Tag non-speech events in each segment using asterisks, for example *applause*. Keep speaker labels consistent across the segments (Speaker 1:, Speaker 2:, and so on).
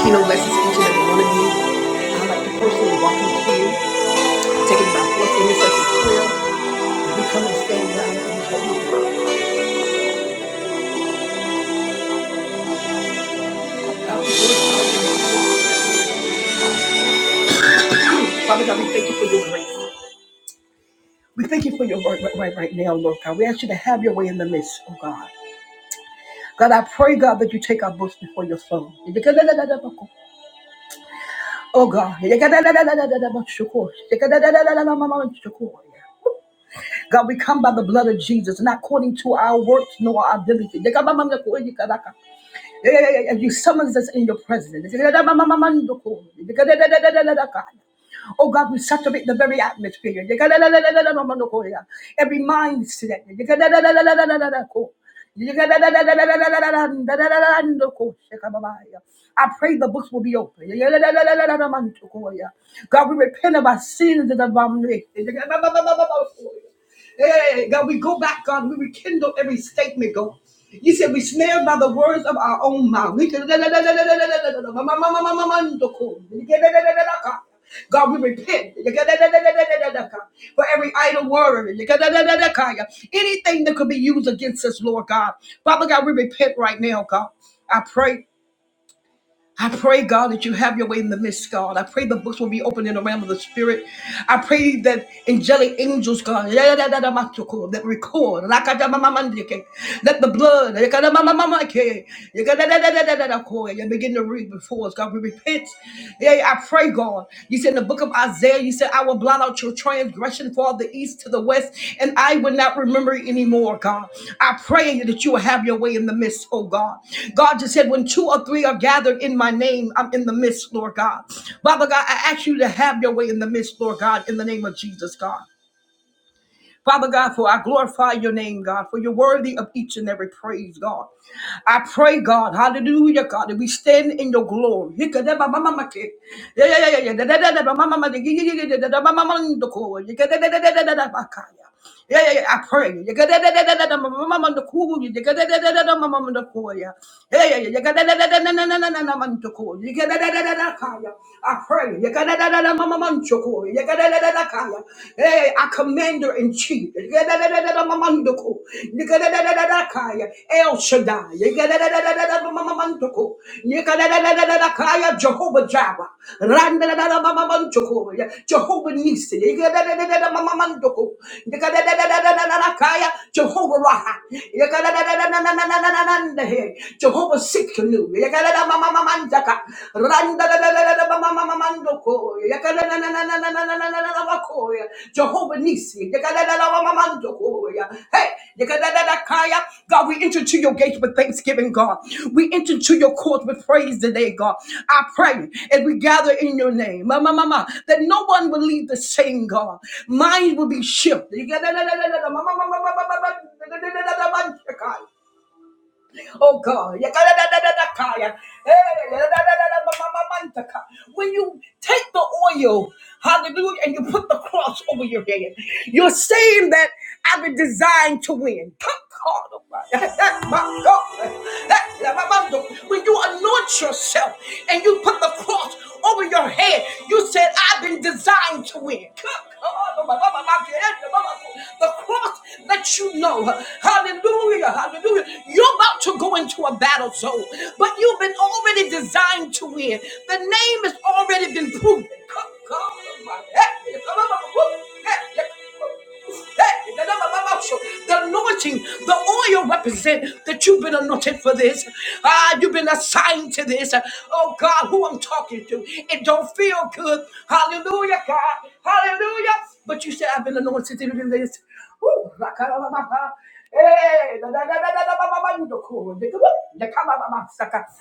Speaker 1: Kingdom blessings each and every one of you. i like to personally walk into you, taking my fourth intercession prayer. We come and stand where I am before you. God, we Father God, we thank you for your grace. We thank you for your work right, right, right now, Lord God. We ask you to have your way in the midst, oh God. God, I pray, God, that you take our books before your throne. Oh God. God, we come by the blood of Jesus, not according to our works nor our ability. You summons us in your presence. Oh God, we saturate the very atmosphere. Every mindset. I pray the books will be open. God, we repent of our sins and abominations. Hey, God, we go back, God, we rekindle every statement, God. You said we snared by the words of our own mouth. We can- God, we repent for every idle word, anything that could be used against us, Lord God. Father God, we repent right now, God. I pray. I pray, God, that you have your way in the midst, God. I pray the books will be opened in the realm of the spirit. I pray that angelic angels, God, that record, let the blood, you begin to read before us, God. We repent. Yeah, I pray, God. You said in the book of Isaiah, you said, I will blot out your transgression from the east to the west, and I will not remember it anymore, God. I pray that you will have your way in the midst, oh God. God just said, when two or three are gathered in my name, I'm in the midst, Lord God. Father God, I ask you to have your way in the midst, Lord God, in the name of Jesus, God. Father God, for I glorify your name, God, for you're worthy of each and every praise, God. I pray, God, hallelujah, God, that we stand in your glory. *laughs* Yeah, yeah, yeah, I pray. You got that, that, that, that, that, that, mama, mama, the cool. You got that, that, that, that, that, mama, mama, the cool, yeah. Yeah, yeah, yeah, you got that, that, that, that, that, that, that, that, that, mama, the cool. You got that, that, that, that, that, that, yeah. I pray. You got that, that, that, that, mama, mama, the cool. You got that, that, that, that, that, yeah. Hey, I commander in chief. You got that, that, that, that, that, mama, the cool. You got that, that, that, that, that, that, yeah. El Shaddai. You got that mama Mantuko, Yakadana kaya Jehovah Jireh. Randadadadamamamantuku, yeah, Jehovah Nisi. Yekadadadadadamamantuku. kaya Jehovah Raha. Yekadadadadadadadadadadadadahe, Jehovah Sikkenu. Yekadadadamamamamandaka. Jehovah Nisi. Hey, God, we enter to your gates with thanksgiving, God. We enter into your courts with praise today, God. I pray as we gather in your name, ma, ma, that no one will leave the same, God. Mind will be shifted. Oh God. Yakadadadadakaya. Hey, yadadadadadamamamantaka. When you take the oil, hallelujah, and you put the cross over your head, you're saying that I've been designed to win. Come God Almighty. That's my God. That's my God. When you anoint yourself and you put the cross over your head, you said, I've been designed to win. Come God Almighty. The cross that you know know. Hallelujah. Hallelujah. You're about to go into a battle zone, but you've been already designed to win. The name has already been proven. Come, come, my head. Hey, the anointing, the oil represent that you've been anointed for this. Ah, you've been assigned to this. Oh God, who I'm talking to. It don't feel good. Hallelujah, God. Hallelujah. But you said I've been anointed to do this. Woo, rakarababa. Hey, da- da- da- da- da- da- ba- ba- ba- the cool. The- the- the- the- ba-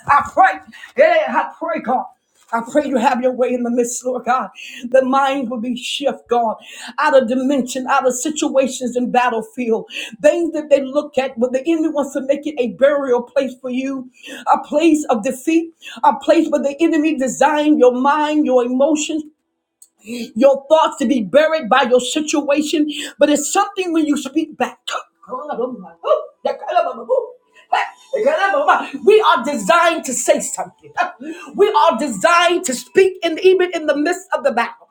Speaker 1: I pray. Hey, I pray, God. I pray you have your way in the midst, Lord God. The mind will be shift, God, out of dimension, out of situations and battlefield. Things that they look at, but the enemy wants to make it a burial place for you, a place of defeat, a place where the enemy designed your mind, your emotions, your thoughts to be buried by your situation, but it's something when you speak back. We are designed to say something. We are designed to speak, and even in the midst of the battle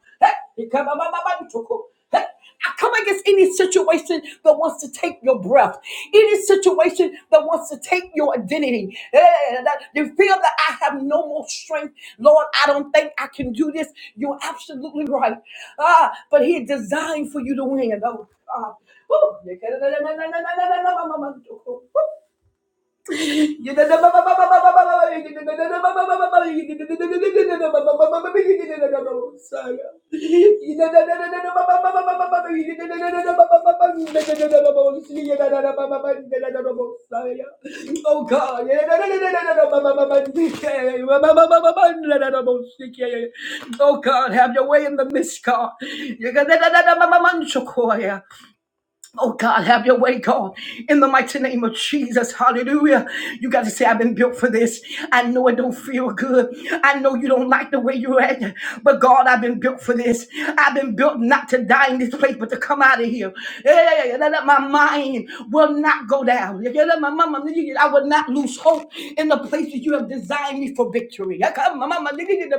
Speaker 1: that I come against any situation that wants to take your breath, any situation that wants to take your identity. Eh, that you feel that I have no more strength, Lord. I don't think I can do this. You're absolutely right. Ah, but He designed for you to win. Oh, ah. Woo. Oh God. Oh God, have your way in the midst, God. Oh God, have your way, God. In the mighty name of Jesus, hallelujah. You got to say, I've been built for this. I know it don't feel good. I know you don't like the way you're at, but God, I've been built for this. I've been built not to die in this place, but to come out of here. Hey, let my mind will not go down. Yeah, let my mama- I will not lose hope in the places you have designed me for victory. Yeah, come, my mama. Hey,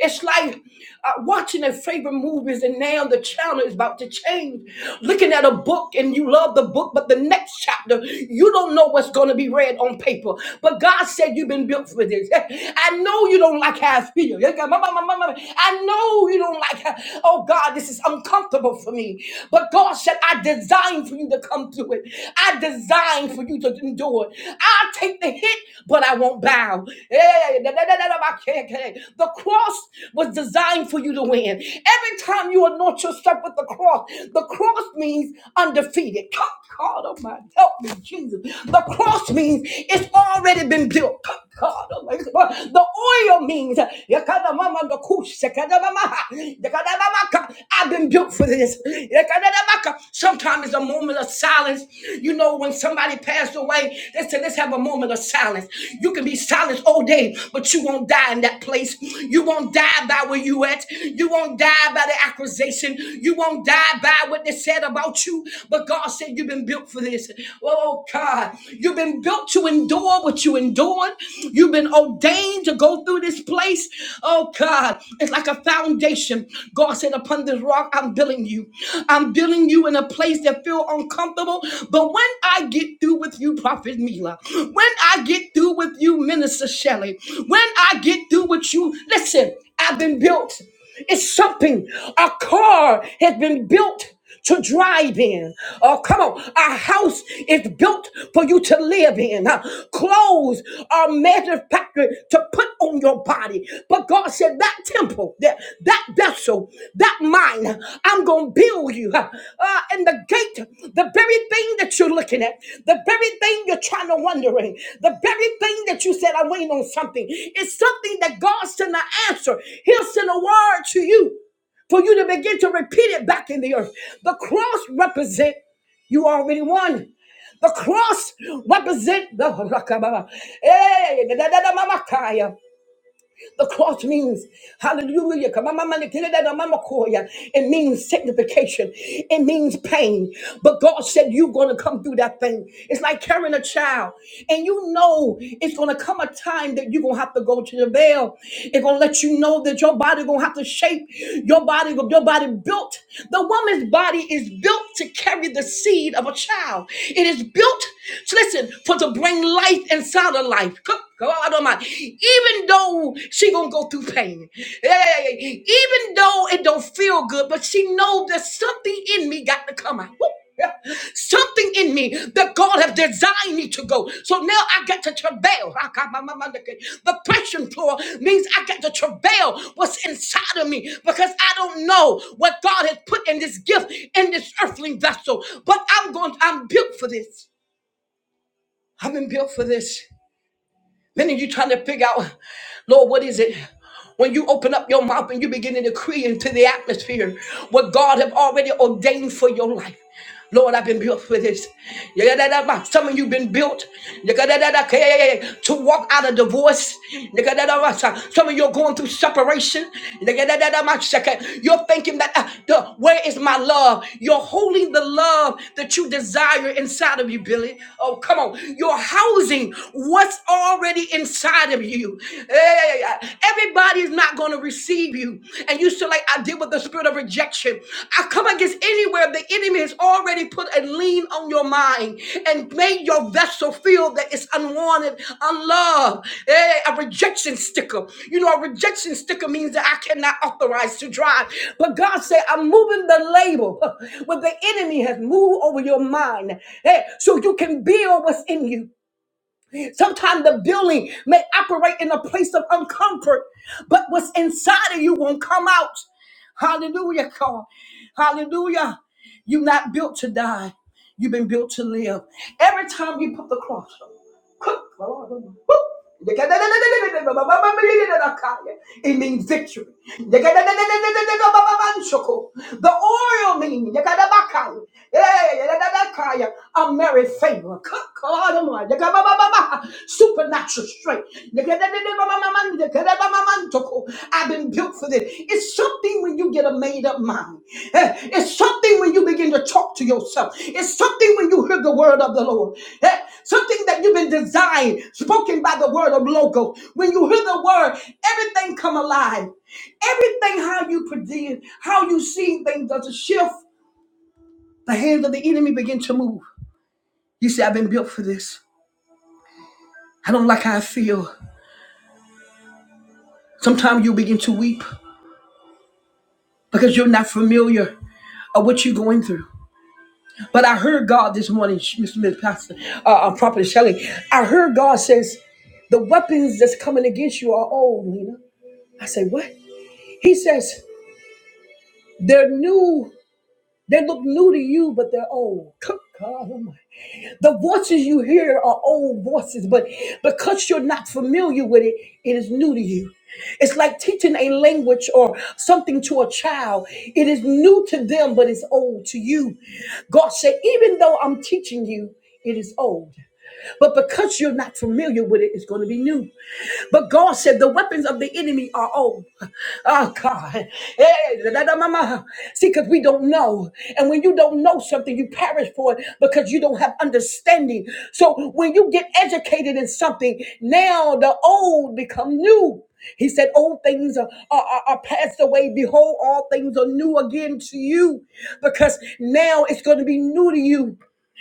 Speaker 1: It's like uh, watching a favorite movie is and now the channel is about to change. Looking at a book and you love the book, but the next chapter, you don't know what's going to be read on paper. But God said you've been built for this. I know you don't like how I feel. I know you don't like how, oh God, this is uncomfortable for me. But God said, I designed for you to come through it. I designed for you to endure it. I'll take the hit, but I won't bow. Eh, da, da, da, da, da, ba, ke, ke. The cross was designed for you to win. Every time you anoint want you stuck with the cross. The cross means undefeated. Come, God Almighty, help me, Jesus. The cross means it's already been built. Come, God Almighty. The oil means I've been built for this. Sometimes it's a moment of silence. You know, when somebody passed away, they said, let's have a moment of silence. You can be silent all day, but you won't die in that place. You won't die by where you at. You won't die by the accolades accusations. You won't die by what they said about you. But God said, You've been built for this. Oh, God. You've been built to endure what you endured. You've been ordained to go through this place. Oh, God. It's like a foundation. God said, Upon this rock, I'm building you. I'm building you in a place that feels uncomfortable. But when I get through with you, Prophet Mila, when I get through with you, Minister Shelley, when I get through with you, listen, I've been built. It's something. A car has been built to drive in. Oh, come on. A house is built for you to live in. Uh, Clothes are manufactured to put on your body. But God said that temple, that, that vessel, that mine, I'm going to build you. Uh, and the gate, the very thing that you're looking at, the very thing you're trying to wondering, the very thing that you said, I'm waiting on something, it's something that God sent an answer. He'll send a word to you for you to begin to repeat it back in the earth. The cross represent you already won. The cross represent the *laughs* The cross means, hallelujah, kamamamanikiridadamamakoya. it means sanctification, it means pain. But God said, You're going to come through that thing. It's like carrying a child, and you know it's going to come a time that you're going to have to go to the veil. It's going to let you know that your body going to have to shape your body, your body built. The woman's body is built to carry the seed of a child, it is built so listen, for to bring life inside of life. Come, come on, I don't mind. Even though she gonna go through pain, Hey, even though it don't feel good, but she know that something in me got to come out. Woo. Yeah. Something in me that God have designed me to go. So now I got to travail. I got my- my- my- The passion plural means I got to travail what's inside of me because I don't know what God has put in this gift in this earthling vessel. But I'm going. I'm built for this. I've been built for this. Many of you trying to figure out, Lord, what is it? When you open up your mouth and you begin to decree into the atmosphere what God have already ordained for your life. Lord, I've been built for this. Yakadadaba. Some of you been built yakadadadaka, to walk out of divorce. Yakadadabasa. Some of you are going through separation. Yakadadadamashaka. You're thinking that uh, the, where is my love? You're holding the love that you desire inside of you, Billy. Oh, come on. You're housing what's already inside of you. Hey, everybody's not going to receive you. And you still like, I deal with the spirit of rejection. I come against anywhere the enemy has already put a lean on your mind and made your vessel feel that it's unwanted, unloved. Hey, a rejection sticker. You know, a rejection sticker means that I cannot authorize to drive. But God said, I'm moving the label *laughs* what the enemy has moved over your mind. Hey, so you can build what's in you. Sometimes the building may operate in a place of uncomfort, but what's inside of you won't come out. Hallelujah, God. Hallelujah. You're not built to die. You've been built to live. Every time you put the cross up, it means victory. The oil means a merry favor. Supernatural strength. I've been built for this. It's something when you get a made up mind. Eh, It's something when you begin to talk to yourself. It's something when you hear the word of the Lord. Eh, Something that you've been designed, spoken by the word of logo. When you hear the word, everything come alive. Everything how you predict, how you see things does a shift. The hands of the enemy begin to move. You say, I've been built for this. I don't like how I feel. Sometimes you begin to weep because you're not familiar of what you're going through. But I heard God this morning, Mr. Miss Pastor, uh, uh, Prophet Shelley. I heard God says, the weapons that's coming against you are old, Lena. I say, what? He says, They're new. They look new to you, but they're old. Good God Almighty. The voices you hear are old voices, but because you're not familiar with it, it is new to you. It's like teaching a language or something to a child. It is new to them, but it's old to you. God said, even though I'm teaching you, it is old. But because you're not familiar with it, it's going to be new. But God said the weapons of the enemy are old. Oh God. Eh, da, da, da, ma, ma. See, because we don't know. And when you don't know something, you perish for it because you don't have understanding. So when you get educated in something, now the old become new. He said, Old things are, are, are are passed away. Behold, all things are new again to you because now it's going to be new to you.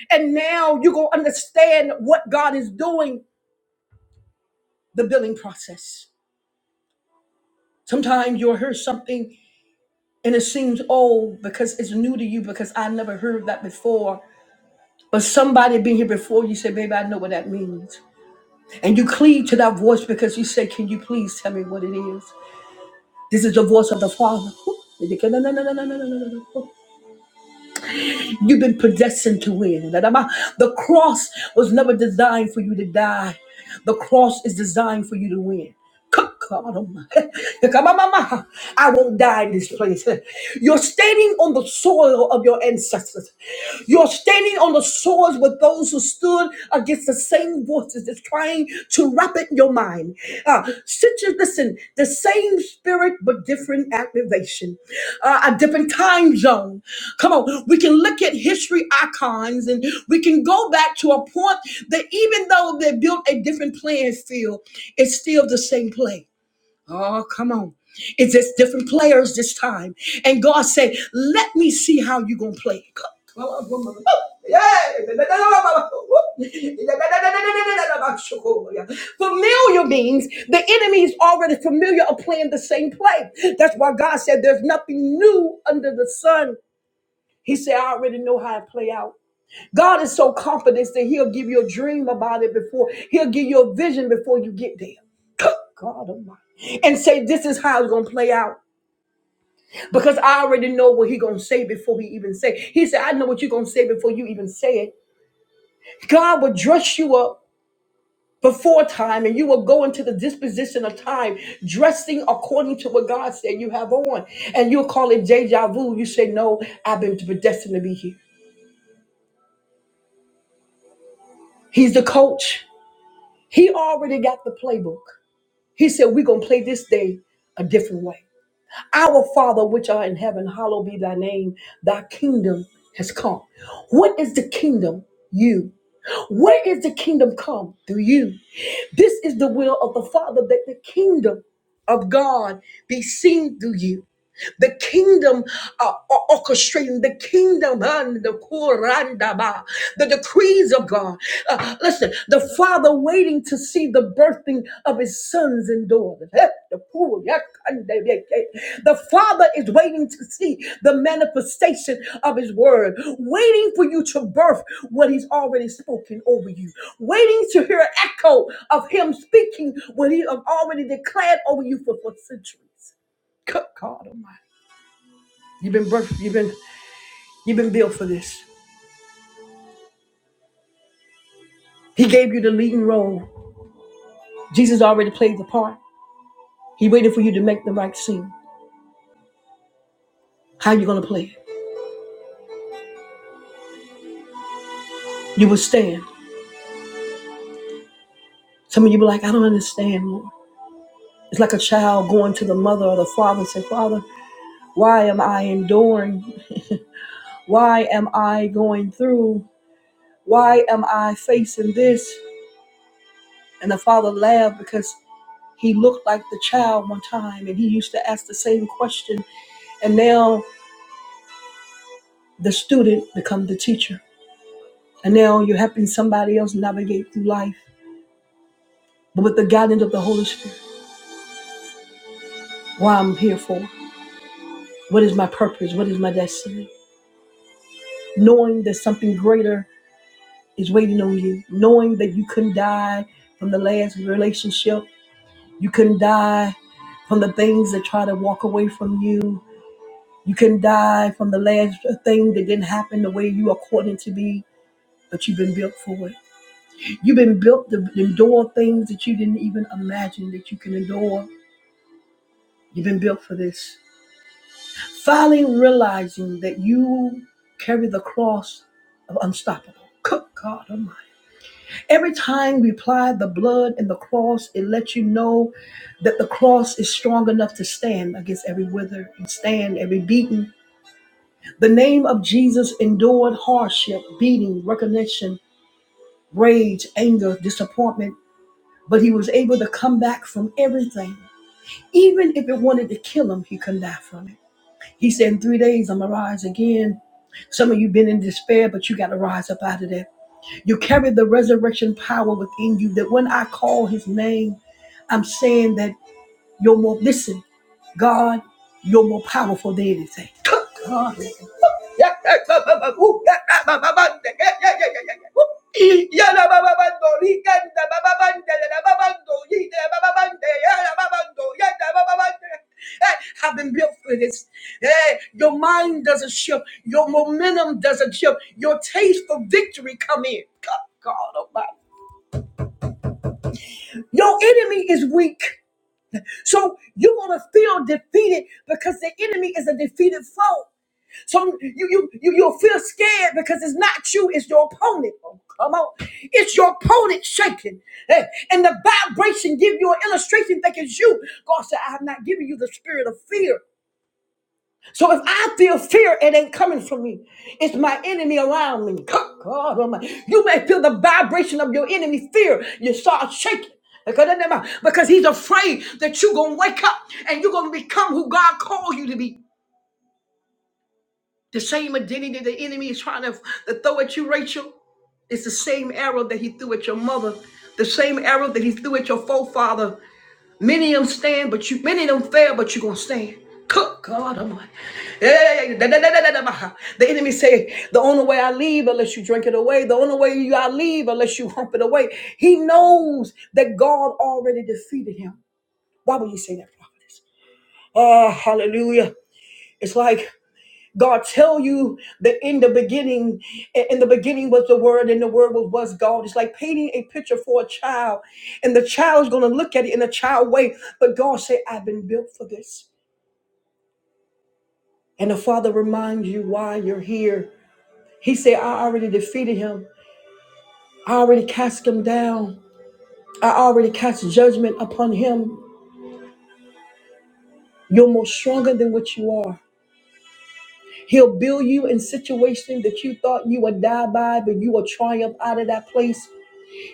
Speaker 1: And now you're going to understand what God is doing, the billing process. Sometimes you'll hear something and it seems old because it's new to you because I never heard that before. But somebody been here before you say, baby, I know what that means. And you cleave to that voice because you say, can you please tell me what it is? This is the voice of the Father. *laughs* You've been predestined to win. The cross was never designed for you to die. The cross is designed for you to win. God Almighty. I won't die in this place. You're standing on the soil of your ancestors. You're standing on the swords with those who stood against the same voices that's trying to wrap it in your mind. Uh, situ- listen, the same spirit but different activation, uh, a different time zone. Come on, we can look at history icons and we can go back to a point that even though they built a different playing field, it's still the same place. Oh, come on. It's just different players this time. And God said, let me see how you're going to play. Come on, Familiar means the enemy is already familiar of playing the same play. That's why God said there's nothing new under the sun. He said, I already know how to play out. God is so confident that He'll give you a dream about it before He'll give you a vision before you get there. *laughs* Good God Almighty, and say this is how it's gonna play out because I already know what He's gonna say before He even say. it. He said, "I know what you're gonna say before you even say it." God will dress you up before time, and you will go into the disposition of time, dressing according to what God said you have on, and you'll call it deja vu. You say, "No, I've been predestined to be here." He's the coach. He already got the playbook. He said, We're going to play this day a different way. Our Father, which art in heaven, hallowed be thy name. Thy kingdom has come. What is the kingdom? You. Where is the kingdom come? Through you. This is the will of the Father that the kingdom of God be seen through you the kingdom uh, or- orchestrating the kingdom huh, and the kurandaba, the decrees of God. Uh, listen, the father waiting to see the birthing of his sons and daughters. Eh, The poor, yeah, kande, yeah, yeah. The father is waiting to see the manifestation of his word, waiting for you to birth what he's already spoken over you, waiting to hear an echo of him speaking what he have already declared over you for, for centuries. Good God Almighty. You've been birthed, you've been you've been built for this. He gave you the leading role. Jesus already played the part. He waited for you to make the right scene. How you gonna play it? You will stand. Some of you be like, I don't understand, Lord. It's like a child going to the mother or the father and say, Father, why am I enduring? Why am I going through? Why am I facing this? And the father laughed because he looked like the child one time and he used to ask the same question. And now the student becomes the teacher. And now you're helping somebody else navigate through life, but with the guidance of the Holy Spirit. Why I'm here for? What is my purpose? What is my destiny? Knowing that something greater is waiting on you. Knowing that you couldn't die from the last relationship. You couldn't die from the things that try to walk away from you. You couldn't die from the last thing that didn't happen the way you according to be, but you've been built for it. You've been built to endure things that you didn't even imagine that you can endure You've been built for this. Finally realizing that you carry the cross of unstoppable. Good God Almighty. Every time we apply the blood and the cross, it lets you know that the cross is strong enough to stand against every wither and stand every beating. The name of Jesus endured hardship, beating, recognition, rage, anger, disappointment, but he was able to come back from everything. Even if it wanted to kill him, he couldn't die from it. He said, In three days, I'm going to rise again. Some of you been in despair, but you got to rise up out of that. You carry the resurrection power within you that when I call his name, I'm saying that you're more, listen, God, you're more powerful than anything. God. I've been built for this. Hey, your mind doesn't shift. Your momentum doesn't shift. Your taste for victory come in. God, God Almighty. Your enemy is weak. So you're gonna feel defeated because the enemy is a defeated foe. So you you you you'll feel scared because it's not you, it's your opponent. Oh, come on, it's your opponent shaking, Eh, and the vibration give you an illustration that it's you. God said, I have not given you the spirit of fear, so if I feel fear, it ain't coming from me. It's my enemy around me. Good God Almighty. You may feel the vibration of your enemy fear. You start shaking. Because he's afraid that you're going to wake up and you're going to become who God called you to be. The same identity the enemy is trying to, to throw at you, Rachel, is the same arrow that he threw at your mother, the same arrow that he threw at your forefather. Many of them stand, but you many of them fail, but you're gonna stand. Cook God Almighty. Yeah, yeah, yeah, The enemy say, the only way I leave unless you drink it away, the only way you I leave unless you hump it away. He knows that God already defeated him. Why would he say that? Oh, hallelujah. It's like God tell you that in the beginning, i- in the beginning was the word, and the word was, was God. It's like painting a picture for a child, and the child's gonna look at it in a child way. But God said, I've been built for this. And the Father reminds you why you're here. He said, I already defeated him. I already cast him down. I already cast judgment upon him. You're more stronger than what you are. He'll build you in situations that you thought you would die by, but you will triumph out of that place.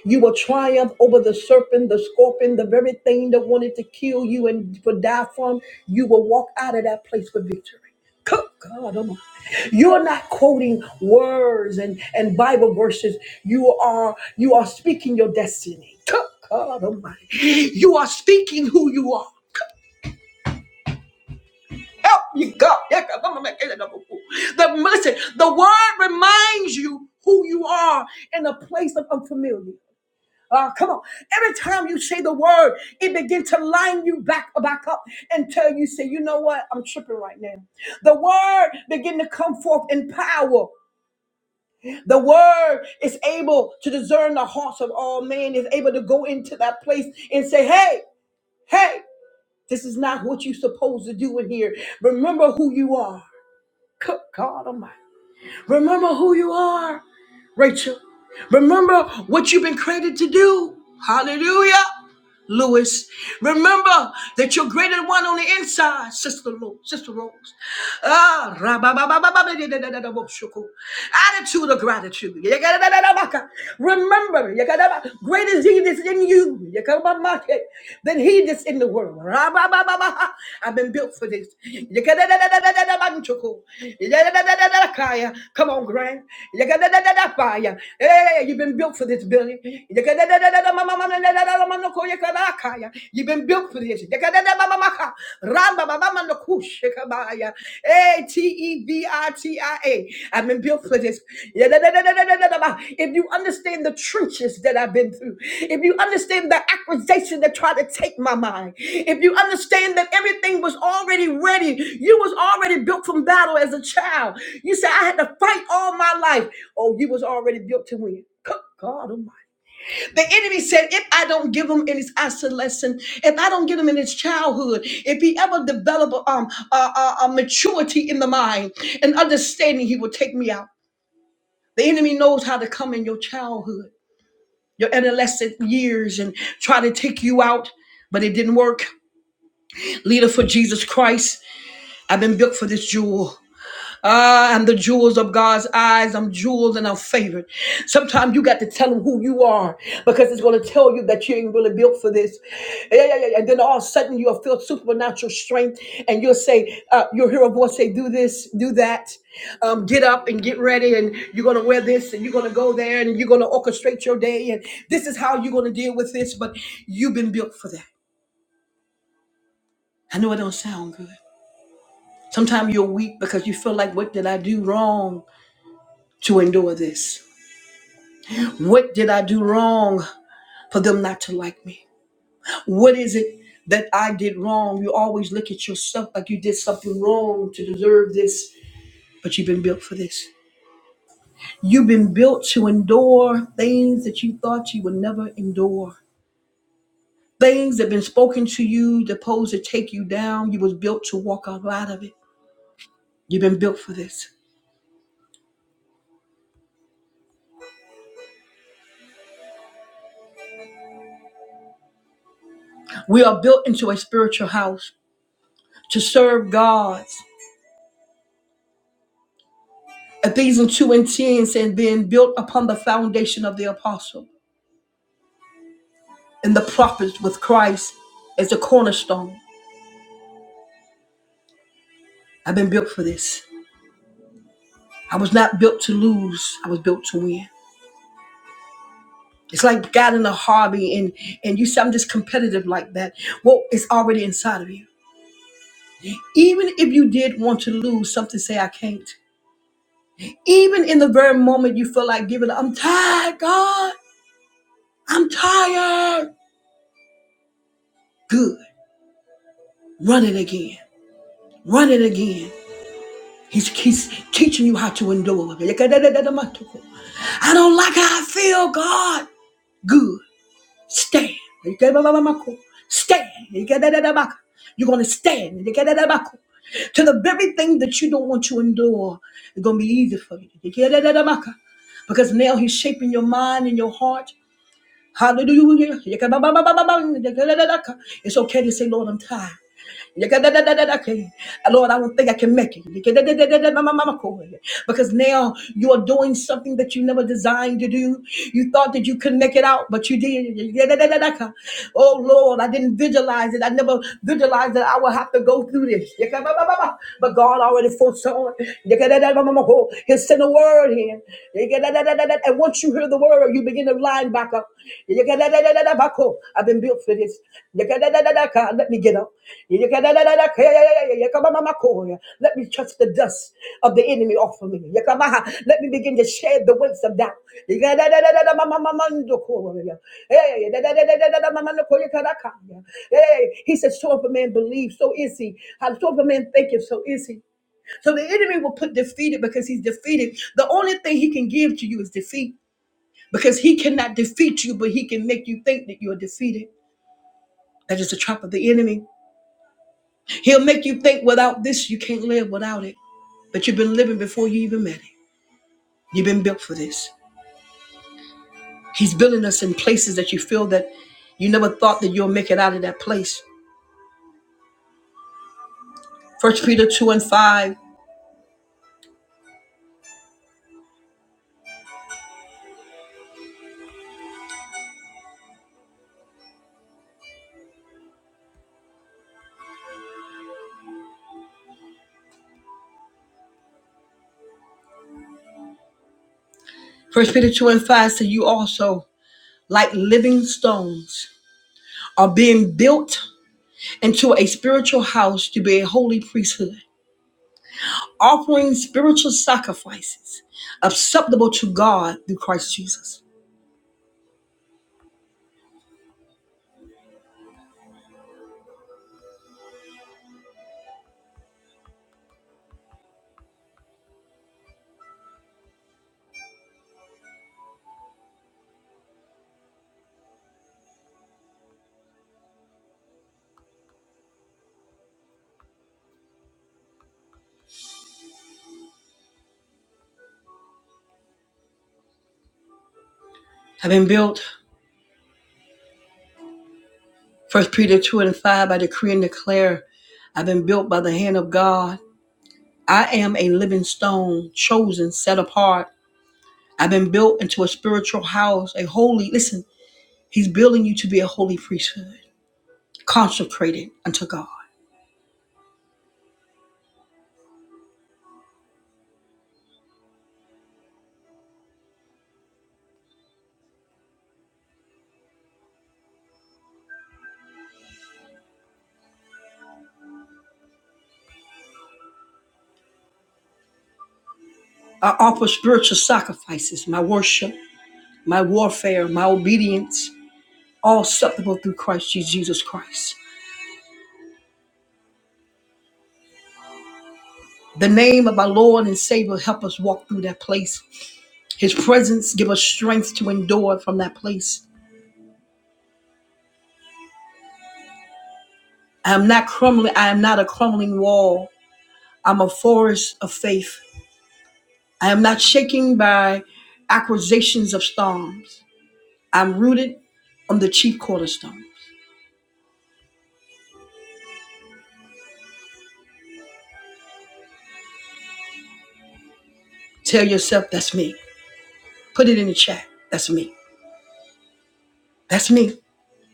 Speaker 1: You will triumph over the serpent, the scorpion, the very thing that wanted to kill you and to die from. You will walk out of that place with victory. Good God, Almighty. you're not quoting words and, and Bible verses. You are you are speaking your destiny. Good God Almighty. You are speaking who you are. Help me, God. The, listen, the word reminds you who you are in a place of unfamiliar. Oh, come on. Every time you say the word, it begins to line you back back up until you say, you know what? I'm tripping right now. The word begin to come forth in power. The word is able to discern the hearts of all men, is able to go into that place and say, hey, hey, this is not what you're supposed to do in here. Remember who you are. Good God Almighty. Remember who you are, Rachel. Remember what you've been created to do. Hallelujah. Lewis, remember that you're greater one on the inside, sister Rose. Sister Rose, attitude of gratitude. Remember, greatest is in you. Then he is in the world. I've been built for this. Come on, grind. Hey, you've been built for this building. You've been built for this. A T E V I T I A. I've been built for this. If you understand the trenches that I've been through, if you understand the accusation that tried to take my mind, if you understand that everything was already ready, you was already built from battle as a child. You said I had to fight all my life. Oh, you was already built to win. Good God the enemy said, if I don't give him in his adolescence, if I don't give him in his childhood, if he ever develop um, a, a a maturity in the mind and understanding, he will take me out. The enemy knows how to come in your childhood, your adolescent years, and try to take you out, but it didn't work. Leader for Jesus Christ, I've been built for this jewel. Ah, I'm the jewels of God's eyes. I'm jewels and I'm favored. Sometimes you got to tell them who you are because it's going to tell you that you ain't really built for this. Yeah, yeah, yeah. yeah. And then all of a sudden you'll feel supernatural strength and you'll say, uh, you'll hear a voice say, do this, do that. Um, get up and get ready and you're going to wear this and you're going to go there and you're going to orchestrate your day. And this is how you're going to deal with this. But you've been built for that. I know it don't sound good. Sometimes you're weak because you feel like, what did I do wrong to endure this? What did I do wrong for them not to like me? What is it that I did wrong? You always look at yourself like you did something wrong to deserve this, but you've been built for this. You've been built to endure things that you thought you would never endure. Things that have been spoken to you, that supposed to take you down. You was built to walk out of it. You've been built for this. We are built into a spiritual house to serve God's. Ephesians 2 and 10 saying, being built upon the foundation of the apostle. and the prophets with Christ as the cornerstone. I've been built for this. I was not built to lose. I was built to win. It's like God in a hobby and, and you say, I'm just competitive like that. Well, it's already inside of you. Even if you did want to lose, something say, I can't. Even in the very moment you feel like giving up, I'm tired, God. I'm tired. Good. Run it again. Run it again He's, he's teaching you how to endure. I don't like how I feel, God. Good. Stand. Stand. You're going to stand. To the very thing that you don't want to endure, it's going to be easy for you. Because now he's shaping your mind and your heart. Hallelujah. It's okay to say, Lord, I'm tired. Lord, I don't think I can make it. Because now you are doing something that you never designed to do. You thought that you couldn't make it out, but you did. Oh Lord, I didn't visualize it. I never visualized that I would have to go through this. But God already foresaw it. He'll send a word here. And once you hear the word, you begin to line back up. I've been built for this. Let me get up. Let me touch the dust of the enemy off of me. Let me begin to shed the weights of doubt. Hey, Hey, He said, So if a man believes, so is he. How so if a man thinketh, so is he. So the enemy will put defeated because he's defeated. The only thing he can give to you is defeat because he cannot defeat you, but he can make you think that you're defeated. That is the trap of the enemy. He'll make you think without this, you can't live without it. But you've been living before you even met him. You've been built for this. He's building us in places that you feel that you never thought that you'll make it out of that place. First Peter 2 and 5. First Peter 2 and 5 says you also, like living stones, are being built into a spiritual house to be a holy priesthood, offering spiritual sacrifices acceptable to God through Christ Jesus. Have been built First Peter 2 and 5, I decree and declare, I've been built by the hand of God. I am a living stone, chosen, set apart. I've been built into a spiritual house, a holy, listen, he's building you to be a holy priesthood, consecrated unto God. I offer spiritual sacrifices, my worship, my warfare, my obedience, all acceptable through Christ Jesus Christ. The name of our Lord and Savior help us walk through that place. His presence give us strength to endure from that place. I am not crumbling. I am not a crumbling wall. I'm a forest of faith. I am not shaken by accusations of storms. I'm rooted on the chief cornerstone. Tell yourself that's me. Put it in the chat. That's me. That's me.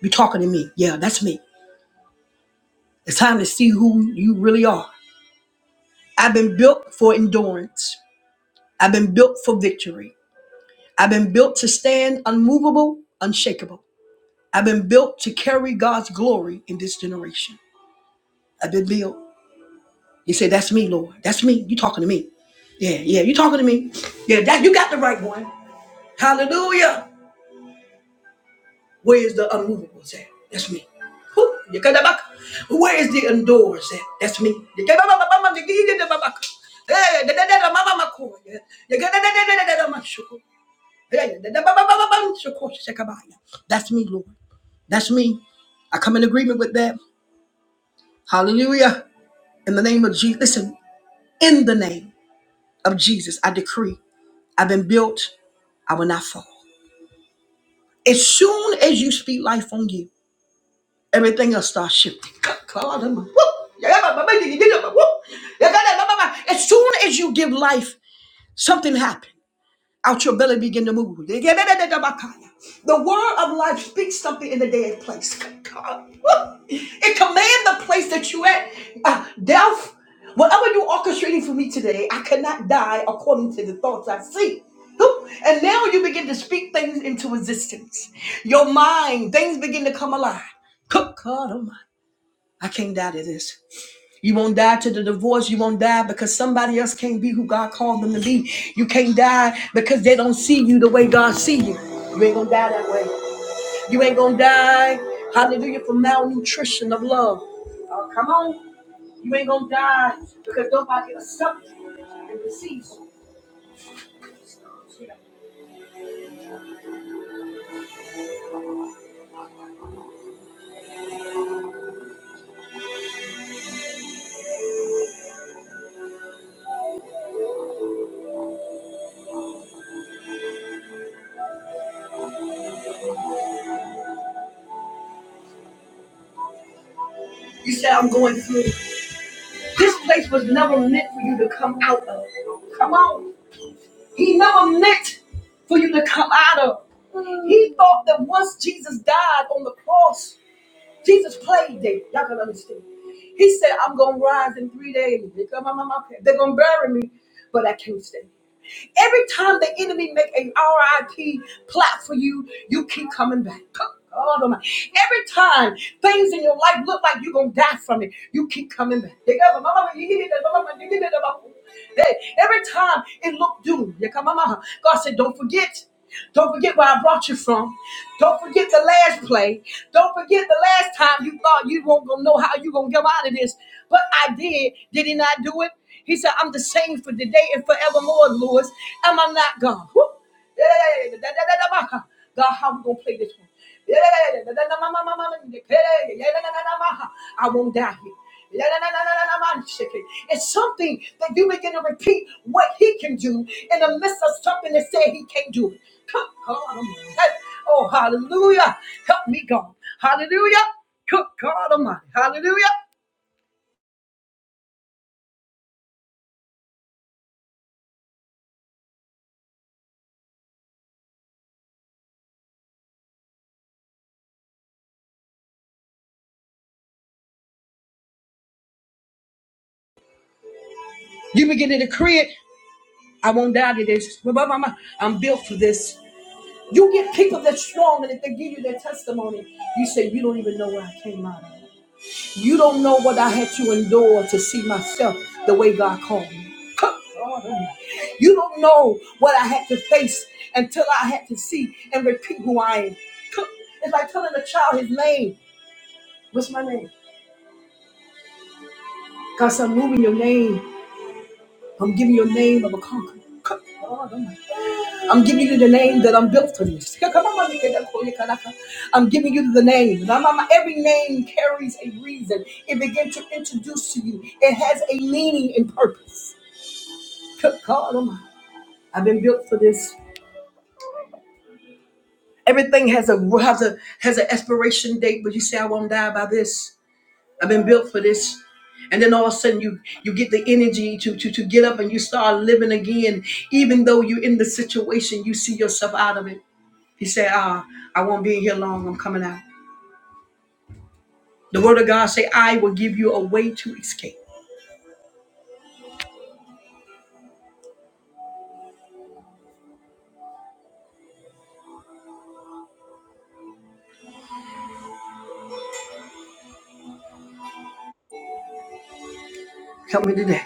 Speaker 1: You're talking to me. Yeah, that's me. It's time to see who you really are. I've been built for endurance. I've been built for victory. I've been built to stand unmovable, unshakable. I've been built to carry God's glory in this generation. I've been built. He said, That's me, Lord. That's me. You talking to me. Yeah, yeah, you talking to me. Yeah, that you got the right one. Hallelujah. Where is the unmovable at? That's me. Whew, you got that back. Where is the endures at? That's me. You got that back, back, back, Hey, da, da, da, da, ma, yeah. You got that, da, da, da, da, da, ma, shuko. Hey, da, da, ba, ba, ba, ba, ba, shakabaya. That's me, Lord. That's me. I come in agreement with that. Hallelujah. In the name of Jesus. Listen, in the name of Jesus, I decree. I've been built, I will not fall. As soon as you speak life on you, everything else starts shifting. As soon as you give life, something happens. out your belly begin to move. The word of life speaks something in the dead place. It commands the place that you at. Uh, death, whatever you orchestrating for me today, I cannot die according to the thoughts I see. And now you begin to speak things into existence. Your mind, things begin to come alive. God, I can't die to this. You won't die to the divorce. You won't die because somebody else can't be who God called them to be. You can't die because they don't see you the way God see you. You ain't gonna die that way. You ain't gonna die, hallelujah, from malnutrition of love. Oh, come on. You ain't gonna die because nobody accepts you and receives you. You said, I'm going through. This place was never meant for you to come out of. Come on. He never meant for you to come out of. He thought that once Jesus died on the cross, Jesus played dead. Y'all can understand. He said, I'm going to rise in three days. They come, I'm- I'm- I'm- They're going to bury me, but I can't stay. Every time the enemy make a RIP plot for you, you keep coming back. God Almighty. Every time things in your life look like you're gonna die from it, you keep coming back. Hey, Every time it looked doomed, God said, Don't forget. Don't forget where I brought you from. Don't forget the last play. Don't forget the last time you thought you won't gonna know how you gonna get out of this. But I did. Did he not do it? He said, I'm the same for today and forevermore, Lord. Am I not God? Woo. Yeah, da, da, da, da, ma. God, how we gonna play this one? Yeah, da, da, da, da, ma, ma, ma, ma, ma, yeah, yeah, da, da, da, da, ma. I won't die here. Yeah, da, da, da, da, da, da, ma, shake it. It's something that you begin to repeat what he can do in the midst of something that said he can't do it. Come God, oh hallelujah, help me God, hallelujah, Cook God Almighty, hallelujah. You begin to decree it I won't die today. but I'm, I'm built for this. You get people that's strong, and if they give you their testimony, you say, You don't even know where I came out of. You don't know what I had to endure to see myself the way God called me. oh You don't know what I had to face until I had to see and repeat who I am. It's like telling a child his name. What's my name? God said, I'm moving your name. I'm giving your name of a conqueror. I'm giving you the name that I'm built for this. *laughs* I'm giving you the name. Ramama, Every name carries a reason. It begins to introduce to you. It has a meaning and purpose. *laughs* God Almighty. I've been built for this. Everything has a has a has an expiration date, but you say I won't die by this. I've been built for this. And then all of a sudden you you get the energy to, to to get up and you start living again, even though you're in the situation you see yourself out of it. He said, "Ah, I won't be in here long. I'm coming out." The word of God say, "I will give you a way to escape." Help me today.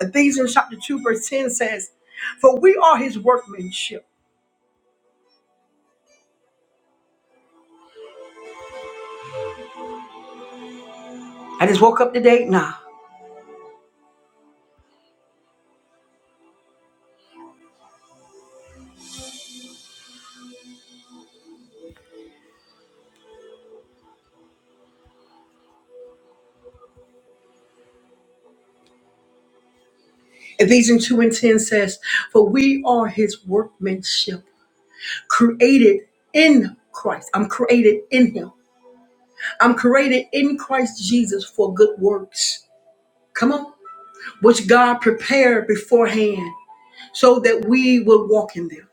Speaker 1: Ephesians chapter two verse ten says, "For we are His workmanship." I just woke up today. Nah. Ephesians two and ten says, "For we are His workmanship, created in Christ." I'm created in Him. I'm created in Christ Jesus for good works. Come on, which God prepared beforehand so that we will walk in them.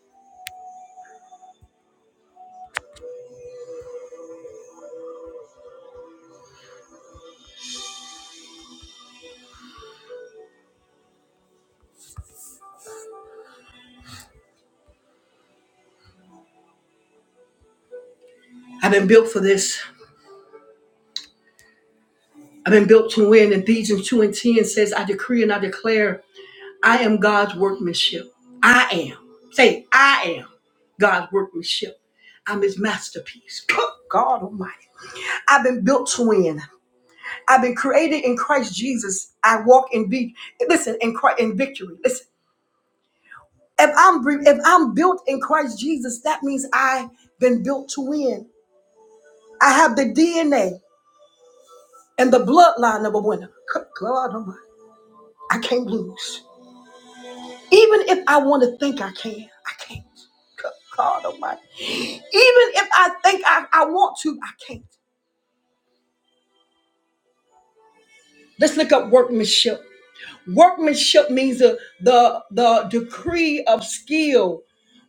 Speaker 1: I've been built for this. I've been built to win. And Ephesians 2 and 10 says, I decree and I declare, I am God's workmanship. I am. Say, I am God's workmanship. I'm his masterpiece. *laughs* God almighty. I've been built to win. I've been created in Christ Jesus. I walk in be listen in Christ in victory. Listen, if I'm bre- if I'm built in Christ Jesus, that means I've been built to win. I have the DNA and the bloodline of a winner. Good God almighty. I can't lose. Even if I want to think I can, I can't. Good God Almighty. Even if I think I, I want to, I can't. Let's look up workmanship. Workmanship means the the, the decree of skill,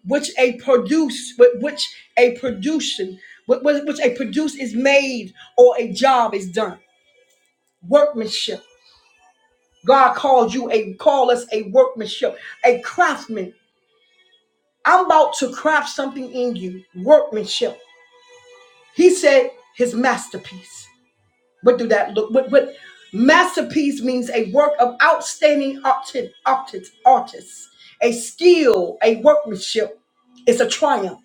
Speaker 1: which a produce, with which a production, with with which a produce is made or a job is done. Workmanship. God called you a call us a workmanship, a craftsman. I'm about to craft something in you. Workmanship. He said his masterpiece. What do that look? What what masterpiece means a work of outstanding art, art, artists, a skill, a workmanship. It's a triumph.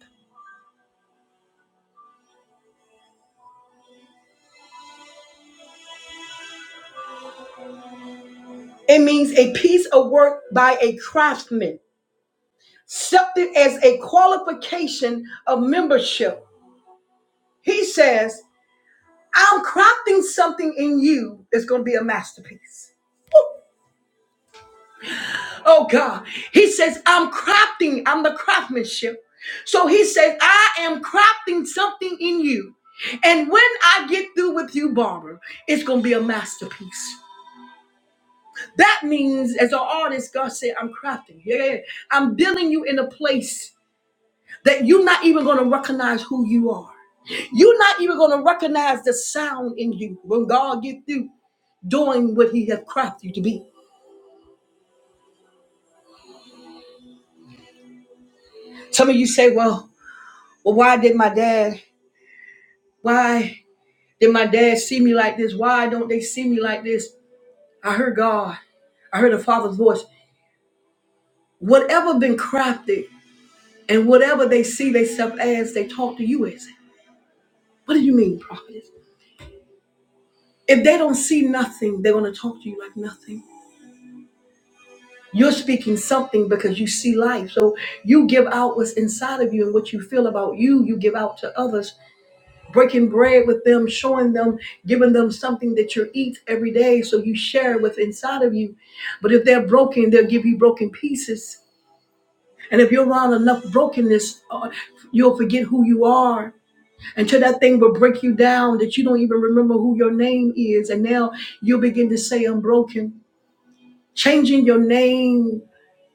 Speaker 1: It means a piece of work by a craftsman, accepted as a qualification of membership. He says, I'm crafting something in you that's going to be a masterpiece. Oh God. He says, I'm crafting, I'm the craftsmanship. So he says, I am crafting something in you. And when I get through with you, Barbara, it's gonna be a masterpiece. That means, as an artist, God said, I'm crafting. Yeah, yeah. yeah. I'm building you in a place that you're not even gonna recognize who you are. You're not even gonna recognize the sound in you when God get through doing what He has crafted you to be. Some of you say, "Well, well, why did my dad? Why? Did my dad see me like this? Why don't they see me like this? I heard God. I heard the Father's voice. Whatever been crafted and whatever they see themselves as, they talk to you as. What do you mean, prophetess? If they don't see nothing, they're going to talk to you like nothing. You're speaking something because you see life. So you give out what's inside of you and what you feel about you, you give out to others breaking bread with them, showing them, giving them something that you eat every day so you share what's inside of you. But if they're broken, they'll give you broken pieces. And if you're around enough brokenness, uh, you'll forget who you are until that thing will break you down that you don't even remember who your name is. And now you'll begin to say, I'm broken. Changing your name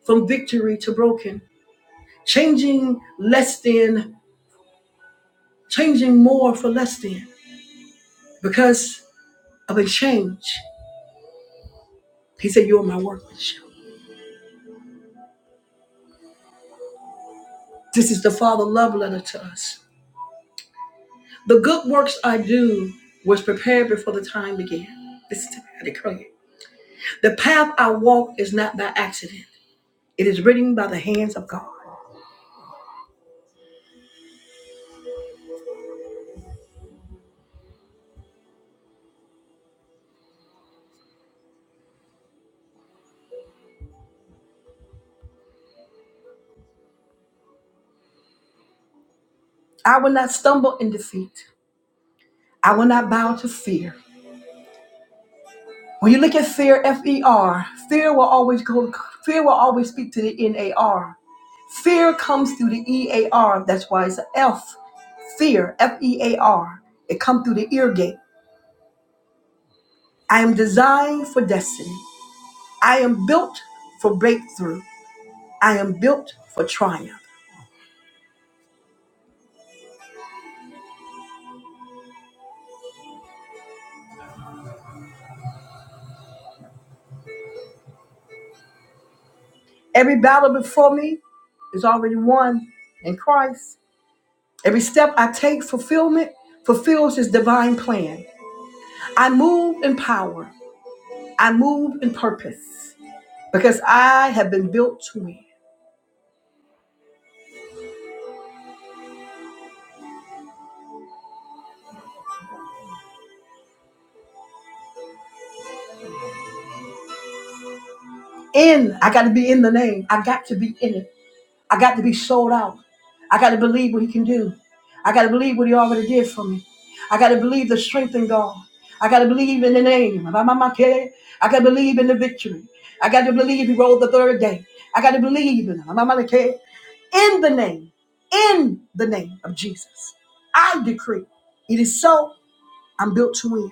Speaker 1: from victory to broken, changing less than, changing more for less than because of a change. He said, You are my workmanship. This is the Father love letter to us. The good works I do was prepared before the time began. This is I declare it. The path I walk is not by accident. It is written by the hands of God. I will not stumble in defeat. I will not bow to fear. When you look at fear, F-E-R, fear will always go, fear will always speak to the N-A-R. Fear comes through the E-A-R. That's why it's an F Fear, F-E-A-R. It comes through the ear gate. I am designed for destiny. I am built for breakthrough. I am built for triumph. Every battle before me is already won in Christ. Every step I take fulfillment fulfills his divine plan. I move in power. I move in purpose because I have been built to win. In, I got to be in the name. I got to be in it. I got to be sold out. I got to believe what he can do. I got to believe what he already did for me. I got to believe the strength in God. I got to believe in the name. Ramamake. I got to believe in the victory. I got to believe he rose the third day. I got to believe in, Ramamake. in the name, in the name of Jesus. I decree it is so. I'm built to win.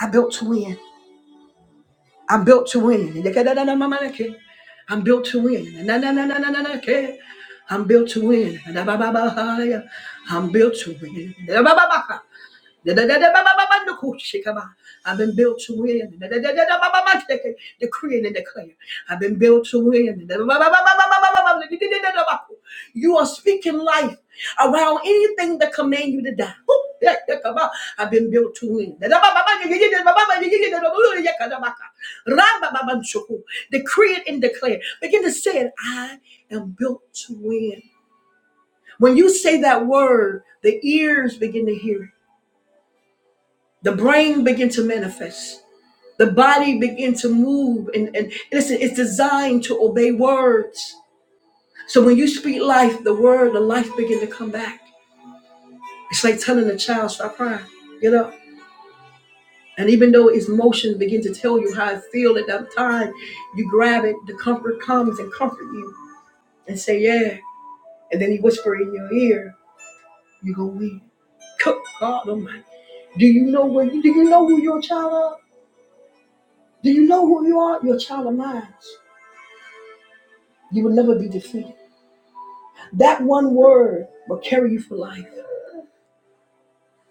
Speaker 1: I built to win. I'm built to win. Yekadadadamamanake. I'm built to win. Nanananananake. I'm built to win. Dabababahaya. I'm built to win. Da- ba- ba- ba- ha. I've been built to win. Decree and declare. I've been built to win. You are speaking life around anything that command you to die. I've been built to win. Decree it and declare. Begin to say it. I am built to win. When you say that word, the ears begin to hear it. The brain begin to manifest. The body begin to move. And, and listen, it's designed to obey words. So when you speak life, the word, the life begin to come back. It's like telling a child, stop crying, get up. And even though its motions begin to tell you how it feel at that time, you grab it, the comfort comes and comfort you and say, yeah. And then he whisper in your ear, you gonna win. God almighty. Do you know where you do you know who your child are? Do you know who you are? Your child of mine. You will never be defeated. That one word will carry you for life.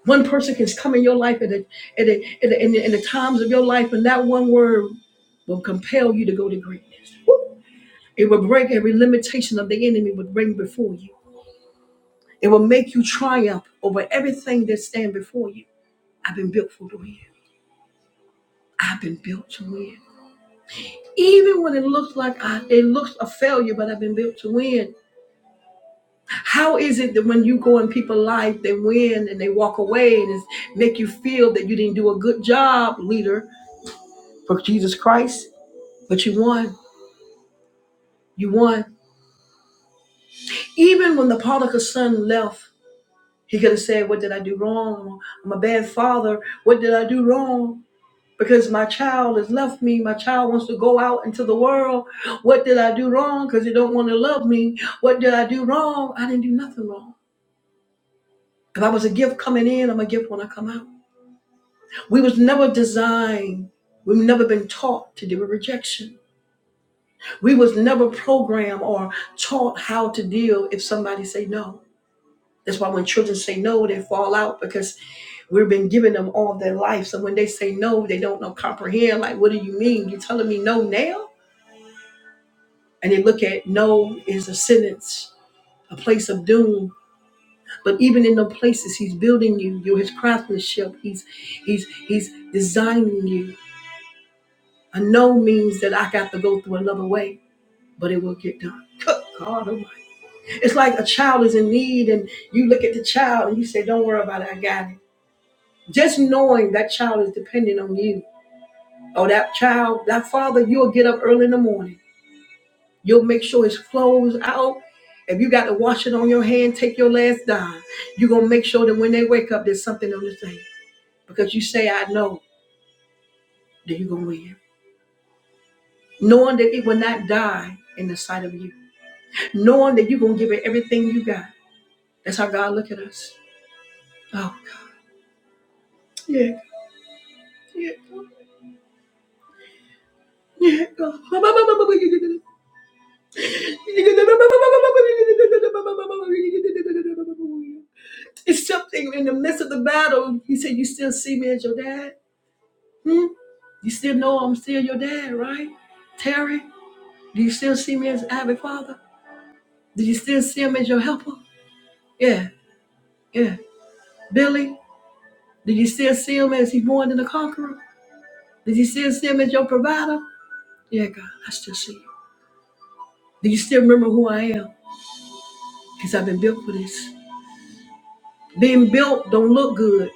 Speaker 1: One person can come in your life at a, at a, at a, in, the, in the times of your life, and that one word will compel you to go to greatness. It will break every limitation of the enemy would bring before you. It will make you triumph over everything that stand before you. I've been built for to win. I've been built to win. Even when it looks like I, it looks a failure, but I've been built to win. How is it that when you go in people's life, they win and they walk away and it's make you feel that you didn't do a good job, leader, for Jesus Christ? But you won. You won. Even when the prodigal son left, he could have said, What did I do wrong? I'm a bad father. What did I do wrong? Because my child has left me. My child wants to go out into the world. What did I do wrong? Because they don't want to love me. What did I do wrong? I didn't do nothing wrong. If I was a gift coming in, I'm a gift when I come out. We was never designed. We've never been taught to deal with rejection. We was never programmed or taught how to deal if somebody say no. That's why when children say no, they fall out because we've been giving them all their life. So when they say no, they don't know comprehend. Like, what do you mean? You telling me no now? And they look at no is a sentence, a place of doom. But even in those places he's building you, you're his craftsmanship. He's he's he's designing you. A no means that I got to go through another way, but it will get done. Good God Almighty. It's like a child is in need and you look at the child and you say, Don't worry about it, I got it. Just knowing that child is dependent on you. Oh, that child, that father, you'll get up early in the morning. You'll make sure his clothes out. If you got to wash it on your hand, take your last dime. You're gonna make sure that when they wake up, there's something on the thing. Because you say, I know that you're gonna win. Knowing that it will not die in the sight of you knowing that you're going to give it everything you got. That's how God look at us. Oh, God, yeah, yeah, God. yeah. God. It's something in the midst of the battle. He said, you still see me as your dad? Hmm? You still know I'm still your dad, right? Terry, do you still see me as Abby father? Do you still see him as your helper? Yeah, yeah. Billy, do you still see him as he's more than a conqueror? Did you still see him as your provider? Yeah, God, I still see you. Do you still remember who I am? Because I've been built for this. Being built don't look good,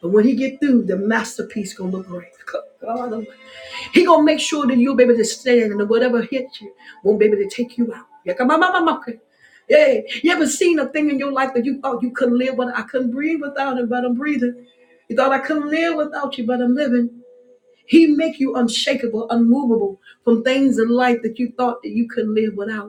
Speaker 1: but when he get through, the masterpiece gonna look great. *laughs* God, oh, he gonna make sure that you'll be able to stand and whatever hits you won't be able to take you out. Yeah, come on, come on, come on. Yeah, you ever seen a thing in your life that you thought you couldn't live without? I couldn't breathe without it, but I'm breathing. You thought I couldn't live without you, but I'm living. He make you unshakable, unmovable from things in life that you thought that you couldn't live without.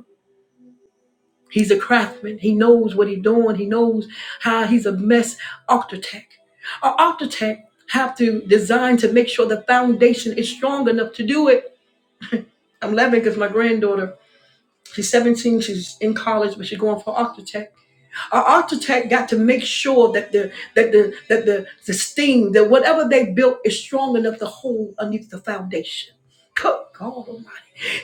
Speaker 1: He's a craftsman. He knows what he's doing. He knows how he's a mess architect. An architect have to design to make sure the foundation is strong enough to do it. I'm laughing because my granddaughter She's 17, she's in college, but she's going for architect. Our architect got to make sure that the that the that the, the steam, that whatever they built is strong enough to hold underneath the foundation. Good God Almighty.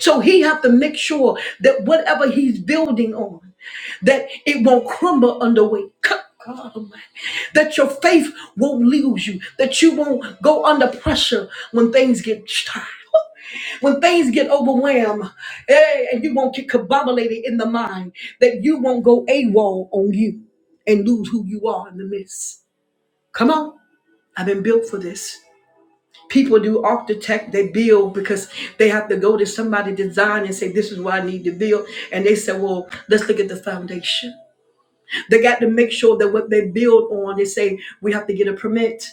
Speaker 1: So he have to make sure that whatever he's building on, that it won't crumble under weight. Good God Almighty. That your faith won't lose you, that you won't go under pressure when things get tight. When things get overwhelmed, eh, and you won't get cabobulated in the mind, that you won't go AWOL on you and lose who you are in the midst. Come on. I've been built for this. People do architect, they build because they have to go to somebody design and say, This is what I need to build. And they say, Well, let's look at the foundation. They got to make sure that what they build on, they say we have to get a permit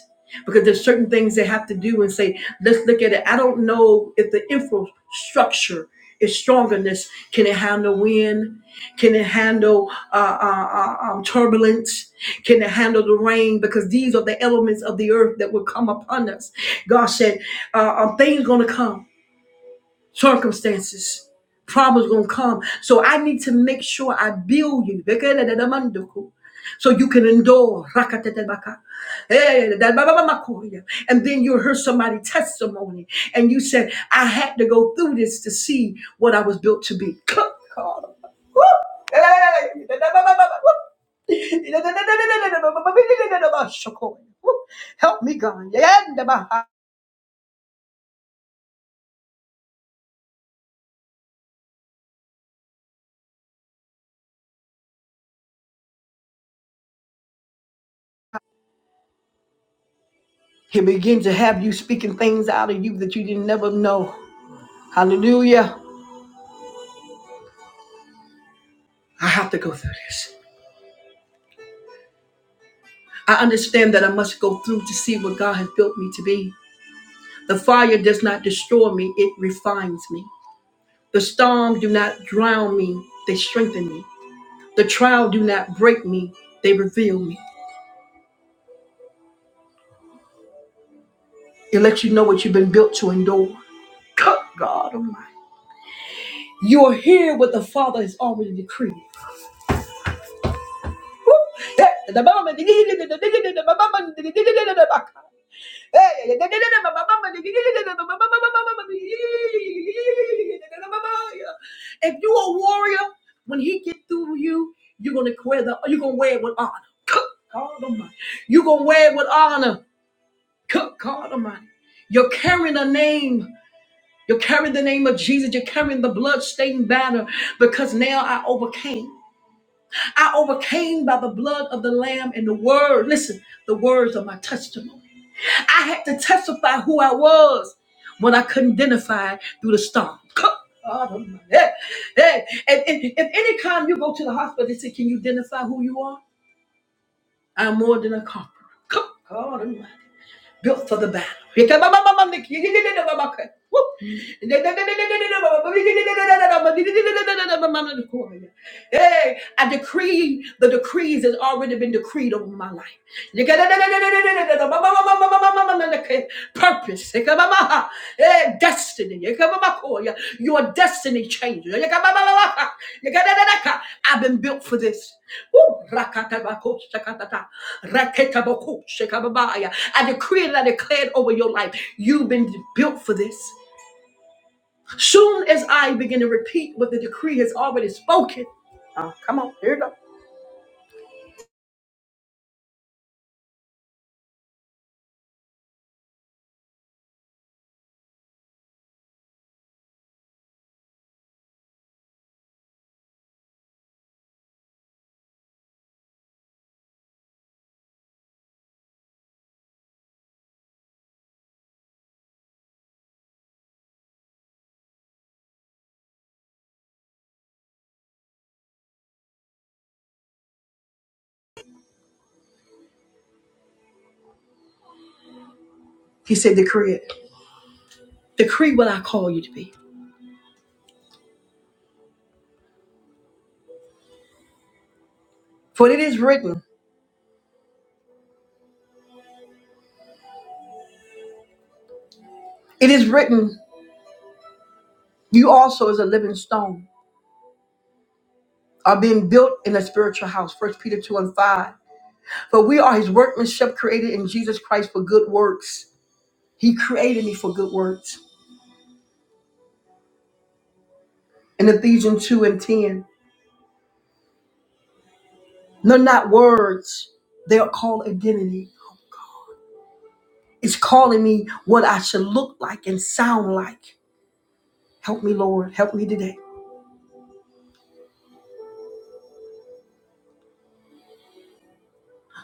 Speaker 1: because there's certain things they have to do and say, let's look at it. I don't know if the infrastructure is stronger than this. Can it handle wind? Can it handle uh, uh, uh, um, turbulence? Can it handle the rain? Because these are the elements of the earth that will come upon us. God said, uh, um, things going to come circumstances. Problems gonna come. So I need to make sure I build you. So you can endure. Eh, And then you heard somebody testimony and you said, I had to go through this to see what I was built to be. Eh, Help me, God. He began to have you speaking things out of you that you didn't never know. Hallelujah. I have to go through this. I understand that I must go through to see what God has built me to be. The fire does not destroy me, it refines me. The storm do not drown me, they strengthen me. The trial do not break me, they reveal me. It lets you know what you've been built to endure. Cut God Almighty. You are here what the Father has already decreed. Woo! Hey, If you a warrior, when he get through you, you're gonna wear the you're gonna wear it with honor. God Almighty. You're gonna wear it with honor. God Almighty. You're carrying a name. You're carrying the name of Jesus. You're carrying the blood-stained banner because now I overcame. I overcame by the blood of the Lamb and the word. Listen, the words of my testimony. I had to testify who I was when I couldn't identify through the storm. Come on, hey, hey. And, and if any time you go to the hospital, they say, Can you identify who you are? I'm more than a conqueror. Come on, built for the battle. Hey, I decree the decrees has already been decreed over my life. Purpose, eh, destiny, your destiny changes. I've been built for this. Woo! Rakatabakoshakatata. Raketaboku shekababaya. I decree and I declare it over your life. You've been built for this. Soon as I begin to repeat what the decree has already spoken, Ah, come on, here you go. He said, Decree it. Decree what I call you to be. For it is written, it is written, you also as a living stone are being built in a spiritual house. First Peter 2 and 5. For we are his workmanship created in Jesus Christ for good works. He created me for good works. In Ephesians 2 and 10. They're not words, they're called identity. It's calling me what I should look like and sound like. Help me, Lord. Help me today.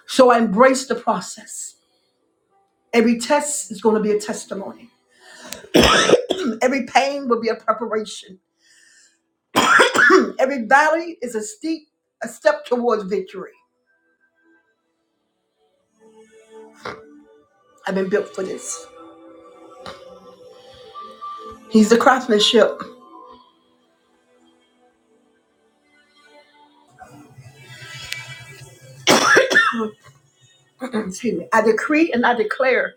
Speaker 1: So I embrace the process. Every test is going to be a testimony. Every pain will be a preparation. *clears throat* Every valley is a steep a step towards victory. I've been built for this. He's the craftsmanship. *clears throat* Excuse me. I decree and I declare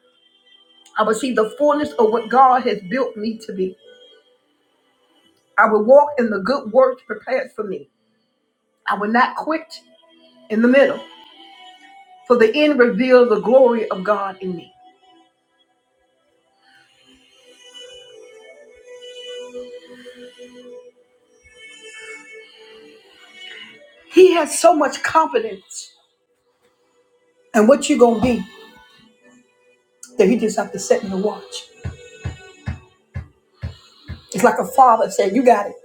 Speaker 1: I will see the fullness of what God has built me to be. I will walk in the good works prepared for me. I will not quit in the middle, for the end reveals the glory of God in me. He has so much confidence in what you're going to be that he just have to sit and watch. It's like a father saying, You got it.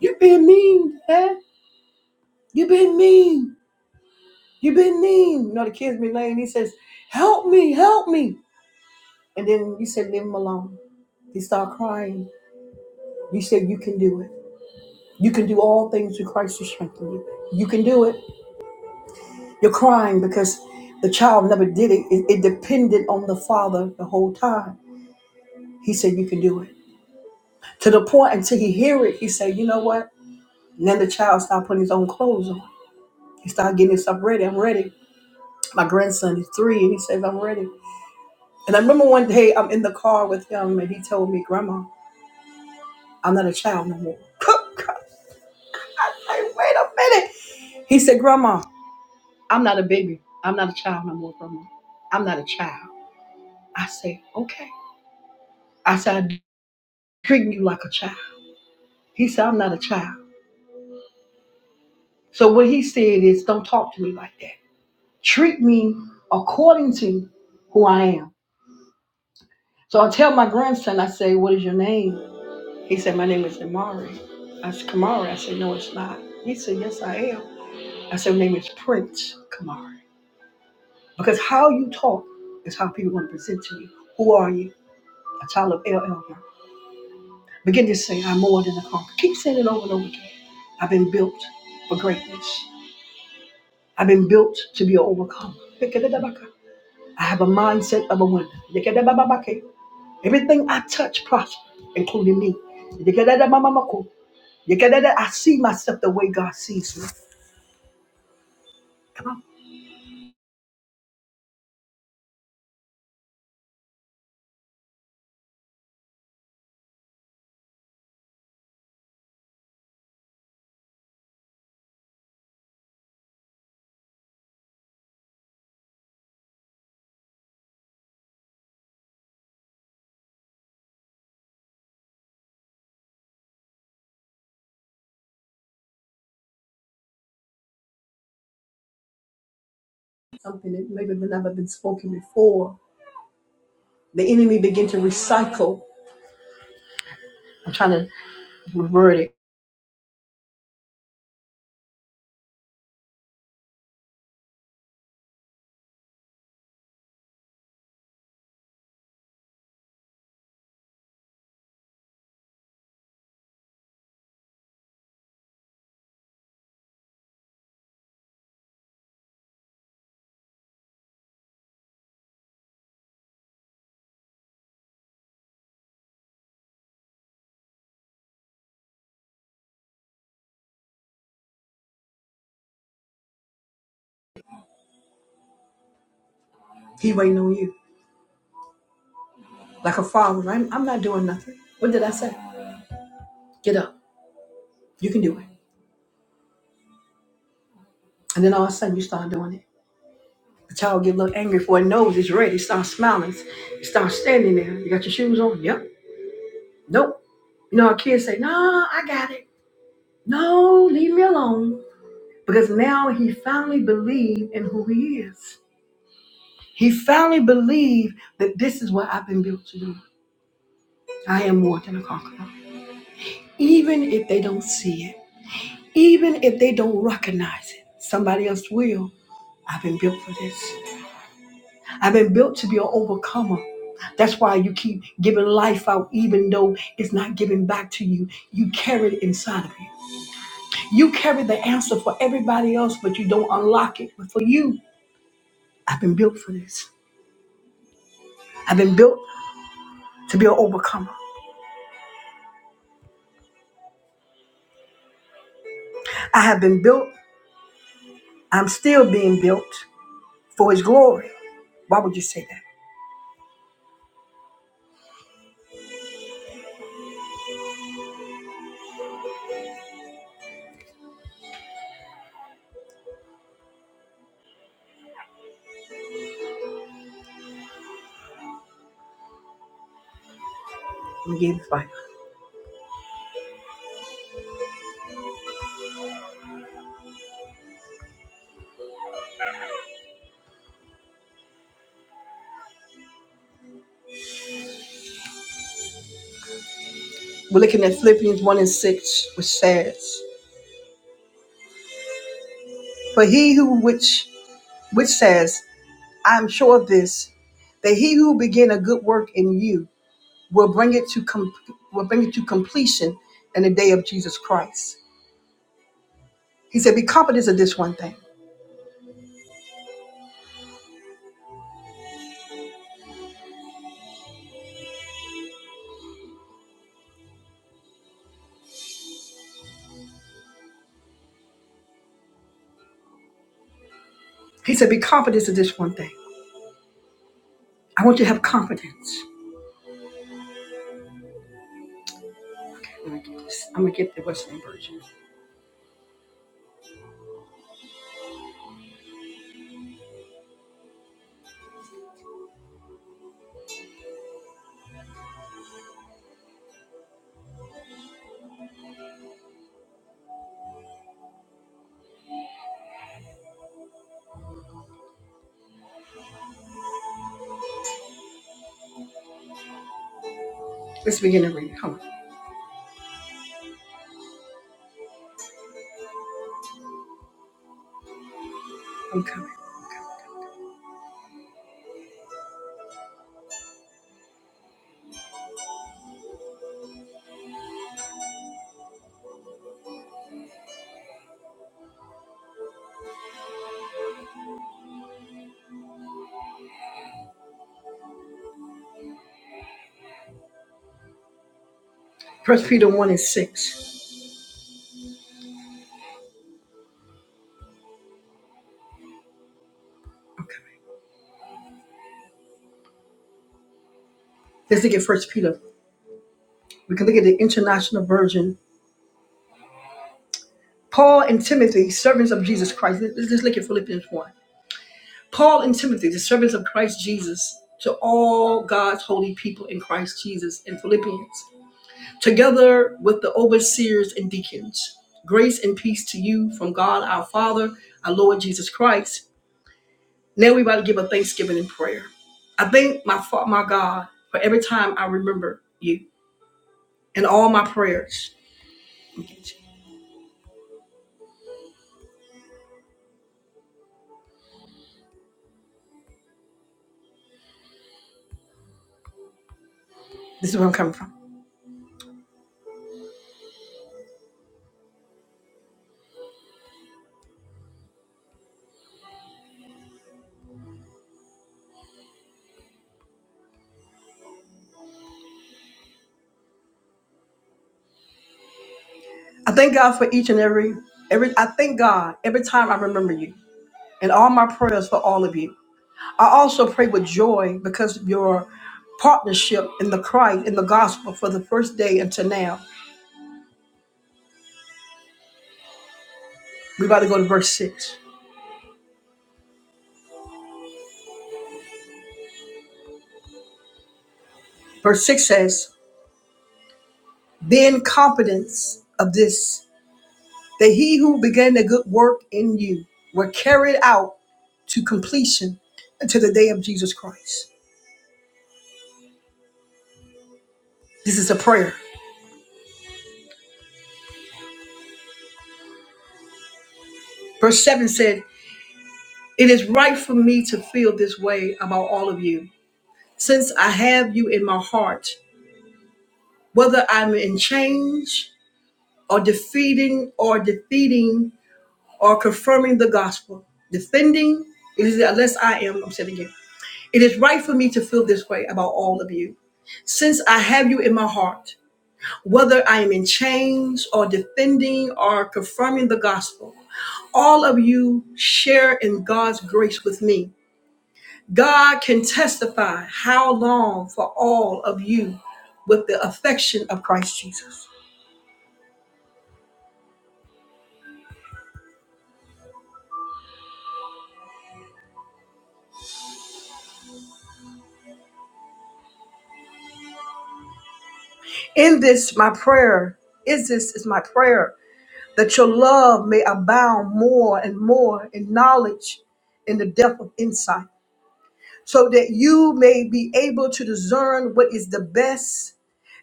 Speaker 1: You're being mean, Dad. You're being mean. You're being mean. You know, the kids be laying. He says, Help me, help me. And then you said, Leave him alone. He start crying. You said, You can do it. You can do all things through Christ who strengthens you. You can do it. You're crying because the child never did it. It, it depended on the father the whole time. He said, You can do it. To the point until he hear it, he said, You know what? And then the child started putting his own clothes on. He started getting himself ready. I'm ready. My grandson is three and he says, I'm ready. And I remember one day I'm in the car with him and he told me, Grandma, I'm not a child no more. *laughs* I say, wait a minute. He said, Grandma, I'm not a baby. I'm not a child no more, Grandma. I'm not a child. I say, okay. I said treating you like a child. He said, I'm not a child. So what he said is, don't talk to me like that. Treat me according to who I am. So I tell my grandson, I say, what is your name? He said, my name is Amari. I said, Kamari. I said, no, it's not. He said, yes, I am. I said, your name is Prince Kamari. Because how you talk is how people want to present to you. Who are you? A child of L. Young. Begin to say, I'm more than a conqueror. Keep saying it over and over again. I've been built for greatness. I've been built to be an overcomer. I have a mindset of a winner. Everything I touch prosper, including me. I see myself the way God sees me. Come on. Something that maybe has never been spoken before. The enemy begin to recycle. I'm trying to revert it. He waiting on you. Like a father. I'm, I'm not doing nothing. What did I say? Get up. You can do it. And then all of a sudden you start doing it. The child get a little angry before it knows it's ready. Start smiling. Start standing there. You got your shoes on? Yep. Nope. You know, our kids say, nah, I got it. No, leave me alone. Because now he finally believed in who he is. He finally believed that this is what I've been built to do. I am more than a conqueror. Even if they don't see it, even if they don't recognize it, somebody else will. I've been built for this. I've been built to be an overcomer. That's why you keep giving life out, even though it's not giving back to you. You carry it inside of you. You carry the answer for everybody else, but you don't unlock it. But for you, I've been built for this. I've been built to be an overcomer. I have been built. I'm still being built for His glory. Why would you say that? Let me give you the Bible. We're looking at Philippians 1 and 6, which says, For he who which which says I'm sure of this, that he who began a good work in you will bring it to com- will bring it to completion in the day of Jesus Christ. He said, "Be confident of this one thing." He said, "Be confident of this one thing." I want you to have confidence. Okay, I'm gonna get this. I'm gonna get the Western version. Let's begin to read. it. Hold on, I'm coming. First Peter one and six. Okay, let's look at First Peter. We can look at the international version. Paul and Timothy, servants of Jesus Christ. Let's, let's look at Philippians 1. Paul and Timothy, the servants of Christ Jesus, to all God's holy people in Christ Jesus in Philippians, together with the overseers and deacons. Grace and peace to you from God our Father, our Lord Jesus Christ. Now we about to give a thanksgiving and prayer. I thank my my God for every time I remember you in all my prayers. Okay. This is where I'm coming from. I thank God for each and every every. I thank God every time I remember you and all my prayers for all of you. I also pray with joy because of your partnership in the Christ, in the gospel for the first day until now. We're about to go to verse 6. Verse 6 says, Being confidence of this, that he who began the good work in you will carry it out to completion until the day of Jesus Christ. This is a prayer. Verse 7 said, It is right for me to feel this way about all of you, since I have you in my heart, whether I'm in change or defeating or defeating or confirming the gospel. Defending it is unless I am, I'm saying again. It is right for me to feel this way about all of you. Since I have you in my heart, whether I am in chains or defending or confirming the gospel, all of you share in God's grace with me. God can testify how long for all of you with the affection of Christ Jesus. In this, my prayer is this is my prayer that your love may abound more and more in knowledge in the depth of insight, so that you may be able to discern what is the best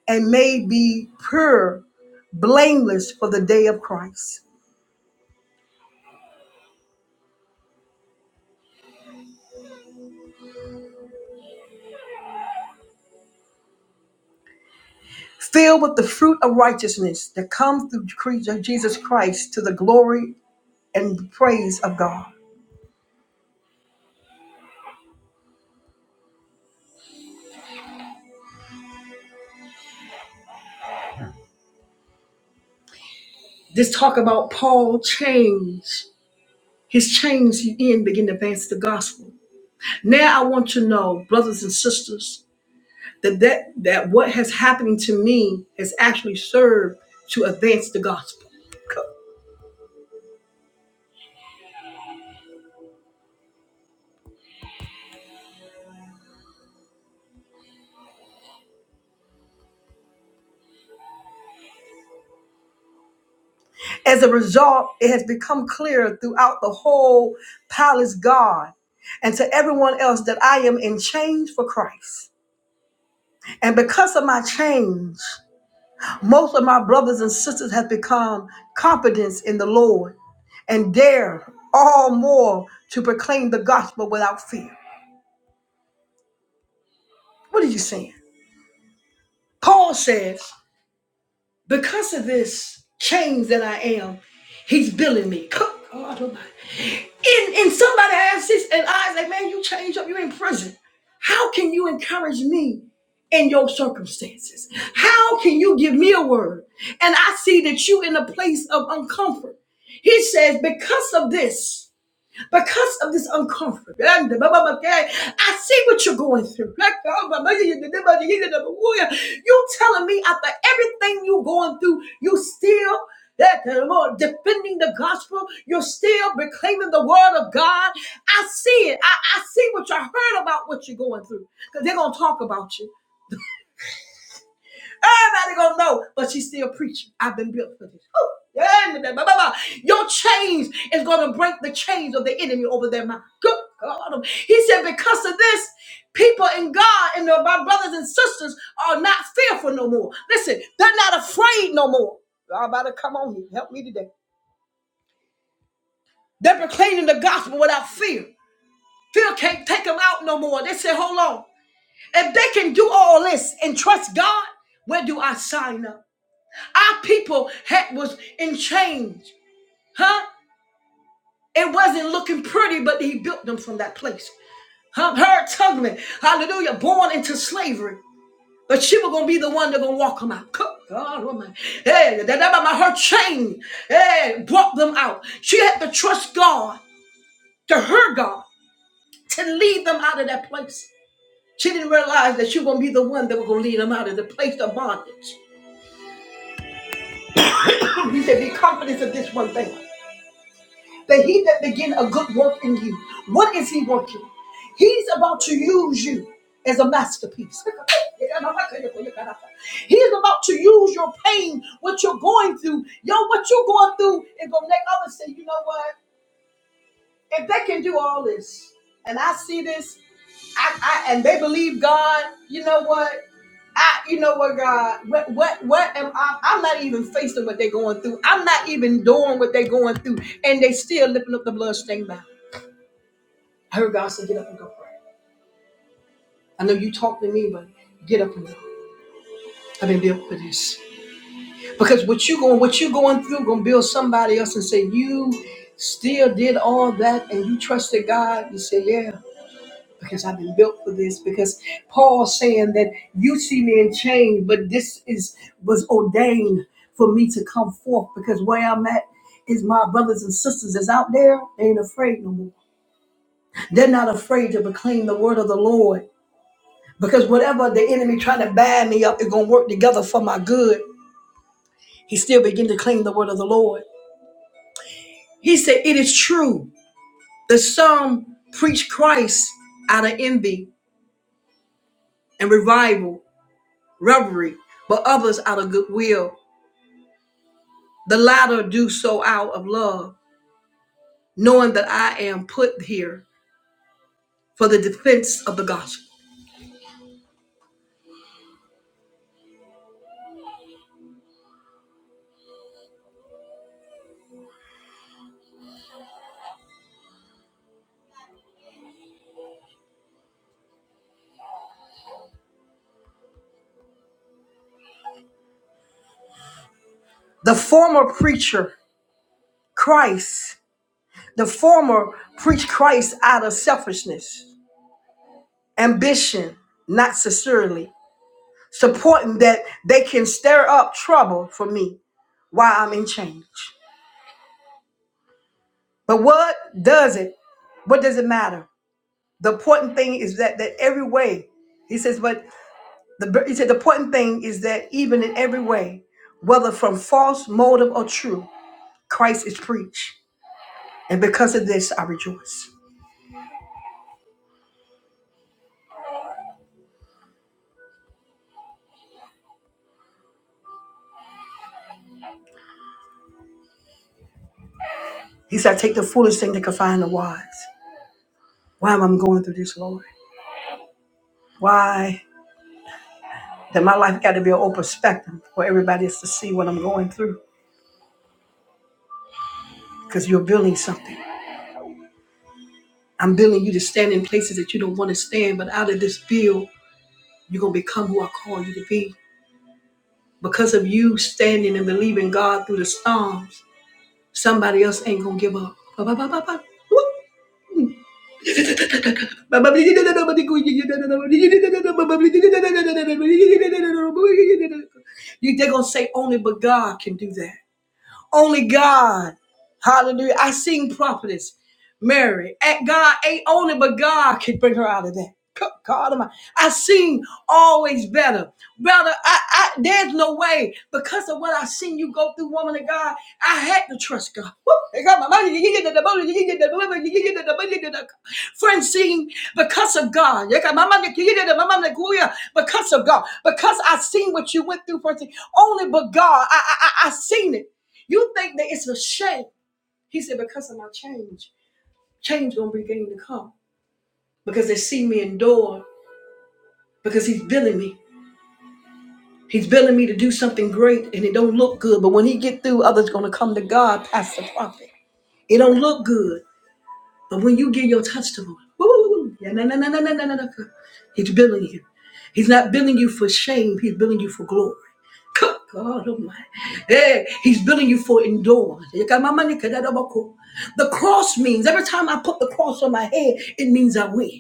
Speaker 1: and may be pure, blameless for the day of Christ. Filled with the fruit of righteousness that comes through Jesus Christ to the glory and praise of God. This talk about Paul change, his change he in begin to advance the gospel. Now I want to know, brothers and sisters, that that, that what has happened to me has actually served to advance the gospel. As a result, it has become clear throughout the whole palace guard and to everyone else that I am in change for Christ. And because of my change, most of my brothers and sisters have become confident in the Lord and dare all more to proclaim the gospel without fear. What are you saying? Paul says Because of this chains that I am, he's billing me. Good God Almighty. And, and somebody asked this, and I was like, man, you changed up. You're in prison. How can you encourage me in your circumstances? How can you give me a word? And I see that you in a place of uncomfort. He says, because of this, because of this uncomfort. And I see what you're going through. Like, oh, you telling me after everything you're going through, you still that Lord defending the gospel, you're still proclaiming the word of God. I see it. I, I see what you I heard about what you're going through. Because they're gonna talk about you. Everybody gonna know, but she's still preaching. I've been built for this. Whew. Yeah, Your chains is gonna break the chains of the enemy over their mind. Good God. He said, because of this, people in God and the- my brothers and sisters are not fearful no more. Listen, they're not afraid no more. Y'all about to come on here. Help me today. They're proclaiming the gospel without fear. Fear can't take them out no more. They said, hold on. If they can do all this and trust God, where do I sign up? Our people had was in change, huh? It wasn't looking pretty, but he built them from that place. Huh? Her Tubman, hallelujah, born into slavery. But she was gonna be the one that gonna walk them out. God, woman. Hey, that that about her chain. Hey, brought them out. She had to trust God, to her God, to lead them out of that place. She didn't realize that she was gonna be the one that was gonna lead them out of the place of bondage. He said, Be confident of this one thing. that he that begin a good work in you, what is he working? He's about to use you as a masterpiece. *laughs* He's about to use your pain, what you're going through. Yo, what you're going through is gonna make others say, you know what? If they can do all this, and I see this, I, I and they believe God, you know what? I, you know what, God, what, what, what am I? I'm not even facing what they're going through. I'm not even doing what they're going through, and they still lifting up the bloodstained banner. I heard God say, "Get up and go pray." I know you talk to me, but get up and go. I've been built for this because what you going, what you going through, gonna build somebody else and say you still did all that and you trusted God. You say, "Yeah." because I've been built for this. Because Paul's saying that you see me in chains, but this is was ordained for me to come forth. Because where I'm at is my brothers and sisters is out there. They ain't afraid no more. They're not afraid to proclaim the word of the Lord. Because whatever the enemy trying to bind me up, it's gonna work together for my good. He still begin to claim the word of the Lord. He said, "It is true." The some preach Christ out of envy and revival revelry, but others out of goodwill. The latter do so out of love, knowing that I am put here for the defense of the gospel. The former preacher, Christ, the former preached Christ out of selfishness, ambition, not sincerely, supporting that they can stir up trouble for me while I'm in change. But what does it? What does it matter? The important thing is that that every way, he says, but The, he said the important thing is that even in every way, whether from false motive or true, Christ is preached. And because of this, I rejoice. He said, I take the foolish thing to confine the wise. Why am I going through this, Lord? Why that my life got to be an open spectrum for everybody else to see what I'm going through? Because you're building something. I'm building you to stand in places that you don't want to stand, but out of this build, you're going to become who I call you to be. Because of you standing and believing God through the storms, Somebody else ain't gonna give up. Ba, ba, ba, ba, ba. Whoop. *laughs* Ba, ba, ba, ba. They're gonna say only but God can do that. Only God. Hallelujah. I seen prophetess Mary. At God ain't only but God could bring her out of that. Co- God, am I? I seen always better. Brother, I, I, there's no way because of what I seen you go through, woman of God. I had to trust God. Francine, because of God, because of God, because I seen what you went through, Francine. Only but God, I, I, I I seen it. You think that it's a shame. He said, because of my change, change gonna be going to come. Because they see me endure, because he's building me. He's building me to do something great and it don't look good. But when he get through, others gonna come to God past the prophet. It don't look good. But when you give your testimony, woo, yeah, na, na, na, na, na, na, na, na, he's building you. He's not building you for shame, he's building you for glory. God Almighty. Hey, he's building you for endurance. The cross means every time I put the cross on my head, it means I win.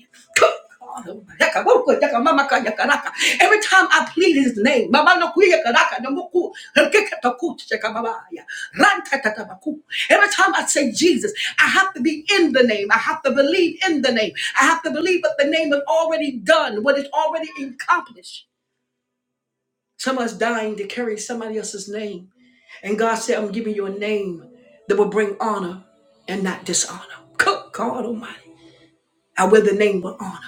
Speaker 1: Every time I plead his name, every time I say Jesus, I have to be in the name. I have to believe in the name. I have to believe that the name is already done, what is already accomplished. Somebody's dying to carry somebody else's name. And God said, I'm giving you a name that will bring honor and not dishonor. Good God Almighty. I wear the name with honor.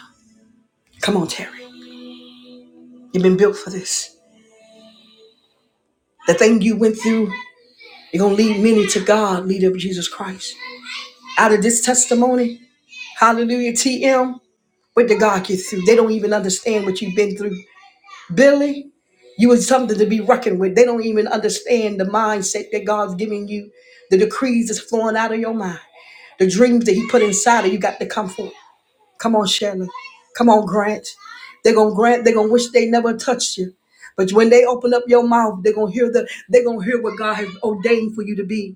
Speaker 1: Come on, Terry. You've been built for this. The thing you went through, you're going to lead many to God, leader of Jesus Christ. Out of this testimony, hallelujah, TM, what did God get through? They don't even understand what you've been through. Billy, you was something to be reckoned with. They don't even understand the mindset that God's giving you, the decrees that's flowing out of your mind. The dreams that he put inside of you got to come forth. Come on, Shannon. Come on, Grant. They're gonna grant, they're gonna wish they never touched you. But when they open up your mouth, they're gonna hear the they're gonna hear what God has ordained for you to be.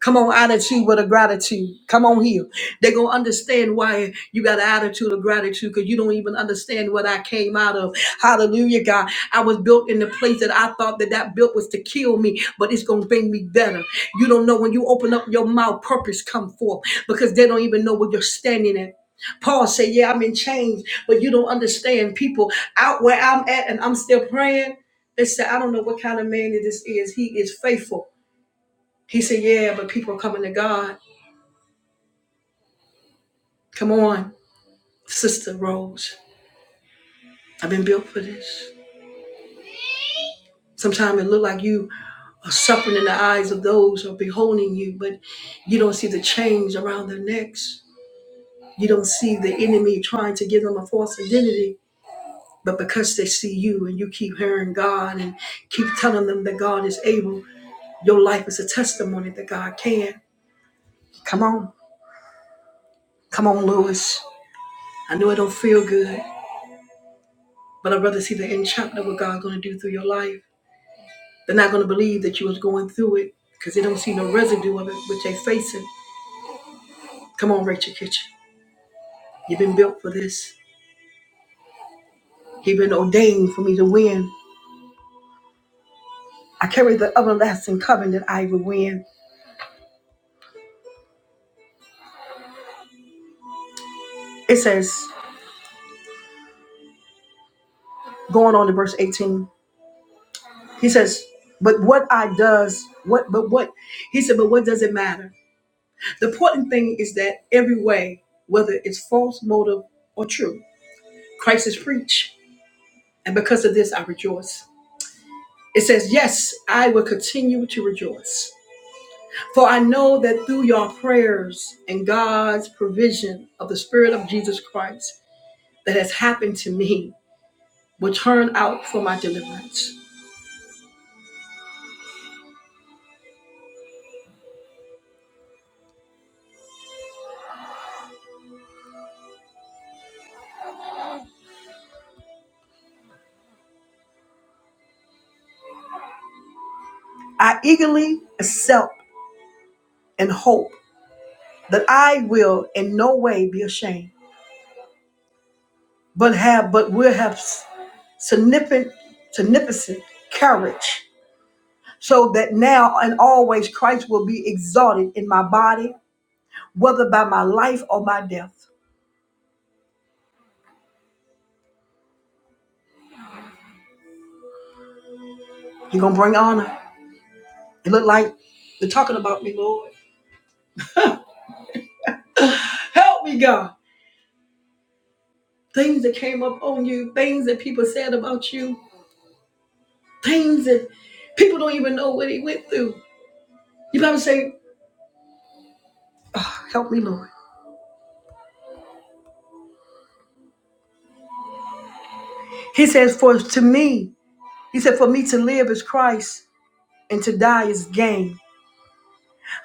Speaker 1: Come on, attitude with a gratitude. Come on here. They're going to understand why you got an attitude of gratitude because you don't even understand what I came out of. Hallelujah, God. I was built in the place that I thought that that built was to kill me, but it's going to bring me better. You don't know when you open up your mouth, purpose come forth because they don't even know what you're standing at. Paul said, yeah, I'm in chains, but you don't understand people out where I'm at and I'm still praying. They said, I don't know what kind of man that this is. He is faithful. He said, Yeah, but people are coming to God. Come on, Sister Rose. I've been built for this. Sometimes it look like you are suffering in the eyes of those who are beholding you, but you don't see the chains around their necks. You don't see the enemy trying to give them a false identity. But because they see you and you keep hearing God and keep telling them that God is able, your life is a testimony that God can. Come on. Come on, Lewis. I know it don't feel good, but I'd rather see the end chapter what God's gonna do through your life They're not going to believe that you was going through it because they don't see no residue of it, which they facing. Come on, Rachel Kitchen. You've been built for this. You've been ordained for me to win. I carry the everlasting covenant that I will win. It says, going on to verse 18, he says, but what I does, what, but what, he said, but what does it matter? The important thing is that every way, whether it's false motive or true, Christ is preached. And because of this, I rejoice. It says, yes, I will continue to rejoice For I know that through your prayers and God's provision of the Spirit of Jesus Christ that has happened to me will turn out for my deliverance. I eagerly accept and hope that I will in no way be ashamed, but have but will have significant significant courage, so that now and always Christ will be exalted in my body, whether by my life or my death. You're gonna bring honor. It look like they're talking about me, Lord. Help me, God. Things that came up on you, things that people said about you, things that people don't even know what he went through. You gotta say, "Oh, help me, Lord. He says, for to me, he said, for me to live is Christ and to die is gain.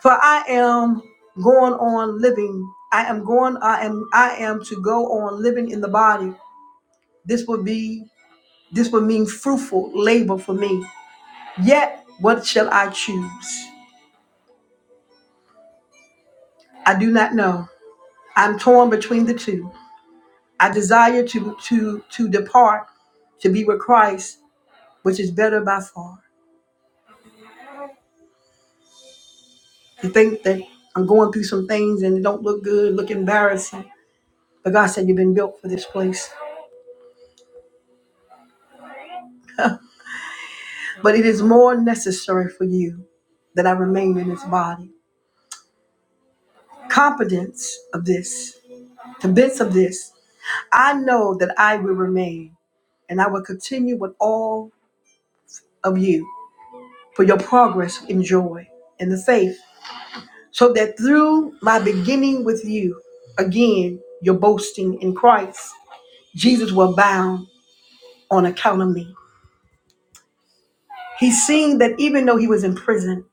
Speaker 1: For I am going on living. I am going, I am, I am to go on living in the body. This will be, this will mean fruitful labor for me. Yet what shall I choose? I do not know. I'm torn between the two. I desire to to to depart to be with Christ, which is better by far. To think that I'm going through some things and it don't look good, look embarrassing. But God said you've been built for this place. But it is more necessary for you that I remain in this body. Competence of this, convinced of this, I know that I will remain and I will continue with all of you for your progress in joy and the faith so that through my beginning with you, again, your boasting in Christ, Jesus will bound on account of me. He seen that even though he was in prison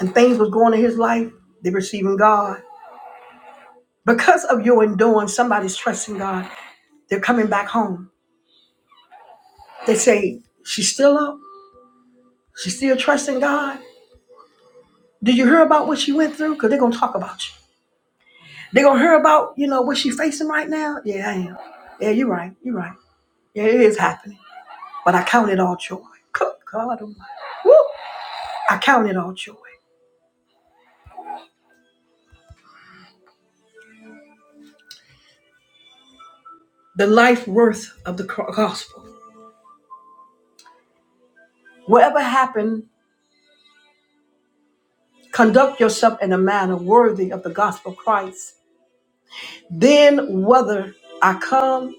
Speaker 1: and things was going in his life, they are receiving God. Because of your endurance, somebody's trusting God. They're coming back home. They say, she's still up. She's still trusting God. Did you hear about what she went through? Because they're going to talk about you. They're going to hear about, you know, what she's facing right now. Yeah, I am. Yeah, you're right. You're right. Yeah, it is happening. But I count it all joy. Good God Almighty. Woo! I count it all joy. The life worth of the cro- gospel. Whatever happened, conduct yourself in a manner worthy of the gospel of Christ. Then, whether I come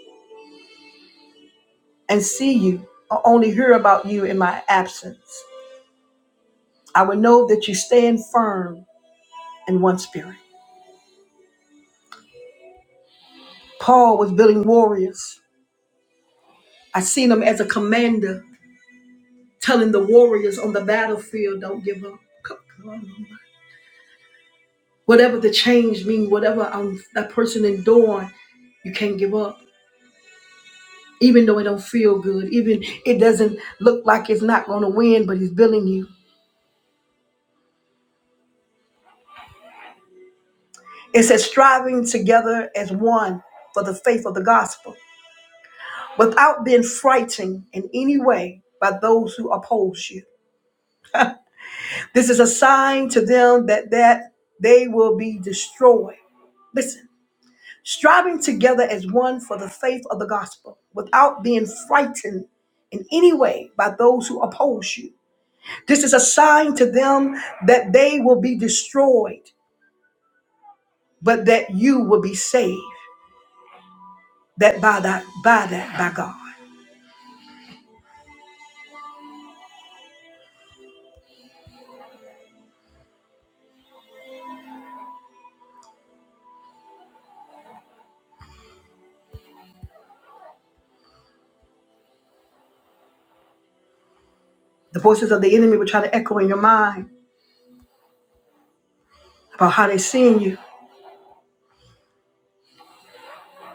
Speaker 1: and see you or only hear about you in my absence, I will know that you stand firm in one spirit. Paul was building warriors. I seen him as a commander telling the warriors on the battlefield, don't give up. Whatever the change means, whatever um, that person enduring, you can't give up. Even though it don't feel good, even it doesn't look like it's not going to win, but he's building you. It says striving together as one for the faith of the gospel without being frightened in any way by those who oppose you. This is a sign to them that, that they will be destroyed. Listen. striving together as one for the faith of the gospel without being frightened in any way by those who oppose you. This is a sign to them that they will be destroyed, but that you will be saved. That by that, by that, by God. The voices of the enemy will try to echo in your mind about how they're seeing you.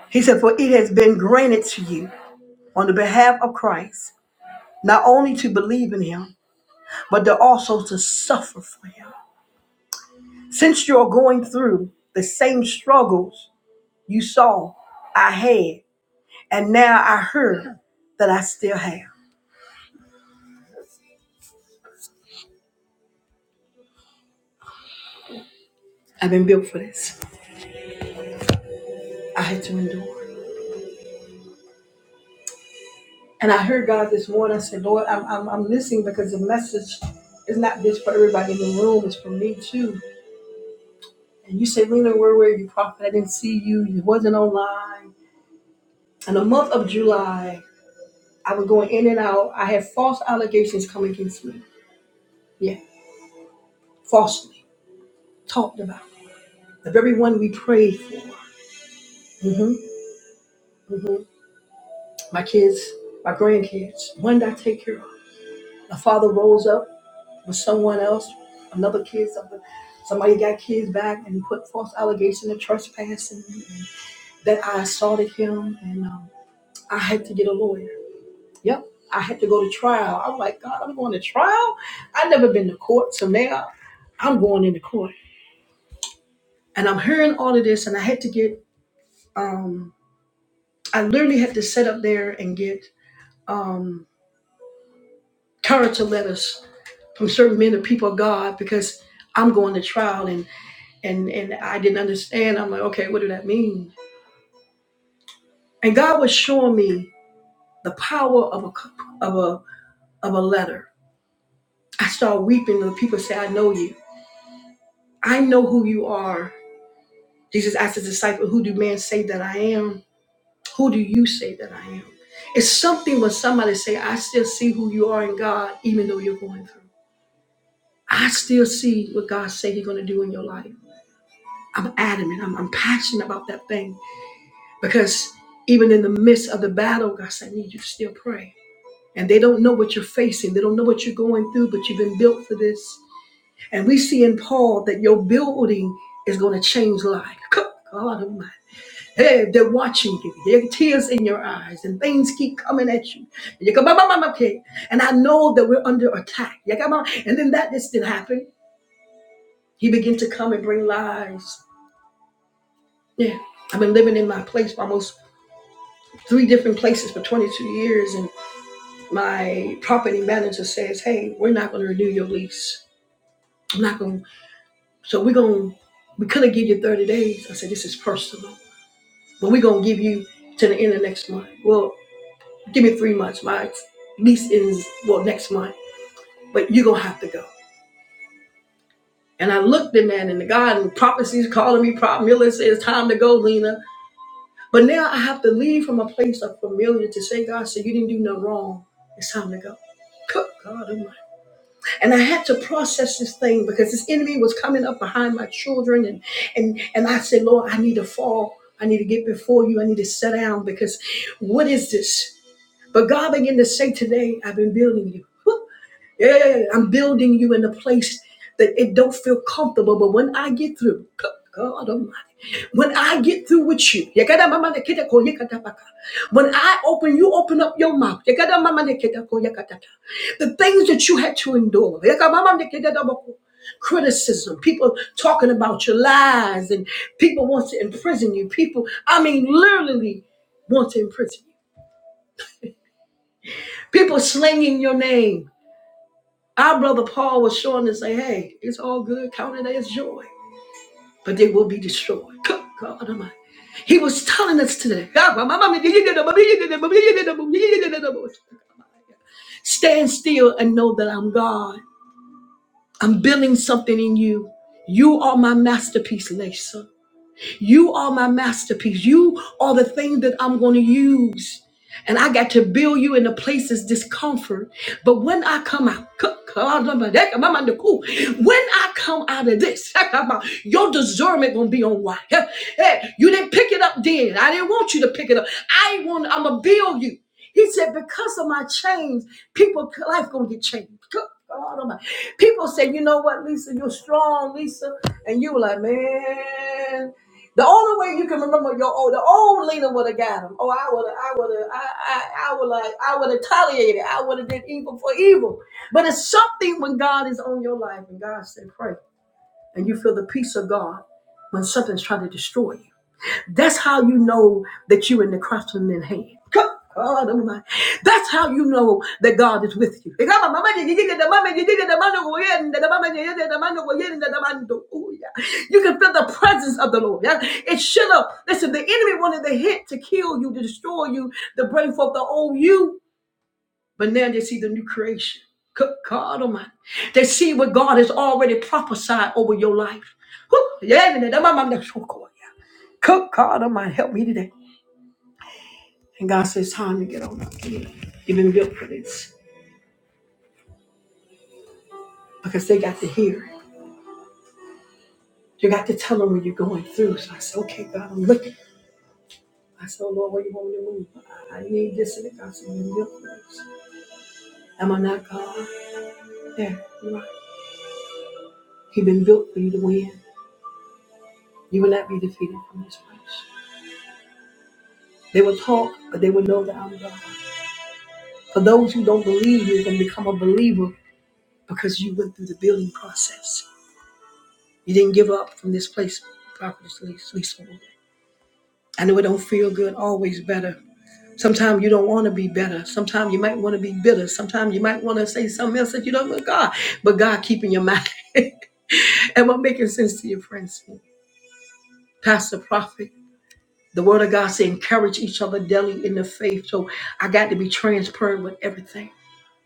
Speaker 1: He said, For it has been granted to you on the behalf of Christ, not only to believe in him, but to also to suffer for him. Since you're going through the same struggles you saw I had, and now I heard that I still have. I've been built for this. I had to endure. And I heard God this morning. I said, Lord, I'm, I'm, I'm listening because the message is not just for everybody in the room, it's for me too. And you said, Lena, where were you, prophet? I didn't see you. You wasn't online. In the month of July, I was going in and out. I had false allegations come against me. Yeah, falsely talked about. Of everyone we prayed for. hmm hmm My kids, my grandkids, one that I take care of. My father rose up with someone else, another kid, somebody, somebody got kids back and put false allegation of trespassing. And that I assaulted him and um, I had to get a lawyer. Yep. I had to go to trial. I'm like, God, I'm going to trial? I've never been to court, so now I'm going into court. And I'm hearing all of this, and I had to get, um, I literally had to sit up there and get um, character letters from certain men or people of God because I'm going to trial and and and I didn't understand. I'm like, okay, what did that mean? And God was showing me the power of a of a of a letter. I started weeping, and the people say, I know you. I know who you are. Jesus asked his disciple, Who do men say that I am? Who do you say that I am? It's something when somebody say, I still see who you are in God, even though you're going through. I still see what God say He's going to do in your life. I'm adamant. I'm, I'm passionate about that thing because even in the midst of the battle, God said, I need you to still pray. And they don't know what you're facing. They don't know what you're going through, but you've been built for this. And we see in Paul that your building is going to change life. Good God Almighty. Hey, they're watching you. There are tears in your eyes, and things keep coming at you. And you go, "Mama, mama, okay." And I know that we're under attack. Yeah, come on. And then that just didn't happen. He began to come and bring lies. Yeah. I've been living in my place for almost three different places for 22 years and my property manager says hey we're not going to renew your lease i'm not going to so we're going to we could have give you 30 days i said this is personal but we're going to give you to the end of next month well give me three months my lease is well next month but you're going to have to go and i looked at man and the God and prophecies calling me prop miller says time to go lena but now i have to leave from a place of familiar to say god said you didn't do no wrong it's time to go Good God, and I had to process this thing because this enemy was coming up behind my children and and and I said, Lord, I need to fall. I need to get before you. I need to sit down because what is this? But God began to say today, I've been building you. Whew. Yeah, I'm building you in a place that it don't feel comfortable. But when I get through, God Almighty. When I get through with you, yekada mama ne kete ko yekata paka. when I open, you open up your mouth. Yekada mama ne kete ko yekata ta. The things that you had to endure, yekada mama ne kete da boko. criticism, people talking about your lies, and people want to imprison you. People, I mean, literally want to imprison you. People slinging your name. Our brother Paul was showing and say, hey, it's all good. Count it as joy. but they will be destroyed. God Almighty. He was telling us today. Stand still and know that I'm God. I'm building something in you. You are my masterpiece, Lisa. You are my masterpiece. You are the thing that I'm going to use. And I got to build you in the places discomfort. But when I come out, *laughs* when I come out of this, *laughs* your discernment gonna be on why. *laughs* Hey, you didn't pick it up then. I didn't want you to pick it up. I ain't want. I'm gonna build you. He said, because of my change, people life gonna get changed. *laughs* People say, you know what, Lisa, you're strong, Lisa, and you were like, man. The only way you can remember your old, the old Lena would have got him. Oh, I would have, I would have, I, I, I would like, I would have retaliated. I would have did evil for evil. But it's something when God is on your life and God said, pray, and you feel the peace of God when something's trying to destroy you. That's how you know that you're in the craftsman in hand. Come- God, oh my. That's how you know that God is with you. You can feel the presence of the Lord. Yeah? It should have, listen, the enemy wanted to hit to kill you, to destroy you, to bring forth the old you, but now they see the new creation. Good God Almighty. They see what God has already prophesied over your life. Whew. Yeah, God Almighty, help me today. And God says, time to get on up. Get up. You've been built for this. Because they got to hear it. You got to tell them what you're going through. So I said, okay, God, I'm looking. I said, oh, Lord, what do you want me to move? I I need this and that. God said, you've been built for this. Am I not God? Yeah, you're right. He's been built for you to win. You will not be defeated from this place. They will talk, but they will know that I'm God. For those who don't believe, you're going to become a believer because you went through the building process. You didn't give up from this place, Prophetess Lisa. I know it don't feel good, always better. Sometimes you don't want to be better. Sometimes you might want to be bitter. Sometimes you might want to say something else that you don't want God. But God keeping your mind. *laughs* Am I making sense to your friends? Pastor Prophet, the word of God say encourage each other daily in the faith. So I got to be transparent with everything.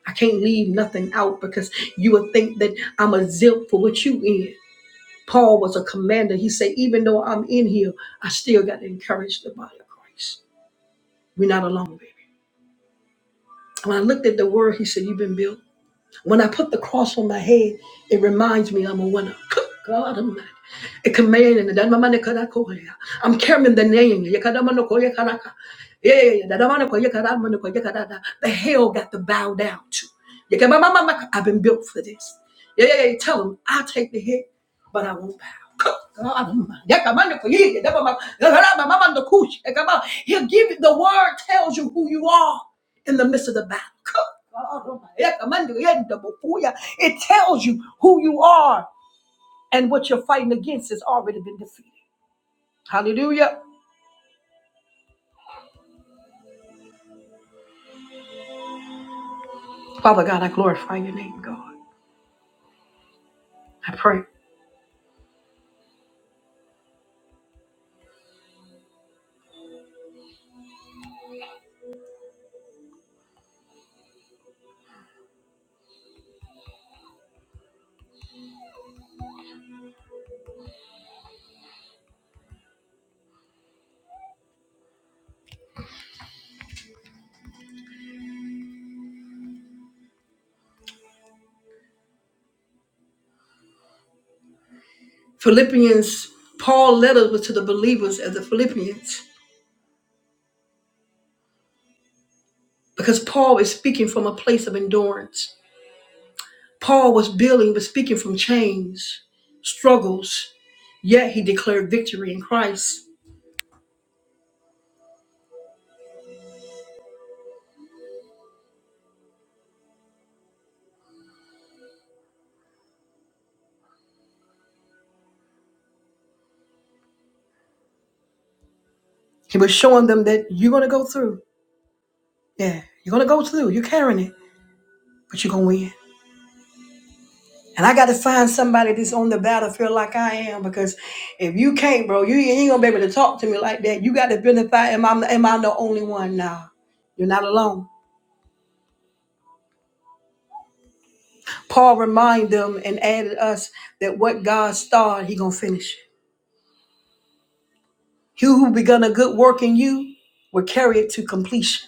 Speaker 1: I can't leave nothing out because you would think that I'm a zip for what you in. Paul was a commander. He said, even though I'm in here, I still got to encourage the body of Christ. We're not alone. When I looked at the word, he said, You've been built when I put the cross on my head, it reminds me I'm a winner. God Almighty. It commanded me, I'm carrying the name. Yeah, yeah, yeah. The hell got to bow down to. I've been built for this. Yeah, yeah, yeah. Tell him I'll take the hit, but I won't bow. God Almighty. Yakamanakoya. Yadamama- He'll give you the word tells you who you are in the midst of the battle. It tells you who you are and what you're fighting against has already been defeated. Hallelujah. Father God, I glorify your name, God. I pray. Philippians, Paul' letter was to the believers as the Philippians because Paul is speaking from a place of endurance. Paul was building, but speaking from chains, struggles, yet he declared victory in Christ. He was showing them that you're going to go through. Yeah, you're going to go through. You're carrying it, but you're going to win. And I got to find somebody that's on the battlefield like I am because if you can't, bro, you ain't gonna be able to talk to me like that. You got to benefit. Am I, am I the only one now? You're not alone. Paul reminded them and added us that what God started, he gonna finish. it. He who begun a good work in you will carry it to completion.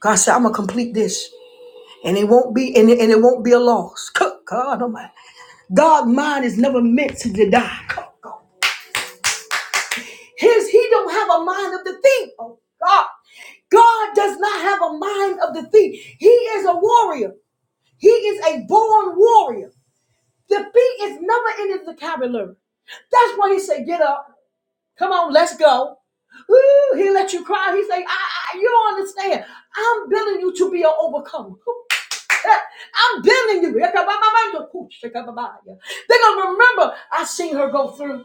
Speaker 1: God said, I'm gonna complete this. And it won't be and it, and it won't be a loss. Good God Almighty. God mind is never meant to die. Come on. His he don't have a mind of the thief. Oh God. God does not have a mind of defeat. He is a warrior. He is a born warrior. Defeat is never in his vocabulary. That's why he said, get up. Come on, let's go. Ooh, he let you cry. He said, I, I, you don't understand. I'm building you to be an overcomer. *laughs* I'm building you. They're going to remember I seen her go through.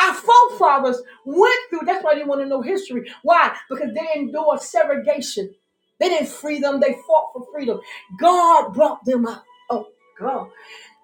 Speaker 1: Our forefathers went through. That's why they want to know history. Why? Because they endured segregation. They didn't free them. They fought for freedom. God brought them out. Oh God.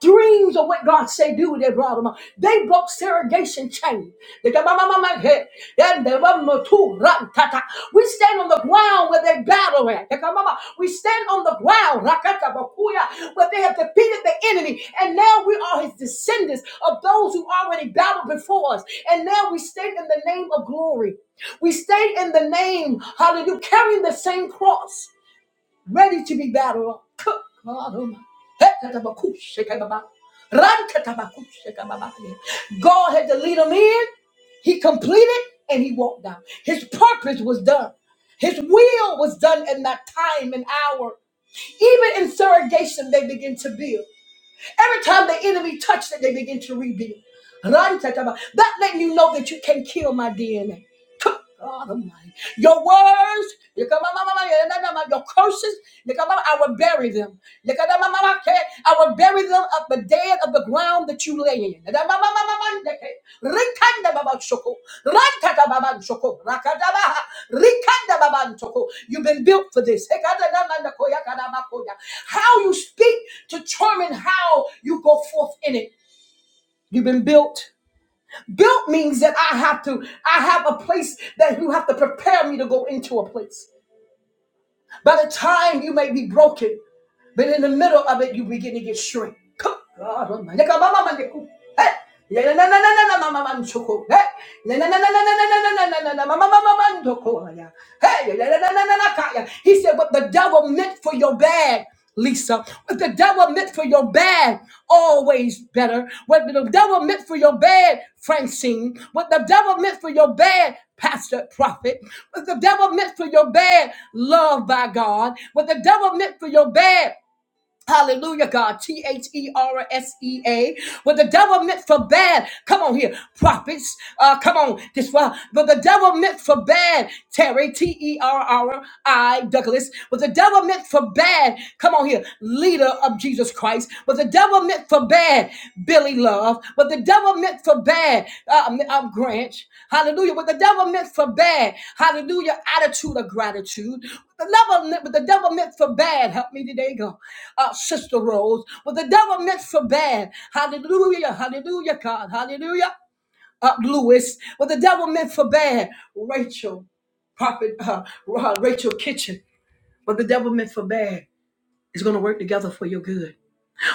Speaker 1: Dreams of what God say do, they brought them up? They broke segregation chain. They got "Mama, mama, hey." Then they run the two, run, ta, ta. We stand on the ground where they battle at. They go, "Mama," We stand on the ground rakata, bakuya, where they have defeated the enemy. And now we are his descendants of those who already battled before us. And now we stand in the name of glory. We stand in the name, hallelujah, carrying the same cross, ready to be battled. up. Karum. Hekatabakushekababa. God had to lead him in. He completed and he walked out. His purpose was done. His will was done in that time and hour. Even in surrogation, they begin to build. Every time the enemy touched it, they begin to rebuild. Rantakaba. That letting you know that you can kill my DNA. God Almighty. Your words, you come, mama, mama, yeah, nah, nah, nah, your curses, you come, mama, I will bury them. You come, mama, mama, okay, I will bury them at the dead of the ground that you lay in. Nah, mama, mama, mama, okay. Rikanda baba shoko, rankata baba shoko, rakata baha, rikanda baba shoko. You've been built for this. Hekata na na na koya kada ba koya. How you speak determine how you go forth in it. You've been built. Built means that I have to, I have a place that you have to prepare me to go into a place. By the time you may be broken, but in the middle of it, you begin to get shrink. God Almighty. Hey. Yeah, Hey. Yeah, Yeah. Hey. Yeah, He said, what the devil meant for your bad, Lisa, what the devil meant for your bad, always better. What the devil meant for your bad, Francine. What the devil meant for your bad, Pastor Prophet. What the devil meant for your bad, love by God. What the devil meant for your bad, Hallelujah, God. T H E R S E A. What the devil meant for bad. Come on here, prophets. Uh, come on, this one. But the devil meant for bad. Terry T E R R I Douglas. What the devil meant for bad. Come on here, leader of Jesus Christ. What the devil meant for bad. Billy Love. What the devil meant for bad, uh, um, um, Grinch. hallelujah. What the devil meant for bad, hallelujah, attitude of gratitude. What the, devil, meant- what the devil meant for bad, help me today, go, uh, Sister Rose. What the devil meant for bad, hallelujah, hallelujah, God, hallelujah, uh, Lewis. What the devil meant for bad, Rachel, Prophet uh, Rachel Kitchen. What the devil meant for bad is going to work together for your good.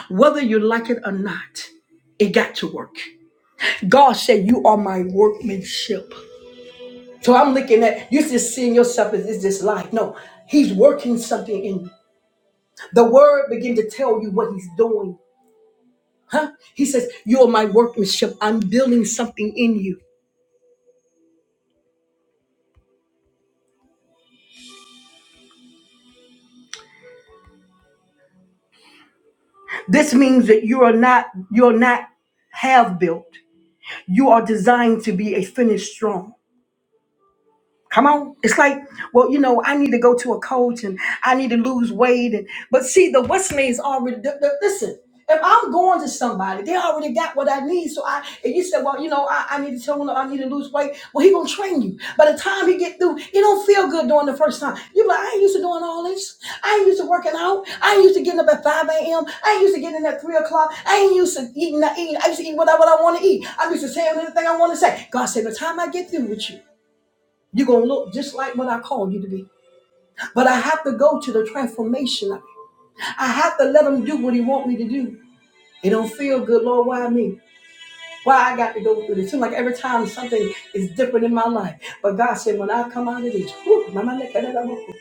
Speaker 1: Whether you like it or not, it got to work. God said, You are my workmanship. So I'm looking at you just seeing yourself as is this life. No, he's working something in you. The word begin to tell you what he's doing. Huh? He says, You are my workmanship. I'm building something in you. This means that you are not, you're not have built. You are designed to be a finished strong. Come on. It's like, well, you know, I need to go to a coach and I need to lose weight. And, but see, the what's name is already, the, the- listen, if I'm going to somebody, they already got what I need. So I, if you said, well, you know, I, I need to tell him I need to lose weight. Well, he going to train you. By the time he get through, he don't feel good doing the first time. You be like, I ain't used to doing all this. I ain't used to working out. I ain't used to getting up at 5 a.m. I ain't used to getting up at 3 o'clock. I ain't used to eating, not eating. I used to eat whatever I what I want to eat. I used to saying anything I want to say. God said, by the time I get through with you, you're going to look just like what I called you to be. But I have to go to the transformation of it. I have to let him do what he want me to do. It don't feel good, Lord. Why me? Why I got to go through this? It Seems like every time something is different in my life. But God said, when I come out of this, whew, mama, look at it, I'm okay.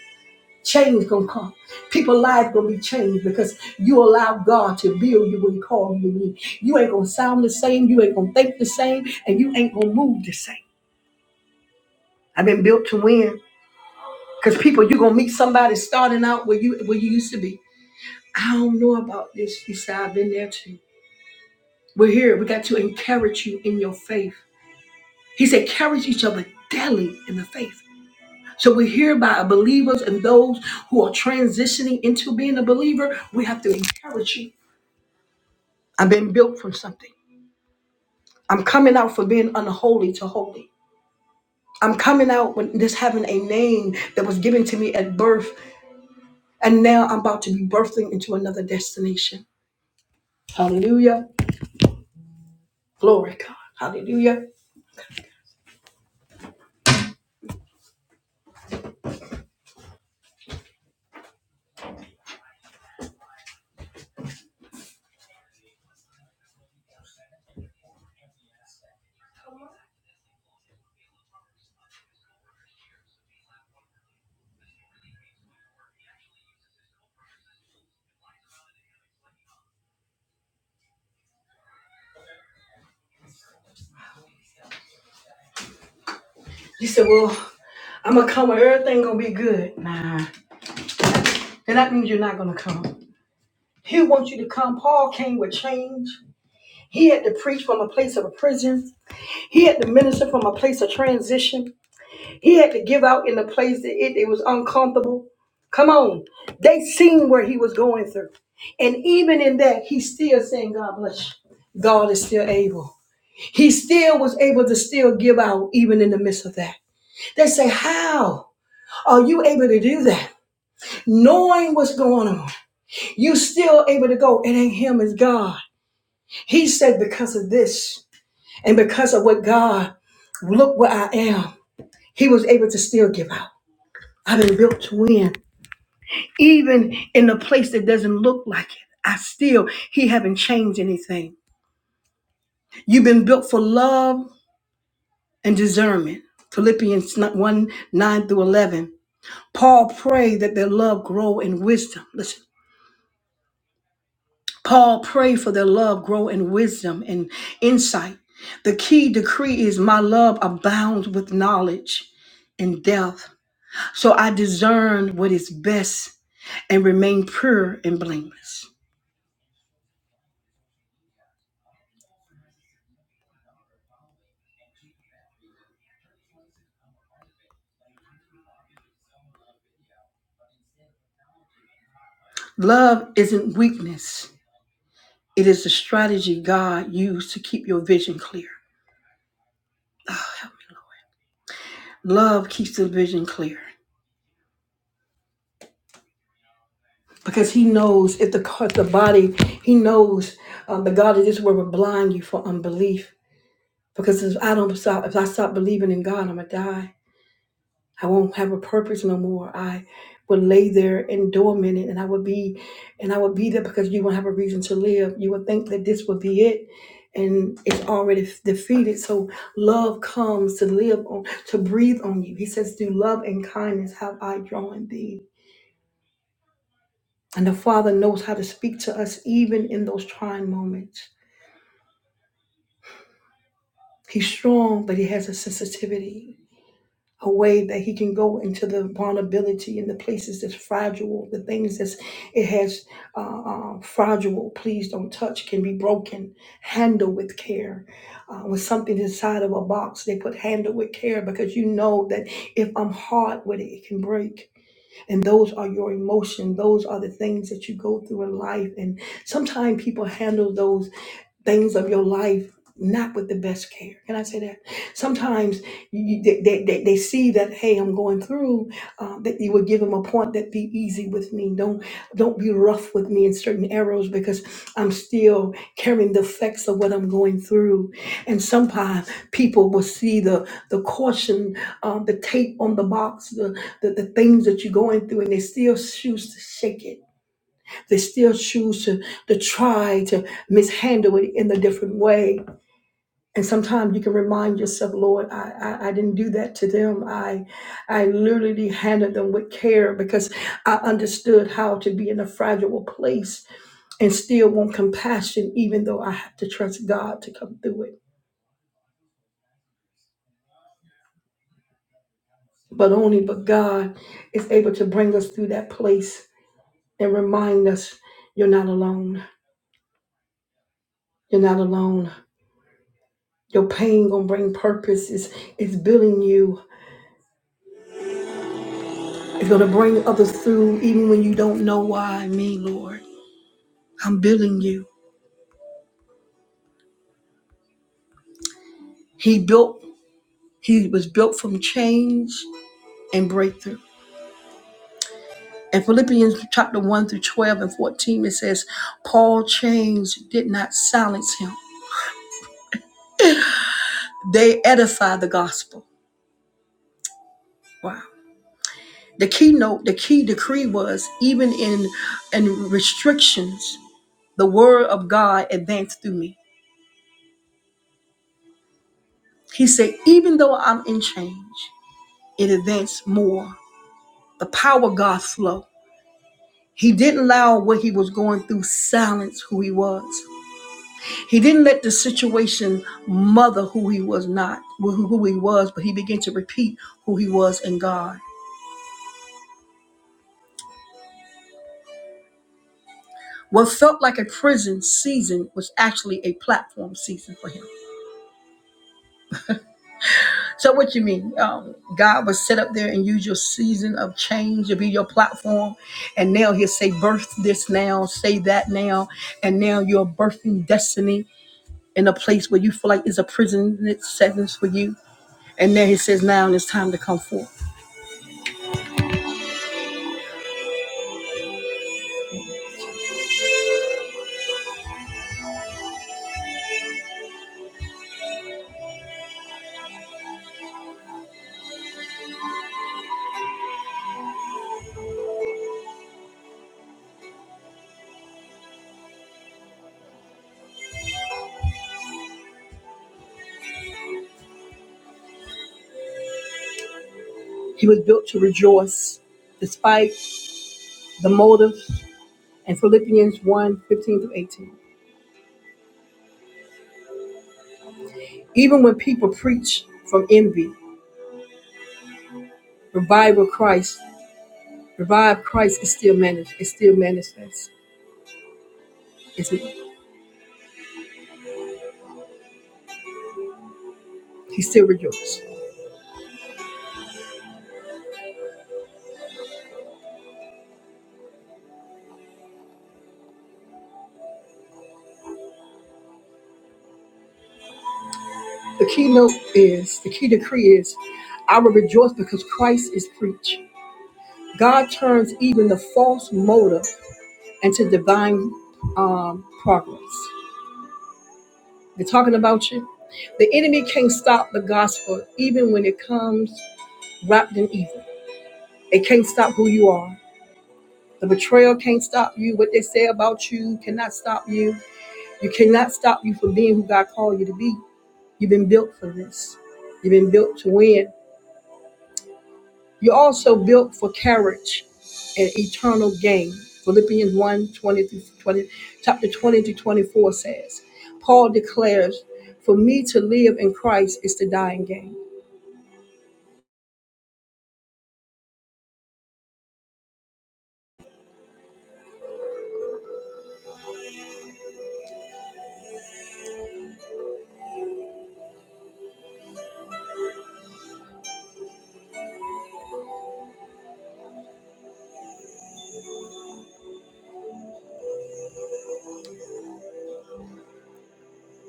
Speaker 1: change gonna come. People's lives gonna be changed because you allow God to build you when He called you. to be. You ain't gonna sound the same. You ain't gonna think the same, and you ain't gonna move the same. I've been built to win. Cause people, you're gonna meet somebody starting out where you where you used to be. I don't know about this. He said, I've been there too. We're here. We got to encourage you in your faith. He said, encourage each other daily in the faith. So we're here by believers and those who are transitioning into being a believer. We have to encourage you. I've been built from something. I'm coming out from being unholy to holy. I'm coming out with this having a name that was given to me at birth, and now I'm about to be birthing into another destination. Hallelujah. Glory God. Hallelujah. You said, Well, I'm gonna come and everything gonna be good. Nah. And that means you're not gonna come. He wants you to come. Paul came with change. He had to preach from a place of a prison. He had to minister from a place of transition. He had to give out in a place that it, it was uncomfortable. Come on. They seen where he was going through. And even in that, he's still saying, God bless you. God is still able. He still was able to still give out even in the midst of that. They say, How? Are you able to do that? Knowing what's going on, you still able to go. It ain't him, it's God. He said, because of this and because of what God, look where I am. He was able to still give out. I've been built to win. Even in a place that doesn't look like it, I still, he haven't changed anything. You've been built for love and discernment. Philippians 1 9 through 11. Paul prayed that their love grow in wisdom. Listen Paul prayed for their love grow in wisdom and insight. The key decree is my love abounds with knowledge and depth. So I discern what is best and remain pure and blameless. Love isn't weakness. It is the strategy God used to keep your vision clear. Love keeps the vision clear because He knows if the, if the body, He knows um, the God of this world will blind you for unbelief Because if I don't stop, if I stop believing in God, I'm gonna die. I won't have a purpose no more. I would lay there and dormant, and I would be, and I would be there because you won't have a reason to live. You would think that this would be it, and it's already f- defeated. So love comes to live on, to breathe on you. He says, "Do love and kindness have I drawn thee." And the Father knows how to speak to us even in those trying moments. He's strong, but he has a sensitivity. a way that he can go into the vulnerability and the places that's fragile, the things that's it has uh, uh, fragile, please don't touch, can be broken, handle with care. Uh, when something inside of a box, they put handle with care because you know that if I'm hard with it, it can break. And those are your emotion. Those are the things that you go through in life. And sometimes people handle those things of your life not with the best care. Can I say that? Sometimes you, you- they, they, they see that, hey, I'm going through, uh, that you would give them a point that be easy with me. Don't don't be rough with me in certain arrows because I'm still carrying the effects of what I'm going through. And sometimes people will see the the caution, um, the tape on the box, the, the, the things that you're going through, and they still choose to shake it they still choose to, to try to mishandle it in a different way. And sometimes you can remind yourself, Lord, I, I, I didn't do that to them. I I literally handled them with care because I understood how to be in a fragile place and still want compassion, even though I have to trust God to come through it. But only but God is able to bring us through that place and remind us you're not alone. You're not alone. Your pain gonna bring purpose. It's, it's building you. It's going to bring others through even when you don't know why. I mean, Lord, I'm building you. He built, he was built from change and breakthrough. In Philippians chapter 1 through 12 and 14, it says, Paul change did not silence him. They edify the gospel. Wow. The keynote, the key decree was even in in restrictions, the word of God advanced through me. He said, even though I'm in change, it advanced more The power of God flow. He didn't allow what he was going through silence who he was. He didn't let the situation mother who he was not, who he was, but he began to repeat who he was in God. What felt like a prison season was actually a platform season for him. So, what you mean? Um, God was set up there and use your season of change to be your platform. And now he'll say, birth this now, say that now. And now you're birthing destiny in a place where you feel like it's a prison sentence for you. And then he says, Now it's time to come forth. He was built to rejoice despite the motive And Philippians one fifteen 15 through 18. Even when people preach from envy, revival Christ, revive Christ is still managed, it still manifests. It's, he still rejoices. The keynote is, the key decree is, I will rejoice because Christ is preached. God turns even the false motive and to divine um, progress. They're talking about you. The enemy can't stop the gospel, even when it comes wrapped in evil. It can't stop who you are. The betrayal can't stop you. What they say about you cannot stop you. You cannot stop you from being who God called you to be. You've been built for this. You've been built to win. you also built for carriage and eternal gain. Philippians one twenty 20 through 20, chapter 20 to 24 says, Paul declares, For me to live in Christ is to die in gain.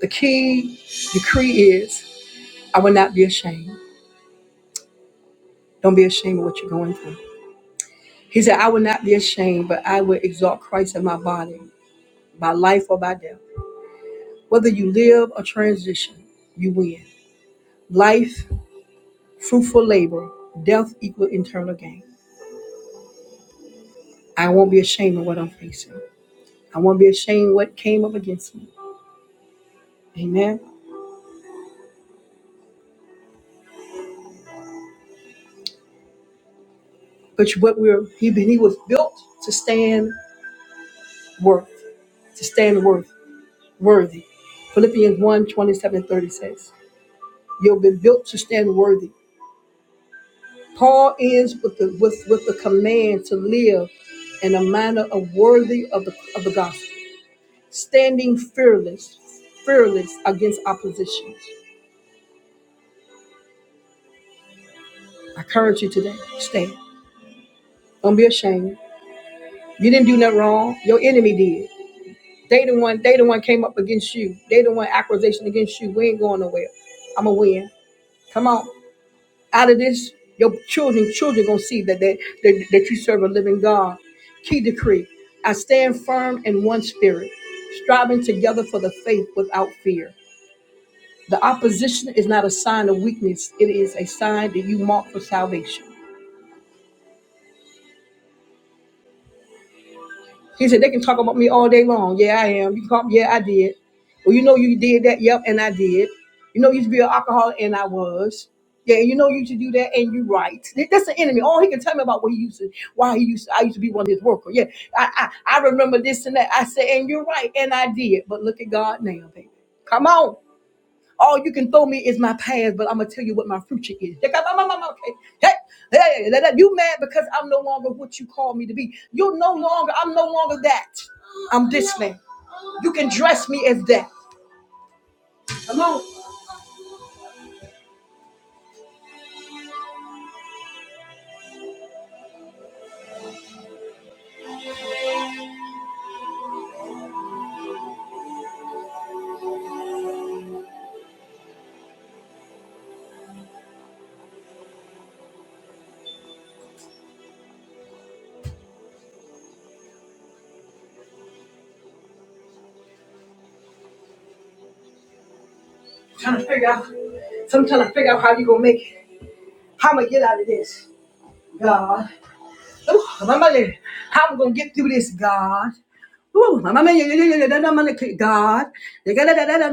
Speaker 1: The key decree is, I will not be ashamed. Don't be ashamed of what you're going through. He said, I will not be ashamed, but I will exalt Christ in my body, by life or by death. Whether you live or transition, you win. Life, fruitful labor, death equal internal gain. I won't be ashamed of what I'm facing. I won't be ashamed of what came up against me. Amen. But what we're he he was built to stand worth, to stand worth worthy. Philippians one 27 30 says, You've been built to stand worthy. Paul ends with the with, with the command to live in a manner of worthy of the of the gospel, standing fearless, fearless against oppositions. I encourage you today, stand. Don't be ashamed. You didn't do nothing wrong. Your enemy did. They the one. They the one came up against you. They the one accusation against you. We ain't going nowhere. I'ma win. Come on. Out of this, your children, children gonna see that they, that that you serve a living God. Key decree: I stand firm in one spirit, striving together for the faith without fear. The opposition is not a sign of weakness. It is a sign that you mark for salvation. He said, they can talk about me all day long. Yeah, I am. You caught Yeah, I did. Well, you know you did that. Yep, and I did. You know you used to be an alcoholic, and I was. Yeah, you know you should do that, and you right. That- That's the enemy. All he can tell me about what he used to, why he used to, I used to be one of his workers. Yeah, I, I, I remember this and that. I said, and you're right, and I did. But look at God now, baby. Come on. All you can throw me is my past, but I'm gonna tell you what my future is. Okay. Hey, hey, you mad because I'm no longer what you call me to be. You're no longer, I'm no longer that. I'm this man. You can dress me as that. Hello? I'm Trying to figure out. So I'm trying to figure out how you gonna make it. How I'm gonna get out of this, God. Ooh, my mother, How I'm gonna get through this, God. Ooh, my man, yeah, yeah, yeah, yeah, God.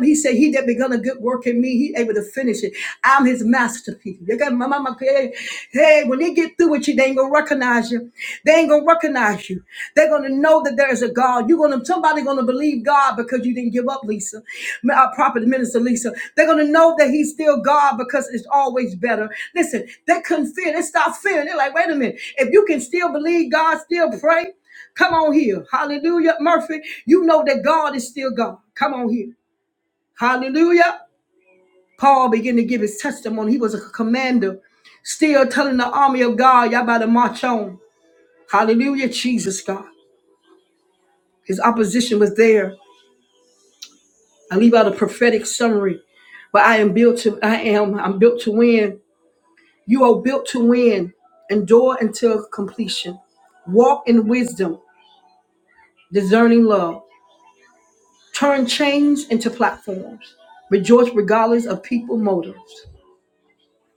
Speaker 1: He said, He that begun a good work in me, He able to finish it. I'm His masterpiece. my mama, hey, hey, when they get through with you, they ain't gonna recognize you. They ain't gonna recognize you. They're gonna know that there is a God. You're gonna somebody gonna believe God because you didn't give up, Lisa. Ma- Our prophet minister Lisa. They're gonna know that He's still God because it's always better. Listen, they couldn't fear. They stop fearing. They're like, wait a minute. If you can still believe God, still pray. Come on here. Hallelujah. Murphy, you know that God is still God. Come on here. Hallelujah. Paul began to give his testimony. He was a commander, still telling the army of God, y'all about to march on. Hallelujah, Jesus God. His opposition was there. I leave out a prophetic summary. But I am built to, I am, I'm built to win. You are built to win. Endure until completion. Walk in wisdom, discerning love. Turn chains into platforms. Rejoice regardless of people motives.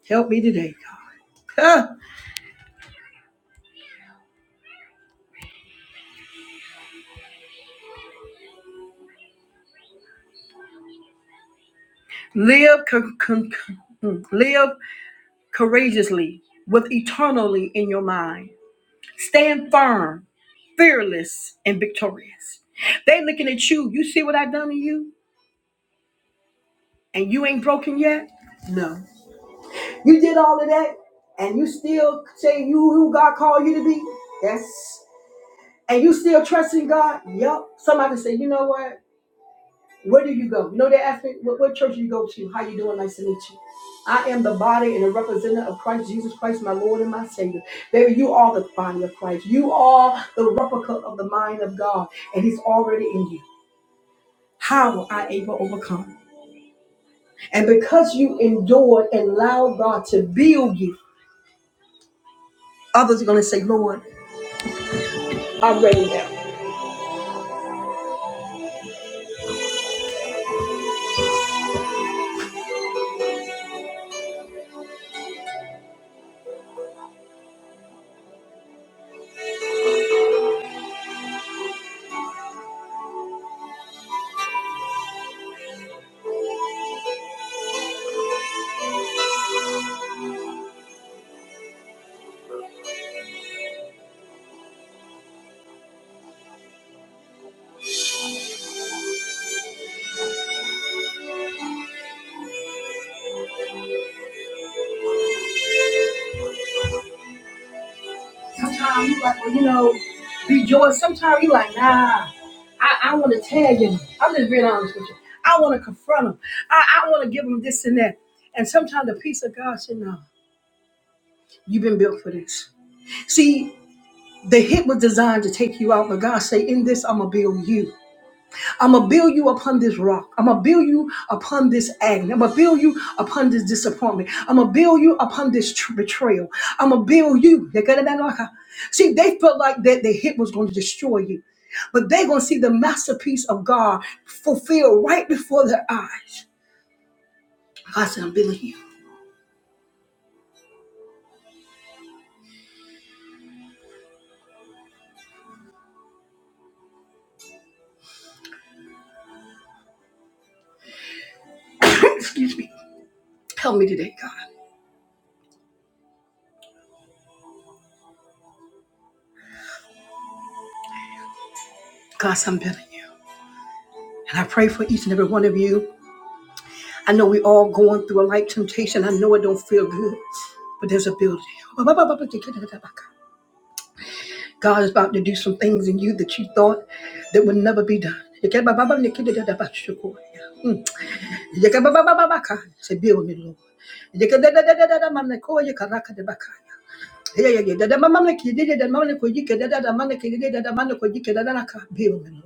Speaker 1: Help me today, God. *laughs* live, co- con- con- mm, live courageously with eternally in your mind. Stand firm, fearless, and victorious. They looking at you. You see what I done to you, and you ain't broken yet. No, you did all of that, and you still say you who God called you to be. Yes, and you still trusting God. Yup. Somebody say, you know what? Where do you go? You know they ask me, what, what church do you go to? How you doing? Nice to meet you. I am the body and the representative of Christ Jesus Christ, my Lord and my Savior. Baby, you are the body of Christ. You are the replica of the mind of God, and He's already in you. How I able to overcome? And because you endured and allowed God to build you, others are going to say, Lord. Sometimes you like, well, you know, rejoice. Sometimes you like, nah, I, I want to tell you. I'm just being honest with you. I want to confront them. I, I want to give them this and that. And sometimes the peace of God said, no, you've been built for this. See, the hit was designed to take you out, but God say, in this, I'm going to build you. I'm gonna build you upon this rock. I'm gonna build you upon this agony. I'm gonna build you upon this disappointment. I'm gonna build you upon this tr- betrayal. I'm gonna build you. See, they felt like that the hit was going to destroy you, but they're gonna see the masterpiece of God fulfilled right before their eyes. God said, I'm building you. *laughs* Excuse me. Help me today, God. God said, I'm building you. And I pray for each and every one of you. I know we all going through a light temptation. I know it don't feel good, but there's a building. God is about to do some things in you that you thought that would never be done. Mm. Say, build me, Lord. Build me, Lord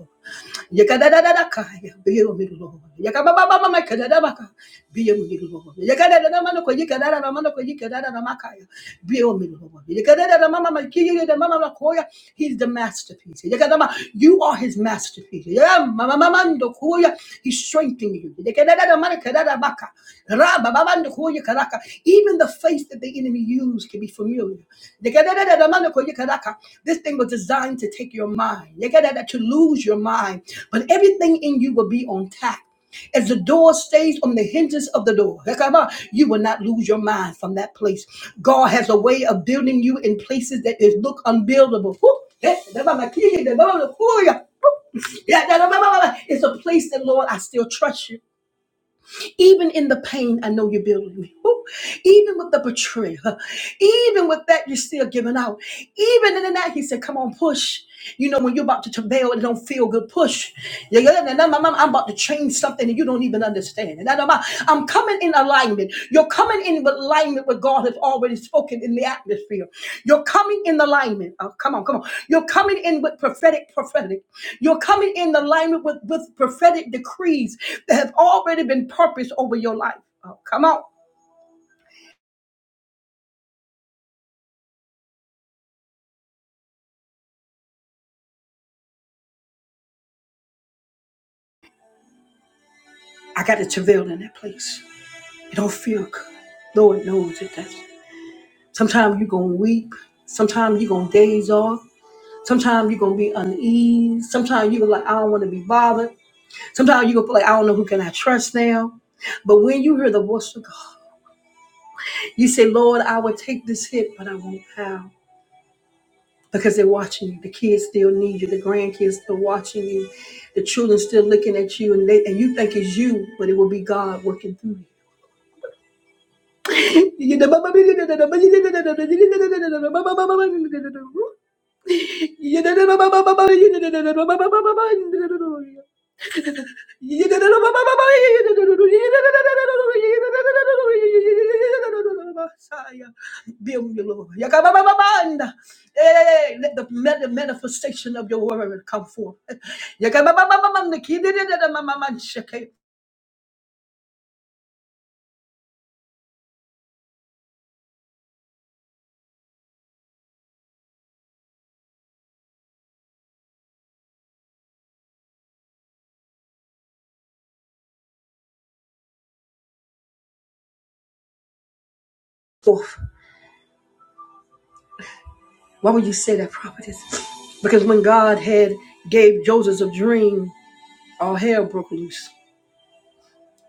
Speaker 1: he's the masterpiece. you are his masterpiece. He's strengthening you. Even the face that the enemy used can be familiar. This thing was designed to take your mind, Dekedada- to lose your mind. But everything in you will be on tap. As the door stays on the hinges of the door, you will not lose your mind from that place. God has a way of building you in places that is look unbuildable. Woo! Eh, yeah, no, no, no, no, no. It's a place that, Lord, I still trust you. Even in the pain, I know you're building me. Woo. Even with the betrayal, even with that, you're still giving out. Even in that, he said, Come on, push. You know, when you're about to travail and it don't feel good, push. Yeah, yeah, yeah, no, no, no, no, I'm about to change something and you don't even understand. And I know I'm coming in alignment. You're coming in with alignment what God has already spoken in the atmosphere. You're coming in alignment. Oh, come on, come on. You're coming in with prophetic, prophetic. You're coming in alignment with, with prophetic decrees that have already been purposed over your life. Oh, come on. I got to travail in that place. It don't feel good. Lord knows it does. Sometimes you're going to weep. Sometimes you're going to daze off. Sometimes you're going to be uneasy. Sometimes you're like, I don't want to be bothered. Sometimes you go feel like, I don't know who can I trust now. But when you hear the voice of God, you say, Lord, I will take this hit, but I won't pound. Because they're watching you. The kids still need you. The grandkids still watching you. The children still looking at you. And, they, and you think it's you, but it will be God working through you. *laughs* You Build me, Lord. Yakabababanda. Hey, Let the ma- manifestation of your word come forth. Yakababababanda. Kididididamamamanshake. Forth. Why would you say that, prophetess? Because when God had gave Joseph a dream, all hell broke loose.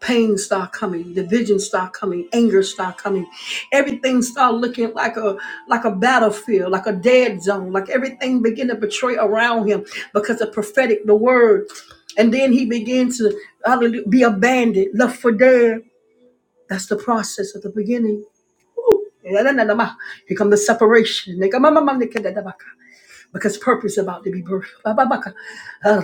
Speaker 1: pain start coming division start coming anger start coming everything start looking like a like a battlefield like a dead zone like everything begin to betray around him because of prophetic the word and then he begins to hallelujah, be abandoned left for dead that's the process of the beginning here come the separation because purpose is about to be birthed. Bababaka.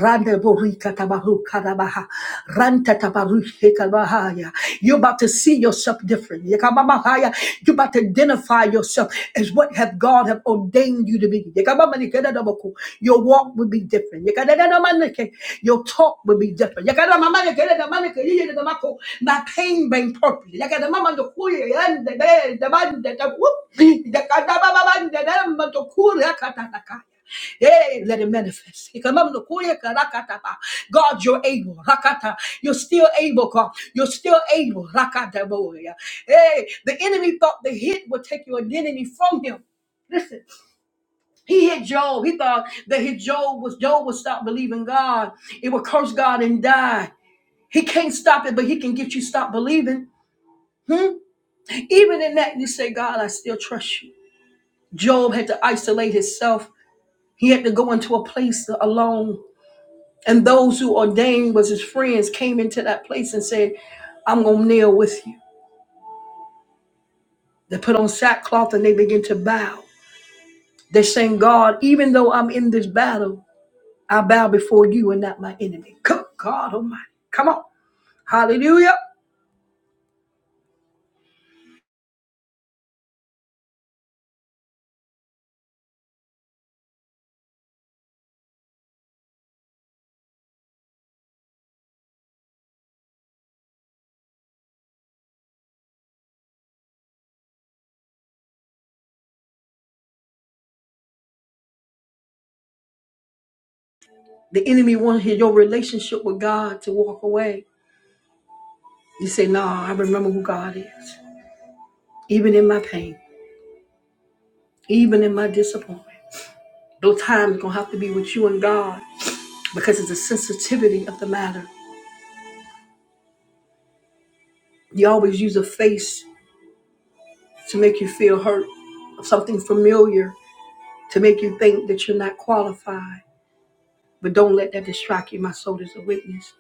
Speaker 1: Randa borika tabahu karabaha. Ranta tabaru hekabahaya. You're about to see yourself different. Yakababahaya. You're about to identify yourself as what have God have ordained you to be. Yakabamanikedabaku. Your walk will be different. Yakadadadamanike. Your talk will be different. Yakadamamanikedamanike. My pain being purple. Like the mama to cool yeah, and the bed, the man that whoop, the Kadababa, the Dama to cool, Rakatataka. Hey, let it manifest. He come up to cool, Rakataba. God, you're able. Rakata. You're still able, God. You're still able. Rakata boy. yeah. Hey, the enemy thought the hit would take your identity from him. Listen, he hit Job. He thought that his Job was Job would stop believing God. It would curse God and die. He can't stop it, but he can get you stop believing. Hmm? Even in that, you say, God, I still trust you. Job had to isolate himself. He had to go into a place alone. And those who ordained was his friends came into that place and said, I'm gonna kneel with you. They put on sackcloth and they begin to bow. They're saying, God, even though I'm in this battle, I bow before you and not my enemy. Good God Almighty. Come on. Hallelujah. The enemy wanted your relationship with God to walk away. You say, No, I remember who God is. Even in my pain, even in my disappointment. Those times gonna have to be with you and God because it's the sensitivity of the matter. You always use a face to make you feel hurt, something familiar to make you think that you're not qualified. But don't let that distract you. My soul is a witness.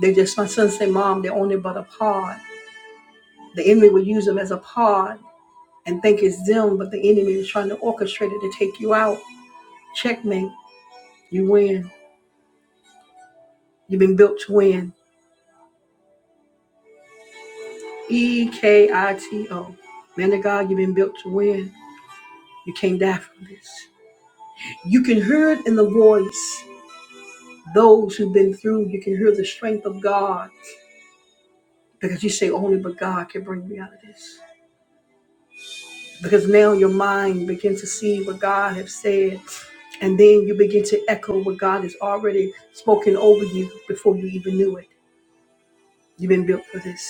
Speaker 1: They just my son say, Mom, they're only but a pod. The enemy will use them as a pod and think it's them, but the enemy is trying to orchestrate it to take you out. Checkmate, you win. You've been built to win. E K I T O. Man of God, you've been built to win. You can't die from this. You can hear it in the voice. Those who've been through, you can hear the strength of God because you say, Only but God can bring me out of this. Because now your mind begins to see what God has said, and then you begin to echo what God has already spoken over you before you even knew it. You've been built for this.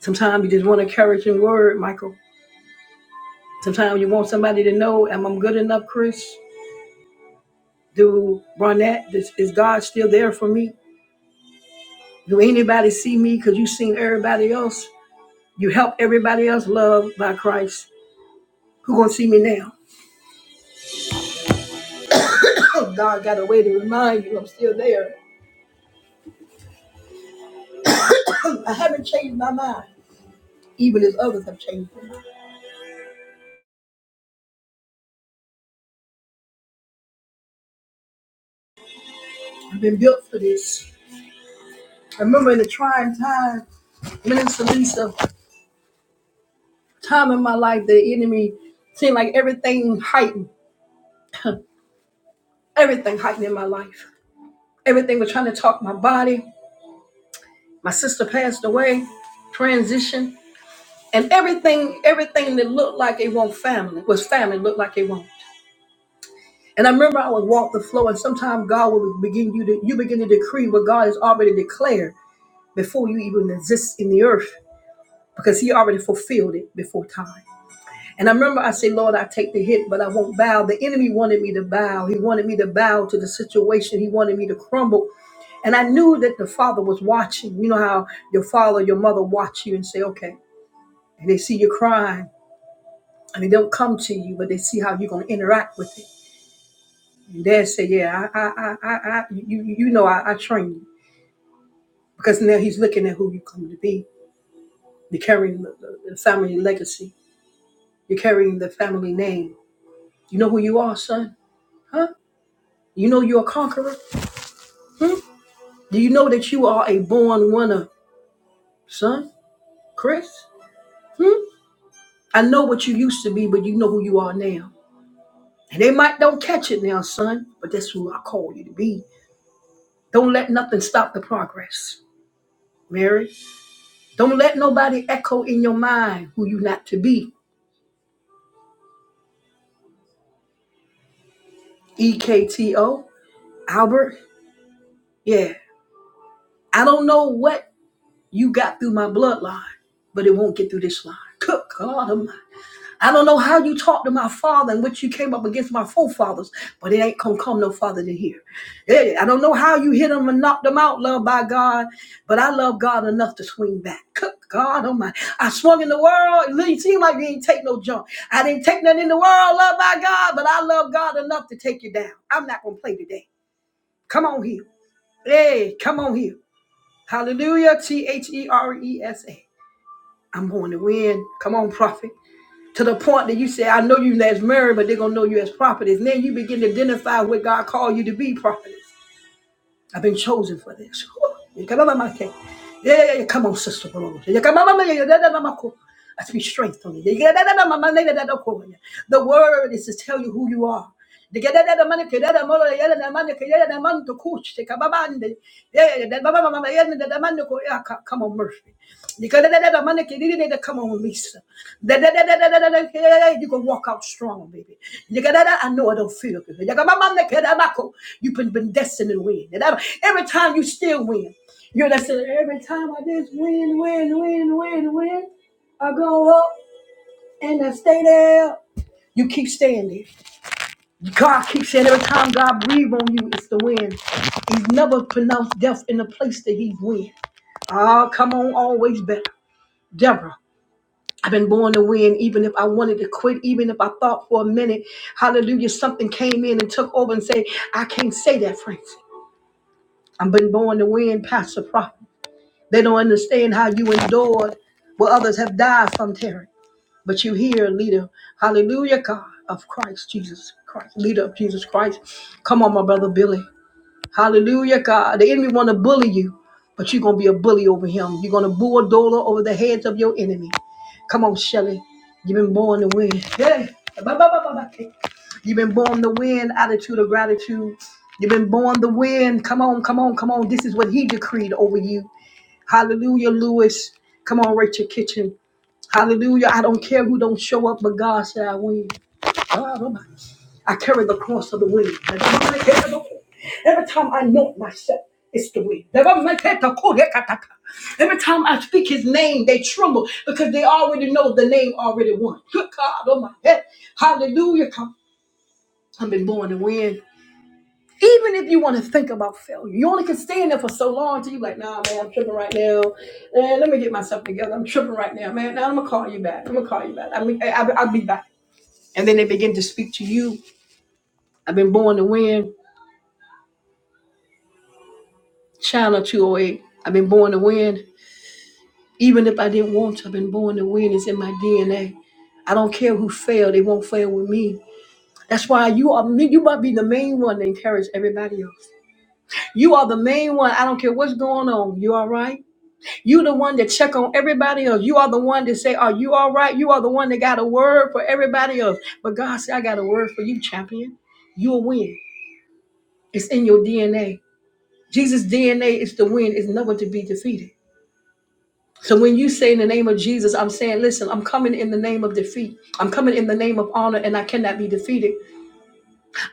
Speaker 1: Sometimes you just want encouraging word, Michael. Sometimes you want somebody to know, am I good enough, Chris? Do Barnett, is, is God still there for me? Do anybody see me? Because you seen everybody else. You help everybody else love by Christ. Who gonna see me now? *coughs* God got a way to remind you I'm still there. *coughs* I haven't changed my mind, even as others have changed their mind. I've been built for this. I remember in the trying time, Minister Lisa, time in my life, the enemy seemed like everything heightened, everything heightened in my life. Everything was trying to talk my body. My sister passed away, transition, and everything, everything that looked like it won't family was family looked like it won't. And I remember I would walk the floor, and sometimes God would begin you to you begin to decree what God has already declared before you even exist in the earth, because He already fulfilled it before time. And I remember I say, Lord, I take the hit, but I won't bow. The enemy wanted me to bow. He wanted me to bow to the situation. He wanted me to crumble And I knew that the father was watching. You know how your father, your mother watch you and say, okay. And they see you crying and they don't come to you, but they see how you're going to interact with it. And dad say, yeah, I, I, I, I, you, you know, I, I train you because now he's looking at who you come to be. You're carrying the, the the family legacy. You're carrying the family name. You know who you are, son? Huh? You know you're a conqueror? Hmm? Do you know that you are a born winner, son? Chris? Hmm? I know what you used to be, but you know who you are now. And they might don't catch it now, son, but that's who I call you to be. Don't let nothing stop the progress, Mary. Don't let nobody echo in your mind who you not to be. EKTO, Albert, yeah. I don't know what you got through my bloodline, but it won't get through this line. Cook, God, I don't know how you talked to my father and what you came up against my forefathers, but it ain't gonna come no farther than here. Eh, I don't know how you hit them and knocked them out, love by God, but I love God enough to swing back. Good God Almighty, I swung in the world. It didn't seem like you didn't take no junk. I didn't take nothing in the world, love by God, but I love God enough to take you down. I'm not gonna play today. Come on here. Hey, come on here. Hallelujah. T H E R E S A. I'm going to win. Come on, prophet to the point that you say, I know you as married, but they're gonna know you as prophetess. And then you begin to identify what God called you to be prophetess. I've been chosen for this. Yeah, yeah, yeah. yeah. Come on, sister. I speak strength on you. The word is to tell you who you are. Digedada mani kedada molo yele na mani kedada na mani to kuch te kababande. Yeah, that baba mama yele na da mani ko ya ka- come on mercy. Digedada da mani kedidi de da come on Lisa. Da da da da da da da da yeah, you can walk out strong baby. Digedada I know I don't feel good. Yaga mama ne kedada mako you've been been destined to win. And that- every time you still win. You're that's every time I just win win win win win. I go up and I stay there. You keep standing. God keeps saying every time God breathes on you, it's the wind. He's never pronounced death in the place that he's win. Ah, come on, always better. Deborah, I've been born to win, even if I wanted to quit, even if I thought for a minute, hallelujah, something came in and took over and say, I can't say that, Francis. I've been born to win, Pastor Prophet. They don't understand how you endured where others have died from terror. But you here, leader, hallelujah, God of Christ, Jesus Christ, leader of Jesus Christ. Come on, my brother Billy. Hallelujah, God. The enemy want to bully you, but you're going to be a bully over him. You're going to bulldoze over the heads of your enemy. Come on, Shelley! You've been born to win. Hey. Ba, ba, ba, ba, ba. okay. You've been born to win. Attitude of gratitude. You've been born to win. Come on, come on, come on. This is what he decreed over you. Hallelujah, Lewis. Come on, Rachel Kitchen. Hallelujah. I don't care who don't show up, but God said I win. God Almighty. I carry the cross of the wind. Every time I know myself, it's the wind. Every time I speak his name, they tremble because they already know the name already won. Good God Almighty. Hallelujah. God. I've been born to win. Even if you want to think about failure, you only can stand there for so long until you're like, nah, man, I'm tripping right now. Man, let me get myself together. I'm tripping right now, man. Now I'm going to call you back. I'm going to call you back. I mean, I, I'll be back. And then they begin to speak to you I've been born to win. Child of 208. I've been born to win. Even if I didn't want to, I've been born to win. It's in my DNA. I don't care who failed, they won't fail with me. That's why you are you might be the main one to encourage everybody else. You are the main one. I don't care what's going on. You all right? You the one that check on everybody else. You are the one that say, Are you all right? You are the one that got a word for everybody else. But God said, I got a word for you, champion. You'll win. It's in your DNA. Jesus' DNA is to win, it's never to be defeated. So when you say in the name of Jesus, I'm saying, listen, I'm coming in the name of defeat. I'm coming in the name of honor, and I cannot be defeated.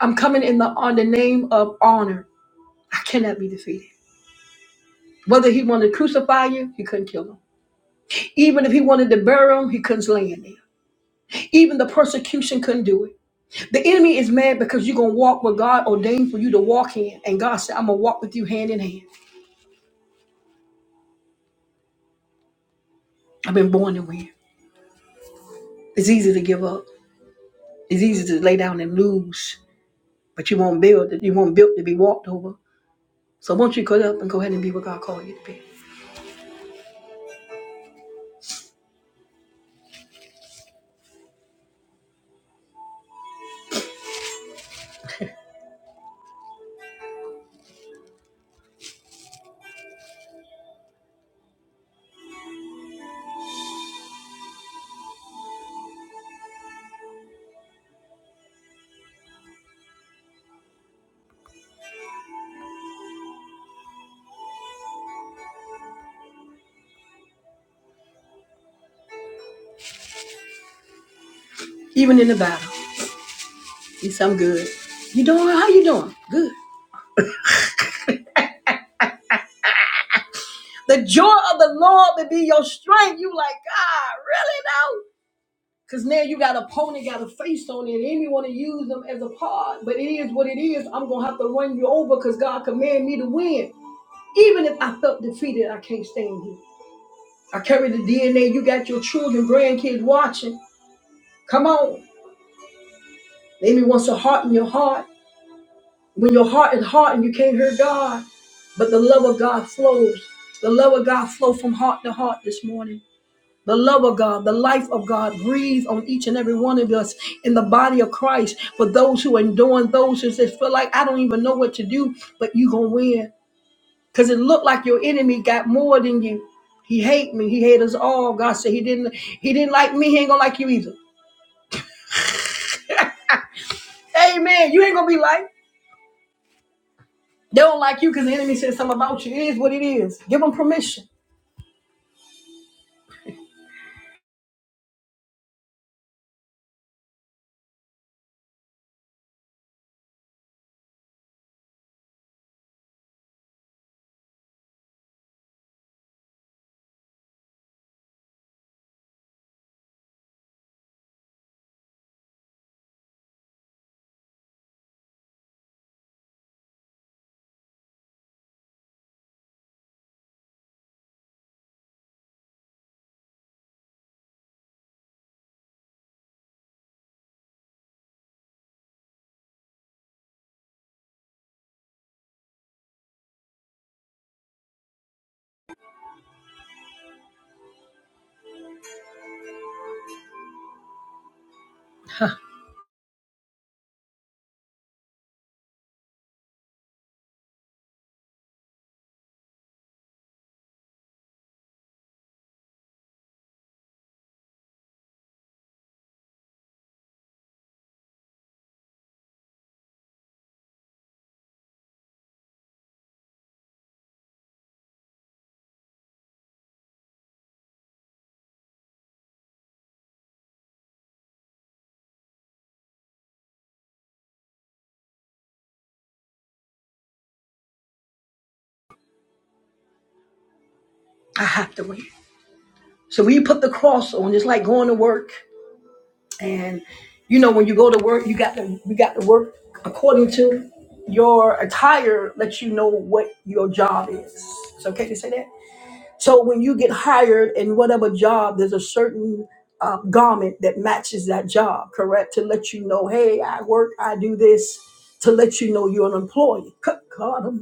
Speaker 1: I'm coming in the on the name of honor. I cannot be defeated. Whether he wanted to crucify you, he couldn't kill him. Even if he wanted to bury him, he couldn't lay in there. Even the persecution couldn't do it. The enemy is mad because you're gonna walk where God ordained for you to walk in, and God said, I'm gonna walk with you hand in hand. I've been born to win. It's easy to give up. It's easy to lay down and lose, but you won't build. it. You won't built to be walked over. So won't you cut up and go ahead and be what God called you to be? Even in the battle, He said, "I'm good. You doing? well? How you doing? Good. The joy of the Lord will be your strength. You like God? Really now? Cause now you got a pony, got a face on it, and you want to use them as a part. But it is what it is. I'm gonna have to run you over because God commanded me to win. Even if I felt defeated, I can't stand you. I carry the DNA. You got your children, grandkids watching. Come on. The enemy wants to harden your heart. When your heart is hard and you can't hear God. But the love of God flows. The love of God flows from heart to heart this morning. The love of God, the life of God breathes on each and every one of us in the body of Christ. For those who are enduring, those who just feel like I don't even know what to do, but you gonna win. Because it looked like your enemy got more than you. He hate me. He hate us all. God said he didn't he didn't like me. He ain't gonna like you either. Amen. You ain't gonna be like. They don't like you because the enemy said something about you. It is what it is. Give them permission. I have to win. So when you put the cross on, it's like going to work. And you know, when you go to work, you got to you got to work according to your attire lets you know what your job is. So can you say that? So when you get hired in whatever job, there's a certain uh, garment that matches that job, correct? To let you know, hey, I work, I do this, to let you know you're an employee. Good God,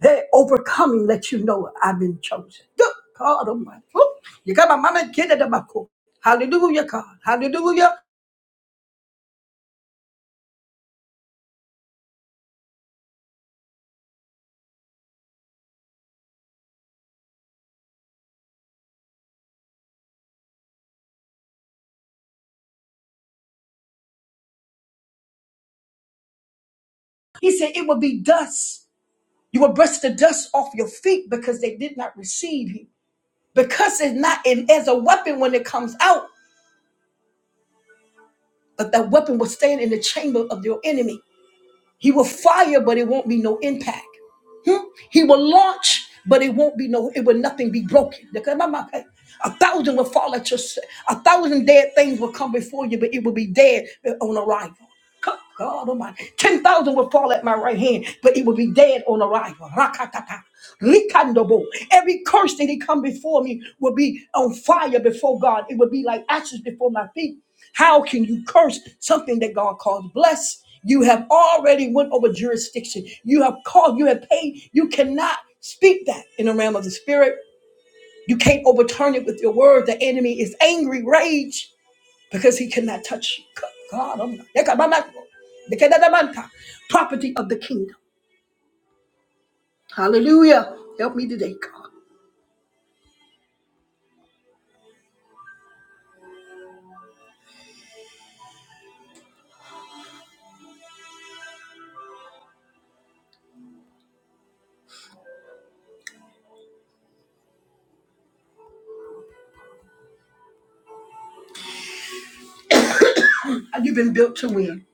Speaker 1: they're overcoming, let you know I've been chosen. Good God Almighty. Woo. You got my mama kid at my coat. Hallelujah, God. Hallelujah. He said it will be dust. You will brush the dust off your feet because they did not receive you. Because it's not in, as a weapon when it comes out, but that weapon will stand in the chamber of your enemy. He will fire, but it won't be no impact. Hmm? He will launch, but it won't be no, it will nothing be broken. A thousand will fall at your se- a thousand dead things will come before you, but it will be dead on arrival. Co- God Almighty. Ten thousand will fall at my right hand, but it will be dead on arrival. Rakatata. Likandobo. Every curse that he come before me will be on fire before God. It will be like ashes before my feet. How can you curse something that God calls blessed? You have already went over jurisdiction. You have called, you have paid. You cannot speak that in the realm of the spirit. You can't overturn it with your word. The enemy is angry, rage, because he cannot touch you. God, I'm not. Property of the kingdom. Hallelujah. Help me today, God. You've been built to win.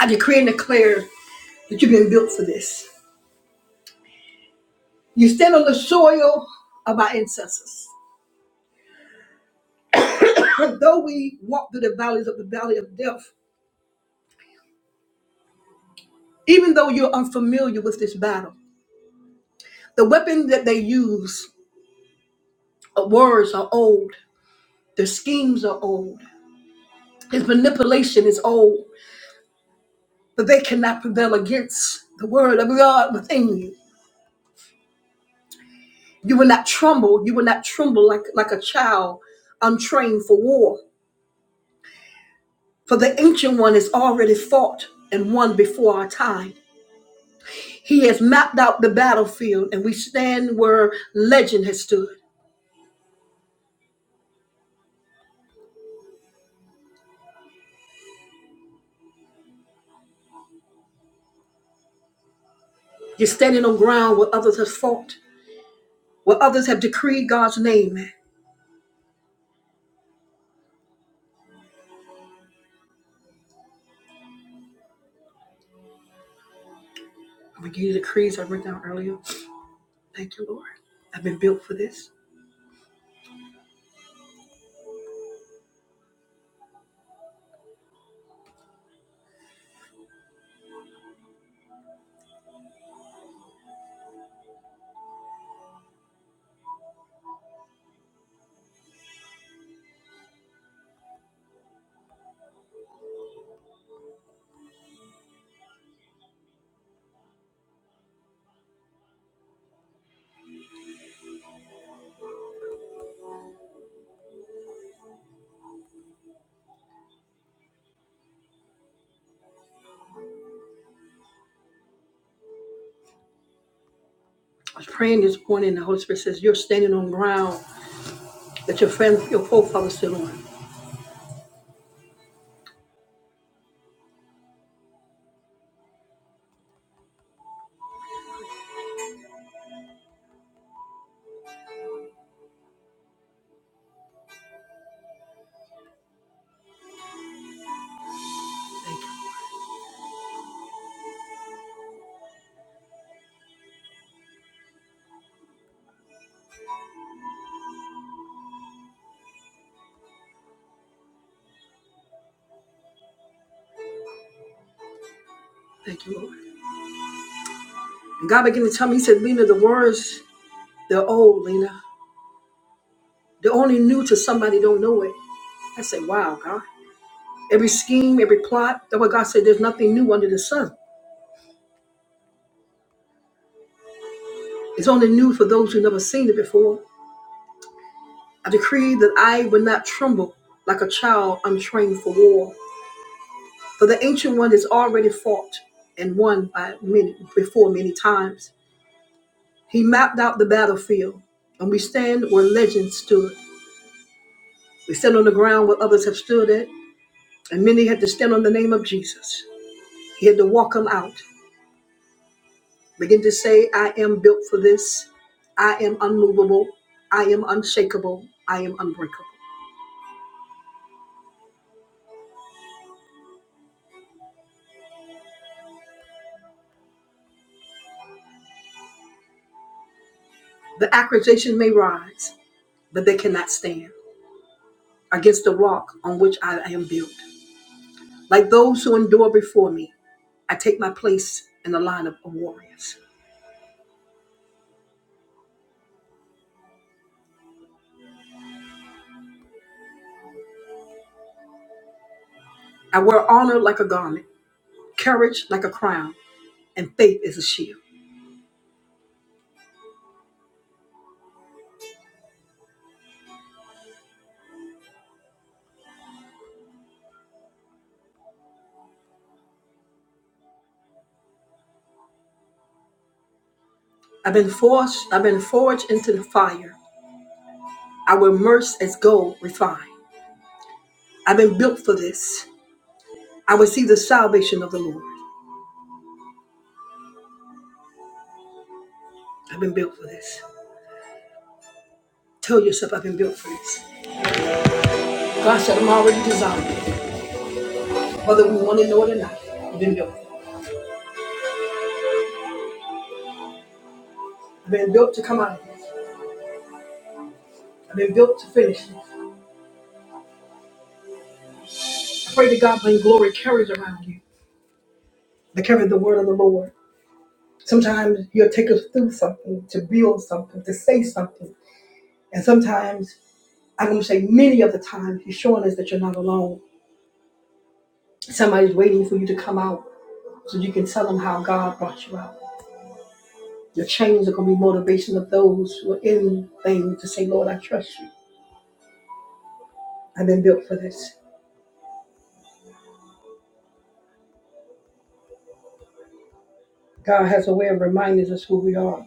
Speaker 1: I decree and declare that you've been built for this. You stand on the soil of our ancestors. And though we walk through the valleys of the valley of death, even though you're unfamiliar with this battle, the weapon that they use, uh, words are old, their schemes are old, his manipulation is old, but they cannot prevail against the word of God within you. You will not tremble, you will not tremble like, like a child untrained for war. For the ancient one has already fought and won before our time. He has mapped out the battlefield, and we stand where legend has stood. You're standing on ground where others have fought, where others have decreed God's name. Man. I'm gonna give you the decrees I wrote down earlier. Thank you, Lord. I've been built for this. I was praying this morning, and the Holy Spirit says, You're standing on ground that your friend, your forefathers stood on. Thank you. Thank you, Lord. And God began to tell me, He said, Lena, the words, they're old, Lena. They're only new to somebody don't know it. I said, Wow, God. Every scheme, every plot, that's what God said, there's nothing new under the sun. It's only new for those who never seen it before. I decree that I will not tremble like a child untrained for war, for the ancient one has already fought and won by many before many times. He mapped out the battlefield, and we stand where legends stood. We stand on the ground where others have stood at, and many had to stand on the name of Jesus. He had to walk them out, begin to say, I am built for this, I am unmovable, I am unshakable, I am unbreakable. The accusation may rise, but they cannot stand. against the rock on which I am built. Like those who endure before me, I take my place in the line of warriors. I wear honor like a garment, courage like a crown, and faith is a shield. I've been forged, I've been forged into the fire. I will merge as gold refined. I've been built for this. I will see the salvation of the Lord. I've been built for this. Tell yourself I've been built for this. God said I'm already designed. Whether we want to know it or not, I've been built. I've been built to come out of this. I've been built to finish this. I pray that God bring glory carriage around you that carry the word of the Lord. Sometimes He'll take us through something to build something, to say something. And sometimes, I'm going to say many of the time, He's showing us that you're not alone. Somebody's waiting for you to come out so you can tell them how God brought you out. Your chains are going to be motivation of those who are in things to say, Lord, I trust you. I've been built for this. God has a way of reminding us who we are.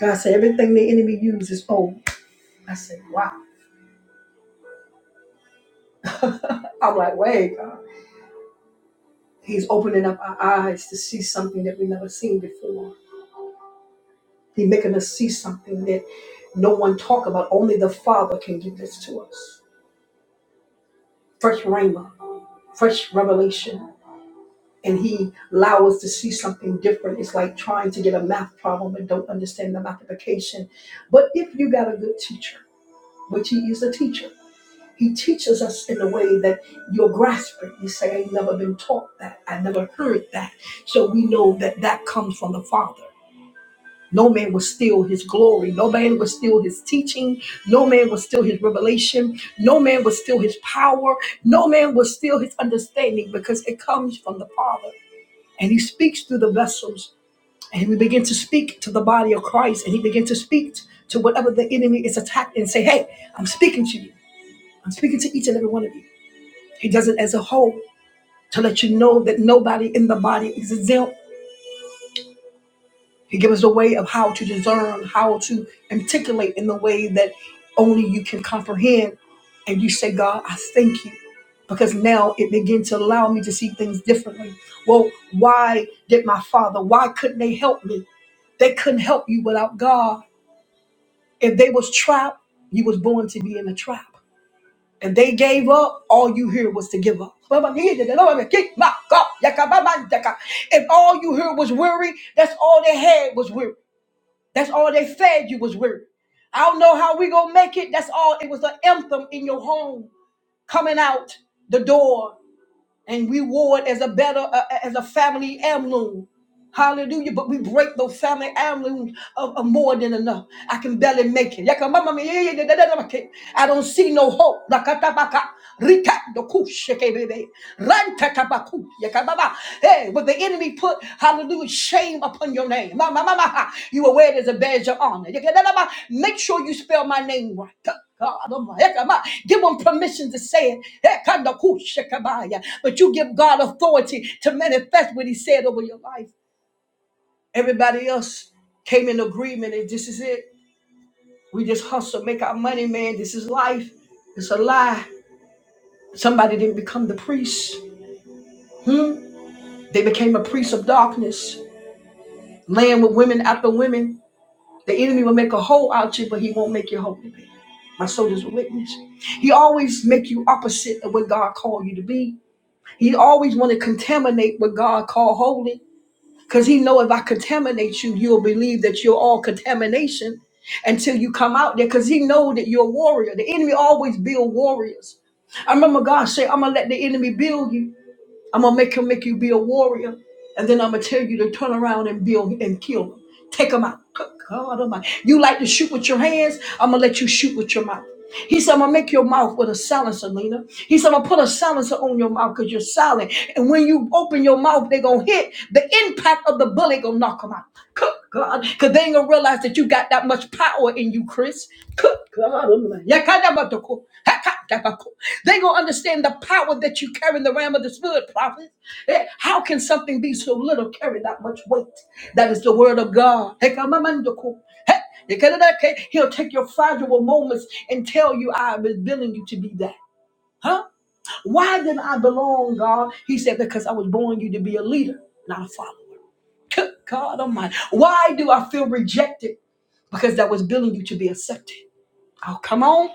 Speaker 1: God said, everything the enemy uses is old. I said, wow. I'm like, wait. God. He's opening up our eyes to see something that we've never seen before. He's making us see something that no one talk about. Only the Father can give this to us. Fresh rhema, fresh revelation. And he allow us to see something different. It's like trying to get a math problem and don't understand the multiplication. But if you got a good teacher, which he is a teacher, he teaches us in a way that you're grasping. You say, I ain't never been taught that. I never heard that. So we know that that comes from the Father. No man will steal his glory. No man will steal his teaching. No man will steal his revelation. No man will steal his power. No man will steal his understanding because it comes from the Father. And he speaks through the vessels. And we begin to speak to the body of Christ. And he begins to speak to whatever the enemy is attacking and say, Hey, I'm speaking to you. I'm speaking to each and every one of you. He does it as a whole to let you know that nobody in the body is exempt He gives us a way of how to discern, how to articulate in the way that only you can comprehend. And you say, God, I thank you. Because now it began to allow me to see things differently. Well, why did my father, why couldn't they help me? They couldn't help you without God. If they was trapped, you was born to be in a trap. If they gave up, all you hear was to give up. If all you heard was worry, that's all they had was worry. That's all they fed you was word. I don't know how we gonna make it. That's all. It was an anthem in your home coming out the door, and we wore it as a better uh, as a family heirloom. Hallelujah. But we break those family heirlooms of, of more than enough. I can barely make it. Yaka mama mi- yeah, yeah, yeah, da- da- da- okay. I don't see no hope. Rakatabaka, rika, doku, shake, baby. Rantatabaku, yaka baba. Hey, but the enemy put, hallelujah, shame upon your name. Mama, mama, mama. You are wear it as a badge of honor. Yaka da- da- ba. Make sure you spell my name right. God, oh my, yaka ma. give them permission to say it. Yaka doku, shake, baya. But you give God authority to manifest what He said over your life. Everybody else came in agreement and this is it. We just hustle, make our money, man. This is life. It's a lie. Somebody didn't become the priest. Hmm? They became a priest of darkness, laying with women after women. The enemy will make a hole out you, but he won't make you whole. baby. My soul is a witness. He always make you opposite of what God called you to be. He always want to contaminate what God called holy. Because he know if I contaminate you, you'll believe that you're all contamination until you come out there. Because he know that you're a warrior. The enemy always build warriors. I remember God said, I'm gonna let the enemy build you. I'm gonna make him make you be a warrior, and then I'm gonna tell you to turn around and build and kill him. Take him out. Good God Almighty. You like to shoot with your hands? I'm gonna let you shoot with your mouth. He said, I'm gonna make your mouth with a silencer, Lena. He said, I'm gonna put a silencer on your mouth because you're silent. And when you open your mouth, they're gonna hit the impact of the bullet gonna knock them out. Good God, because they ain't gonna realize that you got that much power in you, Chris. Good God Almighty. They gonna understand the power that you carry in the realm of the spirit, prophet. Eh, How can something be so little carry that much weight? That is the word of God. Hekamamandoko. Heh, yekedadake. He'll take your fragile moments and tell you, I'm revealing you to be that. Huh? Why didn't I belong, God? He said, because I was born you to be a leader, not a follower. Good God Almighty. Why do I feel rejected? Because that was building you to be accepted. Oh, come on.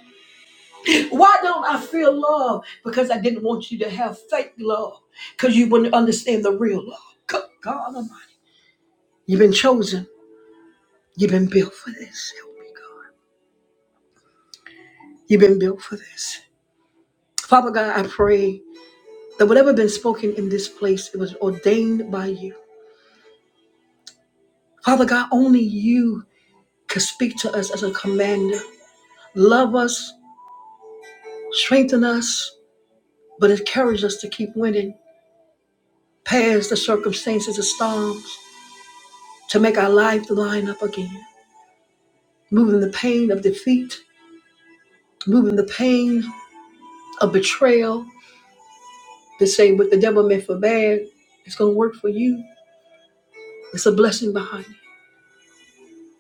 Speaker 1: Why don't I feel love? Because I didn't want you to have fake love because you wouldn't understand the real love. Good God Almighty. You've been chosen. You've been built for this. Help me, God. You've been built for this. Father God, I pray that whatever been spoken in this place, it was ordained by you. Father God, only you can speak to us as a commander. Love us, strengthen us, but encourage us to keep winning past the circumstances of storms to make our life line up again. moving the pain of defeat, moving the pain of betrayal to say what the devil meant for bad, it's gonna work for you. It's a blessing behind it.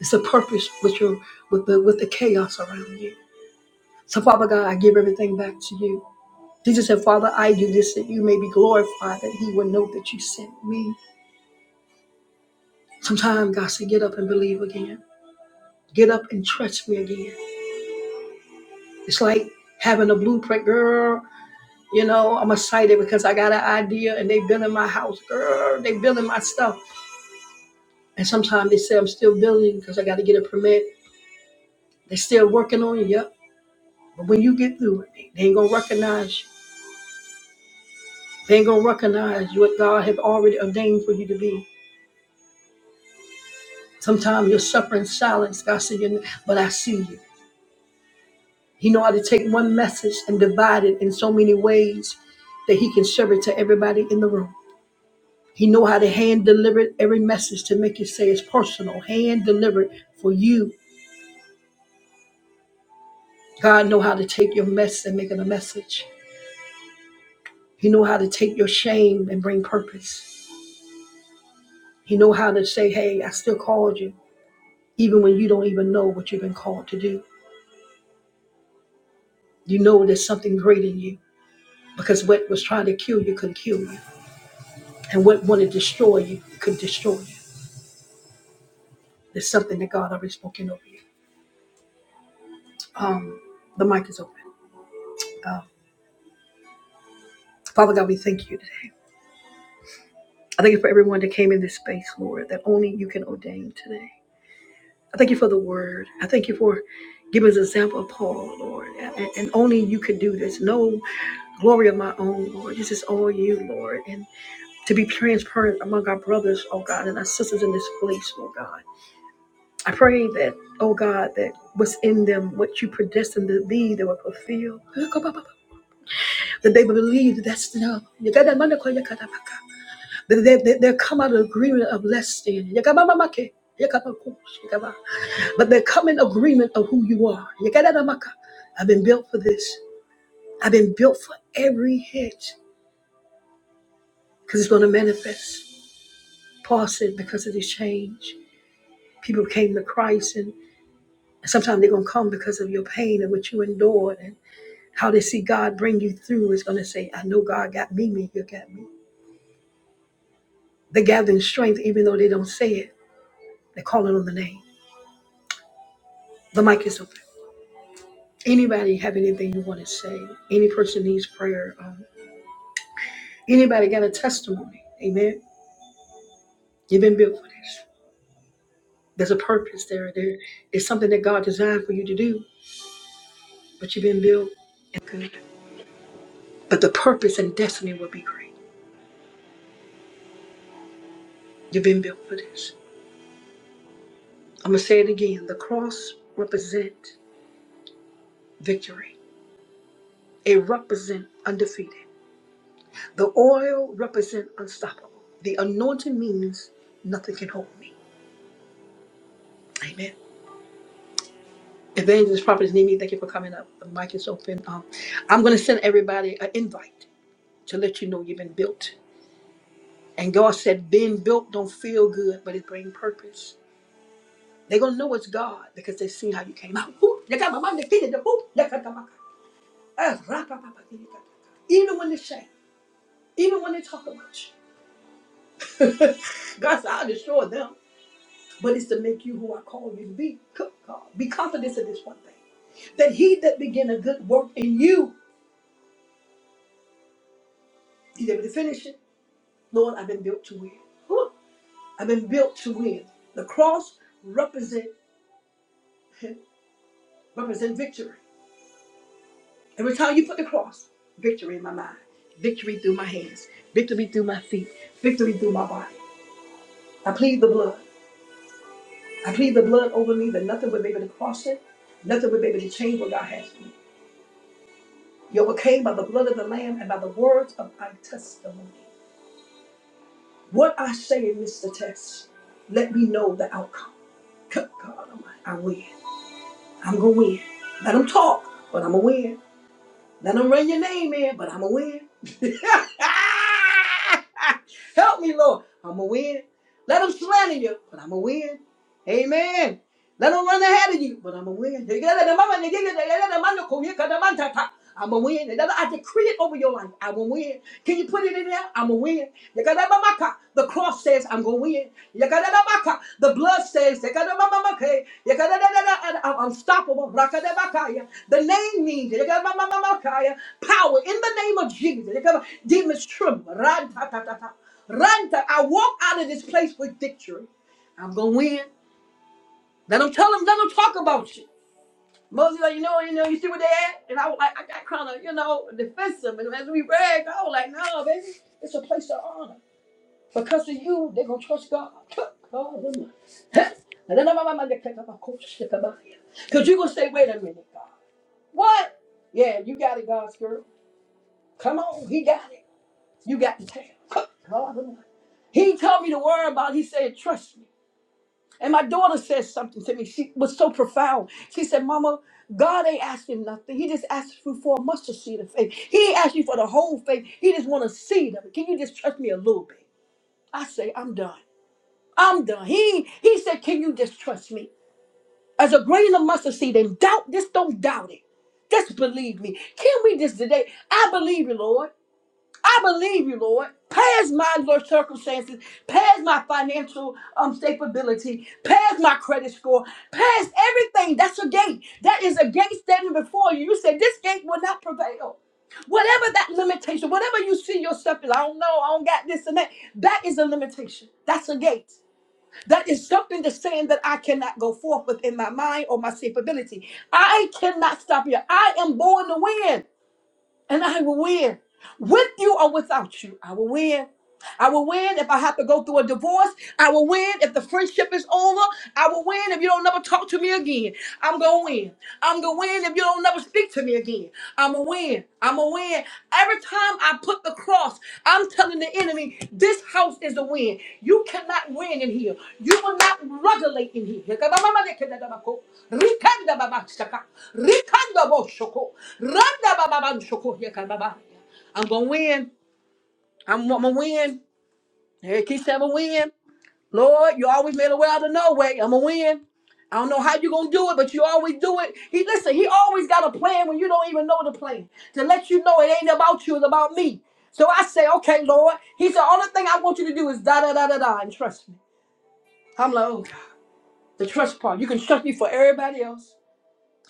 Speaker 1: It's a purpose with your with the with the chaos around you. So Father God, I give everything back to you. Jesus said, Father, I do this that you may be glorified, that he will know that you sent me. Sometimes God said, get up and believe again. Get up and trust me again. It's like having a blueprint, girl. You know, I'm excited because I got an idea and they building my house. Girl, they building my stuff. And sometimes they say I'm still building because I got to get a permit. they still working on you, yep. But when you get through it, they ain't going to recognize you. They ain't going to recognize what God have already ordained for you to be. Sometimes you're suffering silence. God said, "You- know, but I see you. He know how to take one message and divide it in so many ways that he can serve it to everybody in the room. He know how to hand deliver every message to make it say it's personal, hand delivered for you. God know how to take your mess and make it a message. He know how to take your shame and bring purpose. He know how to say, "Hey, I still called you, even when you don't even know what you've been called to do. You know there's something great in you because what was trying to kill you could kill you, and what wanted to destroy you could destroy you. There's something that God already spoken over you." Um, the mic is open. Uh, Father God, we thank you. I thank you for everyone that came in this space, Lord, that only you can ordain today. I thank you for the word. I thank you for giving us an example of Paul, Lord. And, and only you can do this. No glory of my own, Lord. This is all you, Lord. And to be transparent among our brothers, oh God, and our sisters in this place, oh God. I pray that, oh God, that what's in them, what you predestined to be, they will fulfill. That they will believe that's enough. They, they, they, come out of agreement of less than. Yakamamamake, yakamaku, yakama. But they come in agreement of who you are. Yakadadamaka. I've been built for this. I've been built for every hit because it's going to manifest. Paul said, because of this change, people came to Christ, and sometimes they're going to come because of your pain and what you endured and how they see God bring you through. Is going to say, I know God got me, me, you got me. They're gathering strength even though they don't say it. They're calling on the name. The mic is open. Anybody have anything you want to say? Any person needs prayer? Um, anybody got a testimony? Amen. You've been built for this. There's a purpose there. There is something that God designed for you to do, but you've been built and good. But the purpose and destiny will be great. You've been built for this. I'm gonna say it again. The cross represent victory. It represent undefeated. The oil represent unstoppable. The anointing means nothing can hold me. Amen. Evangelist Prophetess Nimi, thank you for coming up. The mic is open. Um, I'm going to send everybody an invite to let you know you've been built. And God said, being built don't feel good, but it brings purpose. They're going to know it's God because they see how you came out. Who? You Ah, rah, Even when they shame, even when they talk about you, *laughs* God said, I'll destroy them. But it's to make you who I call you to be. Good God. Be confident in this one thing that he that began a good work in you, he's able to finish it. Lord, I've been built to win. Whew. I've been built to win. The cross represent *laughs* represent victory. Every time you put the cross, victory in my mind, victory through my hands, victory through my feet, victory through my body. I plead the blood. I plead the blood over me that nothing would be able to cross it, nothing would be able to change what God has for me. You overcame by the blood of the Lamb and by the words of my testimony. What I say in this test, let me know the outcome. Good God Almighty, I win. I'm gonna win. Let them talk, but I'm gonna win. Let them run your name in, but I'm gonna win. Help me, Lord. I'm gonna win. Let them slander you, but I'm gonna win. Amen. Let them run ahead of you, but I'm a win. the man, the cool, the man, ta- ta. I'm a win. I decree it over your life. I'm a win. Can you put it in there? I'm a win. The cross says I'm gonna win. The blood says I'm unstoppable. The name means it, power in the name of Jesus. Demons tremble. Ran, ta, ta, ta, ta. Run, ta. I walk out of this place with victory. I'm gonna win. Let them tell them, let them talk about you. Moses, like, you know, you know, you see what they at? And I was like, I got kind of, you know, defensive. And as we read, I was like, no, baby, it's a place of honor. Because of you, they're going to trust God. *laughs* God, woman. *laughs* Because you're going to say, wait a minute, God. What? Yeah, you got it, God's girl. Come on, he got it. You got the tail. *laughs* God, woman. He told me to worry about, it. he said, trust me. And my daughter said something to me. She was so profound. She said, Mama, God ain't asking nothing. He just asked you for a mustard seed of faith. He ain't asked you for the whole faith. He just want a seed of it. Can you just trust me a little bit? I say, I'm done. I'm done. He he said, Can you just trust me? As a grain of mustard seed, and doubt, just don't doubt it. Just believe me. Can we just today? I believe you, Lord. I believe you, Lord. Past my Lord circumstances, past my financial um stability, past my credit score, past everything. That's a gate. That is a gate standing before you. You said this gate will not prevail. Whatever that limitation, whatever you see yourself, in, I don't know, I don't got this and that. That is a limitation. That's a gate. That is something that's saying that I cannot go forth within my mind or my capability. I cannot stop here. I am born to win and I will win. With you or without you, I will win. I will win if I have to go through a divorce. I will win if the friendship is over. I will win if you don't never talk to me again. I'm going to win. I'm going to win if you don't never speak to me again. I'm going to win. I'm going to win. Every time I put the cross, I'm telling the enemy, this house is a win. You cannot win in here. You will not regulate in here. I'm gonna win. I'm, I'm gonna win. Hey, keep saying I'm gonna win. Lord, you always made a way out of no way. I'm going to win. I don't know how you're going to do it, but you always do it. He Listen, he always got a plan when you don't even know the plan to let you know it ain't about you, it's about me. So I say, okay, Lord. He said, only thing I want you to do is da da da da da and trust me. I'm like, oh, God. The trust part. You can trust me for everybody else.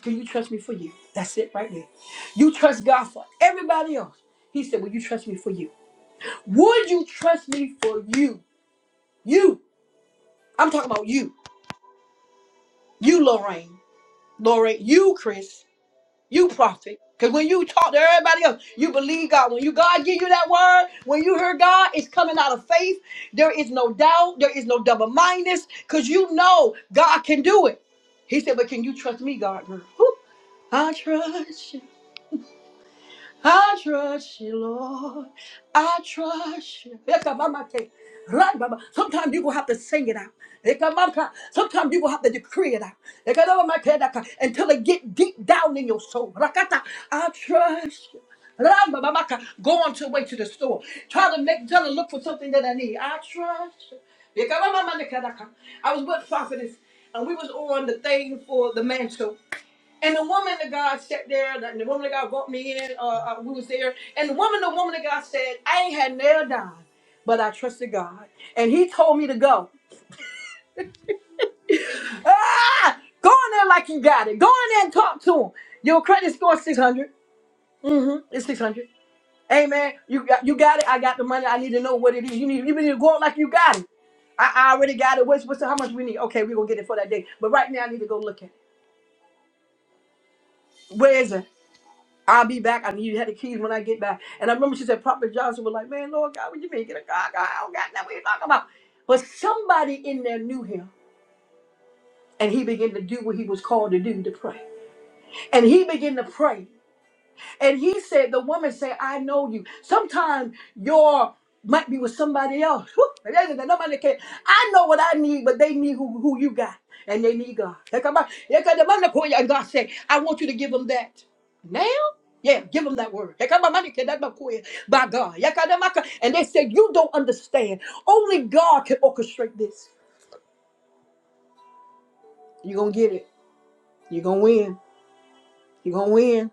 Speaker 1: Can you trust me for you? That's it right there. You trust God for everybody else. He said, Will you trust me for you? Would you trust me for you? You. I'm talking about you. You, Lorraine. Lori, you, Chris, you prophet. Because when you talk to everybody else, you believe God. When you God give you that word, when you hear God, it's coming out of faith. There is no doubt. There is no double mindedness. Because you know God can do it. He said, But can you trust me, God girl? Whew. I trust you. I trust you, Lord. I trust you. Ekamamake. Ranbaba. Sometimes you will have to sing it out. Ekamamka. Sometimes you will have to decree it out. Ekamamake daka. Until it get deep down in your soul. Rakata. I trust you. Ranbabamaka. Go on your way to the store. Try to make try to look for something that I need. I trust you. Ekamamamaneke daka. I was with prophetess and we was on the thing for the mantle and the woman of God sat there, and the woman of God brought me in. Uh, uh, we was there, and the woman, the woman of God said, "I ain't had nail done, but I trusted God, and He told me to go. Ah, go in there like you got it. Go in there and talk to him. Your credit score is six hundred. Mm-hmm. It's six hundred. Amen. You got, you got it. I got the money. I need to know what it is. You need, you need to go out like you got it. I, I already got it. What's, what's how much we need? Okay, we gonna get it for that day. But right now, I need to go look at. It. Where is it? I'll be back. I need you to have the keys when I get back. And I remember she said, Prophet Johnson was like, man, Lord God, what you mean get a car? God, I don't got nothing. What you talking about? But somebody in there knew him. And he began to do what he was called to do, to pray. And he began to pray. And he said, the woman said, I know you. Sometimes your might be with somebody else. Whew, and they- they- Nobody can. I know what I need, but they need who, who you got. And they need God. They come out- they come to my point, And God said, I want you to give them that. Now? Yeah, give them that word. They come out, money, can that be quick? By God. They come to And they said, You don't understand. Only God can orchestrate this. You're going to get it. You're going to win. You're gonna win.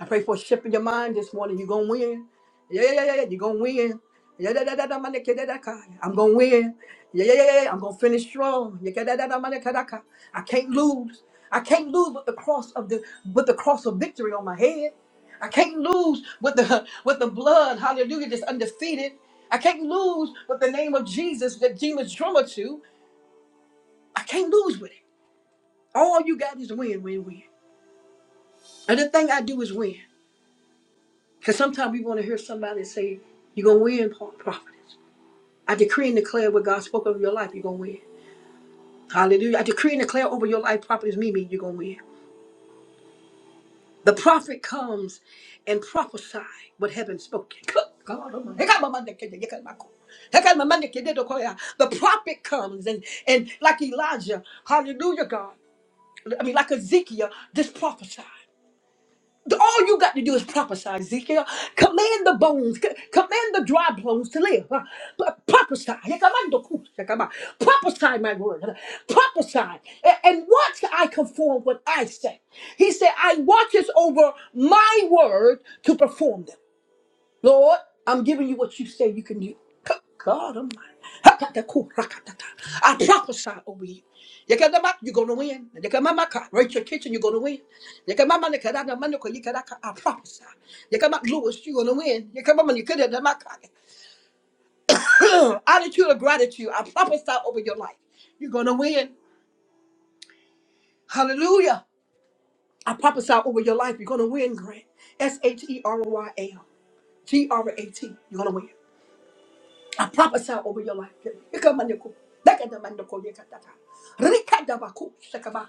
Speaker 1: I pray for a shift in your mind this morning. You're gonna win. Yeah, yeah, yeah, yeah. You're gonna win. Yeah, da, da, da, da, man, yeah, da, da, ka. I'm gonna win. Yeah, yeah, yeah, yeah. I'm gonna finish strong. Yeah, da, da, da, da, man, yeah, da, ka. I can't lose. I can't lose with the cross of the with the cross of victory on my head. I can't lose with the *laughs* with the blood, hallelujah, that's undefeated. I can't lose with the name of Jesus that demons drummer to. I can't lose with it. All you got is win, win, win. And the thing I do is win. Because sometimes we want to hear somebody say, You're going to win, pro- prophetess. I decree and declare what God spoke over your life, you're going to win. Hallelujah. I decree and declare over your life, prophetess Mimi, you're going to win. The prophet comes and prophesy what heaven spoke. Good God Almighty. The prophet comes and, and like Elijah, hallelujah, God. I mean, like Ezekiel, just prophesy. All you got to do is prophesy, Ezekiel. Command the bones, c- command the dry bones to live. Uh, uh, Prophesy. Yakamando kushakama. Prophesy my word. Prophesy. A- And watch I conform what I say. He said, I watches over my word to perform them. Lord, I'm giving you what you say you can do. C- God Almighty. Hakataku, rakatata. I prophesy over you. Yakadama, You're going to win. Yakamamaka, Right your kitchen, you're going to win. Yakamama, nekadana, manuka, yikadaka, I prophesy. Yakama, Lewis, you're going to win. Yakamama, yikadadamaka. Attitude of gratitude. I prophesy over your life. You're going to win. Hallelujah. I prophesy over your life. You're going to win, Grant. S H E R Y A L. G R A T. You're going to win. I prophesy over your life. Ikamaneko, dekademaneko, yekatata. Rikadabaku, sekaba.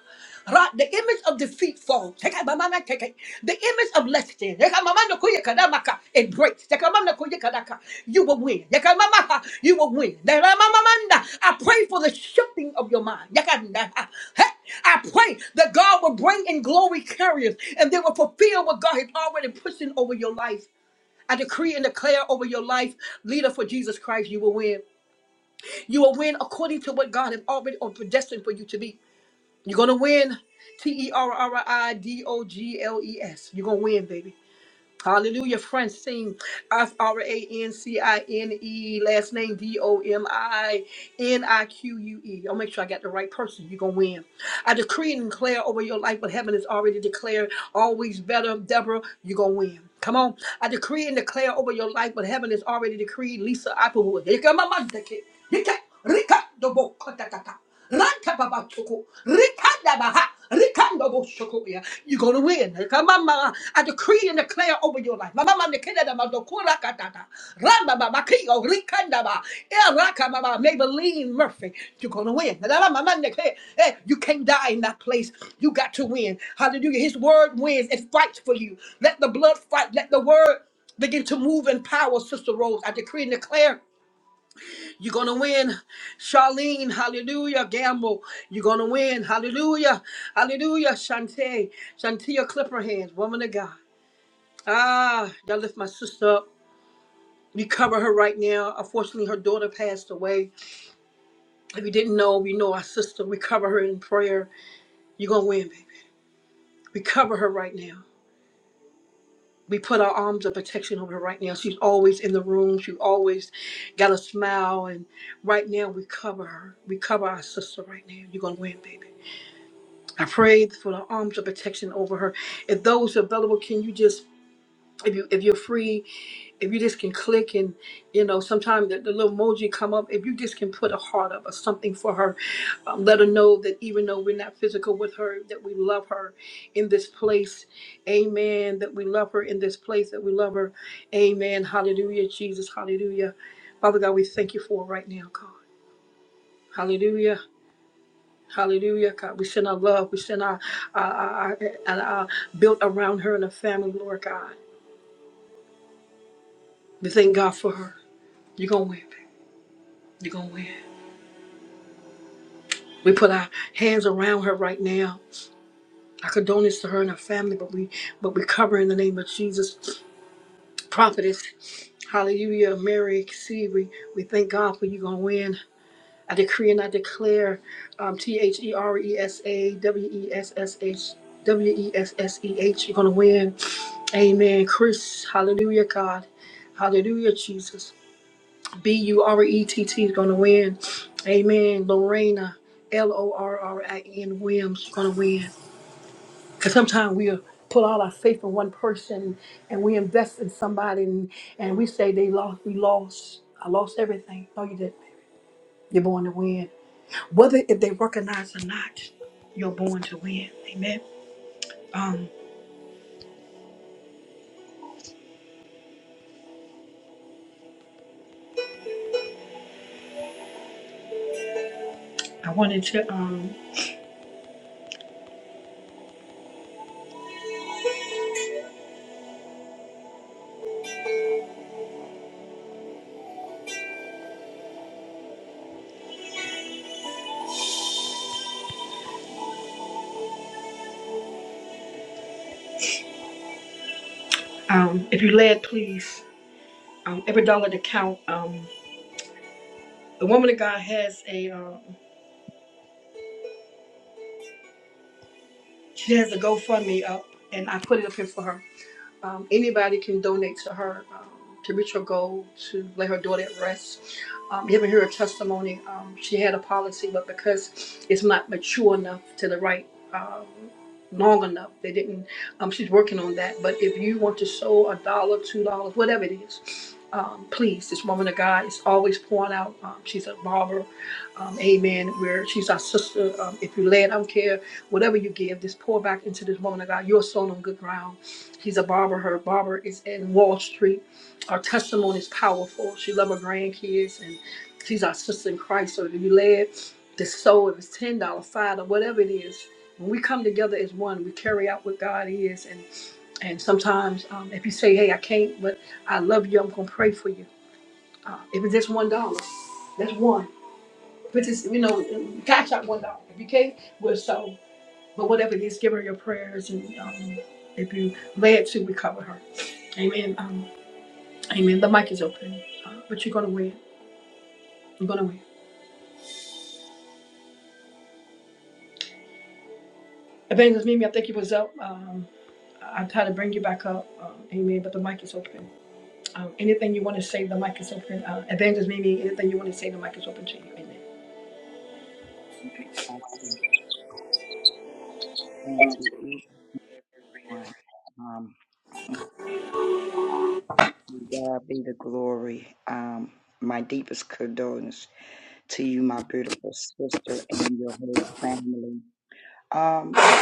Speaker 1: Ra- The image of defeat falls. Tekabamana teke. The image of lesting. Tekamamaneko, yekadamaka. It breaks. Tekamamaneko, yekadaka. You will win. Yekamamaka, You will win. Dekamamamanda. I pray for the shifting of your mind. Yekanda- Hey, I pray that God will bring in glory carriers and they will fulfill what God has already pushing over your life. I decree and declare over your life, leader for Jesus Christ, you will win. You will win according to what God has already or predestined for you to be. You're gonna win. T E R R I D O G L E S. You're gonna win, baby. Hallelujah. Francine, F R A N C I N E, last name D O M I N I Q U E. I'll make sure I got the right person. You're going to win. I decree and declare over your life what heaven has already declared. Always better, Deborah, you're going to win. Come on. I decree and declare over your life what heaven has already decreed. Lisa Applewood. Rika, mama, Ranta baba choko, Rikanda baha. Rikando bo shuku ya. You're gonna win. Ka Mama, I decree and declare over your life. Mama mama nikenda da madokura katata. Ramba baba kiyo rikanda ba. Eraka mama Maybelline Murphy. You're gonna win. Na la mama nike- eh, You can't die in that place. You got to win. Hallelujah. His word wins. It fights for you. Let the blood fight. Let the word begin to move in power, Sister Rose. I decree and declare. You're gonna win. Charlene, hallelujah. Gamble, you're gonna win. Hallelujah. Hallelujah. Shantae, Shantia, clip her hands. Woman of God. Ah, y'all lift my sister up. We cover her right now. Unfortunately, her daughter passed away. If you didn't know, we know our sister. We cover her in prayer. You're gonna win, baby. We cover her right now. We put our arms of protection over her right now. She's always in the room. She always got a smile. And right now, we cover her. We cover our sister right now. You're gonna win, baby. I prayed for the arms of protection over her. If those are available, can you just, if you if you're free, if you just can click and you know, sometimes the, the little emoji come up. If you just can put a heart up or something for her, um, let her know that even though we're not physical with her, that we love her in this place. Amen. That we love her in this place. That we love her. Amen. Hallelujah. Jesus. Hallelujah. Father God, we thank you for it right now, God. Hallelujah. Hallelujah, God. We send our love. We send our, our, our, our, our built around her and her family, Lord God. We thank God for her. You're going to win, baby. You're going to win. We put our hands around her right now. Our condolences to her and her family, but we but we cover in the name of Jesus. Prophetess, hallelujah, Mary, see, we, we thank God for you going to win. I decree and I declare um, T H E R E S A W E S S H W E S S E H. You're going to win. Amen. Chris, hallelujah, God. Hallelujah, Jesus. B U R E T T is going to win. Amen. Lorena, L O R R I N Williams, you going to win. Because sometimes we'll put all our faith in one person and we invest in somebody and, and we say they lost, we lost. I lost everything. No, you didn't. You're born to win whether if they recognize or not, you're born to win. Amen. Um, I wanted to um, um, if you led, please, um, every dollar to count. Um, the woman of God has a um, she has a GoFundMe up, and I put it up here for her. Um, anybody can donate to her um, to reach her goal to lay her daughter at rest. Um, you haven't heard her testimony. Um, she had a policy, but because it's not mature enough to the right. Um, long enough they didn't um, she's working on that but if you want to sow a dollar two dollars whatever it is um, please this woman of god is always pouring out um, she's a barber um, amen where she's our sister um, if you lay i don't care whatever you give just pour back into this woman of god you're sown on good ground He's a barber. Her barber is in Wall Street. Her testimony is powerful. She loves her grandkids, and she's our sister in Christ. So if you led the soul, if it's ten dollars, five, or whatever it is, when we come together as one, we carry out what God is. And and sometimes, um, if you say, "Hey, I can't," but I love you, I'm gonna pray for you. Uh, if it's just one dollar, that's one. If it's just, you know, cash out one dollar. If you can't, we'll so. But whatever it is, give her your prayers, and um, if you led to, we cover her. Amen. Um, amen. The mic is open, uh, but you're gonna win. You're gonna win. Evangelist Mimi, I think you was up. Um, I I tried to bring you back up. Um, amen. But the mic is open. Um, anything you want to say, the mic is open. Uh, Evangelist Mimi, anything you want to say, the mic is open to you. Amen.
Speaker 2: mercy and to each and everyone. Um, to God be the glory. Um, my deepest condolence to you, my beautiful sister, and your whole family. Um,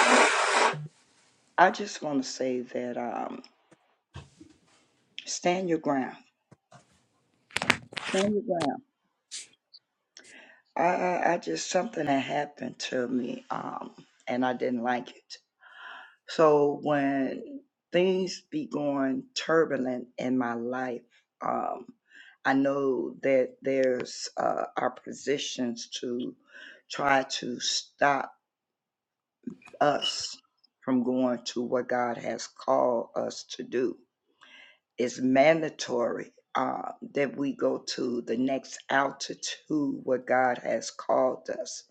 Speaker 2: I just want to say that um, stand your ground. Stand your ground. I, I, I just something that happened to me, um, and I didn't like it. So when things be going turbulent in my life, um, I know that there's uh, oppositions to try to stop us from going to what God has called us to do. It's mandatory uh, that we go to the next altitude where God has called us.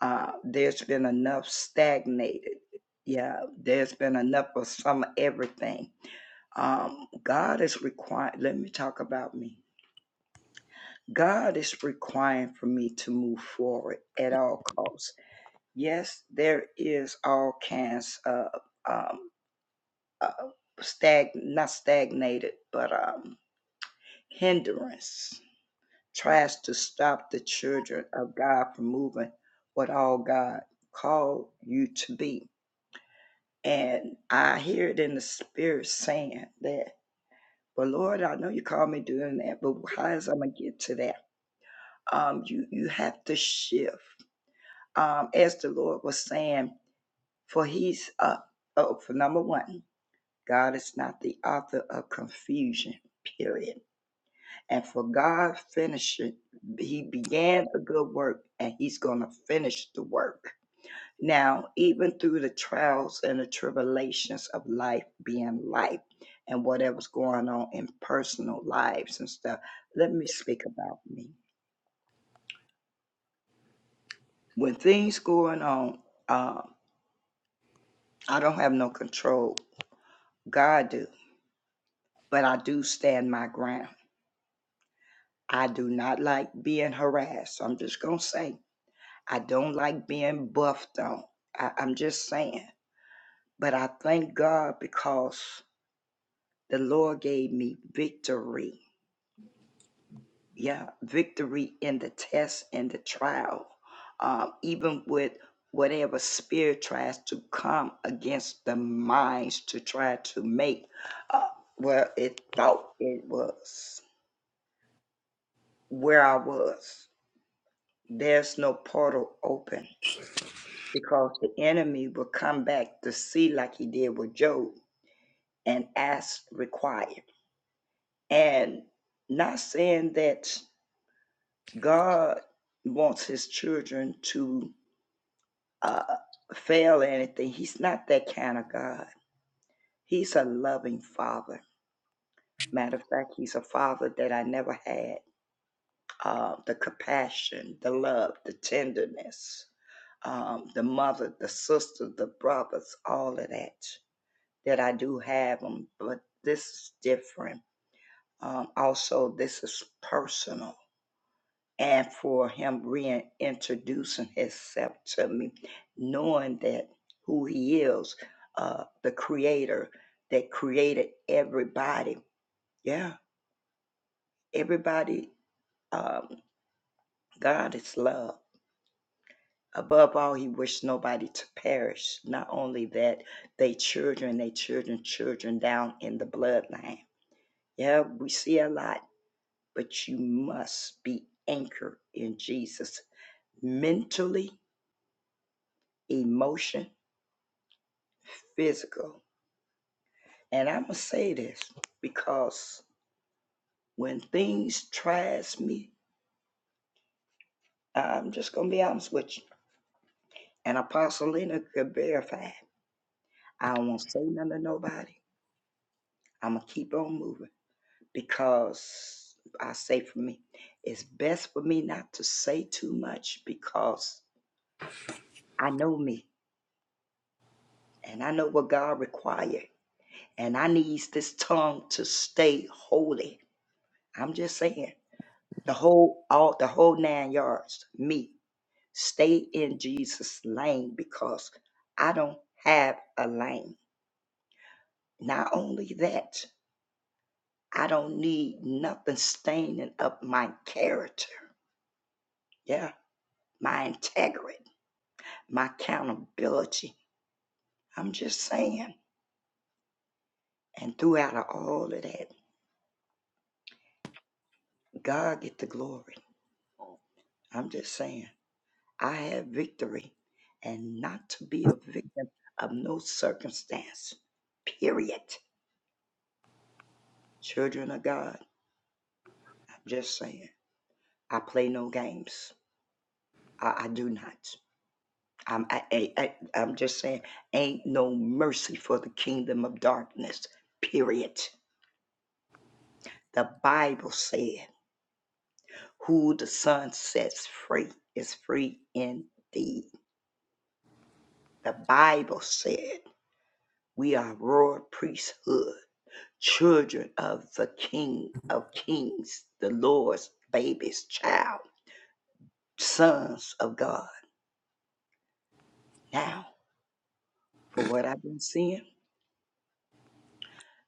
Speaker 2: Uh, there's been enough stagnated. Yeah, there's been enough of some everything. Um, God is requiring. let me talk about me. God is requiring for me to move forward at all costs. Yes, there is all kinds of um, uh, stag, not stagnated, but um, hindrance tries to stop the children of God from moving what all God called you to be. And I hear it in the spirit saying that, well, Lord, I know you called me doing that, but how is I'm gonna get to that? Um, you you have to shift. Um, as the Lord was saying, for He's uh oh, for number one, God is not the author of confusion, period. And for God finishing, He began a good work and He's gonna finish the work. Now, even through the trials and the tribulations of life being life and whatever's going on in personal lives and stuff, let me speak about me. When things going on, uh, I don't have no control. God do, but I do stand my ground. I do not like being harassed. I'm just gonna say I don't like being buffed on. I, I'm just saying. But I thank God because the Lord gave me victory yeah, victory in the test and the trial, um, even with whatever spirit tries to come against the minds to try to make uh, well, it thought it was where I was. There's no portal open because the enemy will come back to see, like he did with Job, and ask required. And not saying that God wants his children to uh, fail or anything. He's not that kind of God. He's a loving father. Matter of fact, he's a father that I never had. Uh, the compassion, the love, the tenderness, um, the mother, the sister, the brothers, all of that that I do have them, but this is different. Um, also, this is personal and for him reintroducing himself to me, knowing that who he is, uh, the creator that created everybody. Yeah, everybody, um, God is love. Above all, he wished nobody to perish. Not only that, they children, they children, children down in the bloodline. Yeah, we see a lot, but you must be anchored in Jesus mentally, emotion physical. And I'm going to say this because when things trash me, I'm just going to be honest with you. And Apostle Leonard could verify. it. I don't want to say nothing to nobody. I'm going to keep on moving because I say for me, it's best for me not to say too much because I know me and I know what God required. And I needs this tongue to stay holy. I'm just saying the whole all the whole nine yards. Me Stay in Jesus' lane because I don't have a lane. Not only that, I don't need nothing staining up my character. Yeah, my integrity, my accountability. I'm just saying. And throughout of all of that, God get the glory. I'm just saying, I have victory and not to be a victim of no circumstance. Period. Children of God, I'm just saying. I play no games. I, I do not. I'm, I, I, I, I'm just saying, ain't no mercy for the kingdom of darkness, period. The Bible said, who the Son sets free is free indeed. The Bible said, we are royal priesthood, children of the King of kings, the Lord's baby's child, sons of God. Now, for what I've been seeing,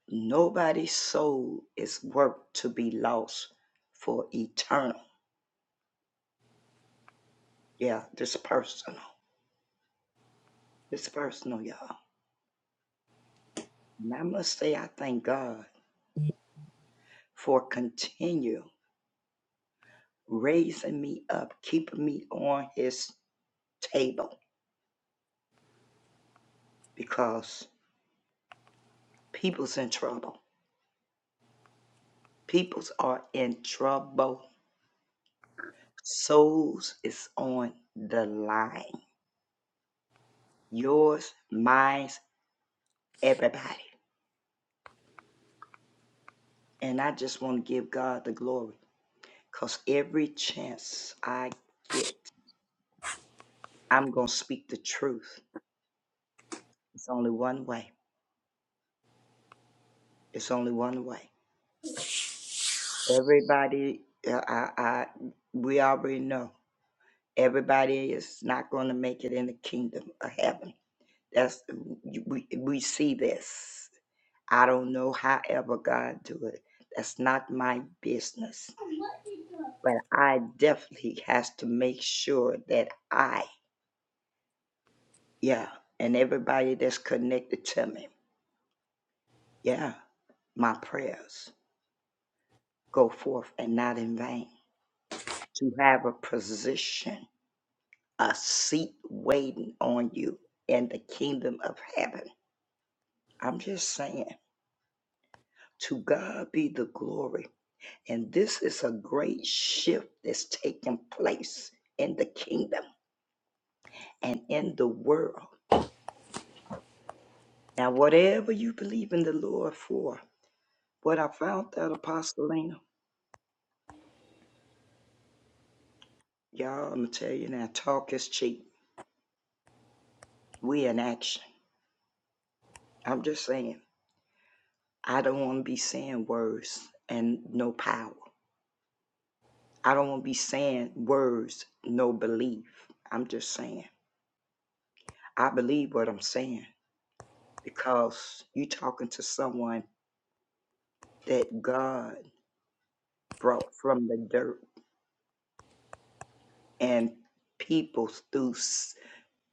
Speaker 2: Nobody's soul is worth to be lost for eternal. Yeah, this personal. This personal, y'all. And I must say, I thank God for continue raising me up, keeping me on his table because people's in trouble. Peoples are in trouble. Souls is on the line. Yours, mine, everybody. And I just want to give God the glory. Because every chance I get, I'm going to speak the truth. It's only one way. It's only one way. Everybody, uh, I, I, we already know, everybody is not going to make it in the kingdom of heaven. That's we, we see this. I don't know however God do it. That's not my business. But I definitely has to make sure that I, yeah, and everybody that's connected to me, yeah. my prayers go forth and not in vain. To have a position, a seat waiting on you in the kingdom of heaven. I'm just saying, to God be the glory. And this is a great shift that's taking place in the kingdom and in the world. Now, whatever you believe in the Lord for, what I found out, Apostle Lena, y'all, I'm going to tell you now, talk is cheap. We in action. I'm just saying I don't want to be saying words and no power. I don't want to be saying words, no belief. I'm just saying, I believe what I'm saying because you're talking to someone that God brought from the dirt and people threw s-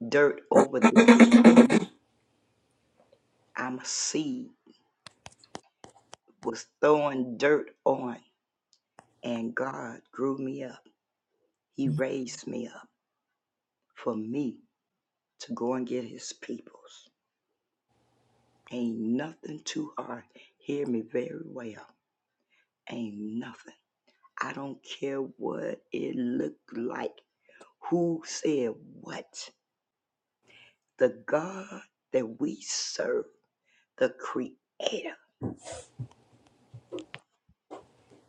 Speaker 2: dirt over this seed. I'm a seed, was throwing dirt on, and God grew me up. He raised me up for me to go and get his peoples. Ain't nothing too hard. Hear me very well. Ain't nothing. I don't care what it looked like, who said what. The God that we serve, the Creator,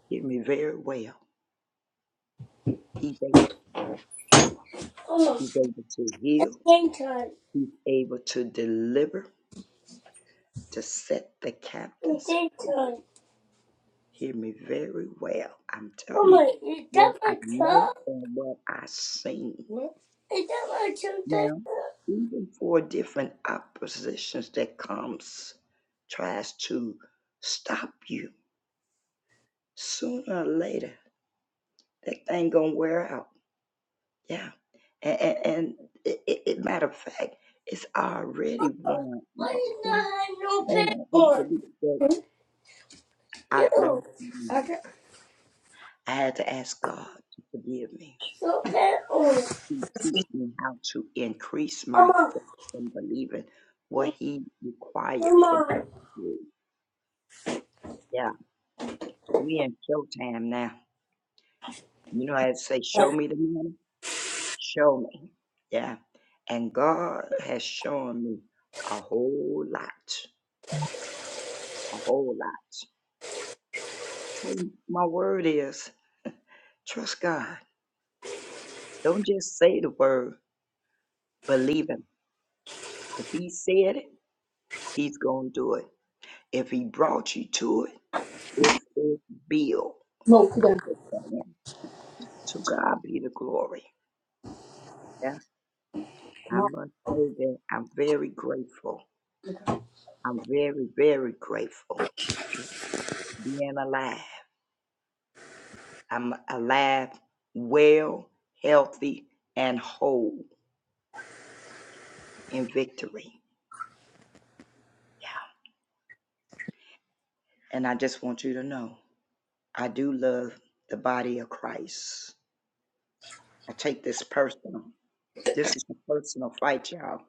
Speaker 2: hear me very well. He a-
Speaker 1: Oh,
Speaker 2: he's able to heal.
Speaker 1: game time.
Speaker 2: He's able to deliver, to set the
Speaker 1: Oh,
Speaker 2: captains. free. Hear me very well. I'm
Speaker 1: Oh
Speaker 2: telling
Speaker 1: my,
Speaker 2: you
Speaker 1: is that
Speaker 2: what I
Speaker 1: my
Speaker 2: know
Speaker 1: cup?
Speaker 2: and what I seen.
Speaker 1: What? Is that my cup?
Speaker 2: Now. even for different oppositions that comes tries to stop you sooner or later that thing gonna wear out yeah and and, and it, it, it- matter of fact it's already worn
Speaker 1: Why
Speaker 2: out
Speaker 1: did not have no
Speaker 2: and i
Speaker 1: pants
Speaker 2: do
Speaker 1: on?
Speaker 2: believe that i
Speaker 1: You,
Speaker 2: let me tell you, i had to ask god to forgive me
Speaker 1: no pants on.
Speaker 2: to teach me how to increase
Speaker 1: Come
Speaker 2: my faith and believing what he required for me
Speaker 1: on, come
Speaker 2: to do yeah we in showtime now You know, I say,
Speaker 1: on.
Speaker 2: show me the money, show me. Yeah. And God has shown me a whole lot, a whole lot. So my word is trust God. Don't just say the word, believe Him. If He said it, He's going to do it. If He brought you to it, it's His bill.
Speaker 1: No, get
Speaker 2: I'm
Speaker 1: down.
Speaker 2: just saying, to God be the glory. Yeah. I must say that I'm very grateful. I'm very, very grateful being alive. I'm alive, well, healthy, and whole in victory. Yeah. And I just want you to know I do love the body of Christ. I take this personal. This is a personal fight, y'all.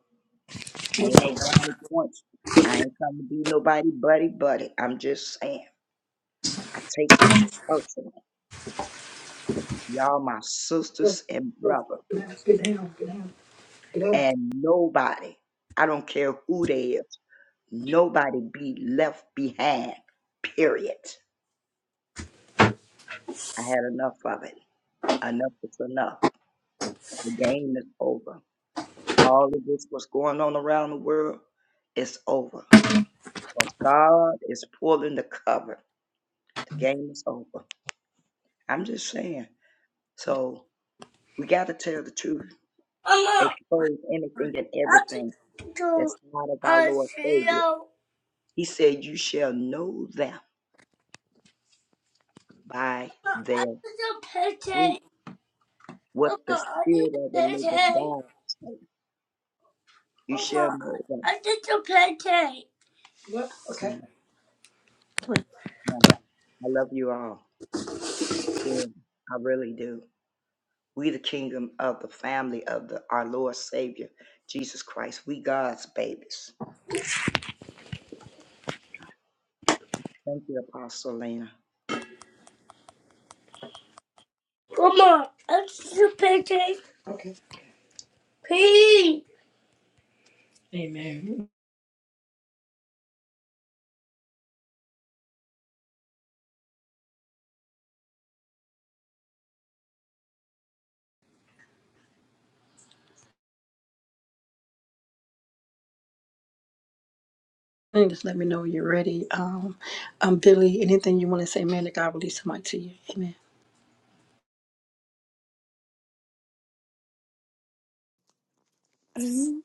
Speaker 2: Ain't no brownie points. I ain't trying to be nobody buddy buddy. I'm just saying, I take this personal. Y'all, my
Speaker 1: No,
Speaker 2: sisters and
Speaker 1: no,
Speaker 2: brother,
Speaker 1: get down, get down, get down, get down.
Speaker 2: and nobody. I don't care who they is. Nobody be left behind, period. I had enough of it. Enough is enough. The game is over. All of this what's going on around the world, it's over. Because God is pulling the cover. The game is over. I'm just saying. So we got to tell the truth.
Speaker 1: Mama, I
Speaker 2: Expose anything and
Speaker 1: have
Speaker 2: everything
Speaker 1: to go
Speaker 2: that's not of our
Speaker 1: uh
Speaker 2: Lord Savior.
Speaker 1: slow.
Speaker 2: He said, You shall know them by
Speaker 1: Mama, I
Speaker 2: their
Speaker 1: have to
Speaker 2: fruit.
Speaker 1: play.
Speaker 2: What
Speaker 1: Mama,
Speaker 2: the
Speaker 1: I need
Speaker 2: Spirit of the
Speaker 1: to
Speaker 2: living
Speaker 1: play.
Speaker 2: God says. You shall
Speaker 1: Mama,
Speaker 2: know them.
Speaker 1: I need to play. What? Okay.
Speaker 2: Some. None. I love you all. Yeah, I really do. We the kingdom of the family of the our Lord Savior, Jesus Christ. We God's babies. Thank you, Apostle Lena.
Speaker 1: Mama, I need to play. Okay. Please. Amen. And just let me know when you're ready. Um, um, Billy, anything you want to say, man, that God release the mic to you. Amen.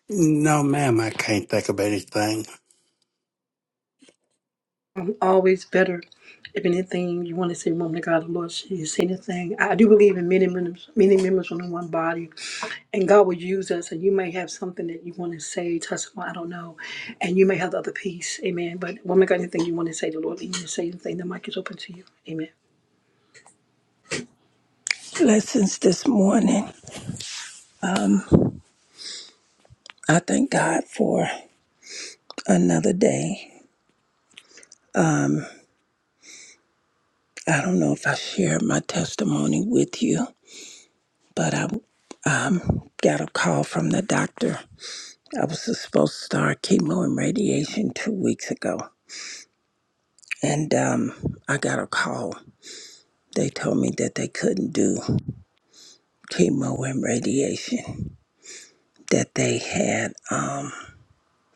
Speaker 3: No, ma'am, I can't think of anything.
Speaker 1: always better. If anything, you want to see woman of God, the Lord, she is anything. I do believe in many members, many members on one body, and God will use us. And you may have something that you want to say, testimony, I don't know, and you may have the other piece, Amen. But woman of God, anything you want to say, the Lord, you need to say anything, the mic is open to you, Amen.
Speaker 4: Blessings this morning. Um, I thank God for another day. I don't know if I shared my testimony with you, but I um, got a call from the doctor. I was supposed to start chemo and radiation two weeks ago, and um, I got a call. They told me that they couldn't do chemo and radiation. That they had, uh,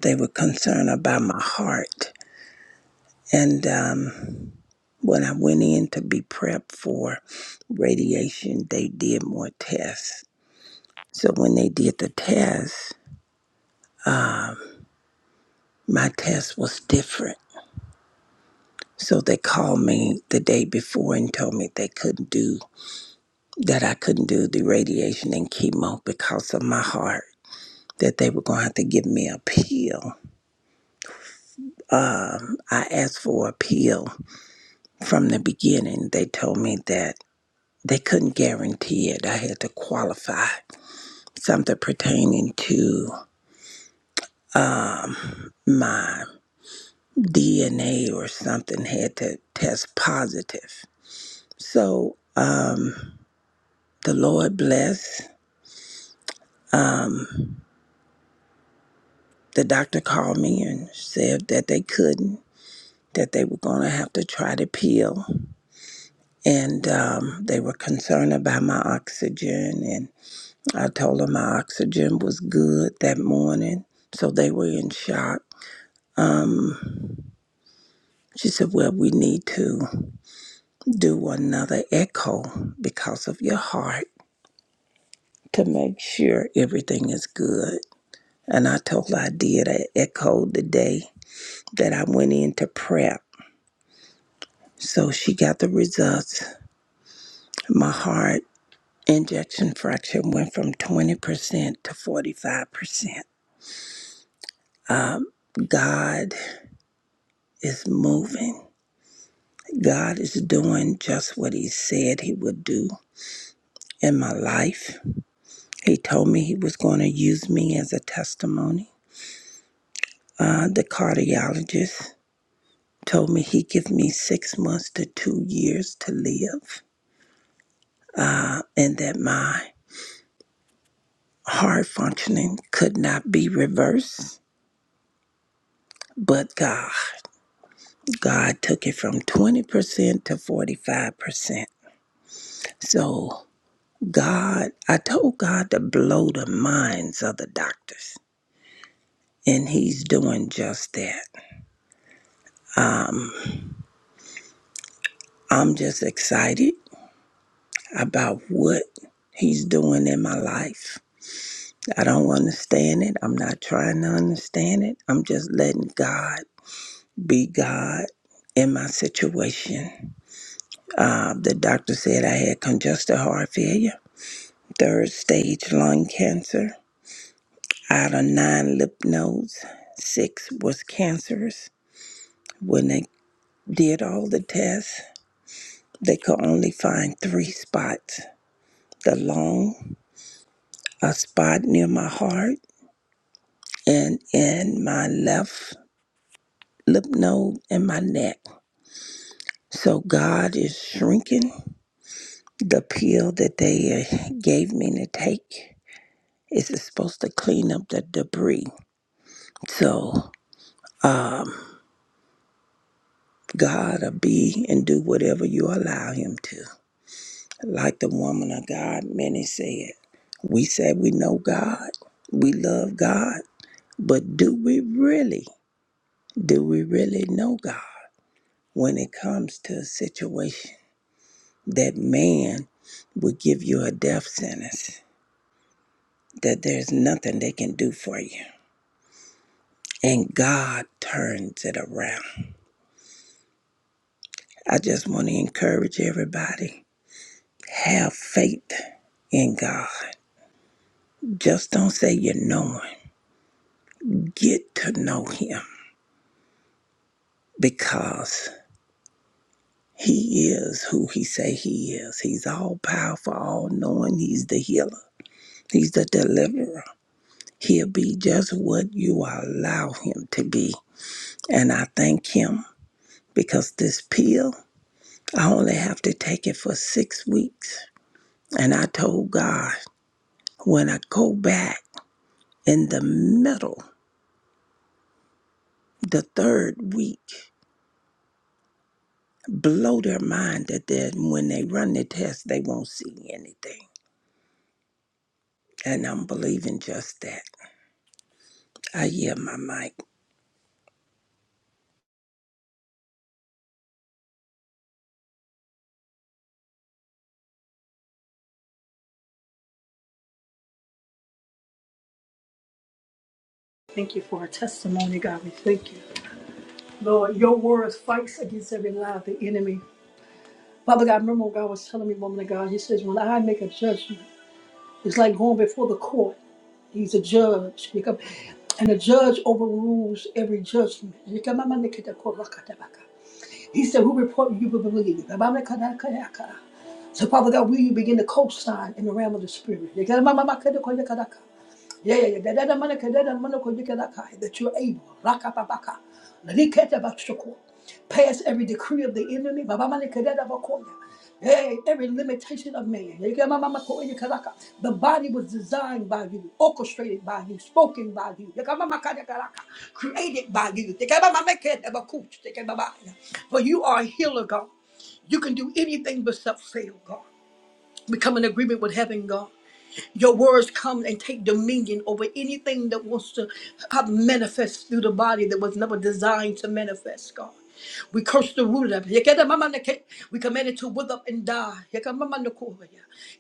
Speaker 4: they were concerned about my heart, and um, When I went in to be prepped for radiation, they did more tests. So when they did the test, my test was different. So they called me the day before and told me they couldn't do that I couldn't do the radiation and chemo because of my heart. That they were going to have to give me a pill. Um, I asked for a pill from the beginning. They told me that they couldn't guarantee it. I had to qualify something pertaining to uh, my DNA or something had to test positive. So um, the Lord bless. Um, the doctor called me and said that they couldn't, that they were going to have to try to peel. And um, they were concerned about my oxygen. And I told them my oxygen was good that morning. So they were in shock. Um, she said, Well, we need to do another echo because of your heart to make sure everything is good. And I told her I did. I echoed the day that I went into prep. So she got the results. My heart injection fraction went from 20% to 45%. Um, God is moving. God is doing just what He said He would do in my life. He told me He was going to use me as a testimony. Uh, the cardiologist told me he give me six months to two years to live and that my heart functioning could not be reversed but god god took it from 20% to 45% so god i told god to blow the minds of the doctors and he's doing just that i'm just excited about what he's doing in my life I don't understand it. I'm not trying to understand it. I'm just letting God be God in my situation. Uh, the doctor said I had congestive heart failure, third stage lung cancer. Out of nine lymph nodes, six was cancerous. When they did all the tests, they could only find three spots the lung, a spot near my heart, and in my left lymph node and my neck. So God is shrinking the pill that they uh, gave me to take. Is supposed to clean up the debris. So um, God will be and do whatever you allow Him to. Like the woman of God, many said, we say we know God, we love God, but do we really, do we really know God when it comes to a situation that man would give you a death sentence? that there's nothing they can do for you. And God turns it around. I just want to encourage everybody have faith in God. Just don't say you know him. Get to know him because he is who he say he is. He's all powerful, all knowing. He's the healer. He's the deliverer. He'll be just what you allow him to be. And I thank him because this pill, I only have to take it for six weeks And I told God, when I go back in the middle, the third week, blow their mind that then when they run the test, they won't see anything. And I'm believing just that. I hear my mic.
Speaker 1: Thank you for our testimony, God. We thank you, Lord. Your words fights against every lie of the enemy. Father God, remember what God was telling me, woman of God. He says, when I make a judgment, it's like going before the court. He's a judge. You And a judge overrules every judgment. You "Mama, nikita korakatabaka." He said, Who report you will believe? Mama, kadakayaka. So, Father God, will you begin to co sign in the realm of the Spirit? You come, "Mama, makadakoyakadaka." Yeah, yeah, yeah. Dadada mana kadada mana kojika laka, That you're able. Raka babaka. Liketa bashoko. Pass every decree of the enemy. Baba mana kadada bakoya. Hey, every limitation of man. Yeke mama mama koye kalaka. The body was designed by you, orchestrated by you, spoken by you. Yeke mama kada kalaka, Created by you. Yeke mama mama keda bakuch. Yeke baba. For you are a healer, God. You can do anything but self fail, God. We come in agreement with heaven, God. Your words come and take dominion over anything that wants to uh, manifest through the body that was never designed to manifest, God. We curse the root of it. We command it to wither up and die.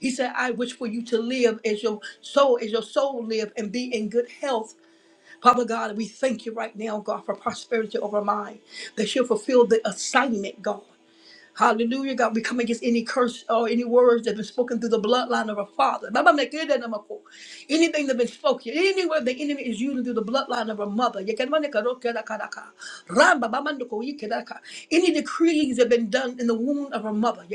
Speaker 1: He said, I wish for you to live as your soul, as your soul live and be in good health. Father God, we thank you right now, God, for prosperity over mind That she'll fulfill the assignment, God. Hallelujah, God. We come against any curse or any words that have been spoken through the bloodline of our father. Baba mekere na Anything that's been spoken, anywhere the enemy is using through the bloodline of our mother. Yekenmane karo kera karaka. Ramba baba ndoko yikera Any decrees that have been done in the womb of our mother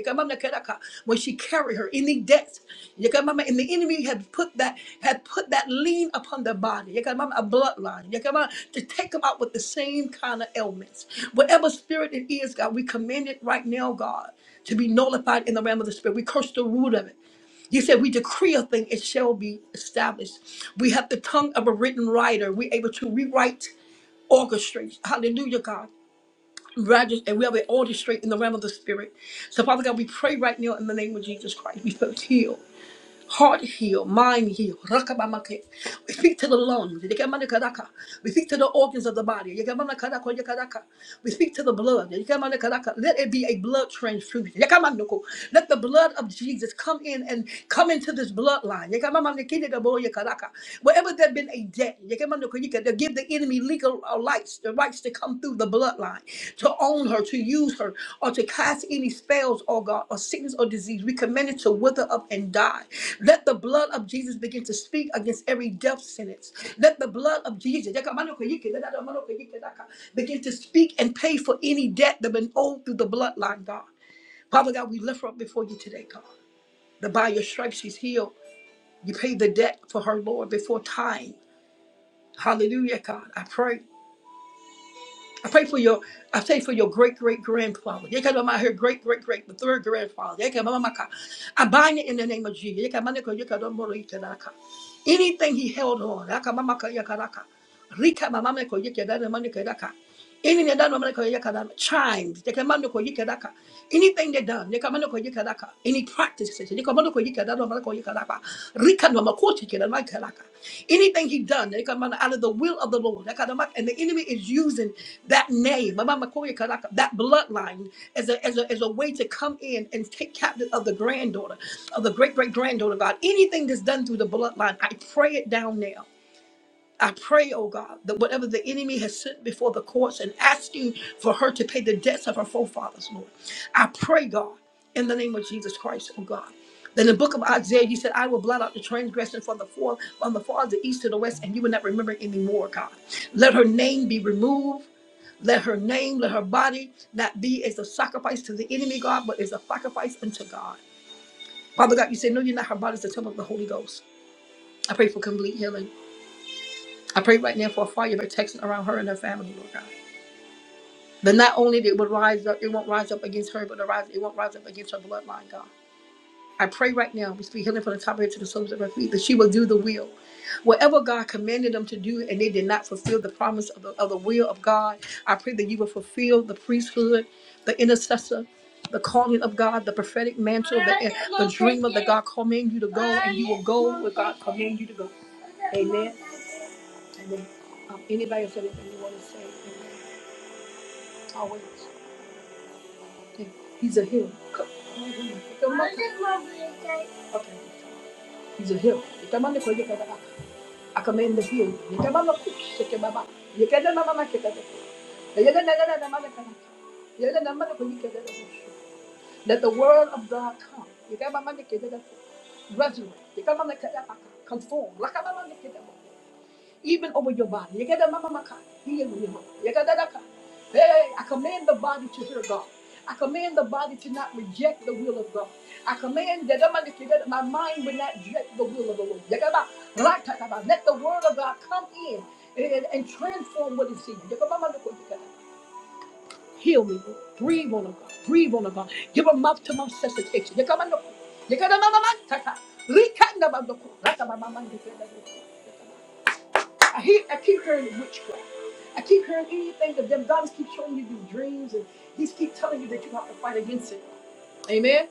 Speaker 1: when she carried her any debt. You got mama, and the enemy had put that had put that lean upon their body. You got mama, a bloodline. You got mama, to take them out with the same kind of ailments. Whatever spirit it is, God, we command it right now, God, to be nullified in the realm of the spirit. We curse the root of it. You said we decree a thing, it shall be established. We have the tongue of a written writer. We're able to rewrite orchestrate. Hallelujah, God righteous and we have it all straight in the realm of the spirit. So, Father God, we pray right now in the name of Jesus Christ. We first heal. Heart heal, mind heal. Rakabamake. We speak to the lungs. Yekamanakadaka. We speak to the organs of the body. Yekamanakadako, yakadaka. We speak to the blood. Yekamanakadaka. Let it be a blood transfusion. Yekamanoko. Let the blood of Jesus come in and come into this bloodline. Yekamamanakidabo, yakadaka. Wherever there been a debt, Yekamanoko, yaka- to give the enemy legal uh, rights, the rights to come through the bloodline, to own her, to use her, or to cast any spells, oh God, or sickness or disease. We command it to wither up and die. Let the blood of Jesus begin to speak against every death sentence. Let the blood of Jesus begin to speak and pay for any debt that been owed through the bloodline, God. Father God, we lift her up before you today, God. The by your stripes she's healed. You paid the debt for her, Lord, before time. Hallelujah, God. I pray. I pray for your, I pray for your great great grandfather. Yeah, come out here, great great great, the third grandfather. Yeah, come on, my God. I bind it in the name of Jesus. Yeah, come on, because you can don't bother you, can I come? Anything he held on, yeah, come on, my God, yeah, can I come? on, my God. Rika, my mama, because you can, do that money, can I come? Any that done, my mama, because you can, that chimes, they can, man, because you can, do that come. Anything they done, they come, man, because you can, do that come. Any practice, they come, man, because you can, that don't, man, because you can, do that come. Rika, no, my coach, you can, don't believe that, man, can I come? Anything he done, they come, man, out of the will of the Lord. Yeah, come on, my- God. And the enemy is using that name, that bloodline, as a, as, a, as a way to come in and take captive of the granddaughter, of the great great granddaughter, God. Anything that's done through the bloodline, I pray it down now. I pray, oh God, that whatever the enemy has sent before the courts and asking for her to pay the debts of her forefathers, Lord. I pray, God, in the name of Jesus Christ, oh God. That in the book of Isaiah, you said, I will blot out the transgression from the far, from the far, the east to the west, and you will not remember it anymore, God. Let her name be removed. Let her name, let her body not be as a sacrifice to the enemy, God, but as a sacrifice unto God. Father God, you said, No, you're not her body, is the temple of the Holy Ghost. I pray for complete healing. I pray right now for a fire protection around her and her family, Lord God. That not only that it would rise up, it won't rise up against her, but it, rise, it won't rise up against her bloodline, God. I pray right now, we speak healing from the top of her to the soles of her feet, that she will do the will. Whatever God commanded them to do and they did not fulfill the promise of the, of the will of God, I pray that you will fulfill the priesthood, the intercessor, the calling of God, the prophetic mantle, the, the dream of the God commanded you to go, and you will go where God commanded you to go. Amen. Amen. Um, anybody else have anything you want to say? Amen. Always. Thank He's a healer. Come. Okay hizo hiyo itamani kwa hiyo kadaka akamaenda hiyo nikamama kushike baba yekenda na mama kadaka yekenda na na mama kadaka yekenda mama kwa hiyo kadaka that the word of God come yekenda mama kadaka gradually yekenda mama kadaka conform lakama mama kadaka even over your body. Yekada mama maka, heal me, Lord. Yekada daka. Hey, I command the body to hear God. I command the body to not reject the will of God. I command that I'm under- yekada, my mind will not reject the will of the Lord. Yekada, ratataba. Let the word of God come in and, and transform what is in you. Yekada mama doko, yekada. Heal me, Lord. Breathe on them, God. Breathe on them, God. Give a mouth to mouth resuscitation. Yekada mama doko. Yekada mama mama taka. Rikanda mama doko. Ratababa mama mama doko. I hear, I keep hearing witchcraft. I keep hearing anything of them. God just keeps showing you these dreams, and He's keep telling you that you have to fight against it. Amen.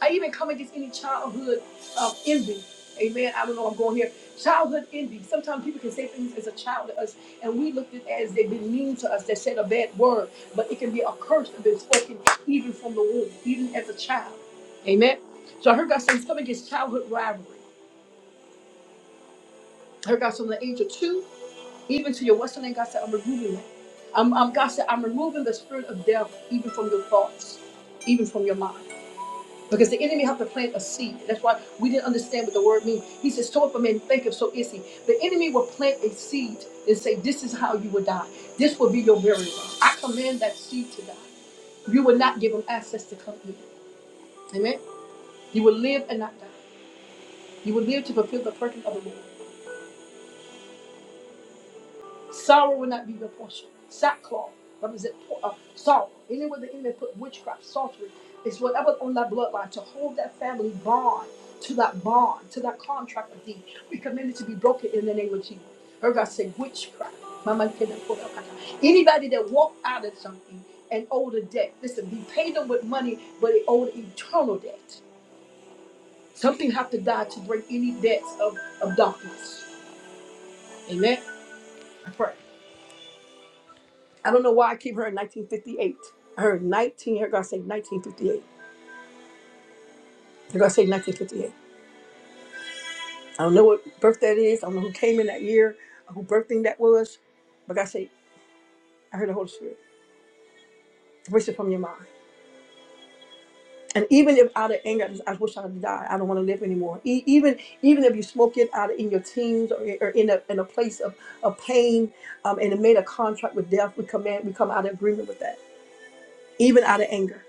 Speaker 1: I even come against any childhood of envy. Amen. I don't know. I'm going here. Childhood envy. Sometimes people can say things as a child to us, and we looked at it as they've been mean to us. They said a bad word, but it can be a curse that's been spoken even from the womb, even as a child. Amen. So I heard God say, "Come against childhood rivalry." I heard God say, "On the age of two. even to your Western and God said, I'm removing it. I'm, I'm, God said, I'm removing the spirit of death even from your thoughts, even from your mind. Because the enemy have to plant a seed. That's why we didn't understand what the word means. He says, so if a man thinketh, so is he. The enemy will plant a seed and say, this is how you will die. This will be your burial ground. I command that seed to die. You will not give him access to come in. Amen? You will live and not die. You will live to fulfill the purpose of the Lord. Sorrow will not be your portion. Sackcloth represent uh, sorrow. Anywhere the enemy put witchcraft, sorcery, is whatever on that bloodline to hold that family bond to that bond, to that contract of deed. We command it to be broken in the name of Jesus. Her God said witchcraft. Mama cannot pull that back out. Anybody that walked out of something and owed a debt, listen, we paid them with money, but they owed eternal debt. Something have to die to break any debts of, of darkness. Amen. I pray. I don't know why I keep hearing 1958. I heard 19, I heard God say 1958. I heard God say 1958. I don't know what birth that is. I don't know who came in that year, or who birthing that was, but God say, I heard the Holy Spirit. Erase it from your mind. And even if out of anger, I, just, I wish I'd died. I don't want to live anymore. E- even even if you smoke it out in your teens or, or in a in a place of, of pain, um, and it made a contract with death, we command we come out of agreement with that. Even out of anger,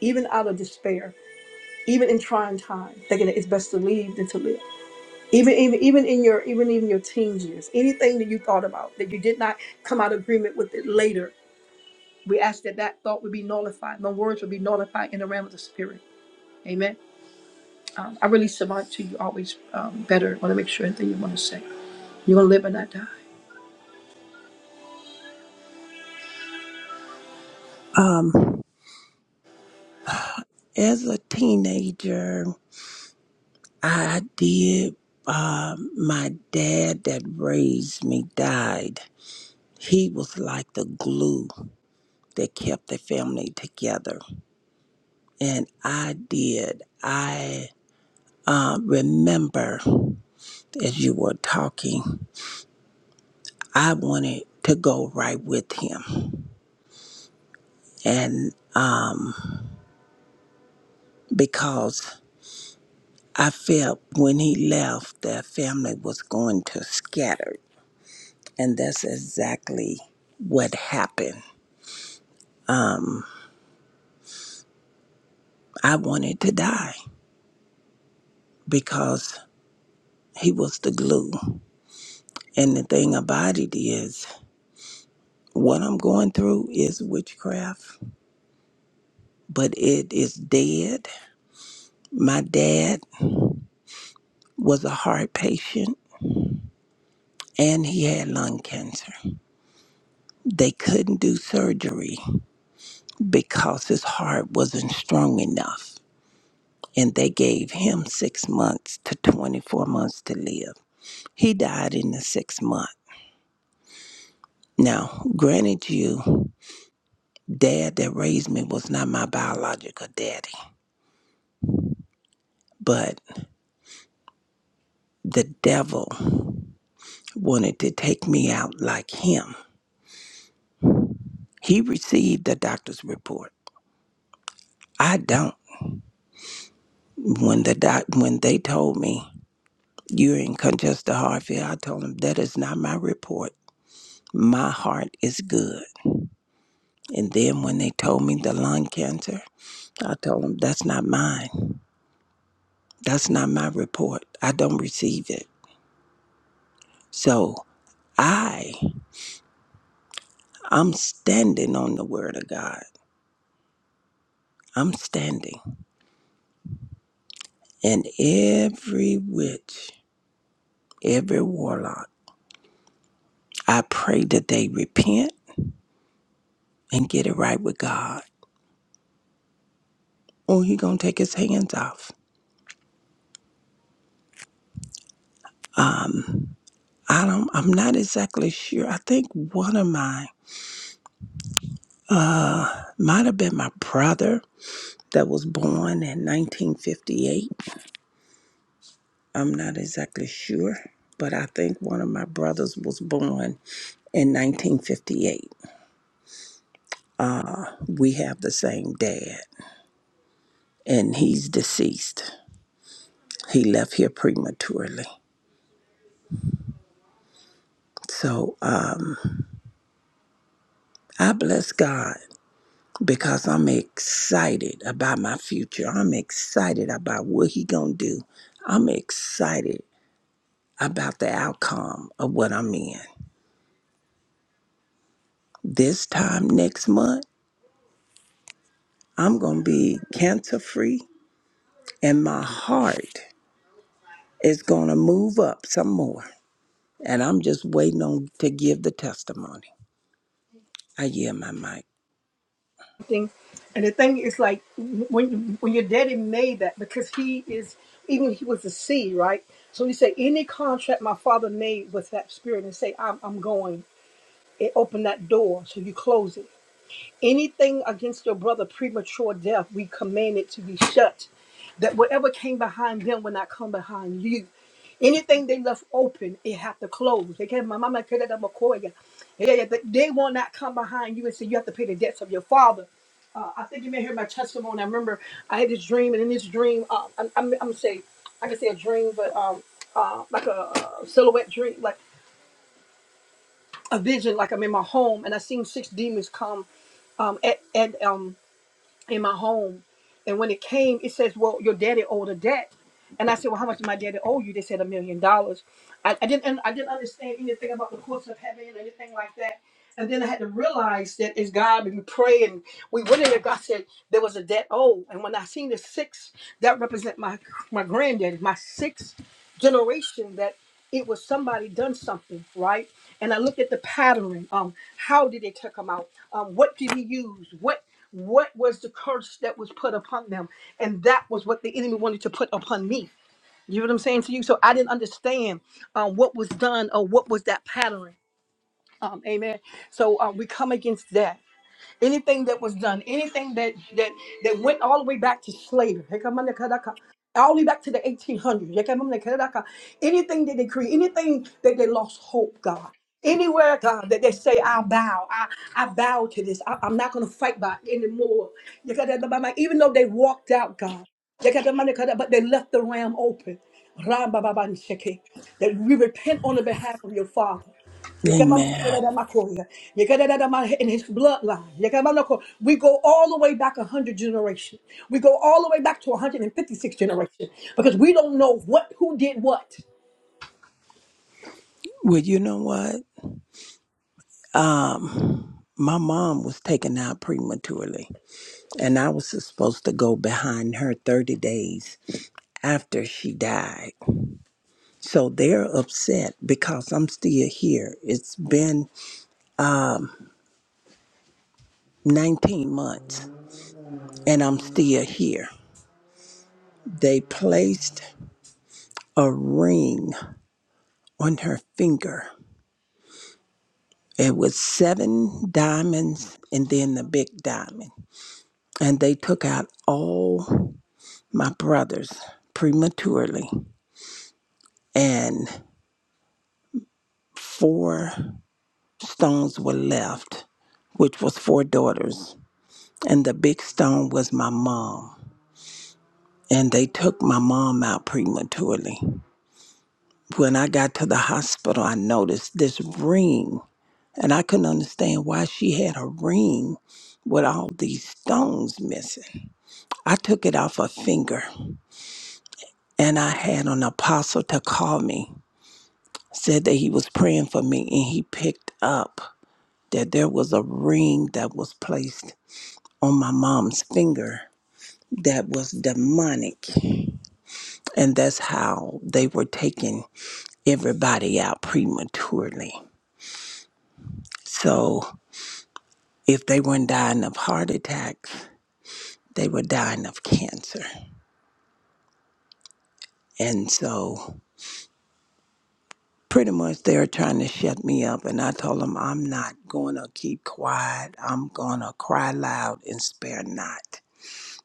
Speaker 1: even out of despair. Even in trying times, thinking that it's best to leave than to live. Even even even in your even even your teen years, anything that you thought about that you did not come out of agreement with it later, we ask that that thought would be nullified. The words would be nullified in the realm of the spirit. Amen. Um, I really submit to you always um, better. want to make sure anything you want to say. You're gonna live and not die.
Speaker 4: As a teenager, I did. Uh, my dad that raised me died. He was like the glue that kept the family together. And I did. I uh, remember. as you were talking, I wanted to go right with him. And um, because I felt when he left, their family was going to scatter. And that's exactly what happened. I wanted to die because he was the glue. And the thing about it is, what I'm going through is witchcraft, but it is dead. My dad was a heart patient and he had lung cancer. They couldn't do surgery because his heart wasn't strong enough. And they gave him six months to 24 months to live. He died in the six month. Now, granted, you, dad that raised me was not my biological daddy, but the devil wanted to take me out like him. He received the doctor's report. I don't. When the doc, when they told me you're in congestive heart failure, I told them that is not my report. my heart is good. And then when they told me the lung cancer, I told them, that's not mine. That's not my report. I don't receive it. So I, I'm standing on the word of God. I'm standing. And every witch, every warlock, I pray that they repent and get it right with God. Or he gonna take his hands off. Um, I don't I'm not exactly sure. I think one of mine might have been my brother that was born in 1958. I'm not exactly sure, but I think one of my brothers was born in 1958. We have the same dad, and he's deceased. He left here prematurely. So uh, I bless God because I'm excited about my future. I'm excited about what he gonna do. I'm excited about the outcome of what I'm in. This time next month. I'm going to be cancer free and my heart is going to move up some more. And I'm just waiting on to give the testimony. I hear my mic.
Speaker 1: Thing, and the thing is like when when your daddy made that because he is even he was the seed, right? So he said, any contract my father made with that spirit and say, I'm, I'm going. It opened that door, so you close it. Anything against your brother, premature death, we command it to be shut. That whatever came behind them will not come behind you. Anything they left open, it have to close. They can't, my mama could have done McCoy. Yeah, yeah, They they will not come behind you and say you have to pay the debts of your father. Uh, I think you may hear my testimony. I remember I had this dream, and in this dream, uh, I'm, I'm, I'm gonna say, I can say a dream, but um, uh, like a, uh silhouette dream, like a vision like I'm in my home and I seen six demons come um at, at um in my home. And when it came, it says, Well, your daddy owed a debt. And I said, Well, how much did my daddy owe you? They said a million dollars. I I didn't and I didn't understand anything about the courts of heaven or anything like that. And then I had to realize that it's God and we pray and we went in there. God said there was a debt owed. And when I seen the six, that represent my my granddaddy, my sixth generation that it was somebody done something, right? and I look at the pattern. Um, how did they take them out? Um, what did he use? What what was the curse that was put upon them? And that was what the enemy wanted to put upon me. You know what I'm saying to you? So I didn't understand um, what was done or what was that pattern. Um, amen. So um, we come against that anything that was done, anything that that that went all the way back to slavery, all the way back to the 1800s, anything that they create, anything that they lost hope, God. Anywhere, God, that they say, I bow, I, I bow to this. I, am not going to fight back anymore. Even though they walked out, God, Yekadamanekada, but they left the ram open. That we repent on the behalf of your Father. Yekemama
Speaker 4: Amen.
Speaker 1: yekedada makoya, yekedada ma- In his bloodline. Yekemama ko- We go all the way back 100 generations. We go all the way back to 156 generation because we don't know what who did what.
Speaker 4: Well, you know what? Um, my mom was taken out prematurely, and I was supposed to go behind her 30 days after she died. So they're upset because I'm still here. It's been 19 months, and I'm still here. They placed a ring on her finger. It was seven diamonds and then the big diamond. And they took out all my brothers prematurely, and four stones were left, which was four daughters. And the big stone was my mom. And they took my mom out prematurely. When I got to the hospital, I noticed this ring And I couldn't understand why she had a ring with all these stones missing. I took it off her finger and I had an apostle to call me, said that he was praying for me and he picked up that there was a ring that was placed on my mom's finger that was demonic. And that's how they were taking everybody out prematurely. So if they weren't dying of heart attacks, they were dying of cancer. And so pretty much they're trying to shut me up. And I told them, I'm not going to keep quiet. I'm going to cry loud and spare not.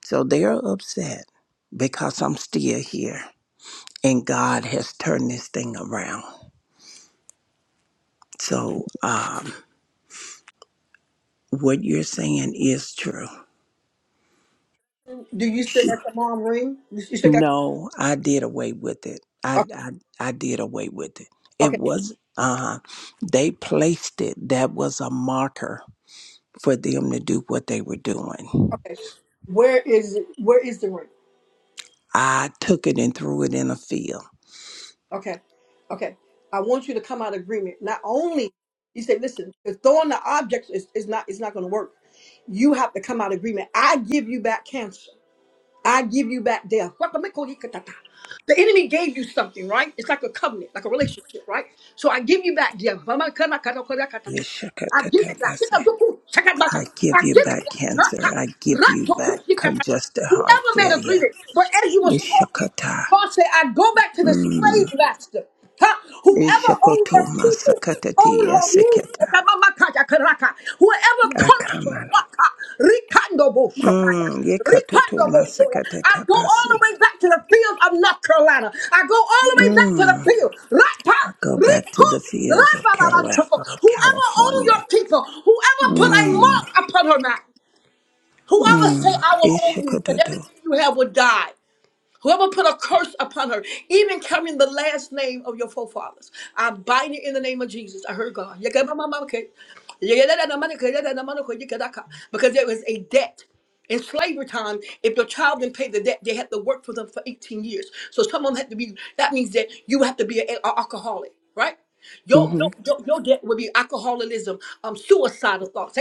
Speaker 4: So they're upset because I'm still here and God has turned this thing around. So um, what you're saying is true.
Speaker 1: Do you still got your mom ring? You you still got
Speaker 4: No, I did away with it. I,
Speaker 1: okay,
Speaker 4: I, I did away with it. It
Speaker 1: okay,
Speaker 4: was, uh, they placed it. That was a marker for them to do what they were doing.
Speaker 1: okay. Where is it? Where is the ring?
Speaker 4: I took it and threw it in a field.
Speaker 1: Okay, okay. I want you to come out of agreement. Not only you say, listen, because throwing the objects is, is not is not going to work. You have to come out of agreement. I give you back cancer. I give you back death. Wakamikolikatata. The enemy gave you something, right? It's like a covenant, like a relationship, right? So I give you back death. Vamakanakanakorakatata. I give it back.
Speaker 4: Yeshakatatavasi.
Speaker 1: Kikaduku, shakabaka.
Speaker 4: I
Speaker 1: I
Speaker 4: give you
Speaker 1: give it
Speaker 4: back
Speaker 1: back.
Speaker 4: cancer.
Speaker 1: Raka,
Speaker 4: I give you back
Speaker 1: ratokushikatata.
Speaker 4: congestive heart
Speaker 1: Whoever made
Speaker 4: failure.
Speaker 1: agreement, but as you was talking,
Speaker 4: Yeshakata.
Speaker 1: God said, I go back to the slave
Speaker 4: Mm.
Speaker 1: master. Huh? Whoever owns
Speaker 4: Yeshakoto
Speaker 1: the people
Speaker 4: masakatati
Speaker 1: on her womb.
Speaker 4: yaseketa.
Speaker 1: Tabamakaja karaka. Whoever comes to
Speaker 4: Akaman.
Speaker 1: Raka, Rikando Boshakaya.
Speaker 4: Mm. Yekatoto
Speaker 1: Rikando Boshoya. I go all the
Speaker 4: masakatatapasi.
Speaker 1: way back to the field of North Carolina. I go all the way back to the
Speaker 4: Mm.
Speaker 1: field. Rata,
Speaker 4: I go back to
Speaker 1: Riku,
Speaker 4: the fields of, Carol-
Speaker 1: Rabababachoko.
Speaker 4: of
Speaker 1: Whoever own
Speaker 4: California.
Speaker 1: your people, whoever put a
Speaker 4: Mm.
Speaker 1: mark upon her mouth, whoever say,
Speaker 4: Mm.
Speaker 1: I will own you, and
Speaker 4: Yeshakatoto.
Speaker 1: everything you have will die. Whoever put a curse upon her, even carrying the last name of your forefathers, I bind it in the name of Jesus. I heard God. Because there was a debt. In slavery time, if your child didn't pay the debt, they had to work for them for 18 years. So someone had to be, that means that you have to be an alcoholic, right? Your,
Speaker 4: Mm-hmm.
Speaker 1: your, your, your debt would be alcoholism, um, suicidal thoughts.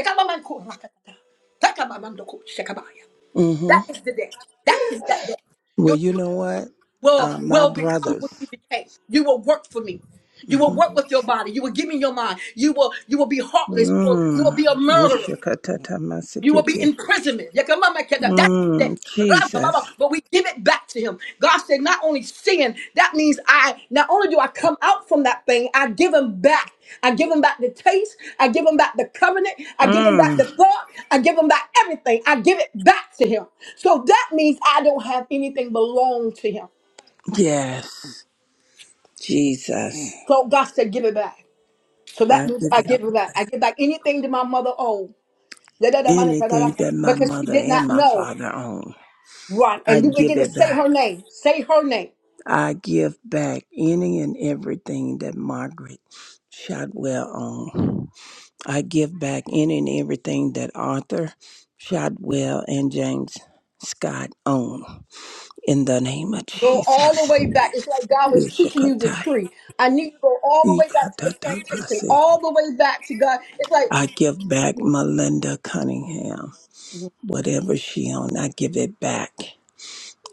Speaker 4: Mm-hmm.
Speaker 1: That is the debt. That is that debt.
Speaker 4: Well,
Speaker 1: Your
Speaker 4: you know
Speaker 1: children's
Speaker 4: what?
Speaker 1: children will,
Speaker 4: Uh, my
Speaker 1: will become
Speaker 4: brothers.
Speaker 1: what you became. You will work for me. You will
Speaker 4: Mm-hmm.
Speaker 1: work with your body. You will give me your mind. You will you will be heartless. You will, you will
Speaker 4: Mm.
Speaker 1: be a murderer.
Speaker 4: Yeshakatata
Speaker 1: You will be in
Speaker 4: masikiti.
Speaker 1: imprisonment. Yakamamakedah. That's it.
Speaker 4: Mm.
Speaker 1: Rabababa.
Speaker 4: Jesus.
Speaker 1: But we give it back to him. God said, not only sin, that means I not only do I come out from that thing, I give him back. I give him back the taste. I give him back the covenant. I give him back
Speaker 4: Mm.
Speaker 1: the thought. I give him back everything. I give it back to him. So that means I don't have anything belong to him.
Speaker 4: Yes, Jesus.
Speaker 1: So God said, give it back. So
Speaker 4: I
Speaker 1: that means
Speaker 4: give
Speaker 1: I
Speaker 4: it
Speaker 1: give
Speaker 4: up.
Speaker 1: it back. I give back anything that my mother owned. Da-da-da-ma-da-da-da-da.
Speaker 4: Anything that my
Speaker 1: Because she
Speaker 4: mother
Speaker 1: did
Speaker 4: and
Speaker 1: not
Speaker 4: my
Speaker 1: know.
Speaker 4: father owned,
Speaker 1: Right.
Speaker 4: I
Speaker 1: And you
Speaker 4: give
Speaker 1: begin to
Speaker 4: it
Speaker 1: say her
Speaker 4: back.
Speaker 1: name. Say her name.
Speaker 4: I give back any and everything that Margaret Shotwell owned. I give back any and everything that Arthur Shotwell and James Scott owned. In the name of
Speaker 1: Go all the
Speaker 4: Jesus.
Speaker 1: way back. It's like God was teaching you the
Speaker 4: Ishakata,
Speaker 1: tree. I need to go all the way back to the plantation,
Speaker 4: ikatatapasi.
Speaker 1: all the way back to God. It's like,
Speaker 4: I give back Melinda Cunningham. Whatever she owned, I give it back.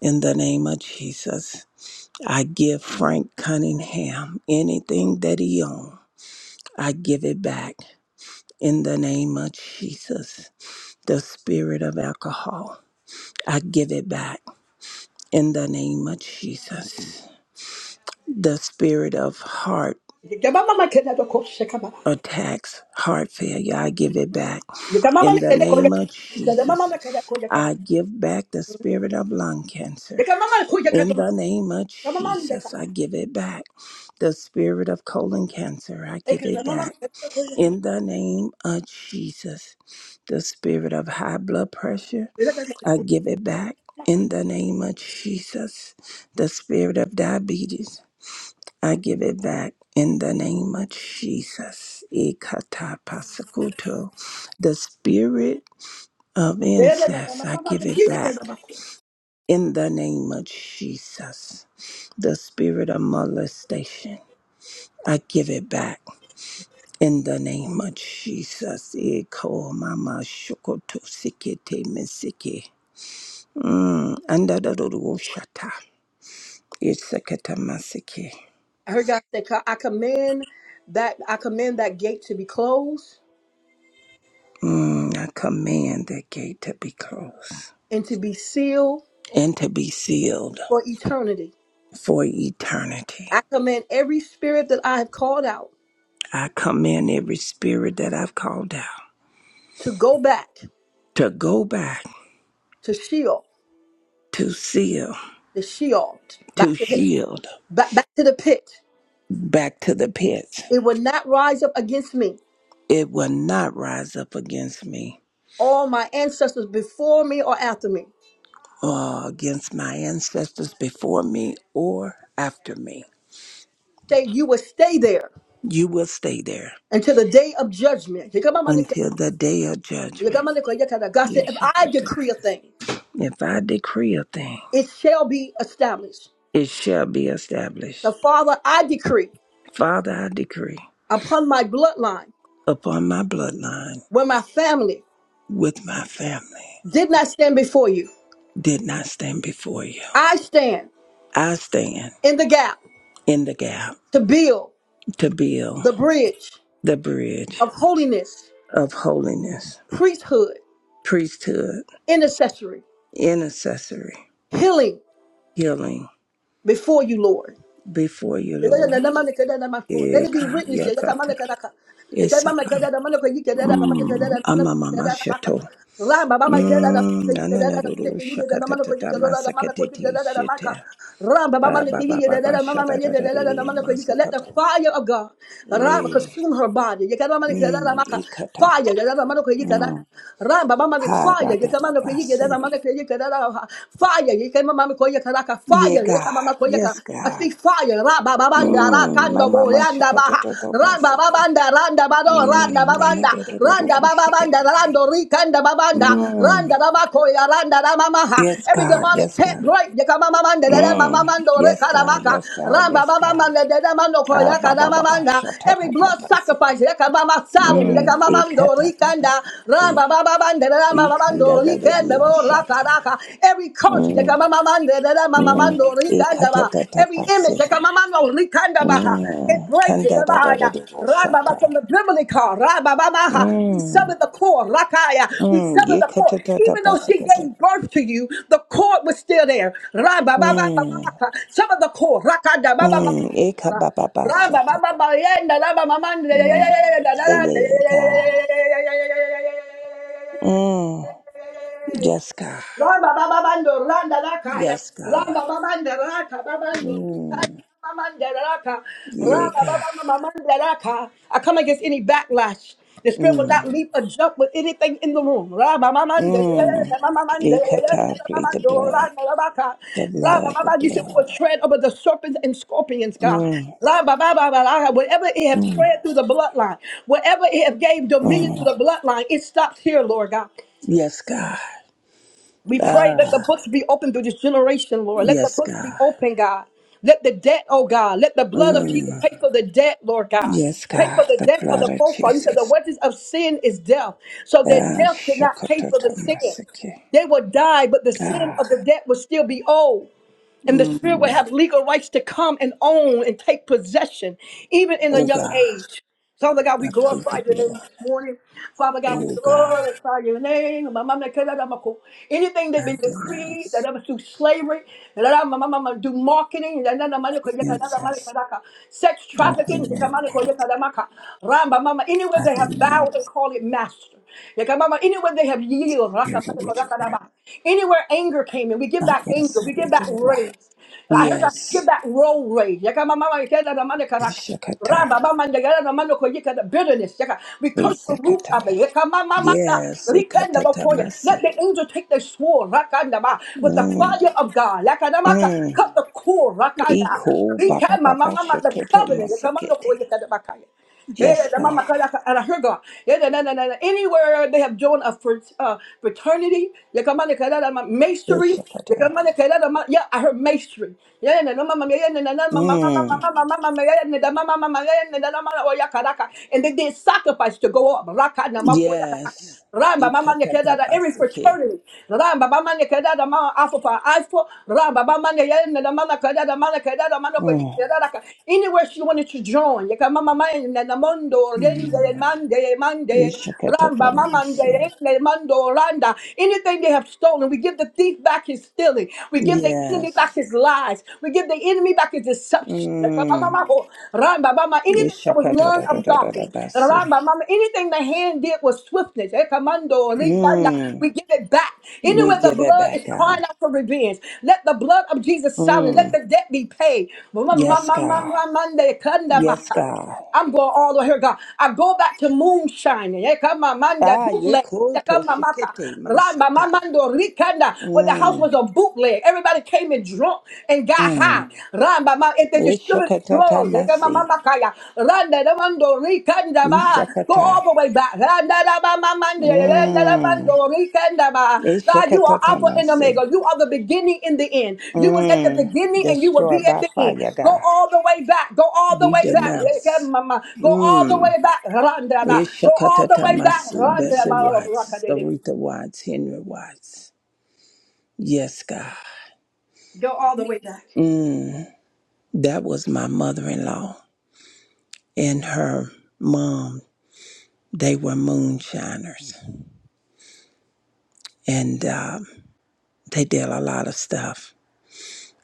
Speaker 4: In the name of Jesus. I give Frank Cunningham anything that he owned. I give it back. In the name of Jesus. The spirit of alcohol. I give it back. In the name of Jesus. The spirit of heart.
Speaker 1: I
Speaker 4: attacks, heart failure, I give it back. In the name of Jesus, I give back the spirit of lung cancer. In the name of Jesus, I give it back. The spirit of colon cancer, I give it back. In the name of Jesus, the spirit of high blood pressure, I give it back. In the name of Jesus, the spirit of diabetes, I give it back in the name of Jesus. Ikatapasukuto. The spirit of incest, I give it back in the name of Jesus. The spirit of molestation, I give it back in the name of Jesus. Iko mama shukoto sikete misiki. Mm, andadadoro shata. Isekata masiki.
Speaker 1: heard God say, I command that I command that gate to be closed
Speaker 4: Mm, I command the gate to be closed.
Speaker 1: and to be sealed
Speaker 4: and to be sealed
Speaker 1: for eternity.
Speaker 4: for eternity.
Speaker 1: I command every spirit that I have called out
Speaker 4: I command every spirit that I've called out
Speaker 1: to go back
Speaker 4: to go back,
Speaker 1: to Sheol,
Speaker 4: to seal,
Speaker 1: the Sheol, back
Speaker 4: to
Speaker 1: to the,
Speaker 4: shield,
Speaker 1: back, back to the pit.
Speaker 4: back to the pits.
Speaker 1: It will not rise up against me,
Speaker 4: It will not rise up against me
Speaker 1: all my ancestors before me or after me.
Speaker 4: or against my ancestors before me or after me.
Speaker 1: Say, you will stay there
Speaker 4: You will stay there
Speaker 1: until the day of judgment. God
Speaker 4: until the day of judgment.
Speaker 1: said, if I
Speaker 4: Yeshakata.
Speaker 1: decree a thing,
Speaker 4: If I decree a thing,
Speaker 1: it shall be established.
Speaker 4: it shall be
Speaker 1: The
Speaker 4: established.
Speaker 1: Father, I decree
Speaker 4: Father, I decree
Speaker 1: upon my bloodline,
Speaker 4: upon my bloodline
Speaker 1: where my family
Speaker 4: with my family
Speaker 1: did not stand before you,
Speaker 4: did not stand before you.
Speaker 1: I stand
Speaker 4: I stand
Speaker 1: in the gap
Speaker 4: in the gap
Speaker 1: to build
Speaker 4: to build
Speaker 1: the bridge
Speaker 4: the bridge
Speaker 1: of holiness,
Speaker 4: of holiness,
Speaker 1: priesthood,
Speaker 4: priesthood,
Speaker 1: intercessory,
Speaker 4: intercessory,
Speaker 1: healing
Speaker 4: healing
Speaker 1: before you, Lord.
Speaker 4: before you,
Speaker 1: Let
Speaker 4: Lord.
Speaker 1: it be
Speaker 4: Eka
Speaker 1: witness there.
Speaker 4: yakata.
Speaker 1: Yakamanekanaka.
Speaker 4: Isaka.
Speaker 1: Yakamanekanadamanaka,
Speaker 4: Mm.
Speaker 1: yikedadadamanakadadadamanaka,
Speaker 4: Amamama
Speaker 1: yikadadadamaka.
Speaker 4: shato.
Speaker 1: Rambabamakedadamanaka,
Speaker 4: Mm.
Speaker 1: yikadadadamanaka,
Speaker 4: Nananaruru
Speaker 1: yikadadamanaka,
Speaker 4: shakatatata
Speaker 1: yikadadadamanaka,
Speaker 4: masakateti
Speaker 1: yikadadadamaka.
Speaker 4: shita. Ah,
Speaker 1: Rambabamanika,
Speaker 4: ba ba ba ba
Speaker 1: yikadadadamamama,
Speaker 4: shadadadadidi
Speaker 1: yikadadadadamanaka, yika- Let the
Speaker 4: masakato.
Speaker 1: fire of God Ramba,
Speaker 4: Yeah.
Speaker 1: consume her body.
Speaker 4: Mm.
Speaker 1: Yakamanekanadamaka.
Speaker 4: Ikata.
Speaker 1: Fire. yadadamanaka, yikadaka. Rambabamanika,
Speaker 4: Ha da
Speaker 1: Fire.
Speaker 4: da da
Speaker 1: Yakamanaka,
Speaker 4: da. si.
Speaker 1: yikadadamanaka, yikadadadaha. Fire. Yakamamamako, yikadaka.
Speaker 4: Yeah,
Speaker 1: Fire.
Speaker 4: God.
Speaker 1: Yakamamako,
Speaker 4: Yes,
Speaker 1: yika- I
Speaker 4: God.
Speaker 1: speak fire. Rabba babanda
Speaker 4: Mm, my
Speaker 1: rakando
Speaker 4: mama
Speaker 1: boyanda
Speaker 4: shakata
Speaker 1: baha.
Speaker 4: da da da ba si
Speaker 1: Ramba
Speaker 4: ke.
Speaker 1: babanda randa bado randa
Speaker 4: Mm, na na
Speaker 1: babanda
Speaker 4: da da da da
Speaker 1: randa
Speaker 4: da shakata
Speaker 1: babanda
Speaker 4: da. da.
Speaker 1: rando rikanda babanda
Speaker 4: Mm,
Speaker 1: randa babako ya randa ramamaha.
Speaker 4: yes,
Speaker 1: Every
Speaker 4: God.
Speaker 1: demonic
Speaker 4: Yes,
Speaker 1: can't
Speaker 4: God.
Speaker 1: break. Yaka mamamanda da
Speaker 4: Mm,
Speaker 1: mamamando
Speaker 4: yes, God.
Speaker 1: rekaramaka.
Speaker 4: Yes, God.
Speaker 1: Ramba
Speaker 4: Yes, God.
Speaker 1: babamanda da mando
Speaker 4: Ah,
Speaker 1: koya
Speaker 4: ba ba ba ba
Speaker 1: karamamanda.
Speaker 4: shata
Speaker 1: Every
Speaker 4: da da
Speaker 1: blood
Speaker 4: ba si ke.
Speaker 1: sacrifice. Yaka mama silence. Yaka
Speaker 4: Mm,
Speaker 1: mamando
Speaker 4: ikata da da
Speaker 1: rikanda.
Speaker 4: ba si.
Speaker 1: Ramba babanda da
Speaker 4: Ikanda
Speaker 1: mamamando
Speaker 4: da da da
Speaker 1: rikanda
Speaker 4: da
Speaker 1: bo
Speaker 4: shata.
Speaker 1: rakaraka. Every curse.
Speaker 4: Mm,
Speaker 1: Yaka
Speaker 4: mm,
Speaker 1: mamando rikanda
Speaker 4: ikata
Speaker 1: ba.
Speaker 4: da da
Speaker 1: Every
Speaker 4: ba
Speaker 1: image
Speaker 4: si.
Speaker 1: kamamando rikanda It
Speaker 4: Mm.
Speaker 1: breaks it
Speaker 4: Handa da da da
Speaker 1: kabaya.
Speaker 4: da da
Speaker 1: Rababa
Speaker 4: shata.
Speaker 1: from the biblical. Rababa We
Speaker 4: Mm.
Speaker 1: sever the cord. Rakaya. We
Speaker 4: Mm.
Speaker 1: sever
Speaker 4: Ye
Speaker 1: the cord.
Speaker 4: kata da da
Speaker 1: Even though
Speaker 4: basa
Speaker 1: she
Speaker 4: kata.
Speaker 1: gave birth to you, the cord was still there. Rababa
Speaker 4: Mm.
Speaker 1: Some of the cord. Rakada baba mama.
Speaker 4: Mm. Eka ba ba ba
Speaker 1: Ramba
Speaker 4: sata.
Speaker 1: baba bayenda ramba mamande
Speaker 4: Mm. Yeah, yeah, yeah, God. Mm. Yes, God.
Speaker 1: Ramba babando randa rakaya.
Speaker 4: Yes, God.
Speaker 1: Ramba babanda raka babando.
Speaker 4: Mm.
Speaker 1: Mamanda raka.
Speaker 4: Yeah,
Speaker 1: Ramba
Speaker 4: God.
Speaker 1: babando mamanda raka. I come against any backlash. The spirit will not
Speaker 4: Mm.
Speaker 1: leap or jump with anything in the room. Ramba mamanda
Speaker 4: Mm.
Speaker 1: randa mamanda
Speaker 4: Eka ta,
Speaker 1: randa
Speaker 4: plead the
Speaker 1: mamando
Speaker 4: blood.
Speaker 1: randa raka.
Speaker 4: The
Speaker 1: Ramba
Speaker 4: blood, the
Speaker 1: babando. You said we will
Speaker 4: blood.
Speaker 1: tread over the serpents and scorpions, God.
Speaker 4: Mm.
Speaker 1: Ramba babando. Whatever it have
Speaker 4: Mm.
Speaker 1: tread through the bloodline, whatever it have gave dominion through
Speaker 4: Mm.
Speaker 1: the bloodline, it stops here, Lord God.
Speaker 4: Yes, God.
Speaker 1: We pray, let the
Speaker 4: Ah,
Speaker 1: books be open to this generation, Lord. Let the
Speaker 4: yes,
Speaker 1: books be
Speaker 4: God.
Speaker 1: open, God. Let the debt, oh God, let the blood of Jesus
Speaker 4: Mm.
Speaker 1: pay for the debt, Lord God.
Speaker 4: Yes,
Speaker 1: Pay for
Speaker 4: God,
Speaker 1: the
Speaker 4: the
Speaker 1: debts of
Speaker 4: blood
Speaker 1: the
Speaker 4: of
Speaker 1: forefathers. You said the
Speaker 4: Jesus.
Speaker 1: wages of sin is death. So that
Speaker 4: Ah,
Speaker 1: death did not pay for the sin.
Speaker 4: shakototomasiki.
Speaker 1: They would die, but the sin
Speaker 4: God.
Speaker 1: of the debt would still be owed and the spirit will
Speaker 4: Mm.
Speaker 1: have legal rights to come and own and take possession, even in a
Speaker 4: Oh,
Speaker 1: young
Speaker 4: God,
Speaker 1: age. Father God,
Speaker 4: I
Speaker 1: we
Speaker 4: plead
Speaker 1: glorify
Speaker 4: the
Speaker 1: your name
Speaker 4: blood.
Speaker 1: this morning. Father God, we
Speaker 4: Oh, God,
Speaker 1: glorify your name. Anything that's
Speaker 4: I
Speaker 1: been decreed that
Speaker 4: denounce
Speaker 1: ever through slavery, that do marketing,
Speaker 4: incest.
Speaker 1: sex
Speaker 4: I
Speaker 1: trafficking,
Speaker 4: hear
Speaker 1: anywhere
Speaker 4: I
Speaker 1: they have bowed
Speaker 4: denounce
Speaker 1: and called it master. Anywhere they have yielded,
Speaker 4: spirit of witchcraft.
Speaker 1: anywhere anger came in, we give
Speaker 4: I
Speaker 1: back anger
Speaker 4: cancel
Speaker 1: children. We give back
Speaker 4: the law.
Speaker 1: race. I heard that- give
Speaker 4: Yes.
Speaker 1: back road rage. Yaka mama mama yekeda na mane karaka.
Speaker 4: Shakata.
Speaker 1: Raba mama ndegela na mane koyika the bitterness. Yaka we curse the root
Speaker 4: Isakata.
Speaker 1: of it. Yaka mama mama
Speaker 4: Yes.
Speaker 1: repent the before you. Let the
Speaker 4: Ikatatamasi.
Speaker 1: angel take the sword. Rakanda ba with the
Speaker 4: Mm.
Speaker 1: fire of God. Yaka na maka
Speaker 4: Mm.
Speaker 1: cut the cord. Rakaya.
Speaker 4: Equal. Baba
Speaker 1: Rika mama
Speaker 4: Baba
Speaker 1: mama the
Speaker 4: Shototo
Speaker 1: covenant. Yaka manda ko
Speaker 4: Masakete.
Speaker 1: koyika the bakaya. Yeah, yeah,
Speaker 4: Yes,
Speaker 1: the
Speaker 4: God.
Speaker 1: mama cut out- out of her God. Yeah, na- na- na- na- na. Anywhere they have joined a frat- uh, fraternity, yeah, come on, they cut out of my masonry. Yeah,
Speaker 4: Ishakata.
Speaker 1: come on, they cut out of my- yeah, I heard masonry. Yeah, na- na- mama, yeah, na- na- na- mama, mama,
Speaker 4: Mm.
Speaker 1: mama, mama, mama, yeah, na- na- mama, mama, yeah, na- na- na- mama, oh, yeah, karaka. And they did sacrifice to go up. Raka na mako, yeah, karaka.
Speaker 4: Yes.
Speaker 1: Ramba mama nyekeda da every
Speaker 4: Ikatatapasike.
Speaker 1: fraternity. Ramba mama nyekeda da mama alpha for alpha. Ramba mama nyekeda da mama keda da mama keda da mama ko
Speaker 4: Mm.
Speaker 1: yekeda da ka. Anywhere she wanted to join. Yeka mama mama na na mondo rende
Speaker 4: Mm.
Speaker 1: mande mande. Ramba mama
Speaker 4: Ishakatatamasi.
Speaker 1: rende mando randa. Anything they have stolen, we give the thief back his stealing. We give the enemy back
Speaker 4: Yes.
Speaker 1: his lies. We give the enemy back his deception. Yeka mama
Speaker 4: Mm.
Speaker 1: mama ho. Ramba mama by anything that was born of darkness. Ramba,
Speaker 4: Ishakatatatatapasi.
Speaker 1: mama, anything the hand did was swiftness. Eh, commando, rikanda.
Speaker 4: Mm.
Speaker 1: We give it back.
Speaker 4: We
Speaker 1: Anywhere the
Speaker 4: give it
Speaker 1: blood
Speaker 4: back,
Speaker 1: is
Speaker 4: God.
Speaker 1: crying out for revenge, let the blood of Jesus silence. Let
Speaker 4: Mm.
Speaker 1: the debt be paid. Mama,
Speaker 4: Yes,
Speaker 1: mama,
Speaker 4: God.
Speaker 1: mama, mande, kanda,
Speaker 4: Yes,
Speaker 1: bahaya.
Speaker 4: God.
Speaker 1: I'm going all the way here, God. I go back to moonshining. Eh, come on, man, that
Speaker 4: Ah, ye
Speaker 1: bootleg. Eh,
Speaker 4: koto
Speaker 1: come on, maka.
Speaker 4: shikete
Speaker 1: Ramba,
Speaker 4: masata.
Speaker 1: mamando, rikanda. Well, the house
Speaker 4: Mm.
Speaker 1: was a bootleg. Everybody came in drunk and got
Speaker 4: Mm.
Speaker 1: high. Ramba, ma- if they distributed drugs. eh, come on,
Speaker 4: Ishakatatamasi.
Speaker 1: mama, kaya. Randa, the mando, rikanda, ba. Go all
Speaker 4: Ishakata.
Speaker 1: the way way back. God,
Speaker 4: Mm.
Speaker 1: you are Alpha and Omega.
Speaker 4: Ishakatatanasi.
Speaker 1: You are the beginning and the end. You was at the
Speaker 4: Mm.
Speaker 1: beginning and you will
Speaker 4: Destroy
Speaker 1: be at
Speaker 4: by
Speaker 1: the end.
Speaker 4: fire,
Speaker 1: Go
Speaker 4: God.
Speaker 1: all the way back. Go all the
Speaker 4: We
Speaker 1: way back.
Speaker 4: denounce.
Speaker 1: Go all the
Speaker 4: Mm.
Speaker 1: way back. Go all the way back. Go
Speaker 4: Ishakatatamasi.
Speaker 1: all
Speaker 4: Bessie Watts, Aretha Watts, Henry Watts. Yes, God.
Speaker 1: the way back.
Speaker 4: That was my mother in law and her mom. They were moonshiners and um, they did a lot of stuff.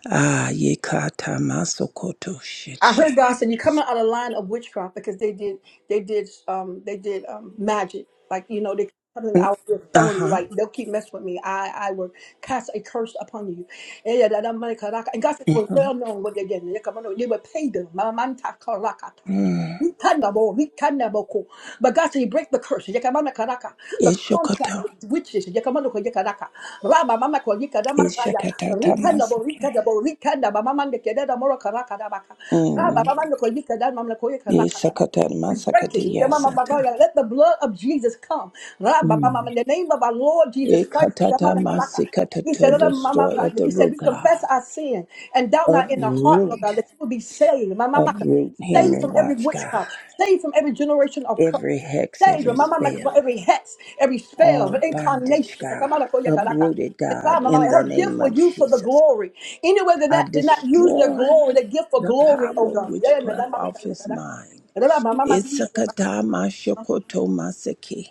Speaker 4: Ah, yikatamasokoto
Speaker 1: I
Speaker 4: shitty.
Speaker 1: heard God said you're coming out of line of witchcraft because they did they did um they did um magic. Like you know, they. Something I was just
Speaker 4: Uh
Speaker 1: telling you,
Speaker 4: huh.
Speaker 1: like they'll keep messing with me. I, I will cast a curse upon you. And yeah, that- that money, karaka- and God said it was well
Speaker 4: Mm-hmm.
Speaker 1: known what they did. They come on, they would pay them. Ma- ma- ta- karaka.
Speaker 4: Mm.
Speaker 1: We can't we can't abo- ko. But God said he break the curse. Yeah, come on, karaka. The
Speaker 4: It's your
Speaker 1: contract
Speaker 4: cutter.
Speaker 1: with witches. Yeah, come on, ko- yeah, karaka. Rama, mama, ko- yeah, karama, kaya. We
Speaker 4: Ishakatata
Speaker 1: can't we
Speaker 4: masake.
Speaker 1: can't we can't abo- mama, ne- kede- da- moro, karaka, da- baka. Rama,
Speaker 4: Mm.
Speaker 1: mama, ne- ko- yeah, karama, mama, ko- yeah, karaka, da- baka.
Speaker 4: Ishakata
Speaker 1: We break
Speaker 4: masakata
Speaker 1: it. Yeah, ma, ma, ma,
Speaker 4: yasata.
Speaker 1: yeah. Let the blood of Jesus come. Ra, ba, ba,
Speaker 4: Mm.
Speaker 1: In the name of our Lord Jesus Christ. Yeah, come
Speaker 4: Ikatata
Speaker 1: on, Kalaka. He
Speaker 4: masikatata
Speaker 1: said, "Let ma, ma,
Speaker 4: destroy
Speaker 1: ka."
Speaker 4: at the
Speaker 1: He said,
Speaker 4: root,
Speaker 1: we
Speaker 4: God.
Speaker 1: confess our sin and doubt not in our heart, Lord
Speaker 4: Uproot,
Speaker 1: God, that you will be saved. Ma, ma, ma, ka.
Speaker 4: uproot
Speaker 1: Saved
Speaker 4: Henry
Speaker 1: from every
Speaker 4: Watts, God.
Speaker 1: witchcraft, saved from every generation of curse.
Speaker 4: Every hex,
Speaker 1: Saved,
Speaker 4: every
Speaker 1: ma, ma, ma, ka, from
Speaker 4: spell,
Speaker 1: every hex, every spell,
Speaker 4: all bondage,
Speaker 1: incarnation. Yeah,
Speaker 4: God.
Speaker 1: come on, Ko, yeah, Kalaka.
Speaker 4: Uprooted,
Speaker 1: And
Speaker 4: God,
Speaker 1: God, my mama,
Speaker 4: in the
Speaker 1: her gift
Speaker 4: name
Speaker 1: was
Speaker 4: of
Speaker 1: used for the
Speaker 4: Jesus.
Speaker 1: glory. Anywhere they
Speaker 4: I
Speaker 1: not, did not use their
Speaker 4: destroy
Speaker 1: glory, the gift for
Speaker 4: the
Speaker 1: glory, oh
Speaker 4: power of
Speaker 1: God. Yeah, yeah, yeah,
Speaker 4: witchcraft
Speaker 1: mama,
Speaker 4: off
Speaker 1: yeah, yeah,
Speaker 4: his
Speaker 1: yeah.
Speaker 4: mind.
Speaker 1: I
Speaker 4: Isakata mashokoto masake.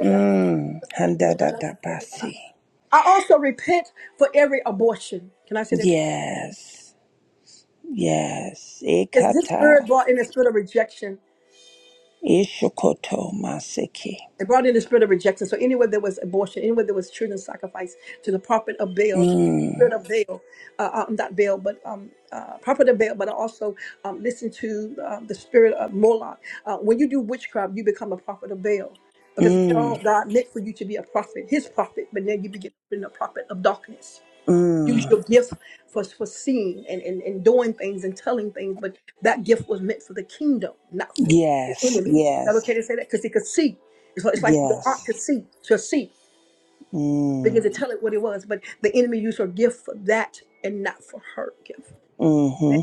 Speaker 4: Mm. Handa da da basi.
Speaker 1: also repent for every abortion. Can I say that?
Speaker 4: Yes. Yes.
Speaker 1: Because this spirit
Speaker 4: Ekata.
Speaker 1: brought in the spirit of rejection.
Speaker 4: Ishokoto masiki.
Speaker 1: It brought in the spirit of rejection. So anywhere there was abortion, anywhere there was children sacrificed to the prophet of Baal, to the
Speaker 4: Mm.
Speaker 1: spirit of Baal, uh, uh, not Baal, but um, uh, prophet of Baal, but I also um, listen to uh, the spirit of Moloch. Uh, when you do witchcraft, you become a prophet of Baal. Because now
Speaker 4: Mm.
Speaker 1: God meant for you to be a prophet, his prophet, but now you begin to be a prophet of darkness. use
Speaker 4: Mm.
Speaker 1: your gift for, for seeing and, and, and doing things and telling things, but that gift was meant for the kingdom, not for the
Speaker 4: Yes.
Speaker 1: enemy. Is that okay
Speaker 4: Yes.
Speaker 1: to say that? Because he could see. It's like, it's like your aunt could
Speaker 4: Yes.
Speaker 1: see, to see, begin
Speaker 4: Mm.
Speaker 1: to tell it what it was, but the enemy used her gift for that and not for her gift.
Speaker 4: Mm-hmm.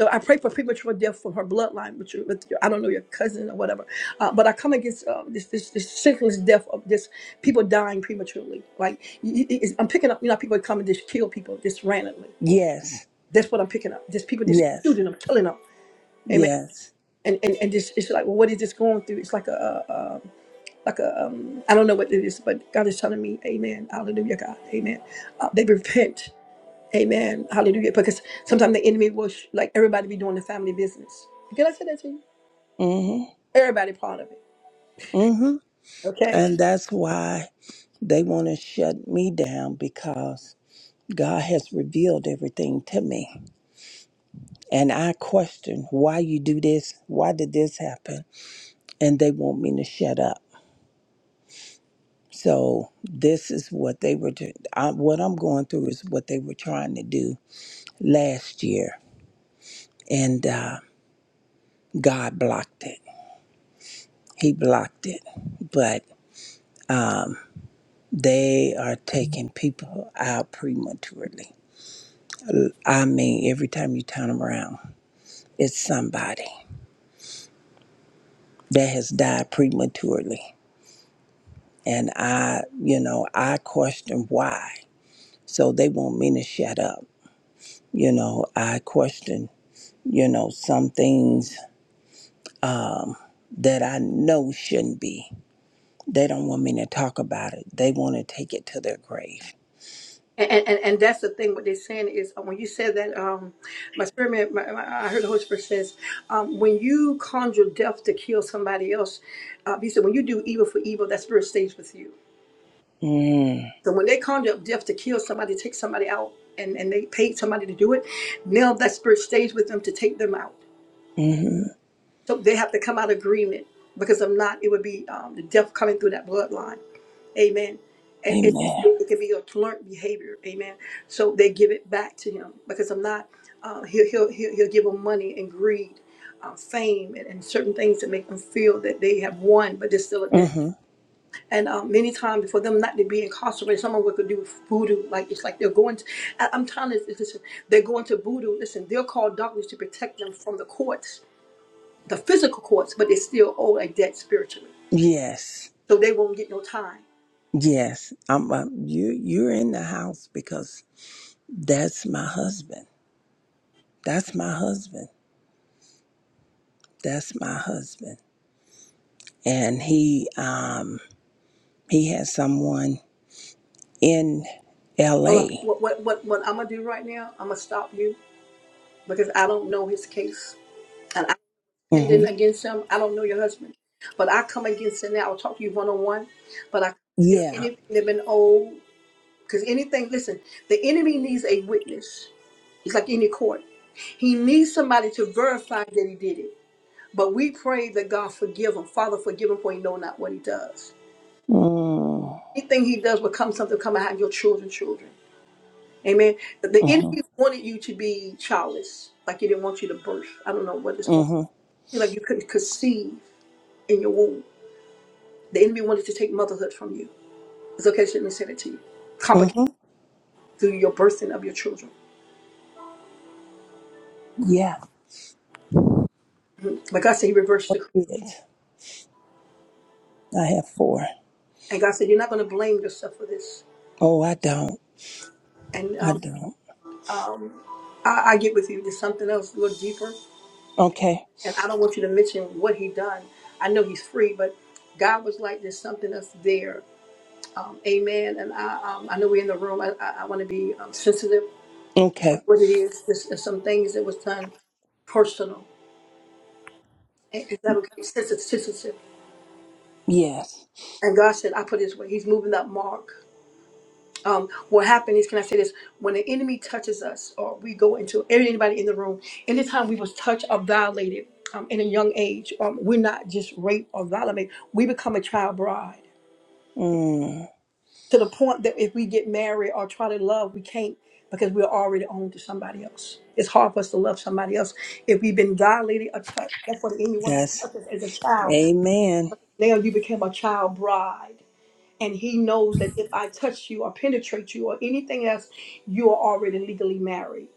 Speaker 1: So I pray for premature death for her bloodline, which you- with your, I don't know your cousin or whatever, uh, but I come against uh, this, this this senseless death of this people dying prematurely. Like you, you- it's- I'm picking up, you know, people come and just kill people just randomly.
Speaker 4: Yes.
Speaker 1: That's what I'm picking up. Just people just
Speaker 4: Yes.
Speaker 1: shooting them, killing them. Amen.
Speaker 4: Yes.
Speaker 1: And and and just it's like, well, what is this going through? It's like a, a like a um, I don't know what it is, but God is telling me, Amen. Hallelujah, God. Amen. Uh, they repent. Amen. Hallelujah. Because sometimes the enemy will sh- like everybody be doing the family business. Can I say that to you?
Speaker 4: Mm-hmm.
Speaker 1: Everybody part of it.
Speaker 4: Mm-hmm.
Speaker 1: Okay.
Speaker 4: And that's why they want to shut me down because God has revealed everything to me. And I question why you do this, why did this happen? And they want me to shut up. So this is what they were doing. I, what I'm going through is what they were trying to do last year, and uh, God blocked it. He blocked it, but they are taking people out prematurely. I mean, every time you turn around, it's somebody that has died prematurely, and I, you know, I question why. So they want me to shut up. You know, I question, you know, some things that I know shouldn't be. They don't want me to talk about it. They want to take it to their grave.
Speaker 1: And, and and that's the thing. What they're saying is uh, when you said that, um, my spirit, man, my, my, I heard the Holy Spirit says, um, when you conjure death to kill somebody else, uh, he said, when you do evil for evil, that spirit stays with you.
Speaker 4: Mm.
Speaker 1: So when they conjure up death to kill somebody, take somebody out, and and they paid somebody to do it, now that spirit stays with them to take them out.
Speaker 4: Mm-hmm.
Speaker 1: So they have to come out of agreement because if not, it would be um, the death coming through that bloodline. Amen. And it,
Speaker 4: Amen.
Speaker 1: it can be a tolerant behavior. Amen. So they give it back to him because I'm not, um, he'll, he'll, he'll, he'll give them money and greed, uh, fame, and, and certain things to make them feel that they have won, but they're still a debt.
Speaker 4: Mm-hmm.
Speaker 1: And um, many times for them not to be incarcerated, someone would could do voodoo. Like it's like they're going to, I- I'm telling you, listen, they're going to voodoo. Listen, they'll call doctors to protect them from the courts the physical courts, but they still owe a debt spiritually.
Speaker 4: Yes.
Speaker 1: So they won't get no time.
Speaker 4: Yes. I'm uh, you you're in the house because that's my husband. That's my husband. That's my husband. And he um he has someone in
Speaker 1: Hold
Speaker 4: LA.
Speaker 1: up. What, what, what, what I'm going to do right now, I'm going to stop you because I don't know his case. And I'm
Speaker 4: Mm-hmm.
Speaker 1: pending against him. I don't know your husband. But I come against it now. I'll talk to you one on one. But I, it's
Speaker 4: Yeah.
Speaker 1: anything that been owed. Because anything, listen, the enemy needs a witness. It's like any court. He needs somebody to verify that he did it. But we pray that God forgive him. Father, forgive him for he know not what he does.
Speaker 4: Mm,
Speaker 1: anything he does will come something come out of your children, children. Amen. The the enemy
Speaker 4: mm-hmm,
Speaker 1: wanted you to be childless, like he didn't want you to birth. I don't know what it's called.
Speaker 4: mm-hmm,
Speaker 1: Feel like you couldn't conceive in your womb. The enemy wanted to take motherhood from you. It's okay, shouldn't have said it to you. Complicate
Speaker 4: mm-hmm.
Speaker 1: through your birthing of your children.
Speaker 4: Yeah,
Speaker 1: But God said He reversed the, curse.
Speaker 4: good. I have four.
Speaker 1: and God said you're not going to blame yourself for this.
Speaker 4: Oh, I don't.
Speaker 1: And
Speaker 4: I
Speaker 1: um,
Speaker 4: don't.
Speaker 1: um, I, I get with you. There's something else a little deeper,
Speaker 4: Okay,
Speaker 1: and I don't want you to mention what He done. I know He's free, but God was like, there's something else there Um, amen. And I, um, I know we're in the room. I, I, I want to be um, sensitive
Speaker 4: okay.
Speaker 1: of what it is. There's, there's some things that was done personal. I- Is that okay? Sensitive, sensitive.
Speaker 4: Yes.
Speaker 1: And God said, I put it this way. He's moving that mark. Um, what happened is, can I say this? When the enemy touches us, or we go into anybody in the room, anytime we was touched or violated um, in a young age, um, we're not just raped or violated. We become a child bride.
Speaker 4: Mm,
Speaker 1: to the point that if we get married or try to love, we can't because we're already on to somebody else. It's hard for us to love somebody else if we've been dilated or touched. That's what the enemy wants to
Speaker 4: that's
Speaker 1: touch us as a child.
Speaker 4: amen.
Speaker 1: Now you became a child bride. And he knows that if I touch you or penetrate you or anything else, you are already legally married.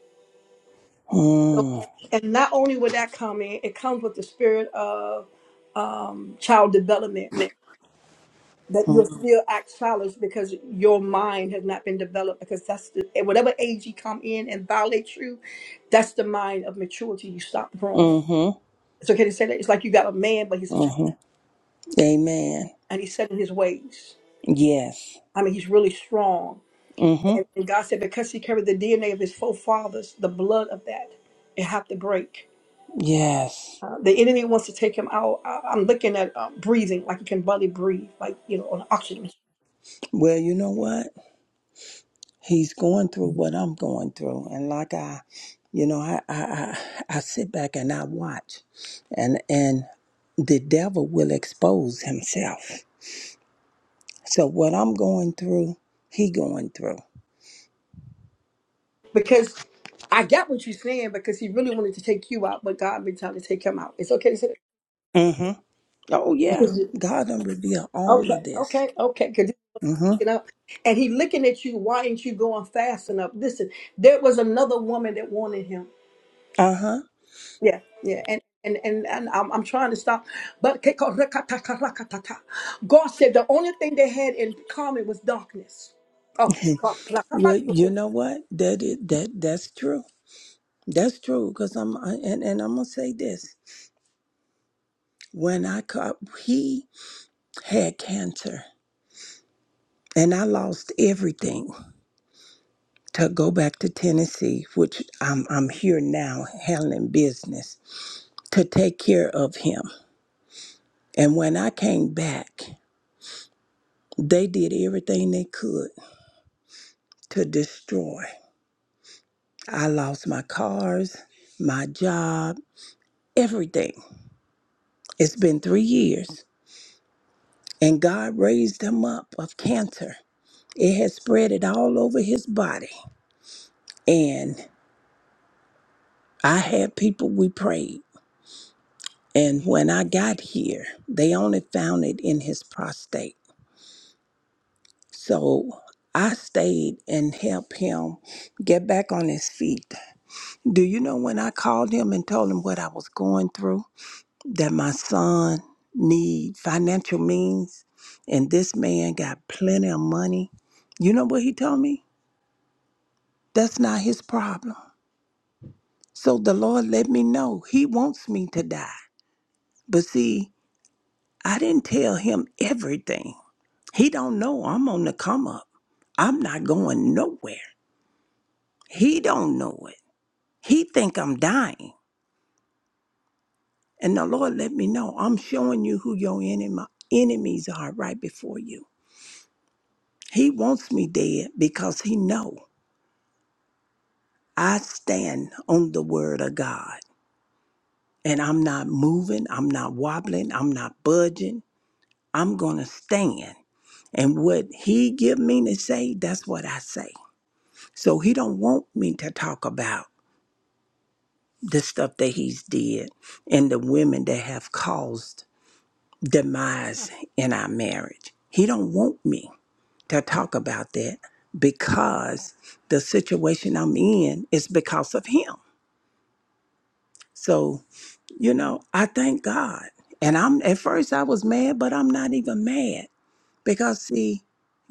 Speaker 1: So,
Speaker 4: Mm,
Speaker 1: and not only would that come in, it comes with the spirit of um, child development that you'll
Speaker 4: mm,
Speaker 1: still act childish because your mind has not been developed because that's the at whatever age you come in and violate you that's the mind of maturity you stop growing
Speaker 4: mm-hmm,
Speaker 1: it's okay to say that it's like you got a man but he's a child
Speaker 4: mm-hmm. Amen.
Speaker 1: and he's set in his ways
Speaker 4: Yes.
Speaker 1: i mean he's really strong
Speaker 4: Mm-hmm.
Speaker 1: and, and god said because he carried the dna of his forefathers the blood of that it had to break
Speaker 4: Yes.
Speaker 1: uh, the enemy wants to take him out. I, I'm looking at uh, breathing, like he can barely breathe, like you know, on oxygen.
Speaker 4: Well, you know what? he's going through what I'm going through. And like I, you know, I, I, I, I sit back and I watch and, and the devil will expose himself. So what I'm going through, he going through.
Speaker 1: because I got what you're saying because he really wanted to take you out, but God been trying to take him out. It's okay to say that?
Speaker 4: hmm Oh yeah.
Speaker 1: Because you-
Speaker 4: God done reveal all of
Speaker 1: okay,
Speaker 4: this.
Speaker 1: okay, okay, because
Speaker 4: hmm
Speaker 1: you know, and he looking at you. Why ain't you going fast enough? Listen, there was another woman that wanted him.
Speaker 4: Uh-huh.
Speaker 1: Yeah, yeah, and. And, and, and I'm, I'm trying to stop, but God said the only thing they had in common was darkness. Oh,
Speaker 4: Well, you know what? That is, that that's true. That's true. Cause I'm I- and, and I'm gonna say this. When I caught he had cancer and I lost everything. to go back to Tennessee, which I'm, I'm here now handling business, to take care of him. And when I came back, they did everything they could to destroy. I lost my cars, my job, everything. It's been three years, and God raised him up of cancer. It had spread it all over his body. And I had people we prayed. And when I got here, they only found it in his prostate So I stayed and helped him get back on his feet. Do you know when I called him and told him what I was going through? That my son need financial means and this man got plenty of money. You know what he told me? That's not his problem. So the Lord let me know he wants me to die. But see, I didn't tell him everything. He don't know I'm on the come up. I'm not going nowhere. He don't know it. He think I'm dying. And the Lord let me know I'm showing you who your enemy, enemies are right before you. He wants me dead because he know I stand on the word of God. And I'm not moving, I'm not wobbling, I'm not budging. I'm going to stand. And what he give me to say, that's what I say. So he don't want me to talk about the stuff that he's did and the women that have caused demise in our marriage. He don't want me to talk about that because the situation I'm in is because of him. So, you know, I thank God. And I'm at first I was mad, but I'm not even mad because see,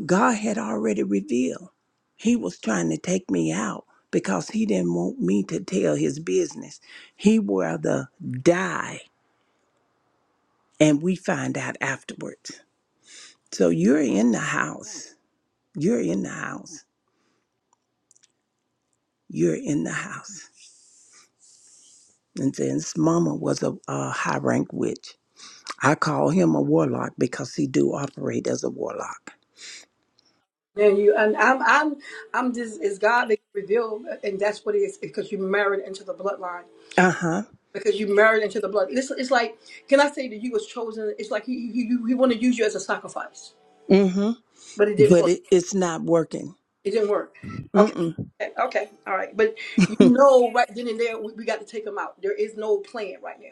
Speaker 4: God had already revealed. He was trying to take me out because he didn't want me to tell his business. He rather die and we find out afterwards. So you're in the house You're in the house. You're in the house. And since Mama was a, a high rank witch, I call him a warlock because he do operate as a warlock.
Speaker 1: Man, you and I'm I'm I'm just is God that revealed and that's what it is because you married into the bloodline
Speaker 4: Uh huh.
Speaker 1: because you married into the blood. It's, it's like can I say that you was chosen? It's like he he he wanted to use you as a sacrifice,
Speaker 4: Mm hmm.
Speaker 1: but it didn't
Speaker 4: But
Speaker 1: work.
Speaker 4: it, it's not working.
Speaker 1: It didn't work. Okay.
Speaker 4: Mm
Speaker 1: Okay, okay, all right, but you
Speaker 4: mm.
Speaker 1: know, right then and there, we, we got to take them out. There is no plan right now.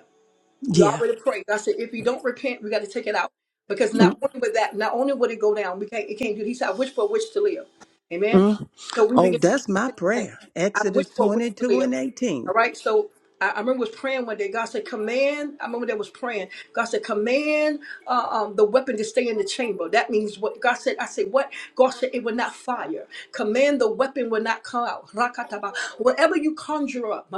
Speaker 4: *laughs*
Speaker 1: We
Speaker 4: yeah.
Speaker 1: already prayed. I said, if we don't repent, we got to take it out. Because not only with that, not only would it go down, we can't it can't do it. He said, I wish for a wish to live. Amen.
Speaker 4: Mm-mm.
Speaker 1: So we
Speaker 4: Oh,
Speaker 1: begin to
Speaker 4: that's
Speaker 1: teach
Speaker 4: my
Speaker 1: that thing.
Speaker 4: prayer.
Speaker 1: I wish
Speaker 4: Exodus
Speaker 1: for a wish to
Speaker 4: 22
Speaker 1: live.
Speaker 4: and 18.
Speaker 1: All right. So I, I remember was praying one day. God said, command. I remember that was praying. God said, command uh, um, the weapon to stay in the chamber. That means what God said. I said, what? God said, it will not fire. Command the weapon will not come out. Rakataba. Whatever you conjure up.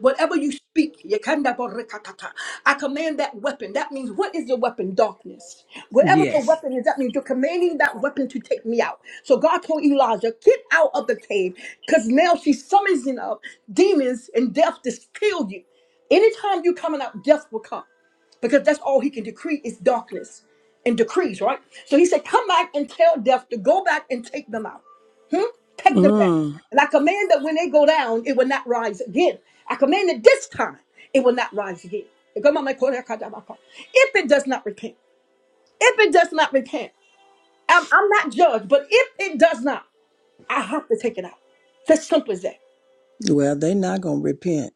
Speaker 1: Whatever you speak, yekanda borekatata, I command that weapon. That means, what is your weapon? Darkness. Wherever the
Speaker 4: Yes.
Speaker 1: weapon is, that means you're commanding that weapon to take me out. So God told Elijah, get out of the cave, because now she's summoning up demons and death to kill you. Anytime you're coming out, death will come because that's all he can decree is darkness and decrees, right? So he said, Come back and tell death to go back and take them out. Hmm? Take them down.
Speaker 4: Mm.
Speaker 1: And I command that when they go down, it will not rise again. I command that this time it will not rise again. If it does not repent, if it does not repent, I'm, I'm not judged, but if it does not, I have to take it out. It's as simple as that.
Speaker 4: Well, they're not going to repent.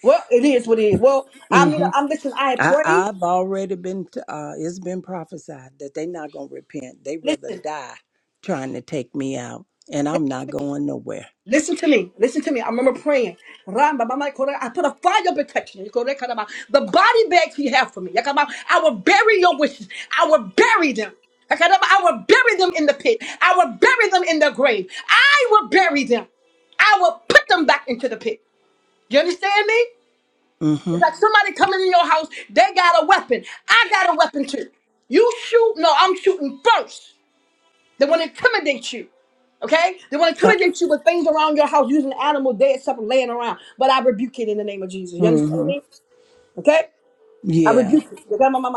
Speaker 1: Well, it is what it is. Well, I mean, I'm listen. I had
Speaker 4: I,
Speaker 1: prayed.
Speaker 4: I've already been, t- uh, it's been prophesied that they not going to repent. They rather
Speaker 1: Listen.
Speaker 4: die trying to take me out, and I'm not going nowhere.
Speaker 1: Listen to me. Listen to me. I remember praying. Ramba, mama, kore- I put a fire protection. You kore- kadaba. The body bags you have for me. yakaba, I will bury your wishes. I will bury them. Yakadaba, I will bury them in the pit. I will bury them in the grave. I will bury them. I will put them back into the pit. You understand me? It's
Speaker 4: Mm-hmm.
Speaker 1: like somebody coming in your house. They got a weapon. I got a weapon too. You shoot. No, I'm shooting first. They want to intimidate you. Okay? They want to
Speaker 4: Uh,
Speaker 1: intimidate you with things around your house using animal dead stuff laying around. But I rebuke it in the name of Jesus. You understand
Speaker 4: mm-hmm.
Speaker 1: me? Okay? I
Speaker 4: Yeah.
Speaker 1: rebuke it. I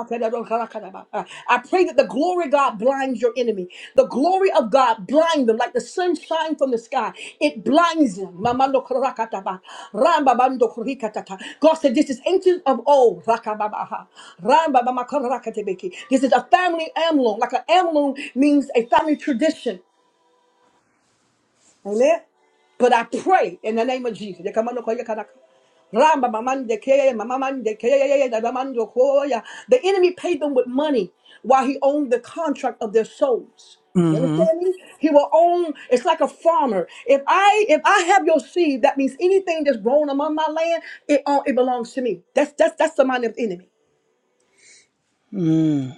Speaker 1: pray that the glory of God blinds your enemy. The glory of God blind them like the sun shine from the sky. It blinds them. Mamando korakataba. Rambabando korikatata. God said, This is ancient of old. Rakababaha. Rambabama korakatebeki. This is a family heirloom. Like an heirloom means a family tradition. Amen. But I pray in the name of Jesus. Yakamano koya kanaka. Ramba mamande ke, mamamande ke, dadamando koya. The enemy paid them with money while he owned the contract of their souls. You
Speaker 4: Mm-hmm.
Speaker 1: understand me? He will own. It's like a farmer. If I if I have your seed, that means anything that's grown among my land, it uh, it belongs to me. That's that's that's the mind of the enemy.
Speaker 4: Mm.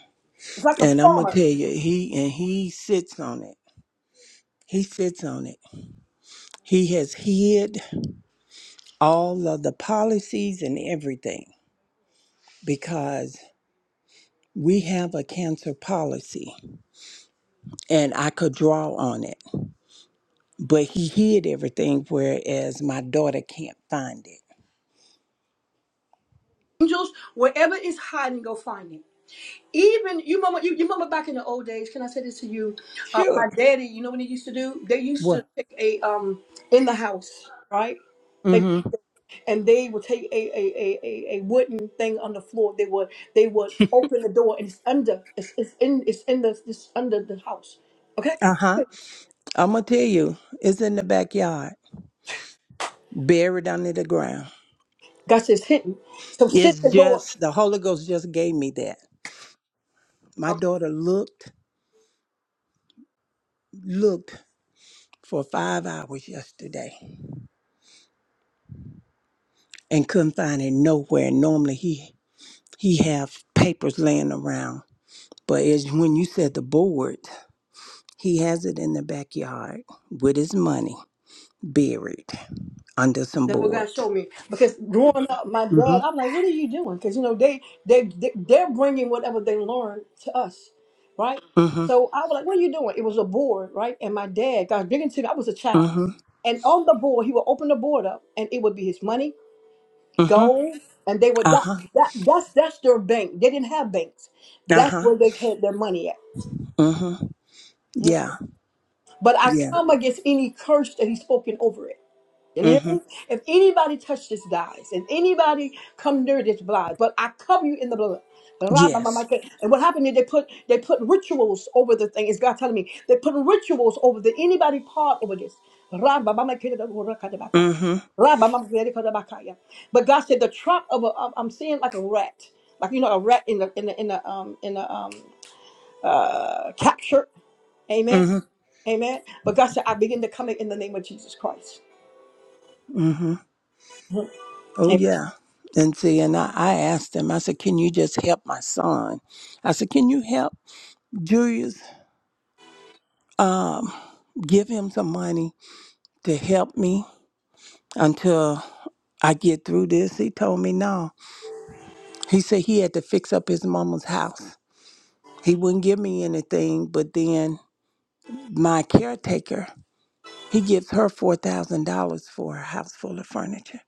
Speaker 1: It's like a
Speaker 4: And I'm going to
Speaker 1: farmer.
Speaker 4: tell you, he, and he sits on it. He sits on it. He has hid all of the policies and everything because we have a cancer policy and I could draw on it. but he hid everything, whereas my daughter can't find it.
Speaker 1: Angels, wherever it's hiding, go find it. even you mama, you, you mama, back in the old days can i say this to you uh, my
Speaker 4: Sure.
Speaker 1: daddy you know what he used to do they used to
Speaker 4: What?
Speaker 1: take a um in the house right they,
Speaker 4: hmm
Speaker 1: and they would take a, a, a, a, a wooden thing on the floor they would they would open the door and it's under it's, it's in it's in the it's under the house okay
Speaker 4: Uh huh. I'm gonna tell you, it's in the backyard, buried under the ground.
Speaker 1: god says hidden so sit the
Speaker 4: It's
Speaker 1: lord
Speaker 4: just the Holy Ghost just gave me that. My daughter looked, looked for five hours yesterday and couldn't find it nowhere. Normally he he have papers laying around, but it's when you said the board, he has it in the backyard with his money buried under some
Speaker 1: That's what God
Speaker 4: boards.
Speaker 1: showed me. Because growing up, my
Speaker 4: Mm-hmm.
Speaker 1: dad, I'm like, what are you doing? Because you know they they they- they're bringing whatever they learn to us, right?
Speaker 4: Mm-hmm.
Speaker 1: So I was like, what are you doing? It was a board, right? And my dad, God, was big into me, I was a child,
Speaker 4: Mm-hmm.
Speaker 1: and on the board, he would open the board up, and it would be his money,
Speaker 4: Mm-hmm.
Speaker 1: gold, and they would that
Speaker 4: Uh-huh.
Speaker 1: that that's that's their bank. They didn't have banks. That's
Speaker 4: Uh-huh.
Speaker 1: where they had their money at.
Speaker 4: Mm-hmm.
Speaker 1: Mhm.
Speaker 4: Yeah.
Speaker 1: But I
Speaker 4: Yeah.
Speaker 1: come against any curse that he's spoken over it. And if
Speaker 4: Mm-hmm.
Speaker 1: if anybody touch this, dies. If anybody come near this blood, but I cover you in the blood. And
Speaker 4: Yes.
Speaker 1: what happened is they put they put rituals over the thing. Is God telling me they put rituals over the anybody part over this? But
Speaker 4: Mm-hmm.
Speaker 1: God said the trap of i I'm seeing like a rat, like you know a rat in the in the in the um in the um uh capture. Amen,
Speaker 4: Mm-hmm.
Speaker 1: amen. But God said I begin to come in the name of Jesus Christ.
Speaker 4: Mm-hmm. Oh
Speaker 1: Amen.
Speaker 4: yeah. And see, and I, I asked him, I said, Can you just help my son? I said, Can you help Julius um give him some money to help me until I get through this? He told me no. He said he had to fix up his mama's house. He wouldn't give me anything, but then my caretaker, he gives her four thousand dollars for a house full of furniture,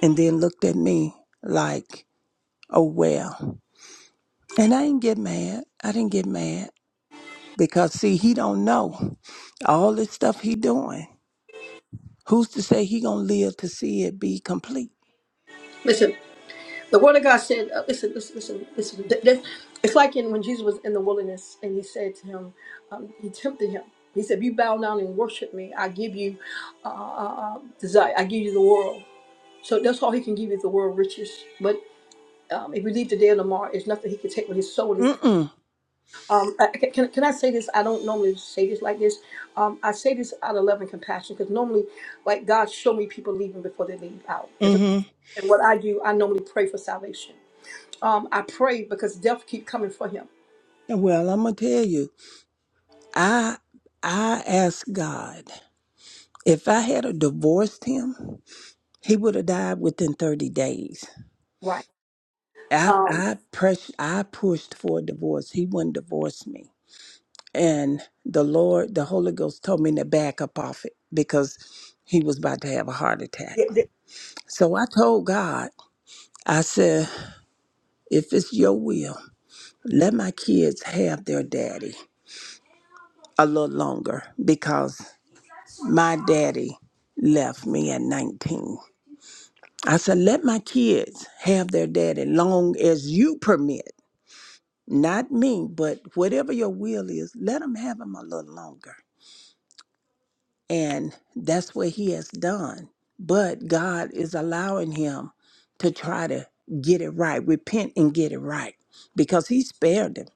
Speaker 4: and then looked at me like, "Oh well." And I didn't get mad. I didn't get mad because see, he don't know all this stuff he doing. Who's to say he gonna live to see it be complete?
Speaker 1: Listen. The word of God said, uh, listen, listen, listen, listen. th- th- It's like in, when Jesus was in the wilderness and he said to him, um, he tempted him. He said, you bow down and worship me, I give you uh, uh, uh, desire. I give you the world. So that's all he can give you, the world riches. But um, if you leave today and tomorrow, it's nothing he can take with his soul. Is
Speaker 4: Mm-mm.
Speaker 1: um, I- I- can, can I say this? I don't normally say this like this. Um, I say this out of love and compassion because normally, like God showed me people leaving before they leave out. And
Speaker 4: Mm-hmm.
Speaker 1: what I do, I normally pray for salvation. Um, I pray because death keep coming for him.
Speaker 4: Well, I'm gonna tell you, I I asked God if I had a divorced him, he would have died within thirty days
Speaker 1: Right.
Speaker 4: I
Speaker 1: Um,
Speaker 4: I press I pushed for a divorce. He wouldn't divorce me. And the Lord, the Holy Ghost told me to back up off it because he was about to have a heart attack.
Speaker 1: th- th-
Speaker 4: So I told God, I said, if it's your will, let my kids have their daddy a little longer because my daddy left me at 19. I said, let my kids have their daddy long as you permit. Not me, but whatever your will is, let him have him a little longer. And that's what he has done. But God is allowing him to try to get it right, repent and get it right, because he spared him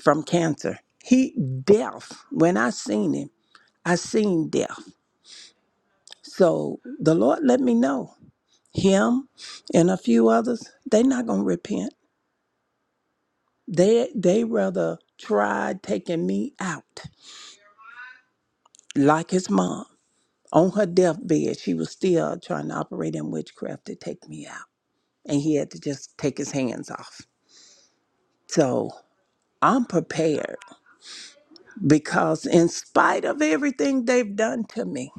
Speaker 4: from cancer. He death. When I seen him, I seen death. So the Lord let me know him and a few others. They not gonna repent. They they rather try taking me out like his mom. On her deathbed, she was still trying to operate in witchcraft to take me out. And he had to just take his hands off. So I'm prepared because, in spite of everything they've done to me,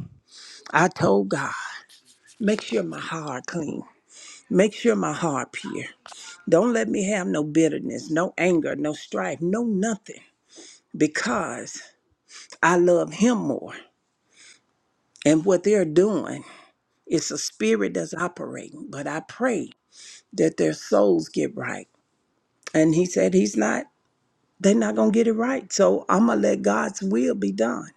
Speaker 4: I told God, make sure my heart clean, make sure my heart pure. Don't let me have no bitterness, no anger, no strife, no nothing because I love him more. And what they're doing, it's a spirit that's operating. But I pray that their souls get right And he said, He's not, they're not going to get it right. So I'm going to let God's will be done.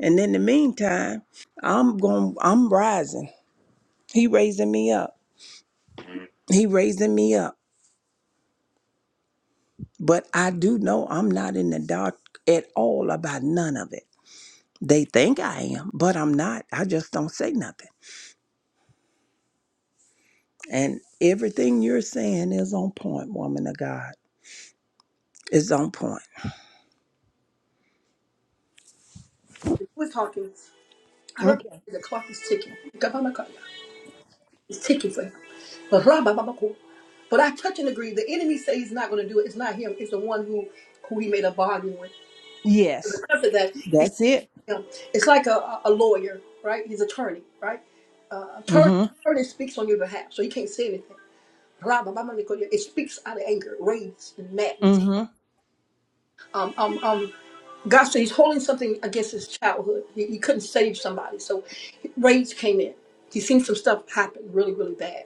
Speaker 4: And in the meantime, I'm going, I'm rising. He raising me up. He raising me up. But I do know I'm not in the dark at all about none of it. They think I am, but I'm not. I just don't say nothing. And everything you're saying is on point, woman of God. It's on point.
Speaker 1: we're talking. I heard
Speaker 4: Okay.
Speaker 1: the clock is ticking. Kabamaka. It's ticking for him. But rabababako. But I touch and agree. The enemy say he's not going to do it. It's not him. It's the one who who he made a bargain with. So
Speaker 4: Yes.
Speaker 1: because of that, it's
Speaker 4: That's it.
Speaker 1: him. It's like a, a a lawyer, right? His attorney, right? Uh, attorney,
Speaker 4: Mm-hmm.
Speaker 1: attorney speaks on your behalf, so he can't say anything. Rabababako. It speaks out of anger, rage, and madness.
Speaker 4: Mm-hmm.
Speaker 1: um, um, um, God said he's holding something against his childhood. He, he couldn't save somebody. So rage came in. He seen some stuff happen really, really bad.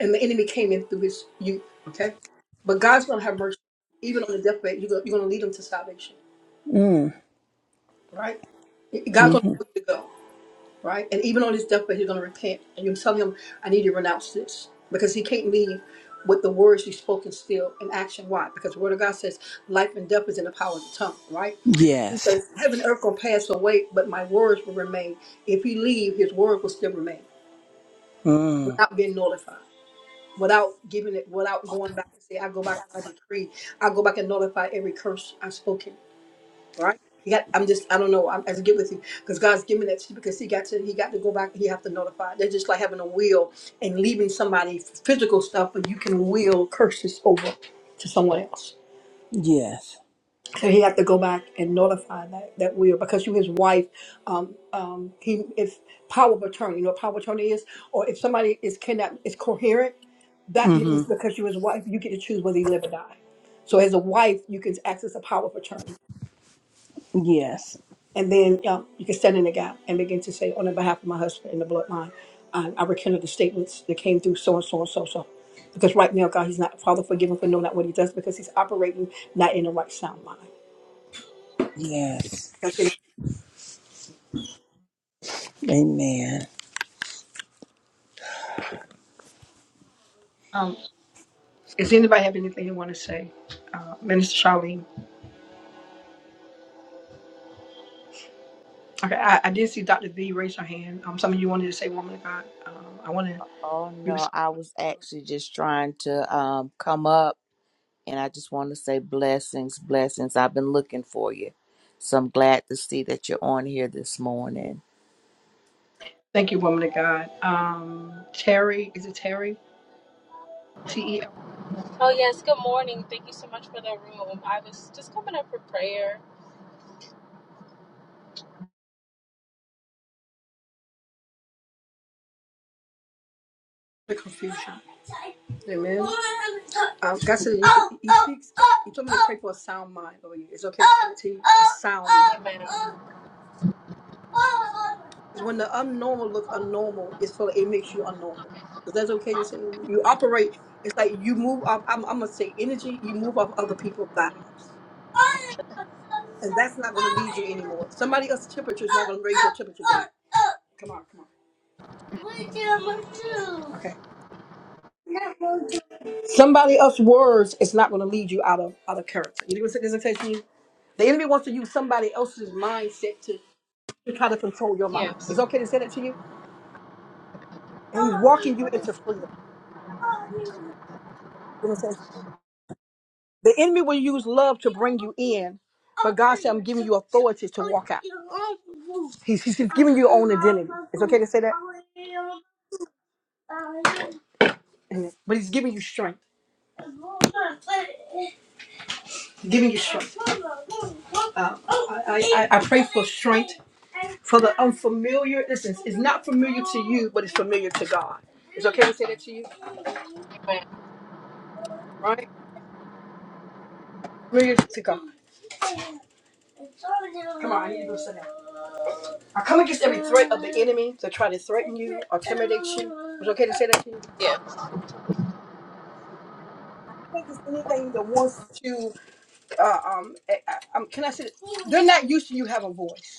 Speaker 1: And the enemy came in through his youth, okay? But God's going to have mercy. Even on the deathbed, you're going you're going to lead them to salvation,
Speaker 4: Mm.
Speaker 1: right? God's going to
Speaker 4: Mm-hmm.
Speaker 1: tell you to go right? And even on his deathbed, he's going to repent. And you tell him, I need you to renounce this because he can't leave with the words he's spoken still in action. Why? Because the word of God says, life and death is in the power of the tongue, right? He
Speaker 4: Yes.
Speaker 1: says, heaven and earth will pass away, but my words will remain. If he leave, his word will still remain
Speaker 4: Mm.
Speaker 1: without being nullified. Without giving it, without going back and say, I go back and I decree, I go back and nullify every curse I've spoken right? He got. I'm just. I don't know. I'm, as I get with you, because God's giving that to you because he got to. He got to go back. He have to notify. They're just like having a will and leaving somebody physical stuff, but you can will curses over to someone else.
Speaker 4: Yes.
Speaker 1: So he had to go back and notify that that will because you his wife. Um, um, he if power of attorney, you know what power of attorney is, or if somebody is kidnapped, is coherent. That
Speaker 4: Mm-hmm.
Speaker 1: means because you're his wife, you get to choose whether you live or die. So as a wife, you can access a power of attorney
Speaker 4: Yes.
Speaker 1: And then you, know, you can stand in the gap and begin to say, on the behalf of my husband and the bloodline, I, I recant of the statements that came through so and so and so so. Because right now, God, He's not, Father, forgive him for knowing not what He does because He's operating not in the right sound mind.
Speaker 4: Yes.
Speaker 1: Okay.
Speaker 4: Amen.
Speaker 1: Um, does anybody have anything you want to say? Uh, Minister Charlene. Okay, I, I did see Dr. V raise her hand. Um, some of you wanted to say, woman of God. Um, I want to
Speaker 5: Oh
Speaker 1: be
Speaker 5: no,
Speaker 1: respectful.
Speaker 5: I was actually just trying to um come up and I just want to say blessings, blessings. I've been looking for you. So I'm glad to see that you're on here this morning.
Speaker 1: Thank you, woman of God. Um, Terry, is it Terry? T E R R Y.
Speaker 6: Oh, yes. Good morning. Thank you so much for the room. I was just coming up for prayer.
Speaker 1: the confusion. Amen. Um, God said he, he speaks. He told me to pray for a sound mind over you. It's okay to continue a sound mind.
Speaker 6: Amen.
Speaker 1: Because when the abnormal look abnormal, it's for it makes you abnormal. Is that okay to say? You operate. It's like you move off. I'm, I'm gonna say energy. You move off other people's vibes, and that's not gonna lead you anymore. Somebody else's temperature is not gonna raise your temperature. down. Come on, come on. Okay. Somebody else's words is not going to lead you out of out of character. You know what I'm saying? Does it say to you? The enemy wants to use somebody else's mindset to, to try to control your mind. It's
Speaker 6: Yes.
Speaker 1: okay to say that to you? And he's walking you into freedom. You know what I'm saying? The enemy will use love to bring you in, but God said, I'm giving you authority to walk out. He's, he's giving you your own identity. It's okay to say that? Amen. But he's giving you strength. giving you strength. Uh, I, I, I pray for strength for the unfamiliar. Listen, it's not familiar to you, but it's familiar to God. It's okay to say that to you,
Speaker 6: Amen.
Speaker 1: right? Familiar to God. Come on, I need to go sit down. I come against every threat of the enemy to try to threaten you or intimidate you. It's okay to say that to you.
Speaker 6: Yes.
Speaker 1: Come against anything that wants to. Uh, um, I, I, um, can I say? They're not used to you having a voice.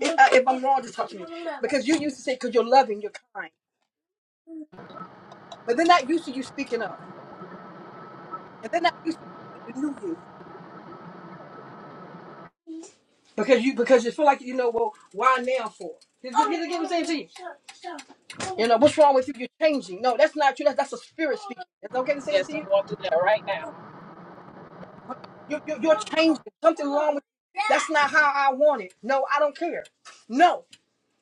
Speaker 1: If, I- if I'm wrong, just talk to me. Because you used to say, because you're loving, you're kind. But they're not used to you speaking up. And they're not used to the new you. Because you because you feel like, you know, well, why now for? Here's what, here's again what I'm saying to you. You know, what's wrong with you? You're changing. No, that's not you. That's, that's a spirit speaking. Is it okay to say that to
Speaker 6: Yes.
Speaker 1: you?
Speaker 6: I'm going through that right now.
Speaker 1: You're, you're, you're changing. Something wrong with you. That's not how I want it. No, I don't care. No,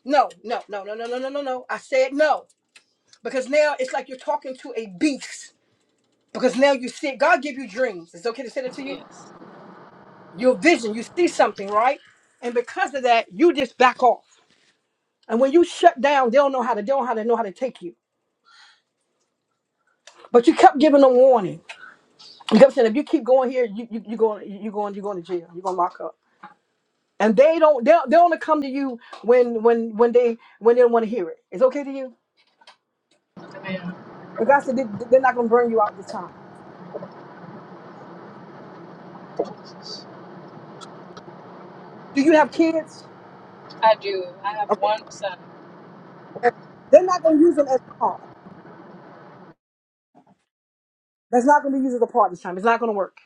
Speaker 1: no, no, no, no, no, no, no, no, no. I said no. Because now it's like you're talking to a beast. Because now you see, God give you dreams. It's okay to say that to you.
Speaker 6: Yes.
Speaker 1: Your vision, you see something, right? And because of that, you just back off. And when you shut down, they don't know how to. They don't how to know how to take you. But you kept giving them warning. You kept saying, if you keep going here, you you you going you going you going to jail. You're gonna lock up. And they don't. They they only come to you when when when they when they don't want to hear it. It's okay to you.
Speaker 6: Amen.
Speaker 1: But God said they- they're not gonna burn you out this time. Do you have kids?
Speaker 6: I do. I have
Speaker 1: Okay,
Speaker 6: one son.
Speaker 1: they're not gonna use them as a part. That's not gonna be used as a part this time. It's not gonna work.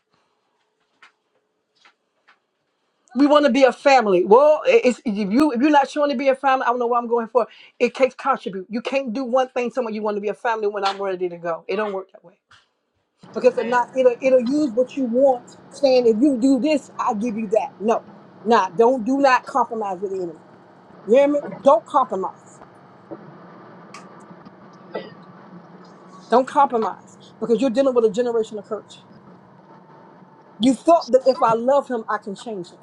Speaker 1: we want to be a family. Well, it's, if you if you're not trying to be a family, I don't know what I'm going for. It takes contribute. You can't do one thing. Someone you want to be a family when I'm ready to go. It don't work that way because i
Speaker 6: Amen.
Speaker 1: not. It'll it'll use what you want, saying if you do this, I will give you that. No, nah. Don't do not compromise with the enemy. You hear me? Don't compromise.
Speaker 6: Amen.
Speaker 1: Don't compromise because you're dealing with a generational curse. You thought that if I love him, I can change him.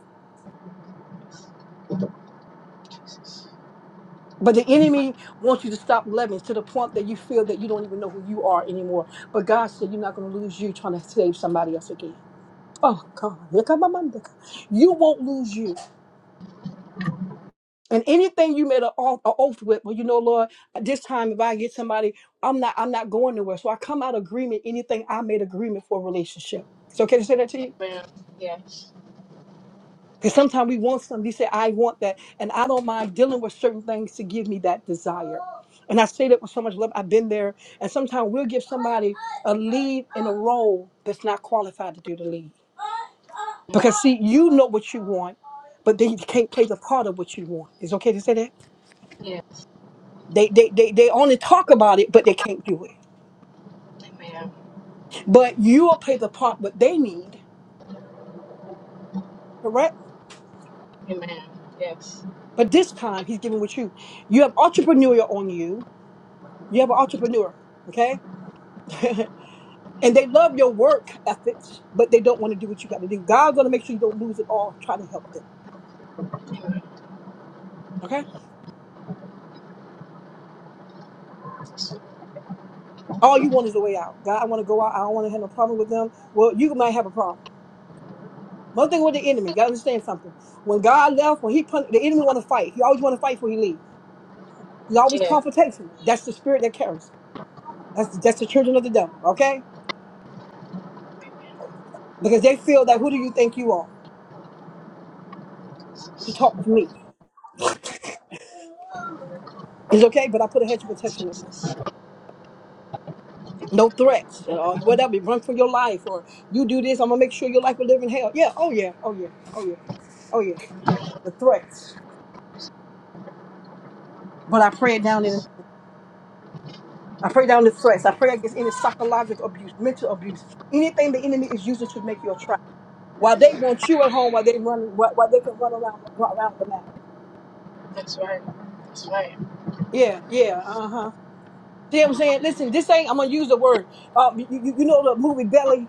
Speaker 1: But the enemy wants you to stop loving to the point that you feel that you don't even know who you are anymore. But God said you're not going to lose you trying to save somebody else again. Oh God, here come my Monday. you won't lose you. And anything you made an oath, a oath with, well, you know, Lord, this time if I get somebody, I'm not, I'm not going nowhere. So I come out of agreement. Anything I made agreement for a relationship. It's okay to say that to you.
Speaker 6: Amen. Yes.
Speaker 1: Because sometimes we want something. You say, I want that. And I don't mind dealing with certain things to give me that desire. And I say that with so much love. I've been there. And sometimes we'll give somebody a lead in a role that's not qualified to do the lead. Because see, you know what you want, but they can't play the part of what you want. It's okay to say that.
Speaker 6: Yes.
Speaker 1: They they they, they only talk about it, but they can't do it.
Speaker 6: Amen.
Speaker 1: But you will play the part what they need, correct?
Speaker 6: Amen. Yes.
Speaker 1: But this time he's giving with you. You have entrepreneurial on you. You have an entrepreneur. Okay? *laughs* and they love your work ethics, but they don't want to do what you got to do. God's going to make sure you don't lose it all. Try to help them. Okay. All you want is a way out. God, I want to go out. I don't want to have no problem with them. Well, you might have a problem. One thing with the enemy, you got to understand something. When God left, when he pun- the enemy want to fight. He always want to fight before he leaves. He's always
Speaker 6: Yeah.
Speaker 1: confrontational. That's the spirit that carries it. That's that's the children of the devil. Okay. Because they feel that who do you think you are to talk to me? It's okay, but I put a hedge of
Speaker 6: It's
Speaker 1: protection over you.
Speaker 6: Jesus.
Speaker 1: No threats or Whatever, run for your life, or you do this, I'm gonna make sure your life will live in hell. Yeah, oh yeah, oh yeah, oh yeah, oh yeah. The threats. But I pray it down in. I pray down the threats. I pray against any psychological abuse, mental abuse, anything the enemy is using to make you a trap. While they want you at home, while they run, while, while they can run around around the map.
Speaker 6: That's right. That's right.
Speaker 1: Yeah, yeah, uh huh. See what I'm saying? Listen, this ain't. I'm gonna use the word. Um, you, you you know the movie Belly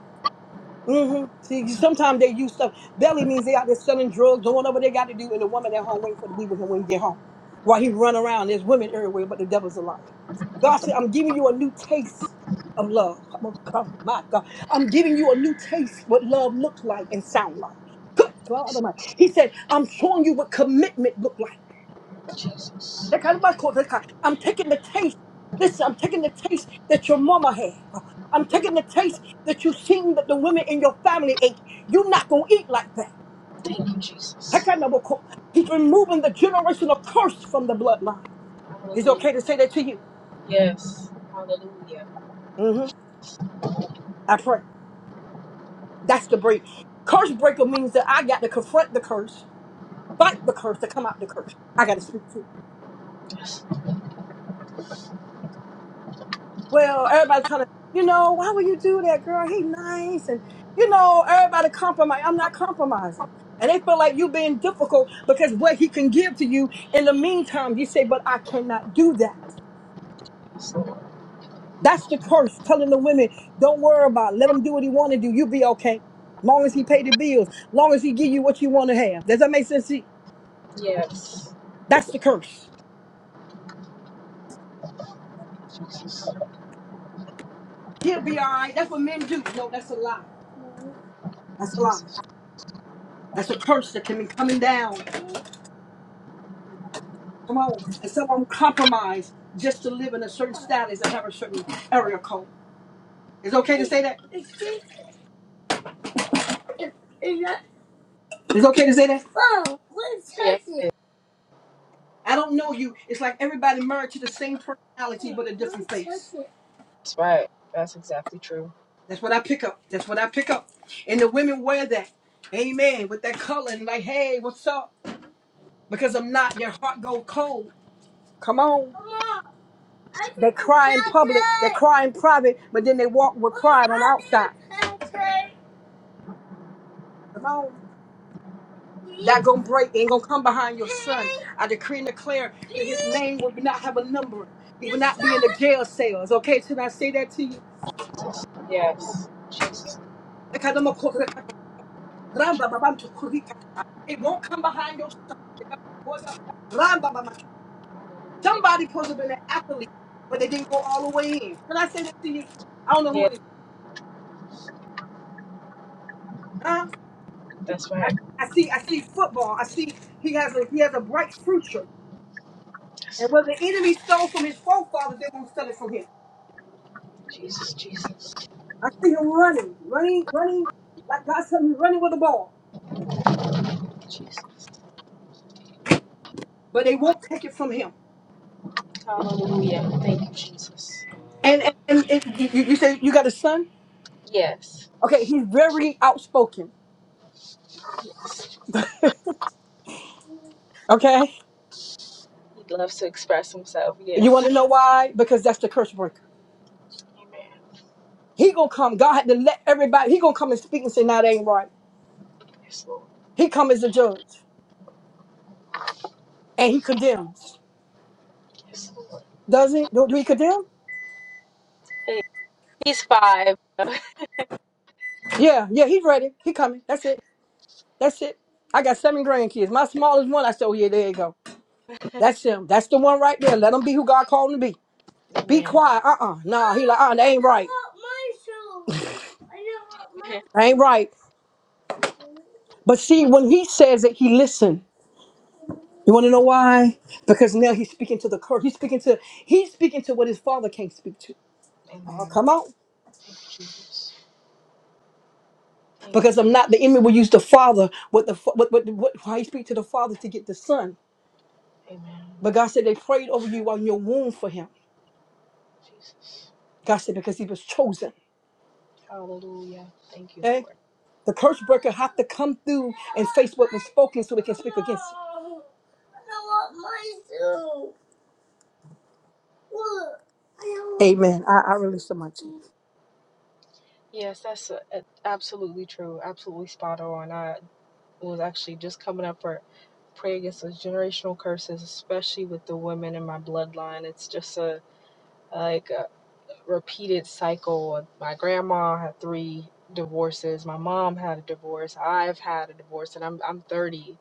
Speaker 1: Mm-hmm. See, sometimes they use stuff. Belly means they out there selling drugs, doing whatever they got to do, and the woman at home waiting for to be with him when he get home. While he run around, there's women everywhere, but the devil's a liar. God said, "I'm giving you a new taste of love." Come on, come, my God, I'm giving you a new taste what love looks like and sound like. Good God
Speaker 6: Yes.
Speaker 1: Almighty. He said, "I'm showing you what commitment looks like."
Speaker 6: Jesus.
Speaker 1: I'm taking the taste. Listen, I'm taking the taste that your mama had. I'm taking the taste that you seen that the women in your family ate. You're not gonna eat like that.
Speaker 6: Thank you, Jesus.
Speaker 1: Hekanaboko. He's removing the generational curse from the bloodline. Is it
Speaker 6: Hallelujah.
Speaker 1: okay to say that to you?
Speaker 6: Yes. Hallelujah. Thank
Speaker 1: hmm
Speaker 6: you,
Speaker 1: I pray. That's the break. Curse breaker means that I got to confront the curse, fight the curse to come out the curse. I got to speak to it. well, everybody trying to, you know, why would you do that, girl? He nice, and you know, everybody compromise. I'm not compromising, and they feel like you being difficult because what he can give to you. In the meantime, you say, but I cannot do that.
Speaker 6: Jesus. Lord.
Speaker 1: That's the curse. Telling the women, don't worry about. It. Let him do what he want to do. You be okay, long as he pay the bills, long as he give you what you want to have. Does that make sense? To you?
Speaker 6: Yes.
Speaker 1: That's the curse. He'll be all right. That's what men do. No, that's a lie. That's a lie. That's a curse that can be coming down. Come on. And some of them compromise just to live in a certain status and have a certain area code. It's okay to say that? It's okay to say that? Oh, what
Speaker 6: Yes,
Speaker 1: touch it. I don't know you. It's like everybody married to the same personality but a different face.
Speaker 6: That's right. That's exactly true.
Speaker 1: That's what I pick up. That's what I pick up. And the women wear that. Amen. With that color and like, hey, what's up? Because I'm not, their heart go cold. Come on. They cry in public, they cry in private, but then they walk with pride on the outside. Come on. That gonna break. Ain't gonna come behind your son. I decree and declare that his name will not have a number. He will not be in the jail cells. Okay, should I say that to you?
Speaker 6: Yes. Jesus.
Speaker 1: It won't come behind your son.
Speaker 6: Yeah.
Speaker 1: Somebody supposed to have been an athlete, but they didn't go all the way in. Can I say that to you? I don't know who
Speaker 6: yeah.
Speaker 1: it is. Huh?
Speaker 6: That's
Speaker 1: I,
Speaker 6: right.
Speaker 1: I see I see football. I see he has a he has a bright future. And what the enemy stole from his forefathers, they won't steal it from him.
Speaker 6: Jesus, Jesus,
Speaker 1: I see him running, running, running, like God said, he's running with the ball.
Speaker 6: Jesus.
Speaker 1: But they won't take it from him.
Speaker 6: Hallelujah. Thank you, Jesus.
Speaker 1: And and, and, and you, you you say you got a son?
Speaker 6: Yes.
Speaker 1: Okay, he's very outspoken.
Speaker 6: Yes.
Speaker 1: *laughs* okay?
Speaker 6: He loves to express himself.
Speaker 1: You
Speaker 6: Yes.
Speaker 1: wanna know why? Because that's the curse breaker.
Speaker 6: Amen.
Speaker 1: He gonna come. God had to let everybody he gonna come and speak and say, nah, that ain't right.
Speaker 6: Yes, Lord.
Speaker 1: He come as a judge and he condemns.
Speaker 6: Yes, Lord.
Speaker 1: Doesn't do do he condemn?
Speaker 6: Hey, he's five. *laughs*
Speaker 1: Yeah, yeah, he's ready. He coming. That's it. That's it. I got seven grandkids. My smallest one, I said, oh yeah, there you go. That's him. That's the one right there. Let him be who God called him to be. Be
Speaker 6: Amen.
Speaker 1: quiet. Uh-uh. Nah, he like, uh, that ain't right. *laughs* That ain't right. But see, when he says it, he listen. You want to know why? Because now he's speaking to the curse. He's speaking to he's speaking to what his father can't speak to. Oh,
Speaker 6: Amen.
Speaker 1: come on.
Speaker 6: Thank you, Jesus. Thank
Speaker 1: Because I'm not the enemy will use the father. What the fa- what what what? Why he speak to the father to get the son?
Speaker 6: you. Amen.
Speaker 1: But God said they prayed over you on your womb for him.
Speaker 6: Jesus.
Speaker 1: God said because he was chosen.
Speaker 6: Hallelujah. Thank you,
Speaker 1: Okay?
Speaker 6: Lord.
Speaker 1: The curse breaker have to come through and face what was spoken so we can speak against it. Amen. I, I release so much.
Speaker 6: Yes, that's uh, absolutely true. Absolutely spot on. I was actually just coming up for pray against those generational curses, especially with the women in my bloodline. It's just a like a repeated cycle. uh, My grandma had three divorces. My mom had a divorce. I've had a divorce, and I'm I'm 30.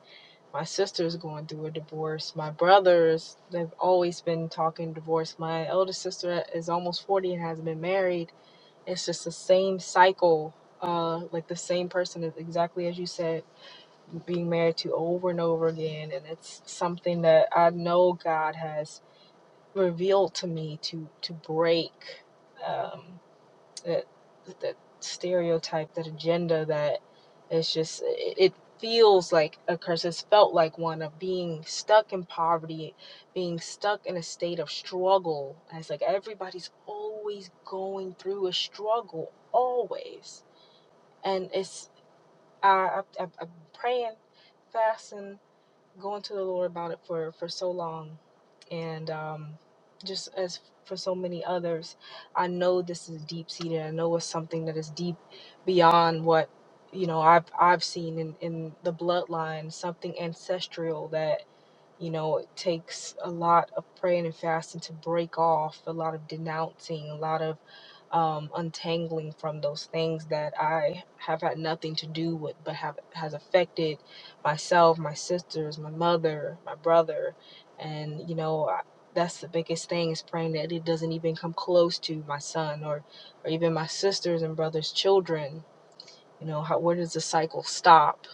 Speaker 6: My sister's going through a divorce. My brothers, they've always been talking divorce. My eldest sister is almost 40 and has been married it's just the same cycle uh like the same person is exactly as you said being married to over and over again and it's something that i know god has revealed to me to to break um that that stereotype, that agenda that it's just it, it feels like a curse. It's felt like one of being stuck in poverty, being stuck in a state of struggle. And it's like everybody's always going through a struggle, always. And it's I, I, I- am praying, fasting going to the Lord about it for for so long, and um, just as for so many others, I know this is deep seated. I know it's something that is deep beyond what you know I've I've seen in in the bloodline, something ancestral that you know, it takes a lot of praying and fasting to break off, a lot of denouncing, a lot of um, untangling from those things that I have had nothing to do with, but have has affected myself, my sisters, my mother, my brother, and you know. I, that's the biggest thing is praying that it doesn't even come close to my son or, or even my sisters and brothers' children you know, how where does the cycle stop?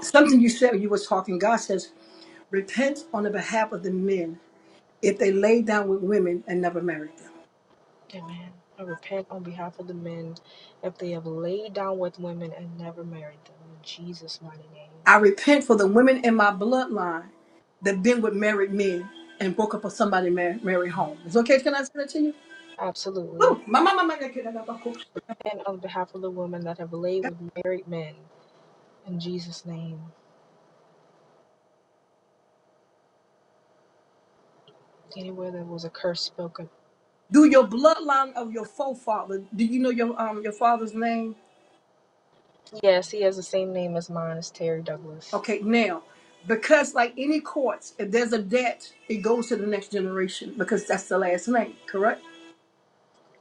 Speaker 1: Something you said when you were talking, God says, repent on the behalf of the men if they lay down with women and never married them.
Speaker 6: Amen. I repent on behalf of the men if they have laid down with women and never married them. In Jesus' mighty name.
Speaker 1: I repent for the women in my bloodline that been with married men and broke up with somebody married, married home. Is it okay? Can I say that to you?
Speaker 6: Absolutely.
Speaker 1: Woo! Ma- ma- ma- ma- na- kida-
Speaker 6: And on behalf of the women that have laid with married men. In Jesus' name. Anywhere there was a curse spoken.
Speaker 1: Do your bloodline of your forefather, do you know your um your father's name?
Speaker 6: Yes, he has the same name as mine, as Terry Douglas.
Speaker 1: Okay, now, because like any courts, if there's a debt, it goes to the next generation because that's the last name, correct?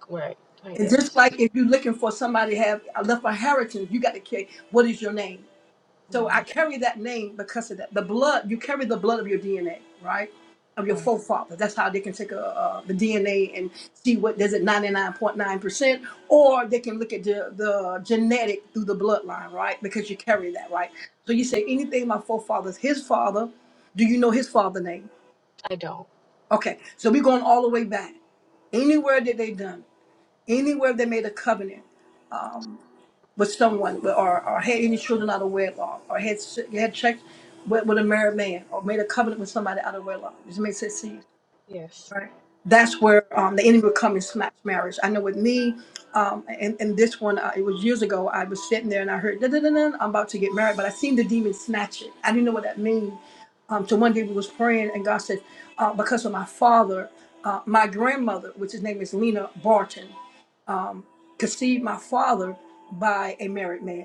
Speaker 6: Right. Right,
Speaker 1: And just
Speaker 6: yes.
Speaker 1: like if you're looking for somebody to have I left a inheritance, you got to care what is your name. So I
Speaker 6: Mhm.
Speaker 1: carry that name because of that. The blood, you carry the blood of your DNA, right? Of your
Speaker 6: Right.
Speaker 1: forefather. That's how they can take a, uh, the DNA and see what does it 99.9%, or they can look at the, the genetic through the bloodline, right? Because you carry that, right? So you say anything my forefathers, his father, do you know his father name?
Speaker 6: I don't.
Speaker 1: Okay, so we're going all the way back. Anywhere that they done, anywhere they made a covenant. um, with someone, with, or, or had any children out of wedlock, or had you had sex with, with a married man, or made a covenant with somebody out of wedlock. Does it make sense to you?
Speaker 6: Yes.
Speaker 1: Right. That's where um, the enemy would come and smash marriage. I know with me, um, and, and this one, uh, it was years ago, I was sitting there and I heard, "Da-da-da-da, I'm about to get married, but I seen the demon snatch it. I didn't know what that mean. Um, so one day we was praying and God said, uh, because of my father, uh, my grandmother, which his name is Lena Barton, um, conceived my father by a married man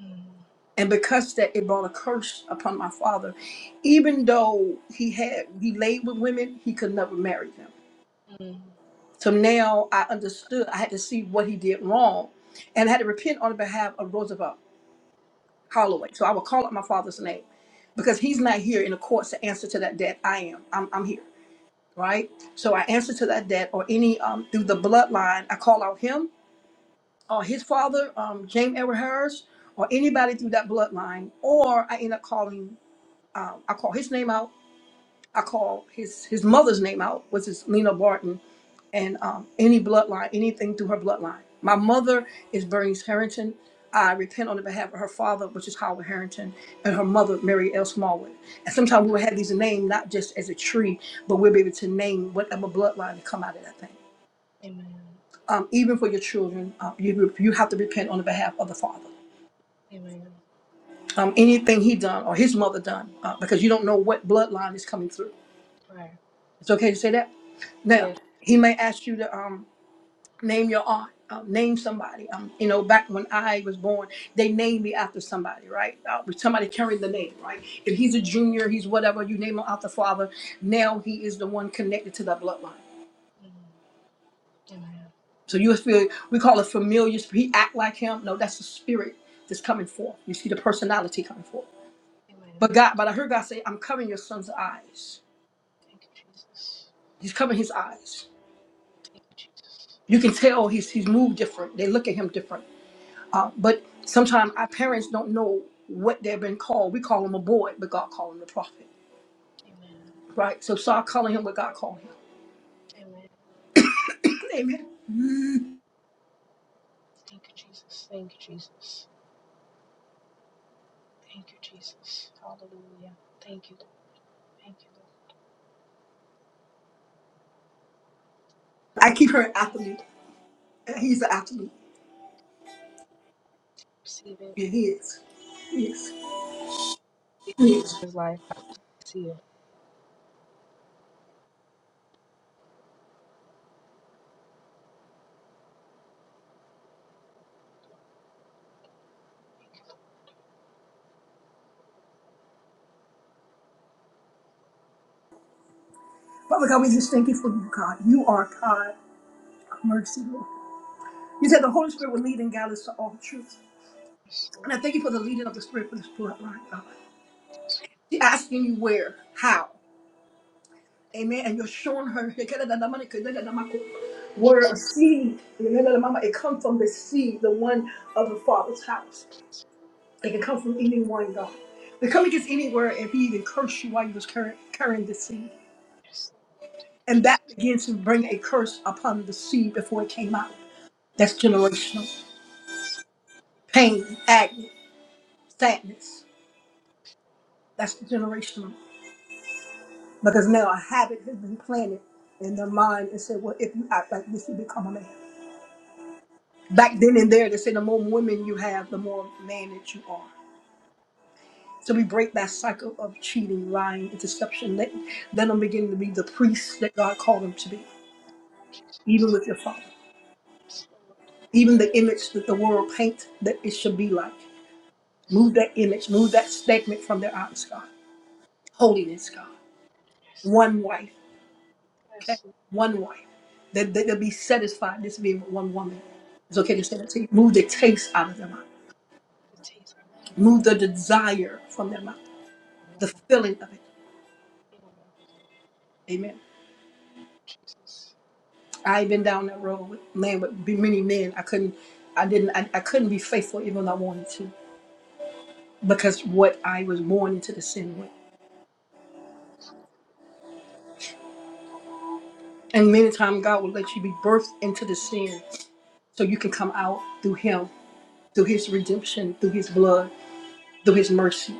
Speaker 6: Mm-hmm.
Speaker 1: and because that it brought a curse upon my father even though he had he laid with women he could never marry them
Speaker 6: Mm-hmm.
Speaker 1: so now i understood i had to see what he did wrong and I had to repent on behalf of roosevelt holloway so i would call out my father's name because he's not here in the courts to answer to that debt i am i'm, I'm here right so i answer to that debt or any um through the bloodline i call out him or his father um james edward harris or anybody through that bloodline or i end up calling um, I call his name out. I call his his mother's name out, which is Lena Barton, and um, any bloodline, anything through her bloodline. My mother is Bernice Harrington. I repent on the behalf of her father, which is Howard Harrington, and her mother, Mary L. Smallwood. And sometimes we will have these named not just as a tree, but we'll be able to name whatever bloodline to come out of that thing.
Speaker 6: Amen.
Speaker 1: Um, even for your children, uh, you you have to repent on the behalf of the father.
Speaker 6: Amen.
Speaker 1: Um, anything he done or his mother done, uh, because you don't know what bloodline is coming through.
Speaker 6: Prayer.
Speaker 1: It's okay to say that Now
Speaker 6: Yes.
Speaker 1: he may ask you to um name your aunt, um, name somebody. Um, you know, back when I was born, they named me after somebody, right? Uh, somebody carried the name, right? If he's a junior, he's whatever you name him after father. Now he is the one connected to that bloodline.
Speaker 6: Mm. Amen.
Speaker 1: So you feel we call it familiar. He act like him. No, that's the spirit that's coming forth. You see the personality coming forth.
Speaker 6: Amen.
Speaker 1: But God, but I heard God say, "I'm covering your son's eyes.
Speaker 6: Thank you, Jesus.
Speaker 1: He's covering his eyes.
Speaker 6: Thank you, Jesus.
Speaker 1: You can tell he's he's moved different. They look at him different." Uh, but sometimes our parents don't know what they've been called. We call him a boy, but God called him the prophet,
Speaker 6: Amen.
Speaker 1: right? So start calling him what God called him.
Speaker 6: Amen.
Speaker 1: *laughs* Amen.
Speaker 6: Thank you, Jesus. Thank you, Jesus. Thank you, Jesus. Hallelujah. Thank you, Lord. Thank you, Lord.
Speaker 1: I keep hearing
Speaker 6: Thank you,
Speaker 1: athlete.
Speaker 6: Lord.
Speaker 1: and He's an athlete.
Speaker 6: Receive it.
Speaker 1: Yeah, he is. He is.
Speaker 6: See it.
Speaker 1: He is.
Speaker 6: His life. I see it.
Speaker 1: Father God, we just thank you for you, God. You are God. of Mercy, Lord. You said the Holy Spirit will lead and guide us to all truth.
Speaker 6: Yes, Lord.
Speaker 1: And I thank you for the leading of the Spirit for this bloodline, God. She's asking you where, how. Amen. And you're showing her where a seed, it comes from the seed, the one of the Father's house. It can come from any one God. It come against anywhere if he even cursed you while you was carrying, carrying the seed.
Speaker 6: Yes, Lord. Thank you,
Speaker 1: And that
Speaker 6: Jesus.
Speaker 1: begins to bring a curse upon the seed before it came out. That's generational. Pain, agony, sadness. That's generational. Because now a habit has been planted in their mind and said, well, if you act like this, you become a man. Back then and there, they say the more women you have, the more man that you are. So we break that cycle of cheating, lying, and deception. Let, let them begin to be the priests that God called them to be, even
Speaker 6: Jesus.
Speaker 1: with your father.
Speaker 6: Yes, Lord.
Speaker 1: Even the image that the world paints that it should be like. Move that image, move that statement from their eyes, God. Holiness, God.
Speaker 6: Yes, Lord.
Speaker 1: One wife, okay?
Speaker 6: Yes, Lord.
Speaker 1: One wife. That that they'll be satisfied just being with one woman. It's okay to say that to you. Move the taste out of their mouth.
Speaker 6: The taste of the Lord.
Speaker 1: Move the desire from their mouth.
Speaker 6: Amen.
Speaker 1: The
Speaker 6: Amen.
Speaker 1: feeling of it. Amen.
Speaker 6: Jesus.
Speaker 1: I've been down that road, man, with many men. I couldn't, I didn't, I, I couldn't be faithful even though I wanted to because what I was born into the sin with. And many times God will let you be birthed into the sin so you can come out through Him, through His redemption, through His blood, through His mercy.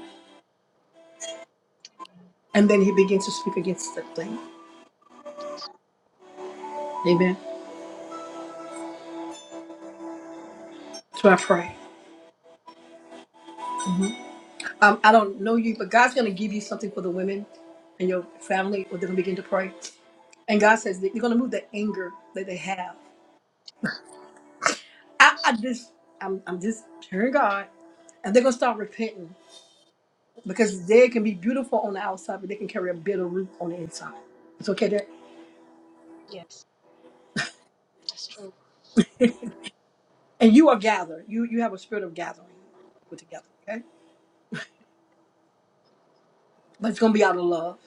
Speaker 6: Amen.
Speaker 1: And then He begins to speak against the thing. Amen. So I pray. Mhm. Um, I don't know you, but God's going to give you something for the women and your family, or they're going to begin to pray. And God says that you're going to move the anger that they have.
Speaker 6: Yes.
Speaker 1: I, I just, I'm, I'm just hearing God, and they're gonna start repenting
Speaker 6: Yes.
Speaker 1: because they can be beautiful on the outside, but they can carry a bitter root on the inside. It's okay there,
Speaker 6: Yes. That's true.
Speaker 1: and you are gathered. You, you have a spirit of gathering people together. Okay, but it's gonna be out of love,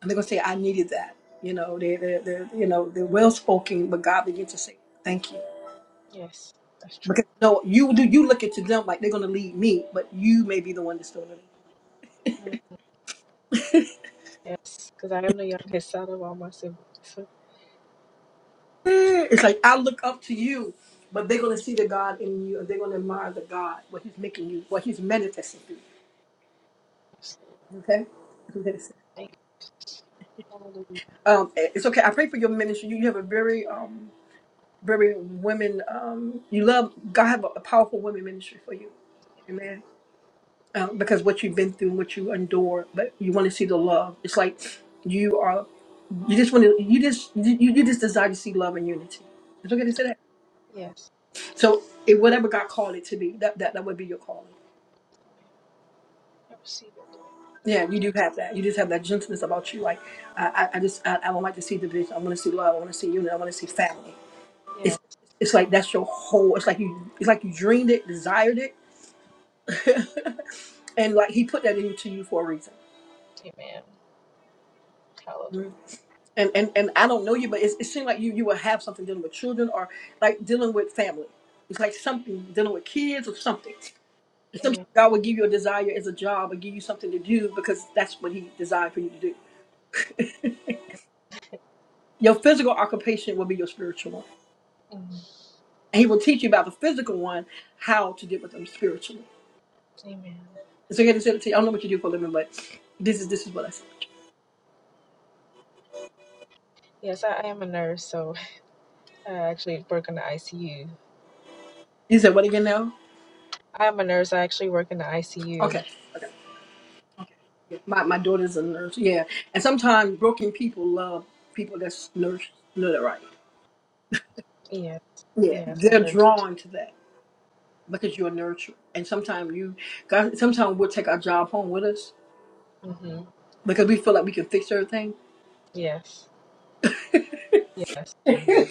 Speaker 1: and they're gonna say, "I needed that." You know, they, they, they're, you know, they're well spoken, but God begins to say, "Thank you,"
Speaker 6: Yes, that's
Speaker 1: because
Speaker 6: true.
Speaker 1: no, you do. You look at them like they're gonna lead me, but you may be the one that's doing it.
Speaker 6: Mm. Yes, because I am the youngest out of all my siblings. So,
Speaker 1: Mm, It's like I look up to you, but they're gonna see the God in you, and they're gonna admire the God what He's making you, what He's manifesting through.
Speaker 6: yes,
Speaker 1: you. Okay, Manifest.
Speaker 6: thank you, Jesus. Hallelujah.
Speaker 1: um, eh, it's okay. I pray for your ministry. You you have a very, um, very women. Um, you love God. Have a, a powerful women ministry for you. Amen. Um, because what you've been through, and what you endure, but you want to see the love. It's like you are. You just want to. You just. You, you just desire to see love and unity. It's okay to say that.
Speaker 6: Yes.
Speaker 1: So, if whatever God called it to be, that that, that would be your calling.
Speaker 6: I receive it, Lord.
Speaker 1: Yeah, you do have that. You just have that gentleness about you. Like, I, I I just, I, I don't like to see division. I want to see love. I want to see unity. I want to see family.
Speaker 6: Yeah.
Speaker 1: It's, it's like that's your whole. It's like you, it's like you dreamed it, desired it, *laughs* and like he put that into you for a reason.
Speaker 6: Amen.
Speaker 1: Mhm.
Speaker 6: Hallelujah.
Speaker 1: And and and I don't know you, but it, it seemed like you you will have something dealing with children or like dealing with family. It's like something dealing with kids or something. And
Speaker 6: Amen.
Speaker 1: Sometimes God will give you a desire as a job or give you something to do because that's what He designed for you to do. Your physical occupation will be your spiritual one.
Speaker 6: Mm.
Speaker 1: And he will teach you about the physical one how to deal with them spiritually.
Speaker 6: Amen.
Speaker 1: So he had to say, I don't know what you do for a living, but this is this is what I said.
Speaker 6: Yes, I, I am a nurse, so *laughs* I actually work in the ICU.
Speaker 1: He said, What again now?
Speaker 6: I am a nurse. I actually work in the ICU.
Speaker 1: Okay. Okay. Yeah. My my daughter's a nurse. Yeah. And sometimes broken people love people that's nurse know that right.
Speaker 6: Yes.
Speaker 1: Yeah.
Speaker 6: Yes, I've
Speaker 1: They're
Speaker 6: heard.
Speaker 1: drawn to that because you're a nurturer. And sometimes you God sometimes we'll take our job home with us
Speaker 6: hmm
Speaker 1: because we feel like we can fix everything.
Speaker 6: Yes. Yes.
Speaker 1: *laughs*
Speaker 6: indeed.
Speaker 1: well,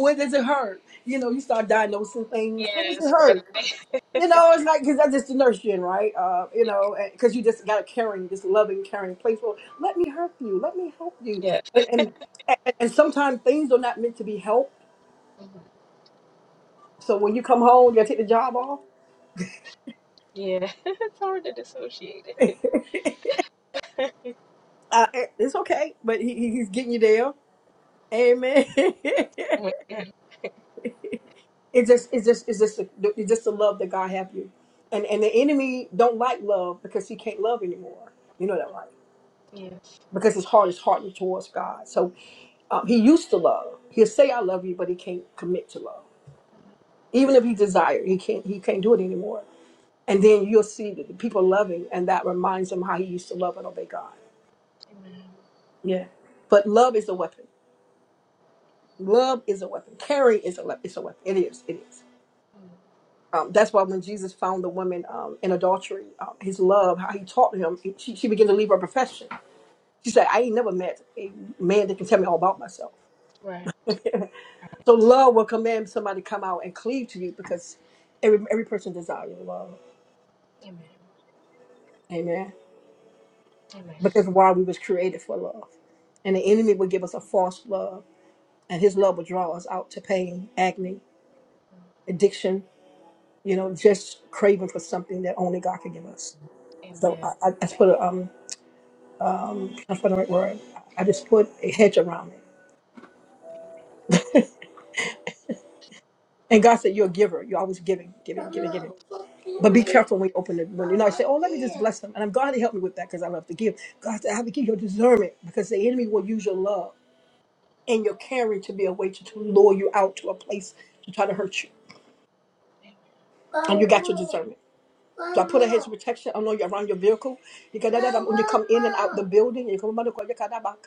Speaker 1: what does it hurt? You know, you start diagnosing things. How does it
Speaker 6: Yes, right
Speaker 1: hurt?
Speaker 6: away. *laughs*
Speaker 1: You know, it's like because that's just inertia, right? Uh, you know, because you just got a caring, this loving, caring place. Well, let me help you. Let me help you.
Speaker 6: Yes.
Speaker 1: And and and, and sometimes things are not meant to be helped.
Speaker 6: Mhm.
Speaker 1: So when you come home, you take the job off.
Speaker 6: Yeah, *laughs* it's hard to dissociate it. *laughs*
Speaker 1: Uh, it- it's okay, but he, he- he's getting you there. Amen. *laughs*
Speaker 6: Amen.
Speaker 1: it's just it's just it's just the, it's just the love that God have you. And and the enemy don't like love because he can't love anymore. You know that, right?
Speaker 6: Yes.
Speaker 1: because his heart is hardened towards God. So um, he used to love. He'll say, "I love you," but he can't commit to love. Even if he desired, he can't. He can't do it anymore. And then you'll see that the people loving, and that reminds him how he used to love and obey God.
Speaker 6: Amen.
Speaker 1: Yeah, but love is a weapon. Love is a weapon. Caring is a le- it's a weapon. It is. It is.
Speaker 6: Mm.
Speaker 1: Um, that's why when Jesus found the woman um, in adultery, um, his love, how he taught him, she, she began to leave her profession. She said, "I ain't never met a man that can tell me all about myself."
Speaker 6: Right.
Speaker 1: *laughs*
Speaker 6: Right.
Speaker 1: So love will command somebody to come out and cleave to you because every every person desires love.
Speaker 6: Amen.
Speaker 1: Amen.
Speaker 6: Amen.
Speaker 1: Because why we was created for love. And the enemy will give us a false love. And his love will draw us out to pain, agony,
Speaker 6: Mm.
Speaker 1: addiction, you know, just craving for something that only God can give us. So
Speaker 6: Amen.
Speaker 1: I, I I just put a um um I put the right word. I just put a hedge around it And God said, You're a giver. You're always giving, giving, giving, giving. But be careful when you open it. When you know, you say, Oh, let me just bless them. And I'm God to help me with that because I love to give. God said, I have to give your discernment because the enemy will use your love and your caring to be a way to, to lure you out to a place to try to hurt you. And you got your discernment. So I put a hedge of protection along your, around your vehicle. You got that that, that, when you come in and out the building. You come out the- you got that back.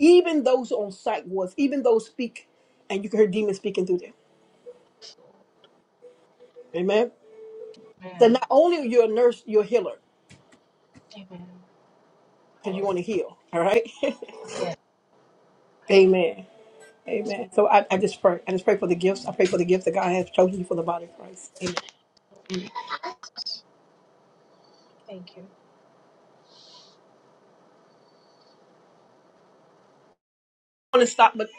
Speaker 1: even those on sight was, even those speak, and you can hear demons speaking through them. Amen. So
Speaker 6: Amen.
Speaker 1: not only are you a nurse, you're a healer.
Speaker 6: Amen. Amen.
Speaker 1: because you
Speaker 6: Hallelujah.
Speaker 1: want to heal. All right. *laughs*
Speaker 6: Yeah. That's right.
Speaker 1: Amen. Amen. So I, I just pray. I just pray for the gifts. I pray for the gifts that God has chosen you for the body of Christ. Amen.
Speaker 6: Thank you.
Speaker 1: I want to stop, but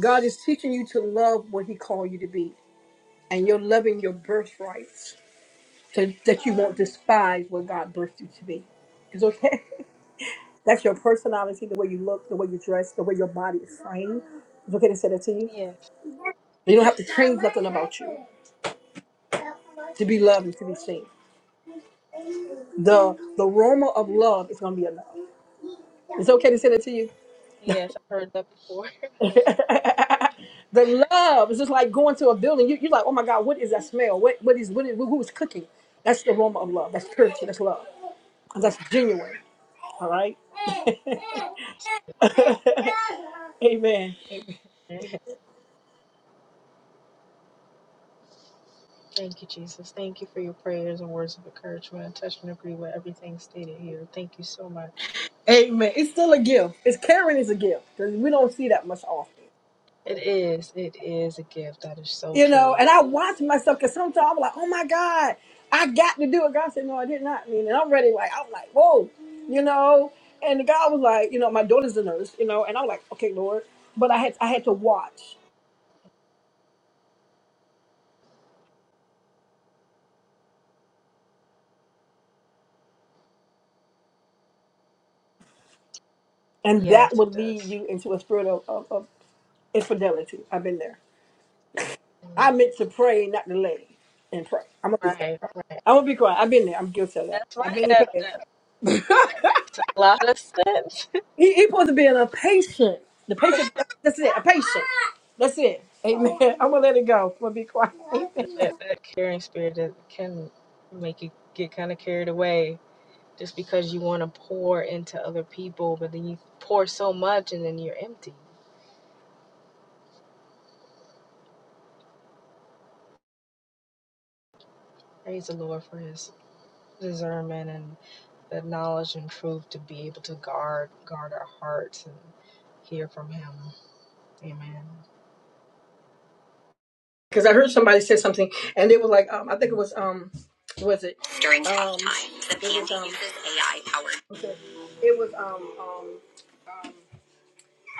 Speaker 1: God is teaching you to love what He called you to be, and you're loving your birthrights so that you won't despise what God birthed you to be. It's okay. *laughs* That's your personality, the way you look, the way you dress, the way your body is framed. It's okay to say that to you.
Speaker 6: Yes.
Speaker 1: You don't have to change nothing about you to be loved and to be seen. The the aroma of love is gonna be enough. It's okay to send it to you.
Speaker 6: Yes. I've heard that before. *laughs*
Speaker 1: *laughs* the love is just like going to a building. You, you're like, oh my God, what is that smell? What what is what is who is cooking? That's the aroma of love. That's purity. That's love. That's genuine. All right. *laughs* Amen.
Speaker 6: Thank you, Jesus. Thank you for your prayers and words of encouragement. I touch and agree with everything stated here. Thank you so much.
Speaker 1: Amen. It's still a gift. It's caring is a gift because we don't see that much
Speaker 6: It is. It is a gift. That is so
Speaker 1: you know,
Speaker 6: true.
Speaker 1: and I watch myself because sometimes I'm like, oh my God, I got to do it. God said, no, I did not mean it. I'm ready. Like, I'm like, whoa, you know, and the guy was like, you know, my daughter's a nurse, you know, and I'm like, okay, Lord, but I had, I had to watch and that
Speaker 6: Yes, it
Speaker 1: would lead
Speaker 6: does.
Speaker 1: you into a spirit of, of, of infidelity. I've been there.
Speaker 6: Mm.
Speaker 1: I meant to pray, not to lay and pray. I'm going to be quiet.
Speaker 6: Right. Right.
Speaker 1: I'm going to be quiet. I've been there. I'm guilty of that.
Speaker 6: That's
Speaker 1: I've
Speaker 6: right.
Speaker 1: been
Speaker 6: That,
Speaker 1: there.
Speaker 6: that a lot of sense.
Speaker 1: He, he supposed to be a patient. The patient. That's it. A patient. That's it. Amen. *laughs* I'm gonna let it go. I'm gonna be quiet. *laughs*
Speaker 6: that
Speaker 1: Amen.
Speaker 6: that caring spirit that can make you get kind of carried away just because you want to pour into other people, but then you pour so much and then you're empty. Praise the Lord for His discernment and the knowledge and truth to be able to guard guard our hearts and hear from Him. Amen.
Speaker 1: Because I heard somebody say something, and it was like, um, I think it was, um, what was it during tough um, times? The it um, uses AI powered. Okay. It was um um.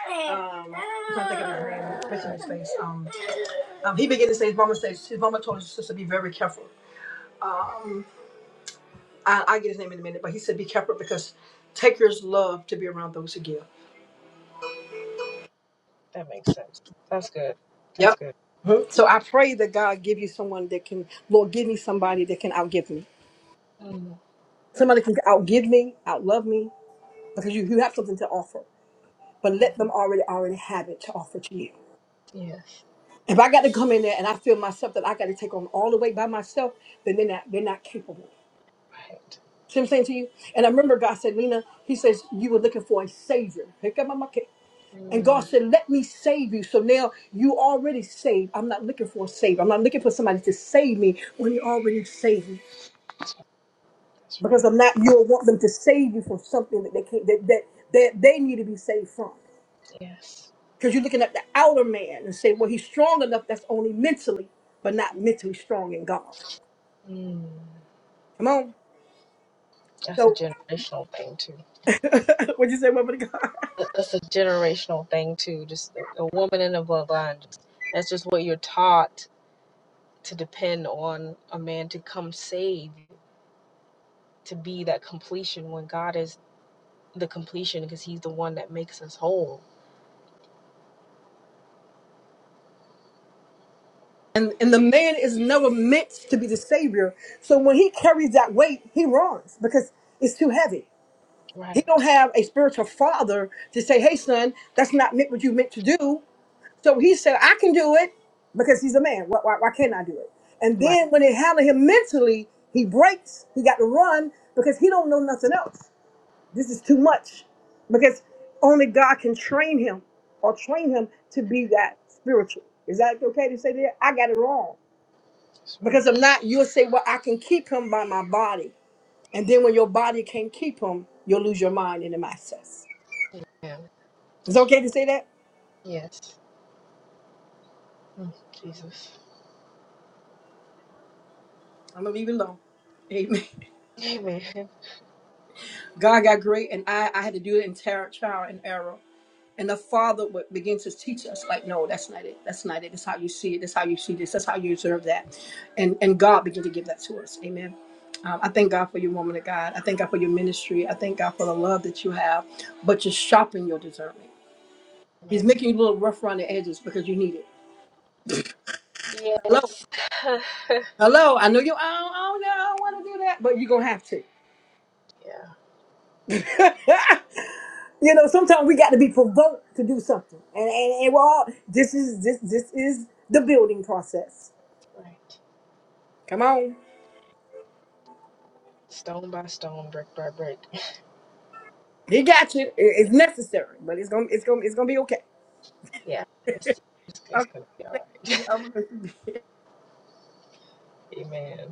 Speaker 1: Um, I'm trying to think of her name. What's her face? Um, um, he began to say his mama says his mama told his sister be very careful. I, I get his name in a minute, but he said be careful because takers love to be around those who give.
Speaker 6: That makes sense. That's good.
Speaker 1: Yep.
Speaker 6: That's good.
Speaker 1: So I pray that God give you someone that can, Lord, give me somebody that can outgive me.
Speaker 6: Mm.
Speaker 1: Somebody can outgive me, outlove me, because you, you have something to offer. But let them already already have it to offer to you.
Speaker 6: Yes.
Speaker 1: If I got to come in there and I feel myself that I got to take on all the weight by myself, then they're not they're not capable.
Speaker 6: Right.
Speaker 1: See what I'm saying to you? And I remember God said, Lena, He says you were looking for a savior. Pick up my kid. And God
Speaker 6: Mm.
Speaker 1: said, Let me save you. So now you already saved. I'm not looking for a savior. I'm not looking for somebody to save me when you already saved me.
Speaker 6: That's right. That's
Speaker 1: because
Speaker 6: right.
Speaker 1: I'm not. You'll want them to save you from something that they can't. That that, that they need to be saved from.
Speaker 6: Yes.
Speaker 1: Because you're looking at the outer man and say, well, he's strong enough. That's only mentally, but not mentally strong in God.
Speaker 6: Mm.
Speaker 1: Come on.
Speaker 6: That's a
Speaker 1: So,
Speaker 6: generational thing too.
Speaker 1: *laughs* what'd you say, woman of God?
Speaker 6: that- that's a generational thing too. Just a a woman in the bloodline. Just, that's just what you're taught to depend on a man to come save, you, to be that completion when God is the completion because He's the one that makes us whole.
Speaker 1: And and the man is never meant to be the savior. So when he carries that weight, he runs because it's too heavy. He don't
Speaker 6: Right.
Speaker 1: have a spiritual father to say, "Hey, son, that's not meant what you meant to do." So he said, I can do it because he's a man. Why, why, why can't I do it? And
Speaker 6: Right.
Speaker 1: then when it handled him mentally, he breaks. He got to run because he don't know nothing else. This is too much because only God can train him or train him to be that spiritual. Is that okay to say that? I got it wrong.
Speaker 6: That's right.
Speaker 1: Because if not, you'll say, well, I can keep him by my body. And then when your body can't keep him, you'll lose your mind in the process.
Speaker 6: Yeah.
Speaker 1: Is it
Speaker 6: That's
Speaker 1: okay
Speaker 6: right.
Speaker 1: to say that?
Speaker 6: Yes. Mm, Jesus.
Speaker 1: I'm going to leave it alone. Amen.
Speaker 6: Amen.
Speaker 1: God got great, and I, I had to do it in terror, trial and error. And the Father would begin to teach us, like, no, that's not it. That's not it. That's how you see it. That's how you see this. That's how you observe that. And and God began to give that to us. Amen. Um, I thank God for you, woman of God. I thank God for your ministry. I thank God for the love that you have. But you're sharpening your discernment. He's
Speaker 6: Amen.
Speaker 1: making you a little rough around the edges because you need it. Hello.
Speaker 6: Yes. *laughs* yeah.
Speaker 1: Hello. I know you, I don't, I don't know. I don't want to do that, but you're going to have to. *laughs* You know, sometimes we got to be provoked to do something, and and, and we're all this is this this is the building process.
Speaker 6: Right.
Speaker 1: Come on,
Speaker 6: Stone by stone, brick by brick.
Speaker 1: he got you. It- It's necessary, but it's gonna it's gonna it's gonna be okay.
Speaker 6: Yeah. It's it's, it's
Speaker 1: Okay,
Speaker 6: gonna
Speaker 1: I'm
Speaker 6: be
Speaker 1: gonna let
Speaker 6: all
Speaker 1: you be. I'm gonna let it be.
Speaker 6: right. Amen.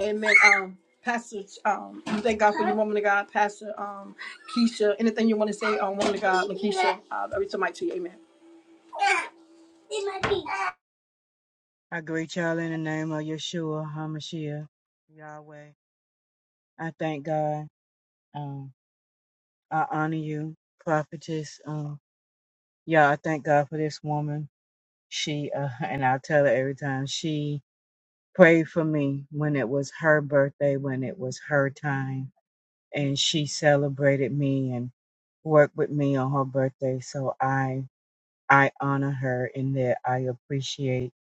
Speaker 1: *laughs* Amen. Um, Pastor, um, we thank God for you, woman of God. Pastor, um, Keisha, anything you want to say, um, woman of God, Lakeisha, uh, every time I reach the mic to you, Amen.
Speaker 7: I greet y'all in the name of Yeshua HaMashiach, Yahweh. I thank God. Um, I honor you, prophetess. Um, yeah, I thank God for this woman. She, uh, *laughs* and I tell her every time, she prayed for me when it was her birthday, when it was her time, and she celebrated me and worked with me on her birthday. So I, I honor her in that I appreciate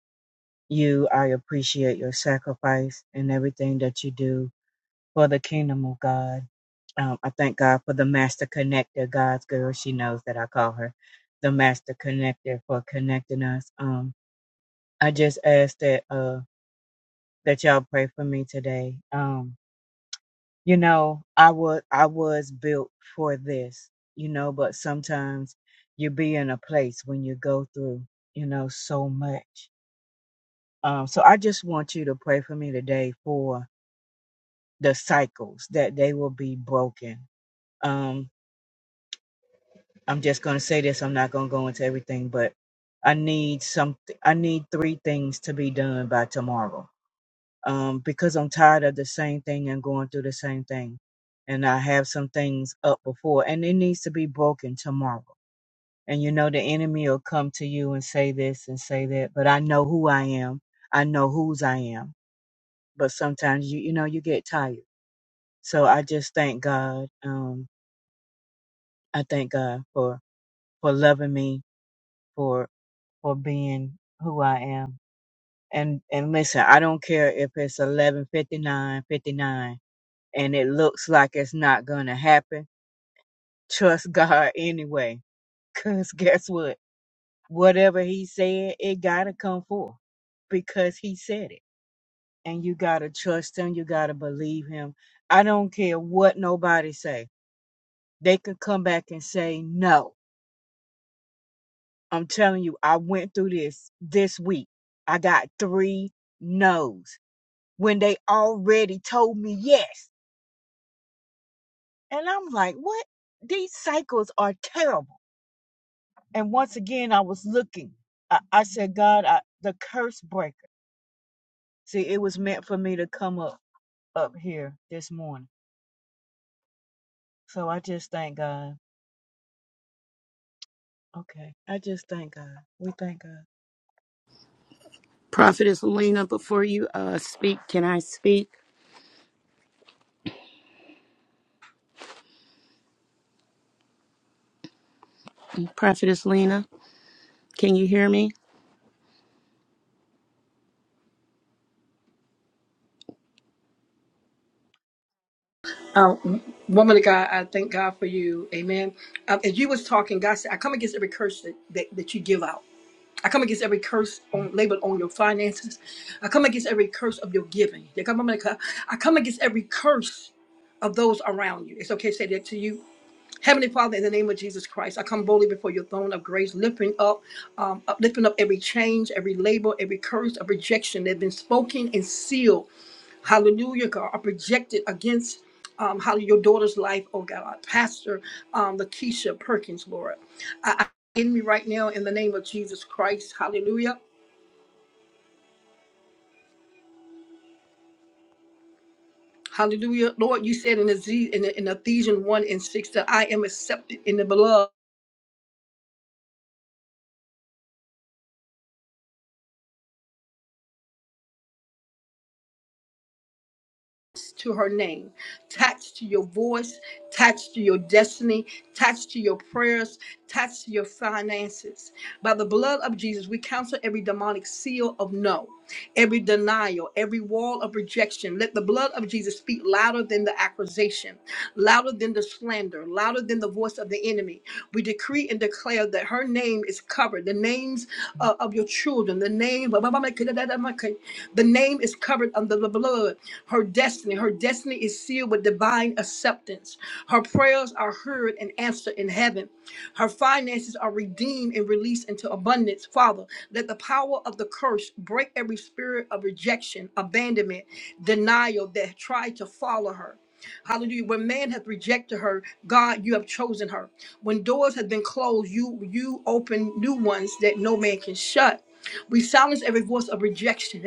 Speaker 7: you. I appreciate your sacrifice and everything that you do for the kingdom of God. Um, I thank God for the master connector, God's girl. She knows that I call her the master connector for connecting us. Um, I just ask that uh that y'all pray for me today. Um, you know, I was I was built for this, you know, but sometimes you be in a place when you go through, you know, so much. Um, so I just want you to pray for me today for the cycles that they will be broken. Um, I'm just going to say this. I'm not going to go into everything, but I need something. I need three things to be done by tomorrow. Um, because I'm tired of the same thing and going through the same thing. And I have some things up before and it needs to be broken tomorrow. And you know, the enemy will come to you and say this and say that, but I know who I am. I know whose I am. But sometimes you, you know, you get tired. So I just thank God. Um, I thank God for, for loving me, for. for being who I am. And and listen, I don't care if it's eleven fifty nine fifty nine, and it looks like it's not gonna happen. Trust *laughs* God anyway, cause guess what? Whatever He said, it gotta come forth because He said it. And you gotta trust Him. You gotta believe Him. I don't care what nobody say. They could come back and say no. I'm telling you, I went through this this week. I got three no's when they already told me yes. And I'm like, what? These cycles are terrible. And once again, I was looking. I, I said, God, I, the curse breaker. See, it was meant for me to come up up here this morning. So I just thank God. Okay. I just thank God. We thank God.
Speaker 8: Prophetess Lena, before you uh, speak, can I speak? Prophetess Lena, can you hear me?
Speaker 1: Um, woman of God, I thank God for you. Amen. Um, as you was talking, God said, I come against every curse that, that, that you give out. I come against every curse on labeled on your finances. I come against every curse of your giving. You come- woman of God, I come against every curse of those around you. It's okay to say that to you. Heavenly Father, in the name of Jesus Christ, I come boldly before your throne of grace, lifting up, um, up- lifting up every change, every label, every curse of rejection that has been spoken and sealed hallelujah, God, are projected against um, how your daughter's life, oh God, Pastor um, Lakeisha Perkins, Lord. I, I in me right now in the name of Jesus Christ, hallelujah. Hallelujah. Lord, you said in, Eze- in, in Ephesians 1 and 6 that I am accepted in the beloved. to her name, attached to your voice, attached to your destiny, attached to your prayers, attached to your finances. By the blood of Jesus, we counsel every demonic seal of no, every denial, every wall of rejection. Let the blood of Jesus speak louder than the accusation, louder than the slander, louder than the voice of the enemy. We decree and declare that her name is covered. The names uh, of your children, the name, the name is covered under the blood. Her destiny, her destiny is sealed with divine acceptance. Her prayers are heard and answered in heaven. Her finances are redeemed and released into abundance. Father, let the power of the curse break every spirit of rejection, abandonment, denial that tried to follow her. Hallelujah. When man hath rejected her, God, you have chosen her. When doors have been closed, you you open new ones that no man can shut. We silence every voice of rejection.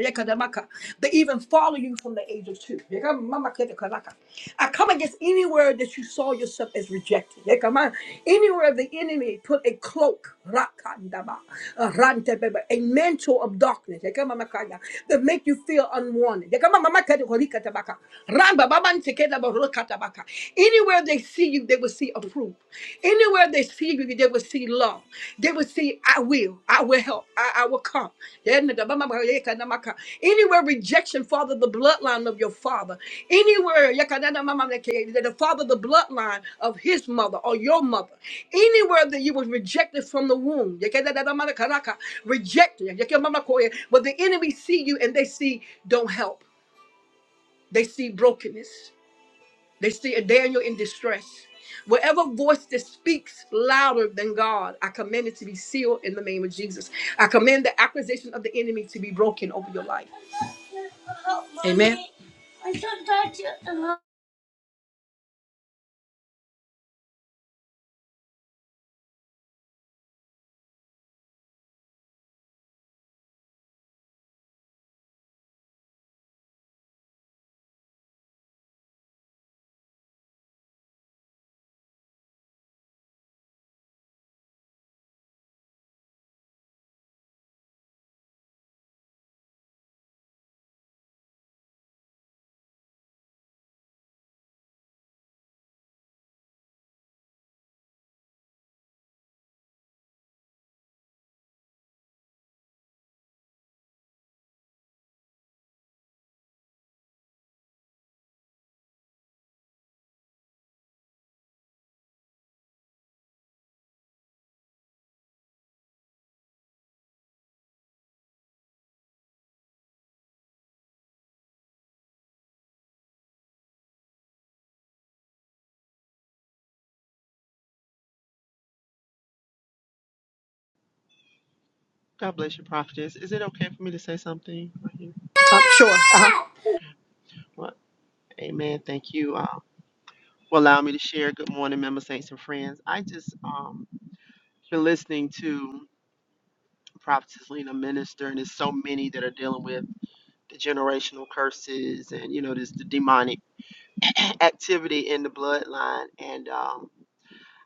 Speaker 1: They even follow you from the age of two. Yeka mama kete kalaka. I come against anywhere that you saw yourself as rejected. Yeka ma- Anywhere the enemy put a cloak, rakandaba, a rantebebe, a mantle of darkness yeka mama kaya, that make you feel unwanted. Yeka mama mama kete kolika tabaka. Ramba baba ntekeda boroka tabaka. Anywhere they see you, they will see approved. Anywhere they see you, they will see love. They will see, I will, I will help. I, I will come. Anywhere rejection, Father, the bloodline of your father. Anywhere the father, the bloodline of his mother or your mother. Anywhere that you was rejected from the womb. Rejected. But the enemy see you and they see don't help. They see brokenness. They see a Daniel in distress. Whatever voice that speaks louder than God, I command it to be sealed in the name of Jesus. I command the accusation of the enemy to be broken over your life. Amen. Um,
Speaker 9: God bless you, prophetess. Is it okay for me to say something right here?
Speaker 1: sure. Uh-huh.
Speaker 9: Well, amen. Thank you uh, for allowing me to share. Good morning, member saints and friends. I just um been listening to prophetess Lena minister, and there's so many that are dealing with the generational curses and you know this the demonic *clears throat* activity in the bloodline. And um,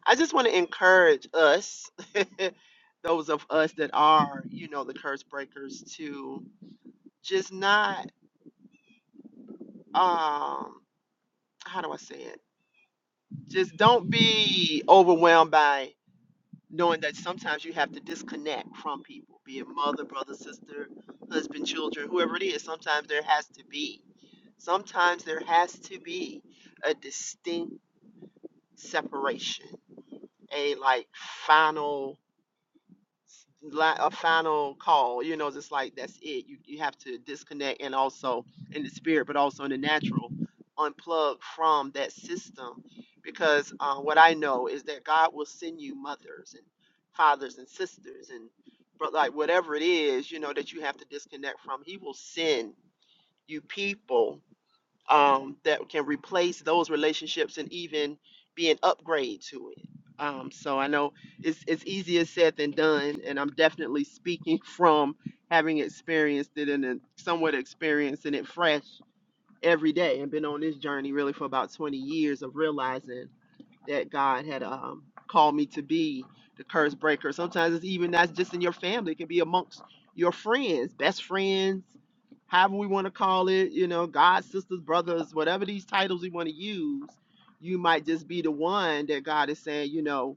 Speaker 9: I just want to encourage us, *laughs* those of us that are you know the curse breakers, to just not um how do I say it? Just don't be overwhelmed by knowing that sometimes you have to disconnect from people, be it mother, brother, sister, husband, children, whoever it is. Sometimes there has to be. Sometimes there has to be a distinct separation, a like final la- a final call. You know, just like that's it. You you have to disconnect and also in the spirit, but also in the natural, unplug from that system, because uh, what I know is that God will send you mothers and fathers and sisters and but like whatever it is, you know that you have to disconnect from. He will send you people um, that can replace those relationships and even be an upgrade to it. Um, so I know it's it's easier said than done, and I'm definitely speaking *laughs* from having experienced it and then somewhat experiencing it fresh every day, and been on this journey really for about 20 years of realizing that God had um, called me to be the curse breaker. Sometimes it's even not just in your family, it can be amongst your friends, best friends, however we want to call it, you know, God, sisters, brothers, whatever these titles we want to use, you might just be the one that God is saying, you know,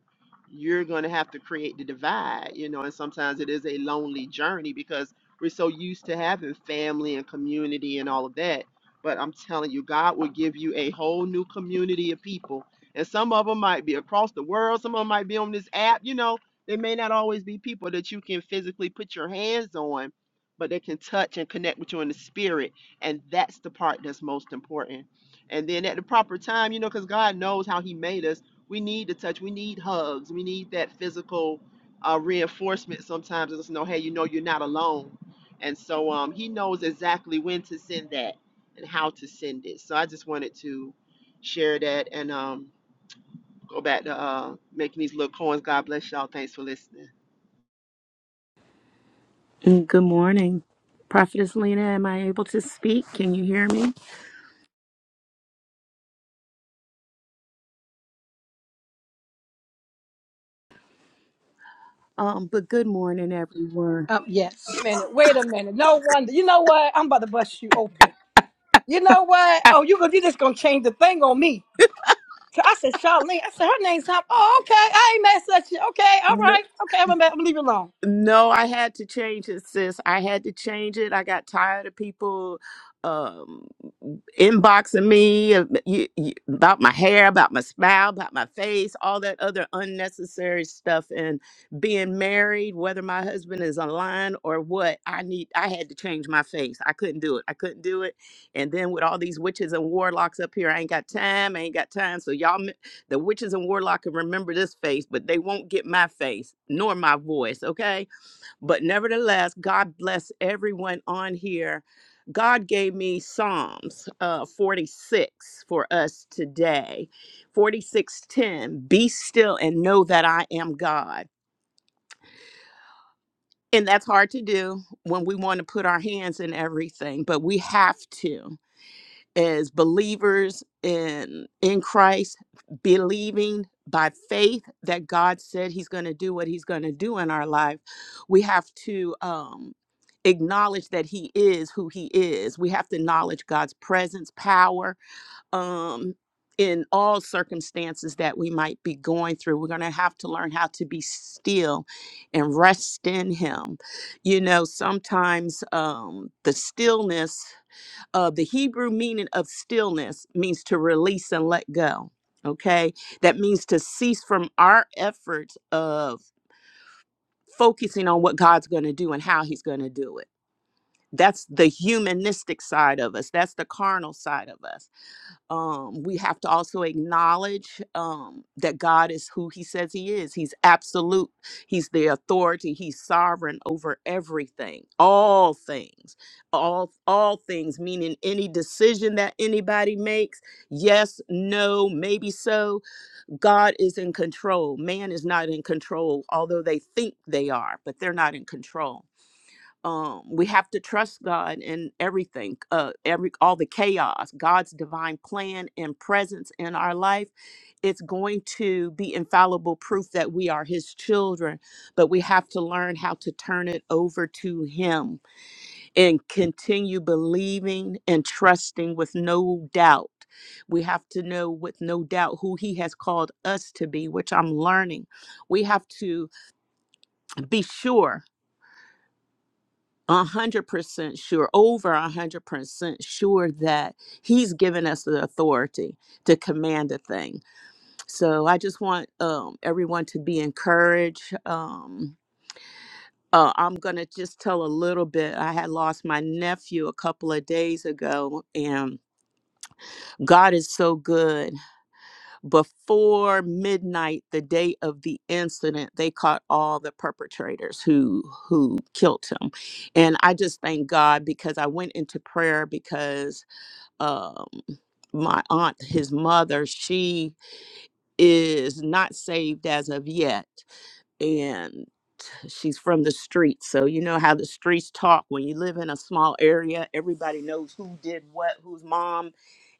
Speaker 9: you're going to have to create the divide, you know, and sometimes it is a lonely journey because we're so used to having family and community and all of that. But I'm telling you, God will give you a whole new community of people and some of them might be across the world, some of them might be on this app. You know, they may not always be people that you can physically put your hands on, but they can touch and connect with you in the spirit. And that's the part that's most important. And then at the proper time, you know, because God knows how He made us, we need to touch, we need hugs, we need that physical uh, reinforcement sometimes to let us know, hey, you know, you're not alone. And so um, He knows exactly when to send that and how to send it. So I just wanted to share that. And um, Go back to uh, making these little coins. God bless y'all. Thanks for listening.
Speaker 8: Mm, Good morning. Prophetess Lena, am I able to speak? Can you hear me? Um, but good morning, everyone.
Speaker 1: Um, yes. Minute. Wait a minute. No wonder. You know what? I'm about to bust you open. You know what? Oh, you gonna you just gonna change the thing on me? So I said Charlene. I said her name's not. Oh, okay. I ain't mad at you. Okay. All
Speaker 8: No,
Speaker 1: right. Okay. I'm gonna I'm gonna leave you alone.
Speaker 8: no, I had to change it, sis. I had to change it. I got tired of people. Um, inboxing me uh, you- you- about my hair, about my smile, about my face, all that other unnecessary stuff. And being married, whether my husband is online or what, I need I had to change my face. I couldn't do it. I couldn't do it. And then with all these witches and warlocks up here, I ain't got time. I ain't got time. So y'all, m- the witches and warlock can remember this face, but they won't get my face nor my voice. Okay but nevertheless, God bless everyone on here. God gave me Psalms uh, 46 for us today. 46:10, be still and know that I am God. And that's hard to do when we want to put our hands in everything, but we have to as believers in in Christ, believing by faith that God said He's going to do what He's going to do in our life, we have to um, acknowledge that He is who He is. We have to acknowledge God's presence, power. Um, in all circumstances that we might be going through, we're going to have to learn how to be still and rest in Him. You know, sometimes um, the stillness uh, the Hebrew meaning of stillness means to release and let go. Okay. That means to cease from our efforts of focusing on what God's going to do and how he's going to do it. That's the humanistic side of us, that's the carnal side of us um, we have to also acknowledge um, that God is who He says He is. He's absolute, He's the authority, He's sovereign over everything, all things, all, all things, meaning any decision that anybody makes yes, no, maybe so. God is in control. Man is not in control, although they think they are, but they're not in control um we have to trust god in everything uh every all the chaos god's divine plan and presence in our life it's going to be infallible proof that we are his children but we have to learn how to turn it over to him and continue believing and trusting with no doubt we have to know with no doubt who he has called us to be which i'm learning we have to be sure a 100% sure, over a 100% sure that he's given us the authority to command a thing. So I just want um, everyone to be encouraged. Um, uh, I'm going to just tell a little bit. I had lost my nephew a couple of days ago, and God is so good. before midnight the day of the incident they caught all the perpetrators who who killed him and i just thank god because i went into prayer because um my aunt his mother she is not saved as of yet and she's from the streets. So you know how the streets talk when you live in a small area, everybody knows who did what, whose mom,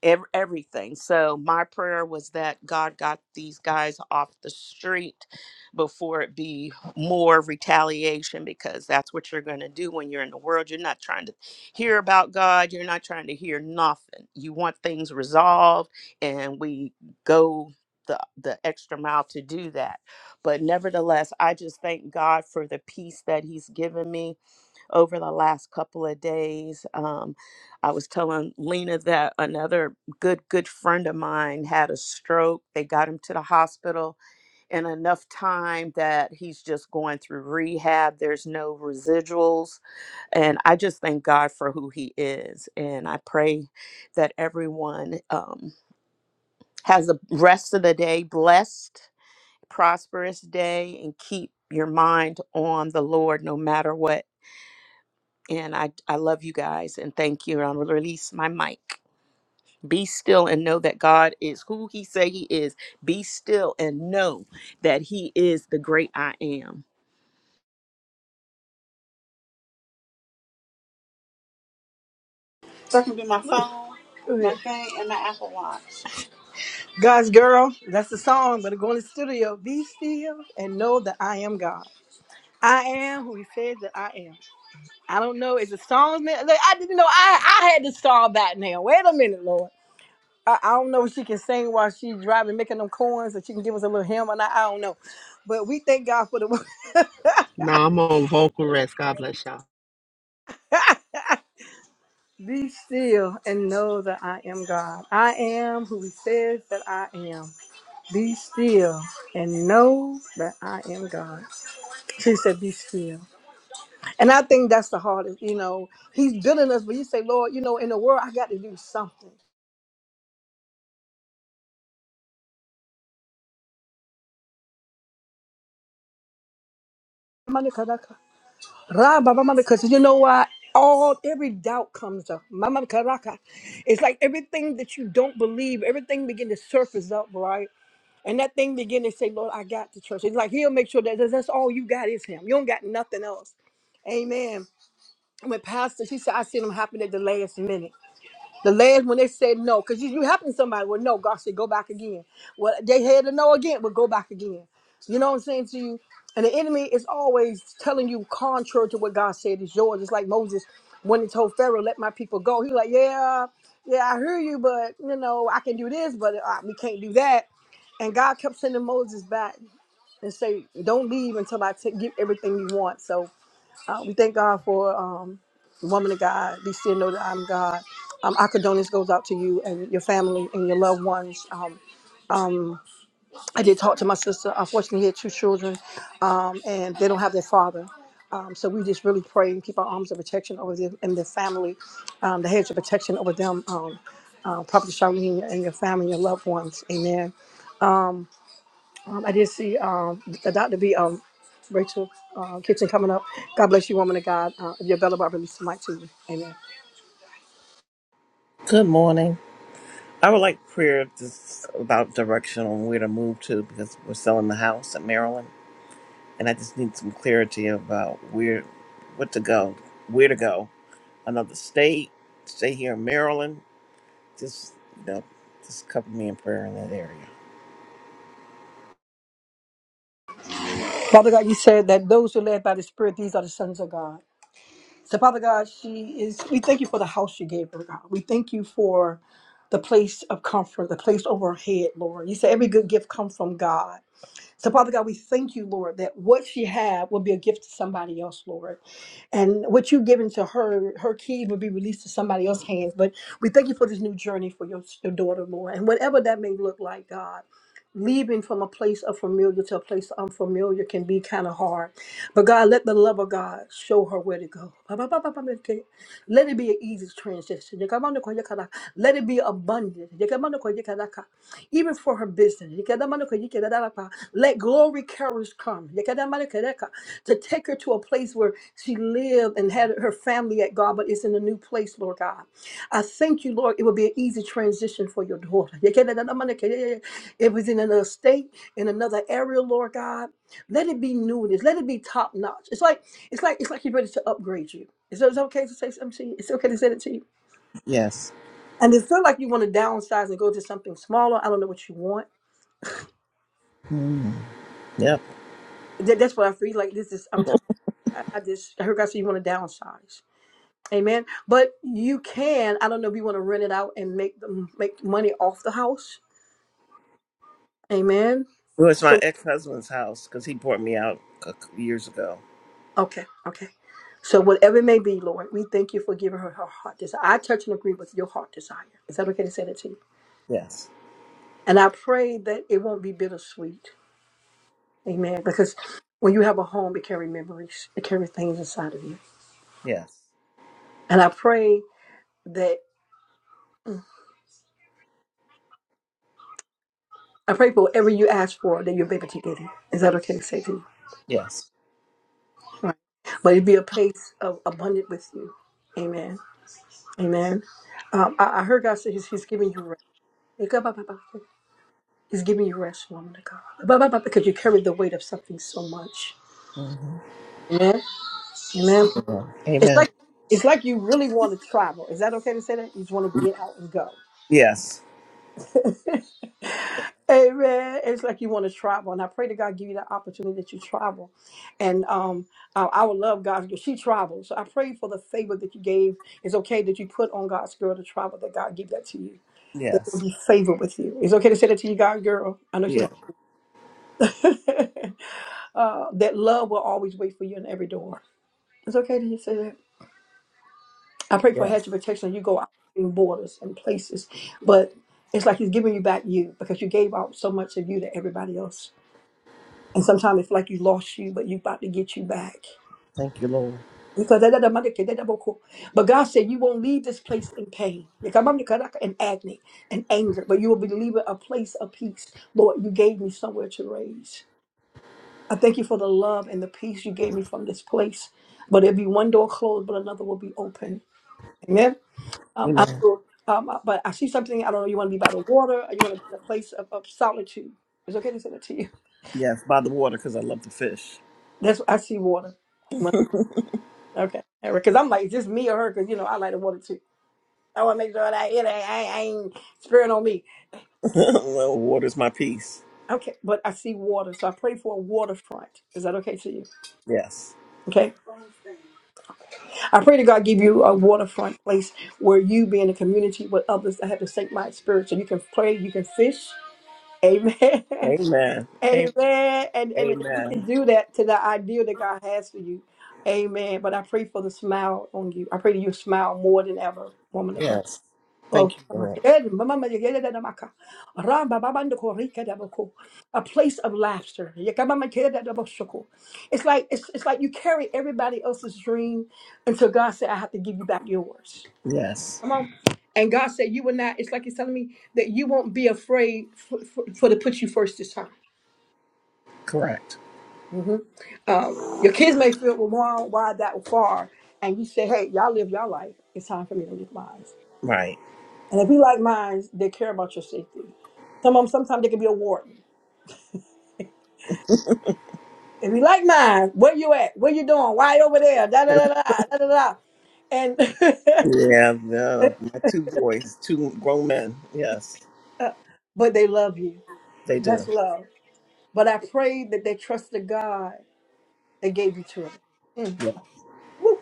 Speaker 8: ev- everything. So my prayer was that God got these guys off the street before it be more retaliation because that's what you're going to do when you're in the world. You're not trying to hear about God, you're not trying to hear nothing. You want things resolved and we go the the extra mile to do that but nevertheless, I just thank God for the peace that He's given me over the last couple of days. Um, I was telling Lena that another good, good friend of mine had a stroke. They got him to the hospital in enough time that he's just going through rehab. There's no residuals. And I just thank God for who He is. And I pray that everyone um, has the rest of the day blessed prosperous day and keep your mind on the Lord no matter what. And I, I love you guys and thank you. And I'll release my mic. Be still and know that God is who he say he is. Be still and know that he is the great I am.
Speaker 1: God's girl, that's the song. Better go in the studio. Be still and know that I am God. I am who He says that I am. I don't know. Is the song? Like, I didn't know. I I had to stall back now. Wait a minute, Lord. I, I don't know if she can sing while she's driving, making them corns, or she can give us a little hymn or not. I don't know. But we thank God for the. *laughs*
Speaker 9: No, I'm on vocal rest. God bless y'all.
Speaker 1: Be still and know that I am God. I am who He says that I am. Be still and know that I am God. He said, Be still. And I think that's the hardest, you know. He's building us, but you say, Lord, you know, in the world, I got to do something. Because you know why? All every doubt comes up. Mama Karaka. It's like everything that you don't believe, everything begin to surface up, right? And that thing begin to say, Lord, I got the church. It's like he'll make sure that that's all you got is him. You don't got nothing else. Amen. When Pastor, she said, I seen him happen at the last minute. The last when they said no, because you, you helping somebody, well, no, God said go back again. Well, they had to no again, but go back again. You know what I'm saying to you? And the enemy is always telling you contrary to what God said is yours. It's like Moses when he told Pharaoh, let my people go. He like, yeah, yeah, I hear you, but you know, I can do this, but uh, we can't do that. And God kept sending Moses back and say, don't leave until I take give everything you want. So uh, we thank God for um, the woman of God. We still know that I'm God. Um, our condolence goes out to you and your family and your loved ones. Um, I did talk to my sister. Unfortunately, he had two children, um, and they don't have their father. Um, so we just really pray and keep our arms of protection over them and their family, um, the hedge of protection over them. Um, uh, Prophet Charlene and your family, your loved ones. Amen. Um, I did see um, the Dr. B. Um, Rachel uh, Kitchen coming up. God bless you, woman of God. Uh, if you're available, I release the mic to you. Amen.
Speaker 10: Good morning. I would like prayer just about direction on where to move to because we're selling the house in Maryland, and I just need some clarity about where, what to go, where to go, another state, stay here in Maryland. Just you know, just cover me in prayer in that area.
Speaker 1: Father God, you said that those who are led by the Spirit, these are the sons of God. So, Father God, she is, we thank you for the house you gave her, God. We thank you for the place of comfort, the place over her head, Lord. You said every good gift comes from God. So, Father God, we thank you, Lord, that what she had will be a gift to somebody else, Lord. And what you've given to her, her keys will be released to somebody else's hands. But we thank you for this new journey for your, your daughter, Lord. And whatever that may look like, God, leaving from a place of familiar to a place of unfamiliar can be kind of hard. But God, let the love of God show her where to go. Let it be an easy transition. Let it be abundant. Even for her business. Let glory carriers come Yekadamalekadeka, to take her to a place where she lived and had her family at God, but it's in a new place, Lord God. I thank you, Lord. It will be an easy transition for your daughter. Yekadadamalekadeka. If it's in another state, in another area, Lord God, let it be newness. Let it be top notch. It's like it's like it's like you're ready to upgrade you. Is it okay to say something to you? It's okay to say it to you.
Speaker 10: Yes.
Speaker 1: And it feel like you want to downsize and go to something smaller. I don't know what you want.
Speaker 10: Hmm. Yep.
Speaker 1: That, that's what I feel like. This is. I I just I heard God say you want to downsize. Amen. But you can, I don't know if you want to rent it out and make them make money off the house. Amen.
Speaker 10: Well, it's my
Speaker 1: So
Speaker 10: ex husband's house because he bought me out a c- years ago.
Speaker 1: okay, okay. So whatever it may be, Lord, we thank you for giving her her heart desire. I touch and agree with your heart desire. Is that okay to say that to you?
Speaker 10: Yes.
Speaker 1: And I pray that it won't be bittersweet. Amen. Because when you have a home, it carry memories. It carry things inside of you.
Speaker 10: Yes.
Speaker 1: And I pray that I pray for whatever you ask for that you'll be able to get it. Is that okay to say to you?
Speaker 10: Yes.
Speaker 1: Right. But it'd be a place of abundant with you. Amen. Amen. Um, I, I heard God say he's, he's giving you rest. Like, ah, He's giving you rest, woman of God. Bah, bah, bah, Because you carry the weight of something so much.
Speaker 10: hmm
Speaker 1: Amen. Amen. It's
Speaker 10: Amen.
Speaker 1: like it's like you really want to travel. Is that okay to say that? You just want to get out and go.
Speaker 10: Yes.
Speaker 1: Amen. It's like you want to travel, and I pray to God give you the opportunity that you travel. And um, uh, I would love God's girl she travels. So I pray for the favor that you gave. It's okay that you put on God's girl to travel. That God give that to you. That will
Speaker 10: Yes.
Speaker 1: be favor with you. It's okay to say that to you, God girl. I know she.
Speaker 10: Yes.
Speaker 1: *laughs* uh, that love will always wait for you in every door. It's okay to say that. I pray for a
Speaker 10: Yes.
Speaker 1: hedge of protection. You go out in borders and places, but it's like He's giving you back you because you gave out so much of you to everybody else. And sometimes it's like you lost you, but you're about to get you back.
Speaker 10: Thank you, Lord.
Speaker 1: Because that- that- that- that- that- that- but God said you won't leave this place in pain, You in agony and anger, but you will be leaving a place of peace. Lord, you gave me somewhere to raise. I thank you for the love and the peace you gave me from this place. But there'll be one door closed, but another will be open. Um, I
Speaker 10: Amen.
Speaker 1: don't know, um, uh, but I see something. I don't know. You want to be by the water, or you want to be in a place of, of solitude? It's okay to send it to you.
Speaker 10: Yes, by the water, because I love the fish.
Speaker 1: *laughs* That's I see water. When- Okay, because I'm like, is this me or her? Because you know I like the water too. I want to make sure that it ain't, I ain't spilling on me.
Speaker 10: *laughs* well, water's my peace.
Speaker 1: Okay, but I see water, so I pray for a waterfront. Is that okay to you?
Speaker 10: Yes.
Speaker 1: Okay, I pray to God give you a waterfront place where you be in a community with others that have the same mind spirit, so you can pray, you can fish. Amen. *laughs*
Speaker 10: Amen. Amen.
Speaker 1: Amen. And and if you can
Speaker 10: Amen.
Speaker 1: do that to the ideal that God has for you. Amen. But I pray for the smile on you. I pray that you smile more than ever, woman of God.
Speaker 10: Yes.
Speaker 1: Oh,
Speaker 10: Thank you,
Speaker 1: God.
Speaker 10: Lord.
Speaker 1: a place of laughter. It's like it's, it's like you carry everybody else's dream until God said, I have to give you back yours.
Speaker 10: Yes.
Speaker 1: Come on. And God said, You will not, it's like He's telling me that you won't be afraid for, for, for to put you first this time.
Speaker 10: Correct.
Speaker 1: hmm Um, your kids may feel well, mom, why that far? And you say, hey, y'all live your life. It's time for me to live mine.
Speaker 10: Right.
Speaker 1: And if you like mine, they care about your safety. Some of them, sometimes they can be a warden. If you like mine, where you at? Where you doing? Why you over there? Da
Speaker 10: *laughs* yeah,
Speaker 1: da da da da da da. And
Speaker 10: the, my two boys, two grown men. Yes,
Speaker 1: *laughs* but they love you.
Speaker 10: they do.
Speaker 1: That's love. But I pray that they trust the God that gave you to them. Mm.
Speaker 10: Yeah.
Speaker 1: Woo.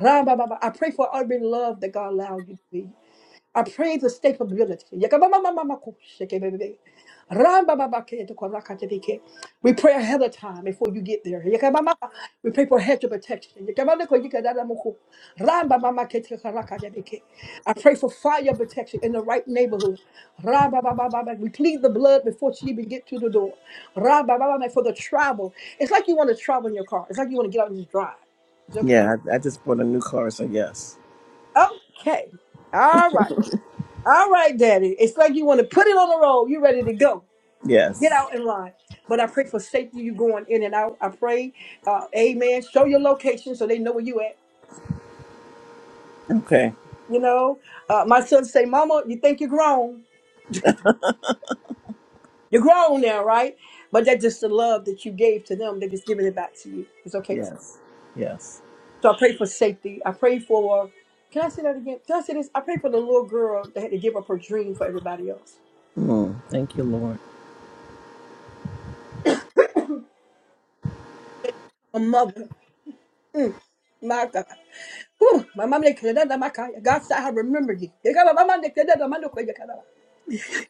Speaker 1: Ra-ba-ba-ba. I pray for urban love that God allowed you to be. I pray for stability. Yakabamamamakushe. Rambababaketokorakatebike. We pray ahead of time before you get there. Yakabama- We pray for hedge of protection. Yakabanikoyikadadamuku. Rambabamaketekorakatebike. I pray for fire protection in the right neighborhood. Rabababababa. We plead the blood before she even get to the door. Rababababa, For the travel. It's like you want to travel in your car. It's like you want to get out and just drive. It's okay.
Speaker 10: Yeah, I, I just bought a new car, so yes.
Speaker 1: Okay. All right. All right, Daddy. It's like you want to put it on the road. You're ready to go. Get
Speaker 10: Yes.
Speaker 1: out in line. But I pray for safety. You going in and out. I pray, uh, Amen. Show your location so they know where you at.
Speaker 10: Okay.
Speaker 1: You know, uh, my son say, Mama, you think you're grown? You're grown now, right? But that's just the love that you gave to them. They're just giving it back to you. It's okay.
Speaker 10: Yes. Yes.
Speaker 1: So I pray for safety. I pray for. Can I say that again? Can I say this? I pray for the little girl that had to give up her dream for everybody else.
Speaker 10: Mm. Thank you, Lord.
Speaker 1: A mother, my God. Whew, my mama mne that da maka. God said I have remembered you. Ye kaba mama mne kenda da mando koya kada.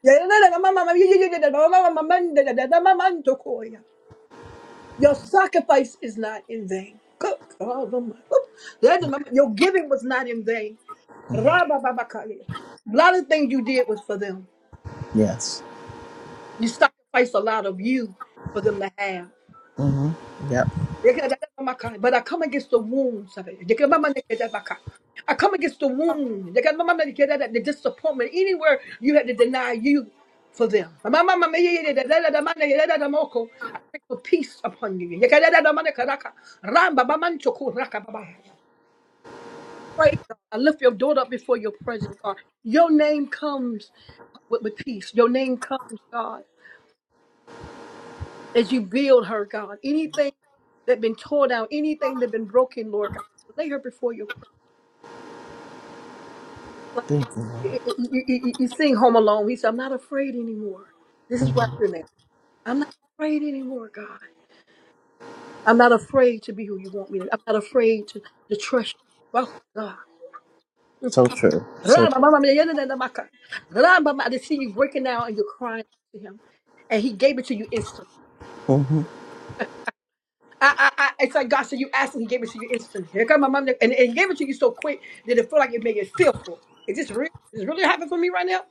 Speaker 1: Ye na na mama mama ye ye ye da mama mama mama da da da mama ndo koya. Your sacrifice is not in vain. Good God Almighty. Yeah, the mama- Your giving was not in vain.
Speaker 10: Mm.
Speaker 1: Raba baba kaya. A lot of things you did was for them.
Speaker 10: Yes.
Speaker 1: You sacrificed a lot of you for them to have.
Speaker 10: Mm-hmm. Yep.
Speaker 1: But I come against the wounds of it. I come against the wound, the disappointment, anywhere you had to deny you for them. I pray for peace upon you. Praise! God. I lift your daughter up before your presence, God. Your name comes with, with peace. Your name comes, God. as you build her, God. Anything that been torn down, anything that been broken, Lord God, lay her before your presence. Like
Speaker 10: Thank you, Lord.
Speaker 1: you, you, you you sing Home Alone. He said, "I'm not afraid anymore. This is why
Speaker 10: Mhm.
Speaker 1: you're now. I'm not afraid anymore, God. I'm not afraid to be who you want me to. I'm not afraid to, to trust you. Oh God."
Speaker 10: So true. So
Speaker 1: I see you breaking down and you're crying to him. And he gave it to you instantly.
Speaker 10: true. hmm
Speaker 1: I, I, I, it's like God said, you asked and He gave it to you instantly. Here come my mom, and, and He gave it to you so quick that it felt like it made it fearful. Is this real? Is this really happening for me right now?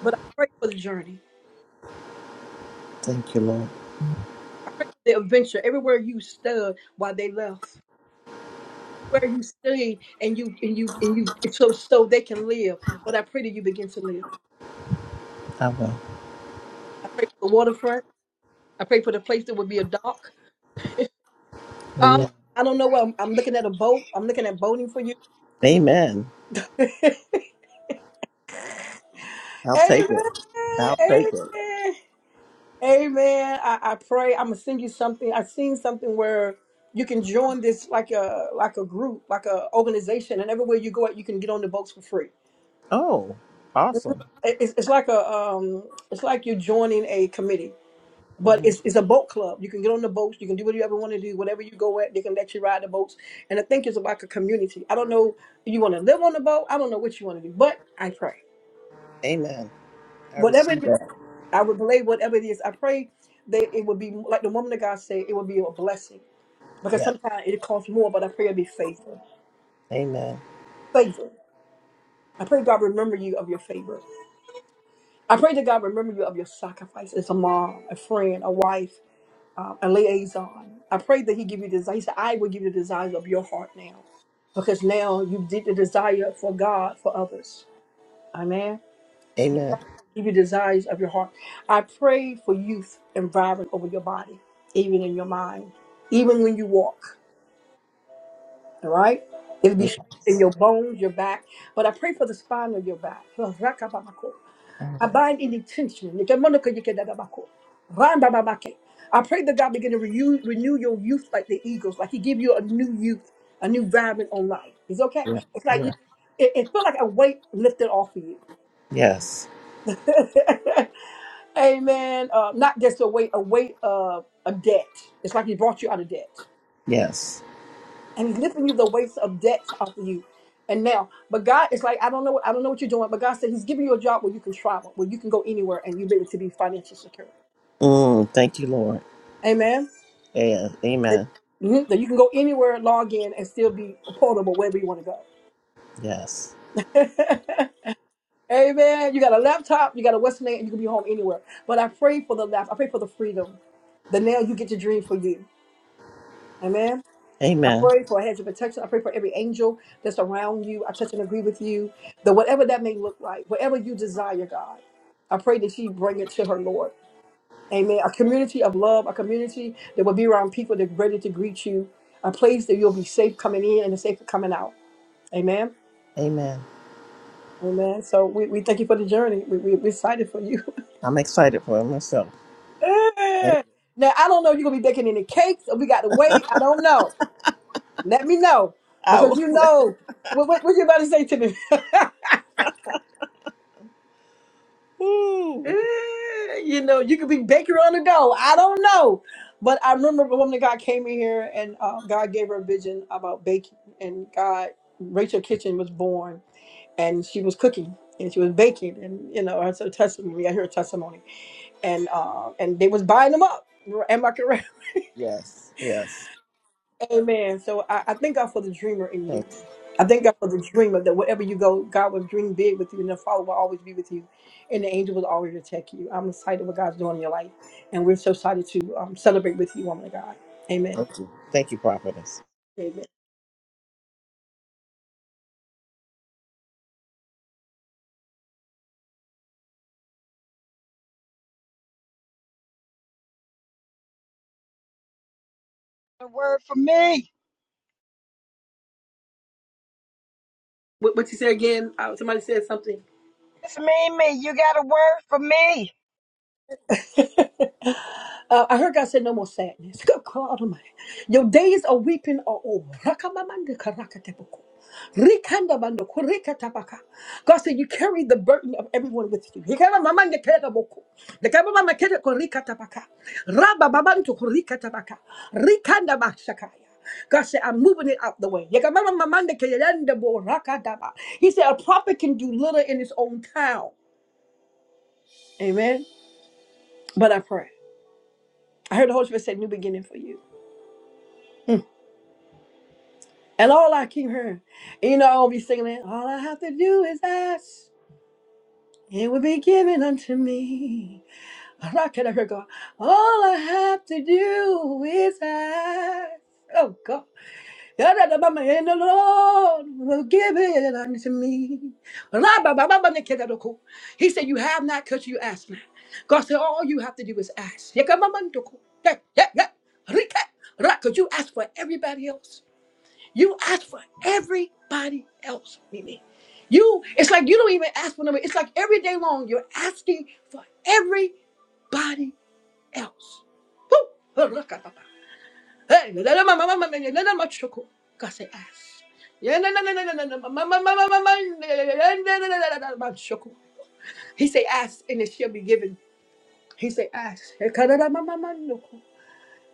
Speaker 1: But I pray for the journey.
Speaker 10: Thank you, Lord.
Speaker 1: I pray for the adventure. Everywhere you stood while they left, where you stayed, and you and you and you it's so so they can live. But I pray that you begin to live.
Speaker 10: I will.
Speaker 1: I pray for the waterfront. I pray for the place that would be a dock. *laughs* Um,
Speaker 10: Amen.
Speaker 1: I don't know what I'm, I'm looking at a boat. I'm looking at boating for you.
Speaker 10: Amen.
Speaker 1: *laughs* amen.
Speaker 10: I'll take it. I'll take it.
Speaker 1: Amen. Amen. I, I pray. I'm gonna send you something. I've seen something where you can join this like a like a group, like a organization, and everywhere you go, you can get on the boats for free.
Speaker 10: Oh, awesome.
Speaker 1: It- It's, it's like a um, it's like you're joining a committee, but
Speaker 10: hmm
Speaker 1: it's it's a boat club. You can get on the boats. You can do whatever you want to do. Whatever you go at, they can let you ride the boats. And I think it's like a community. I don't know if you want to live on the boat. I don't know what you want to do, but I pray
Speaker 10: Amen. I
Speaker 1: whatever it
Speaker 10: receive
Speaker 1: may be.
Speaker 10: that.
Speaker 1: I would believe whatever it is. I pray that it would be like the woman of God said. It would be a blessing because
Speaker 10: Yeah.
Speaker 1: sometimes it costs more, but I pray it be favor.
Speaker 10: Amen.
Speaker 1: Favor. I pray God remember you of your favor. I pray that God remember you of your sacrifice as a mom, a friend, a wife, um, a liaison. I pray that He give you desire. He said, I will give you the desires of your heart now. Because now you did the desire for God, for others. Amen.
Speaker 10: Amen.
Speaker 1: Give you desires of your heart. I pray for youth and vibrant over your body, even in your mind, even when you walk. All right? It'll be strength in your bones, your back. But I pray for the spine of your back.
Speaker 10: Yeah.
Speaker 1: I bind any tension. I pray that God begin to renew, renew your youth like the eagles, like He give you a new youth, a new vibrant on life. It's okay.
Speaker 10: Yeah.
Speaker 1: It's like
Speaker 10: Yeah.
Speaker 1: you, it, it feel like a weight lifted off of you.
Speaker 10: Yes.
Speaker 1: *laughs* Amen. Uh, not just a weight, a weight of a debt. It's like He brought you out of debt.
Speaker 10: Yes.
Speaker 1: and he's lifting you the weights of debts off of you. And now, but God is like, I don't know what I don't know what you're doing, but God said He's giving you a job where you can travel, where you can go anywhere, and you're able to be financially secure.
Speaker 10: Mm, thank you, Lord.
Speaker 1: Amen.
Speaker 10: Yeah.
Speaker 1: That
Speaker 10: Amen.
Speaker 1: mhm, that you can go anywhere, log in, and still be portable wherever you want to
Speaker 10: Yes.
Speaker 1: go. *laughs* Amen. You got a laptop, you got a Western and you can be home anywhere. But I pray for the laptop. I pray for the freedom. The now you get your dream for you. Amen. I
Speaker 10: Amen.
Speaker 1: pray for a hedge of protection. I pray for every angel that's around you. I touch and agree with you. That whatever that may look like, whatever you desire, God, I pray that she bring it to her Lord. Amen. A community of love, a community that will be around people that are ready to greet you, a place that you'll be safe coming in and safe coming out. Amen.
Speaker 10: Amen.
Speaker 1: Amen. So we, we thank you for the journey. We, we, we're excited for you. *laughs*
Speaker 10: I'm excited for it myself. Thank
Speaker 1: Eh.
Speaker 10: you.
Speaker 1: now, I don't know if you're going to be baking any cakes or we got to wait. I don't know. Let me know
Speaker 10: I
Speaker 1: because
Speaker 10: will.
Speaker 1: you
Speaker 10: *laughs*
Speaker 1: know. What, what, what you about to say to me? *laughs* Eh,
Speaker 10: Ooh.
Speaker 1: you know, you could be baker on the dough. I don't know. But I remember the woman of God came in here and uh, God gave her a vision about baking. And God, Rachel Kitchen was born and she was cooking and she was baking. And, you know, that's her testimony. I hear her testimony. And uh, and they was buying them up. Am I correct?
Speaker 10: Yes. Yes.
Speaker 1: Amen. So I, I thank God for the dreamer in you.
Speaker 10: Thank you.
Speaker 1: I thank God for the dreamer that wherever you go, God will dream big with you and the Father will always be with you and the angel will always protect you. I'm excited what God's doing in your life and we're so excited to um, celebrate with you, woman of God. Amen.
Speaker 10: Thank you. Thank you, prophetess.
Speaker 1: Amen.
Speaker 2: A word for me.
Speaker 1: What, what you say again? Uh, somebody said something.
Speaker 2: It's me, me. You got a word for me.
Speaker 1: Uh, I heard God said, No more sadness. *laughs* Good God Almighty. Your days of weeping are over. Rakamamande karakatepoko. Rikandabando kurikatabaka. God said, You carry the burden of everyone with you. Hikamamamande kereboko. Dekamamama kere kurikatabaka. Rabababanto kurikatabaka. Rikandabashakaya. God said, I'm moving it out the way. Yakamamamamande kerendebo rakadaba. He said, A prophet can do little in his own town. Amen. But I pray. I heard the Holy Spirit say, New beginning for you. Mm. And all I keep hearing, you know, I'll be singing it. All I have to do is ask, it will be given unto me. All I can ever go, all I have to do is ask. Oh God. Yeah, that the mama And the Lord will give it unto me. Well, La, ba, ba, ba, ba, nika, da, do, ko. He said, You have not because you ask not. God said, All you have to do is ask. Because you ask for everybody else. You ask for everybody else, Mimi. You, it's like you don't even ask for nobody. It's like every day long you're asking for everybody else. Woo! Oh, look at Papa. Hey, la, la, ma, ma, ma, ma, ma, la, la, ma, choco. God say ask. Yeah, la, la, la, la, la, la, la, ma, ma, ma, ma, ma, ma, ma, la, la, la, la, la, la, la, la, la, ma, choco. He say ask and it shall be given. He say ask.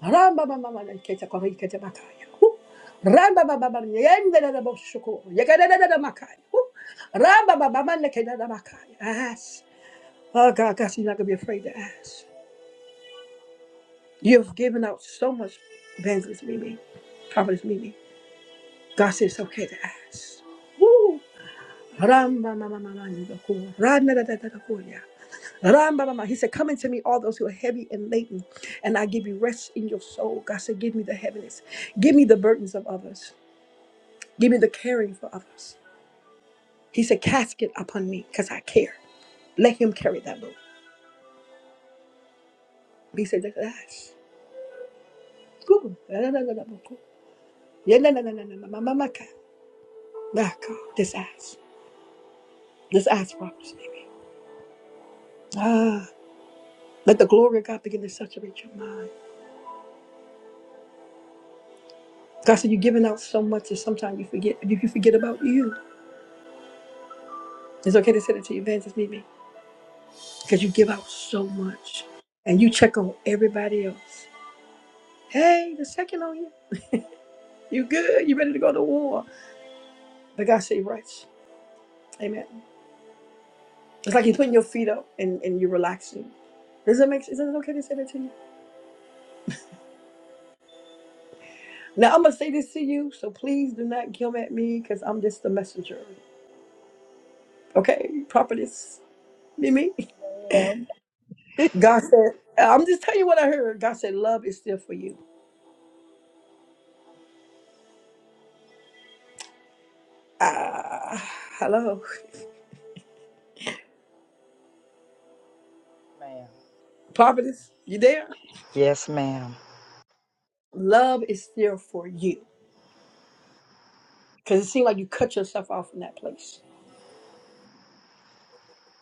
Speaker 1: Ramba mama mama kete kori kete makaya. Hu. Ramba baba baba yende na bo shuko. Yekada na na makaya. Hu. Ramba baba mama kete na na makaya. Ask. Oh God, God, you're not gonna be afraid to ask. You've given out so much evangelist Mimi, prophetess Mimi. God says it's okay to ask. Woo. Ramba mama mama nidaku, rana da da da da kuya. Ramba mama. He said, Come into me, all those who are heavy and laden, and I give you rest in your soul. God said, Give me the heaviness. Give me the burdens of others. Give me the caring for others. He said, Cast it upon me, because I care. Let him carry that load. He said, Look at us. Ooh, la la la la la, boo. Yeah, la la la la la, ma- ma- ma- ma- ka. Ah, God, This ass. This ass promise. Ah, let the glory of God begin to saturate your mind. God said, You're giving out so much that sometimes you forget you, you forget about you. It's okay to say that to your evangelist, meet me, because you give out so much and you check on everybody else. Hey, the checking on you. You good? You ready to go to war? But God said, Rest. Amen. It's like you're putting your feet up and, and you're relaxing. Does it make sense? Is it okay to say that to you? Now, I'm going to say this to you, so please do not come at me because I'm just the messenger. Okay? Prophetess, me, me.
Speaker 2: No,
Speaker 1: God said, I'm just telling you what I heard. God said, Love is still for you. Ah, hello,
Speaker 2: ma'am.
Speaker 1: prophetess. You there?
Speaker 2: Yes, ma'am.
Speaker 1: Love is there for you because it seems like you cut yourself off from that place.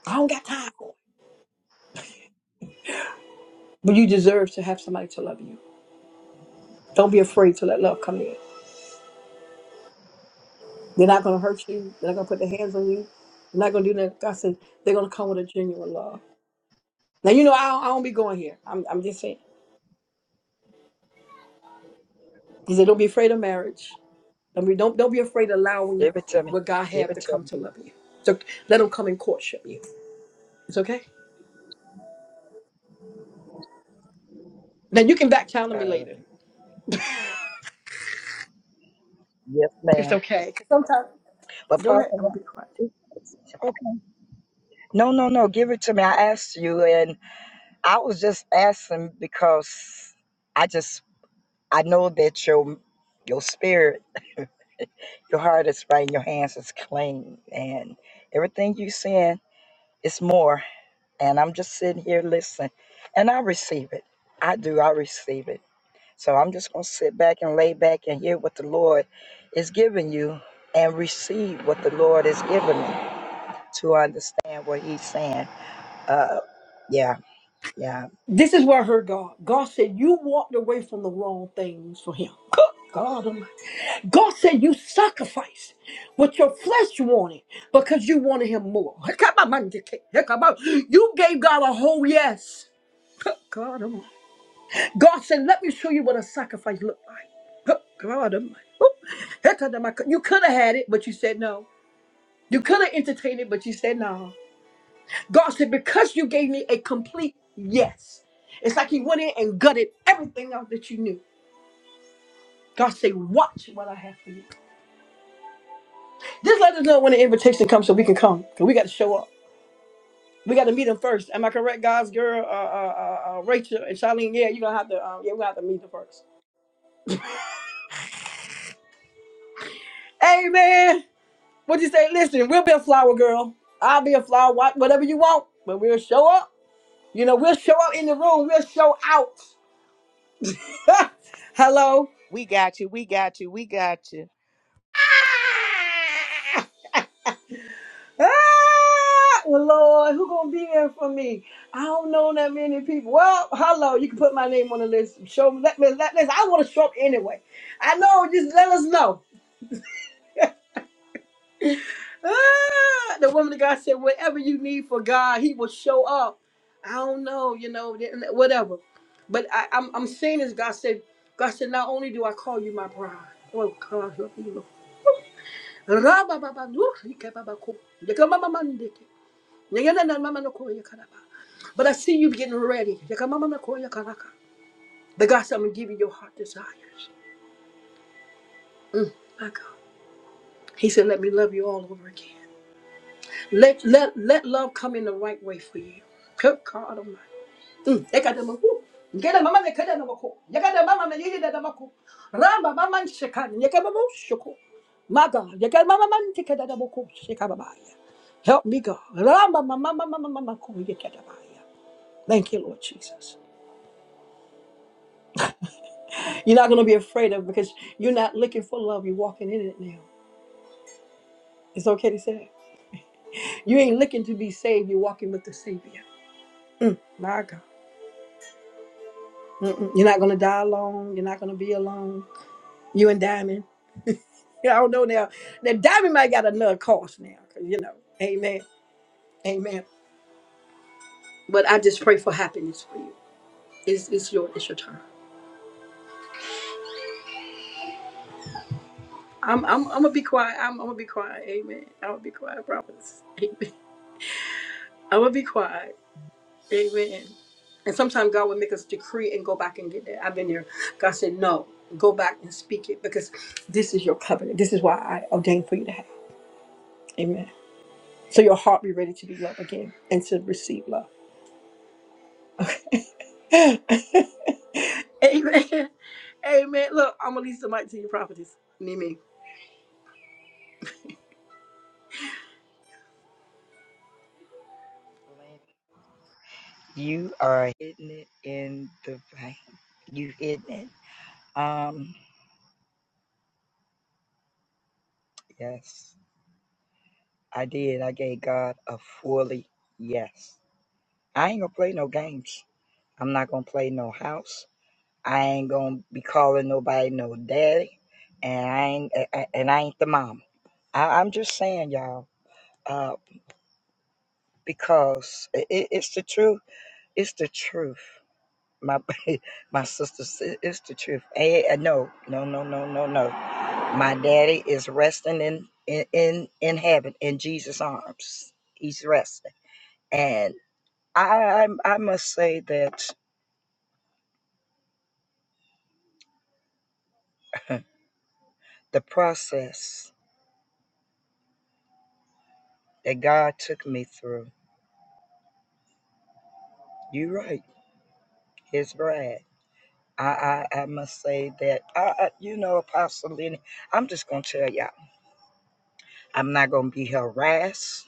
Speaker 1: I don't got time for it, but you deserve to have somebody to love you. Don't be afraid to let love come in. They're not gonna hurt you. They're not gonna put their hands on you. They're not gonna do that. God said they're gonna come with a genuine love. Now you know I don't, I don't be going here. I'm, I'm just saying. He said, don't be afraid of marriage. Don't be don't don't be afraid of allowing
Speaker 2: Give it to me.
Speaker 1: what God
Speaker 2: Give
Speaker 1: have to
Speaker 2: it to
Speaker 1: come
Speaker 2: me.
Speaker 1: to love you. So let Him come and courtship you. It's okay. Now you can back channel me
Speaker 2: Uh,
Speaker 1: later.
Speaker 2: yes,
Speaker 1: It's
Speaker 2: ma'am.
Speaker 1: okay. 'Cause Sometimes
Speaker 2: But
Speaker 1: go ahead. I'm gonna
Speaker 2: Apostle,
Speaker 1: be quiet.
Speaker 2: okay. No, no, no. Give it to me. I asked you, and. I was just asking because I just I know that your your spirit, *laughs* your heart is right, and your hands is clean, and everything you saying is more. And I'm just sitting here listening, and I receive it. I do. I receive it. So I'm just gonna sit back and lay back and hear what the Lord is giving you, and receive what the Lord is giving me to understand what He's saying. Uh, yeah, yeah.
Speaker 1: This is where I heard God. God said you walked away from the wrong things for Him. *gasps* *laughs* God, Almighty. God said you sacrificed what your flesh wanted because you wanted Him more. *laughs* You gave God a whole yes. *laughs* God, Almighty. God said, let me show you what a sacrifice looked like. *laughs* God, Almighty. you could have had it, but you said no. You could have entertained it, but you said no. God said, Because you gave me a complete yes. It's like He went in and gutted everything out that you knew. God said, Watch what I have for you. Just let us know when the invitation comes so we can come. Because we got to show up. We got to meet them first. Am I correct, God's girl, uh, uh, uh, uh, Rachel and Charlene? Yeah, you're going to have to, uh, yeah, we have to meet them first. Amen. What you say? Listen, we'll be a flower girl. I'll be a flower, wha- whatever you want. But we'll show up. You know, we'll show up in the room. We'll show out. *laughs* Hello.
Speaker 8: We got you. We got you. We got you.
Speaker 1: Ah, well, Lord, who gonna be there for me? I don't know that many people. Well, hello, you can put my name on the list. Show me, let me, let me. I want to show up anyway. I know, just let us know. Ah, the woman of God said, whatever you need for God, He will show up. I don't know, you know, whatever. But I, I'm, I'm saying this. God said, God said, not only do I call you my bride. Oh God, help me, Lord. Ra-ba-ba-ba-do, ri-ka-ba-ba-ko, yaka-ma-ma-ma-ndeke. But I see you getting ready. The God said, I'm going to give you your heart desires. Mm, my God. He said, let me love you all over again. Let let let love come in the right way for you. Good God Almighty. Mm. They got them, woo. mama, they cut them, mama, cool. You mama, they did them, mama, cool. Ramba, mama, and shakan. You got oh, My God, you got mama, man, take that, mama, cool. yeah. Help me, God. Ramba, mama, mama, mama, mama, cool. You got yeah. Thank you, Lord Jesus. You're not gonna be afraid of it because you're not looking for love. You're walking in it now. It's okay to say that. You ain't looking to be saved. You're walking with the Savior. Mm, my God. Mm-mm. You're not gonna die alone. You're not gonna be alone. You and Diamond. *laughs* Yeah, I don't know now. Now Diamond might got another cost now, cause you know. Amen. Amen. But I just pray for happiness for you. It's it's your it's your turn. I'm I'm I'm gonna be quiet. I'm I'm gonna be quiet. Amen. I'm gonna be quiet. I promise. Amen. I'm gonna be quiet. Amen. And sometimes God will make us decree and go back and get that. I've been there. God said, no, go back and speak it because this is your covenant. This is why I ordained for you to have. Amen. So your heart be ready to be loved again and to receive love. *laughs* Amen. Amen. Look, I'm going to leave the mic to your prophetess. Mimi.
Speaker 2: You are hitting it in the vein. You hitting it. Um, yes, I did. I gave God a fully yes. I ain't gonna play no games. I'm not gonna play no house. I ain't gonna be calling nobody no daddy, and I ain't a- and I ain't the mom. I, I'm just saying, y'all, uh, because it, it- it's the truth. It's the truth. My *laughs* my sister, it's the truth. Eh, eh, no, no, no, no, no, no. My daddy is resting in in in, in heaven in Jesus' arms. He's resting, and I I, I must say that *laughs* the process that God took me through. You're right, His bride. I, I, I must say that I, I you know Apostle Lenny, I'm just gonna tell y'all, I'm not gonna be harassed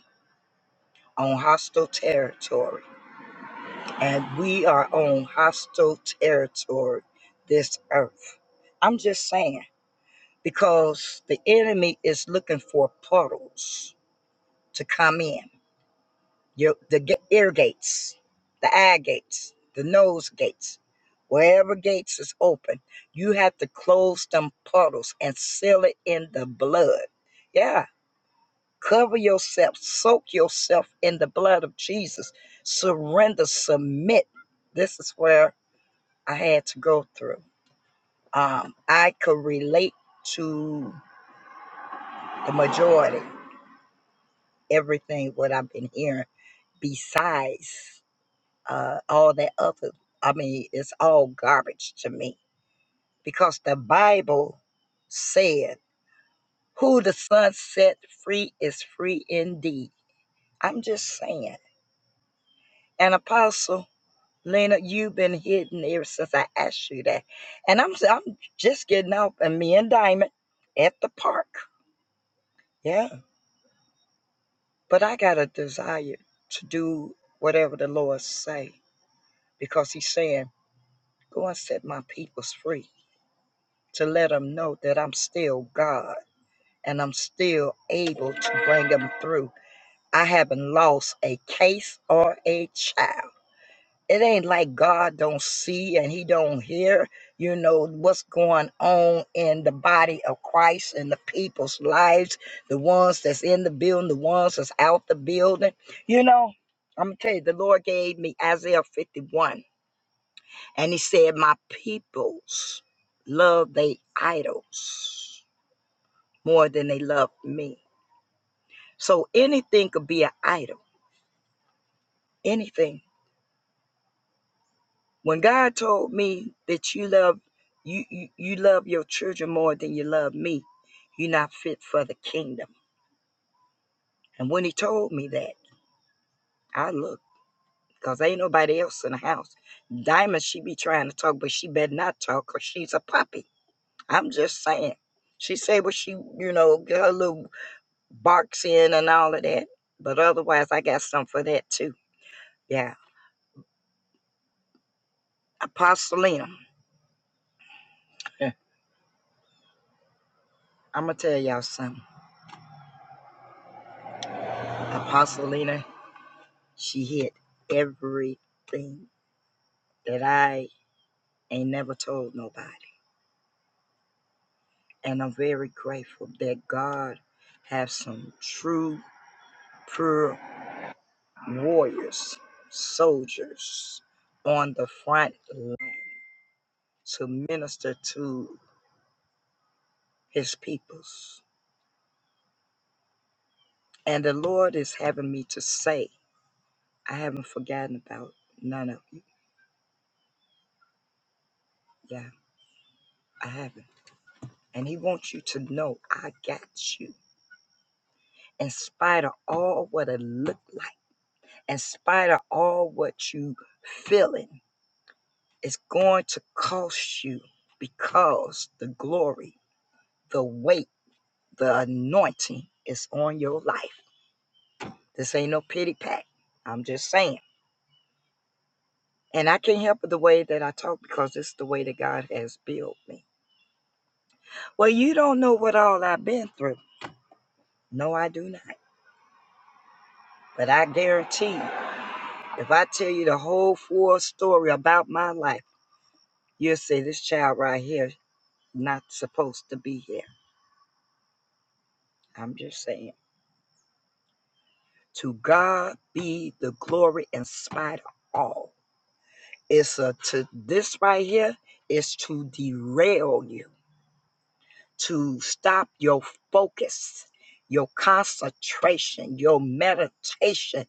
Speaker 2: on hostile territory. And we are on hostile territory, this earth. I'm just saying. because the enemy is looking for portals to come in. Your, the ear gates, the eye gates, the nose gates, wherever gates is open, you have to close them portals and seal it in the blood. Yeah, cover yourself, soak yourself in the blood of Jesus, surrender, submit. This is where I had to go through. Um, I could relate to the majority everything what I've been hearing besides uh, all that other. I mean, it's all garbage to me because the Bible said, Who the Son set free is free indeed. I'm just saying. And Apostle Lena, you've been hidden ever since I asked you that. And I'm, I'm just getting off, and me and Diamond at the park. Yeah. But I got a desire to do whatever the Lord say because he's saying, Go and set my peoples free to let them know that I'm still God and I'm still able to bring them through. I haven't lost a case or a child. It ain't like God don't see and he don't hear, you know, what's going on in the body of Christ and the people's lives, the ones that's in the building, the ones that's out the building. You know, I'm gonna tell you, the Lord gave me Isaiah 51 And he said, My peoples love they idols more than they love me. So anything could be an idol. Anything. When God told me that you love you, you, you love your children more than you love me, you're not fit for the kingdom. And when he told me that, I looked, because ain't nobody else in the house. Diamond, she be trying to talk, but she better not talk because she's a puppy. I'm just saying. She say what she, you know, get her little boxing and all of that. But otherwise, I got some for that too. Yeah. Apostolina. *laughs* I'm going to tell y'all something. Apostolina, she hit everything that I ain't never told nobody. And I'm very grateful that God has some true, pure warriors, soldiers on the front line to minister to his peoples. And the Lord is having me to say, I haven't forgotten about none of you. Yeah, I haven't. And he wants you to know I got you. In spite of all what it looked like, in spite of all what you feeling, it's going to cost you because the glory, the weight, the anointing is on your life. This ain't no pity pack. I'm just saying. And I can't help it the way that I talk because it's the way that God has built me. Well, you don't know what all I've been through. No, I do not. But I guarantee you, if I tell you the whole full story about my life, you'll say this child right here not supposed to be here. I'm just saying. To God be the glory in spite of all. It's a to this right here is to derail you, to stop your focus, your concentration, your meditation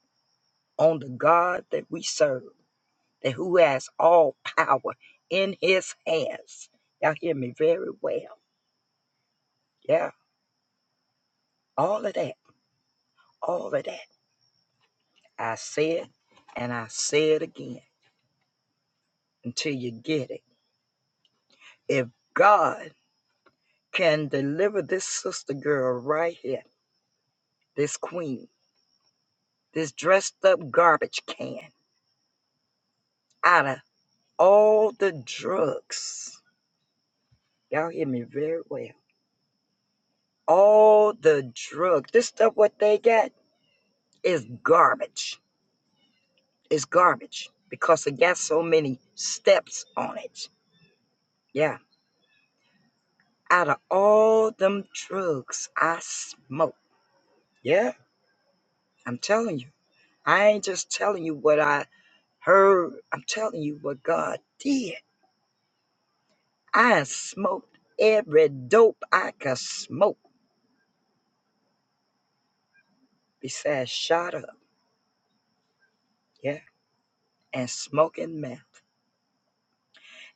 Speaker 2: on the God that we serve. that who has all power in his hands. Y'all hear me very well. Yeah, all of that, all of that. I say it and I say it again until you get it. If God can deliver this sister girl right here, this queen, this dressed up garbage can out of all the drugs. Y'all hear me very well. All the drugs. This stuff what they got is garbage Is garbage because it got so many steps on it. Yeah. Out of all them drugs I smoke. Yeah, I'm telling you. I ain't just telling you what I heard. I'm telling you what God did. I smoked every dope I could smoke besides shot up. Yeah. And smoking meth.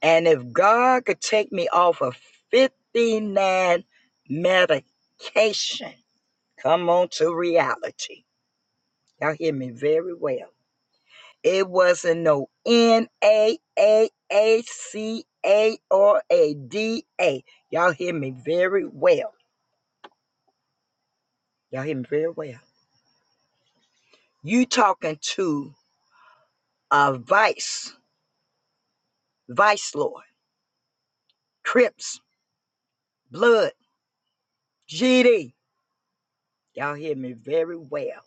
Speaker 2: And if God could take me off of 59 medication, come on to reality Y'all hear me very well. It wasn't no N A A A C A or a D A. Y'all hear me very well. Y'all hear me very well. You talking to a vice, vice lord, Crips, Blood, GD. Y'all hear me very well.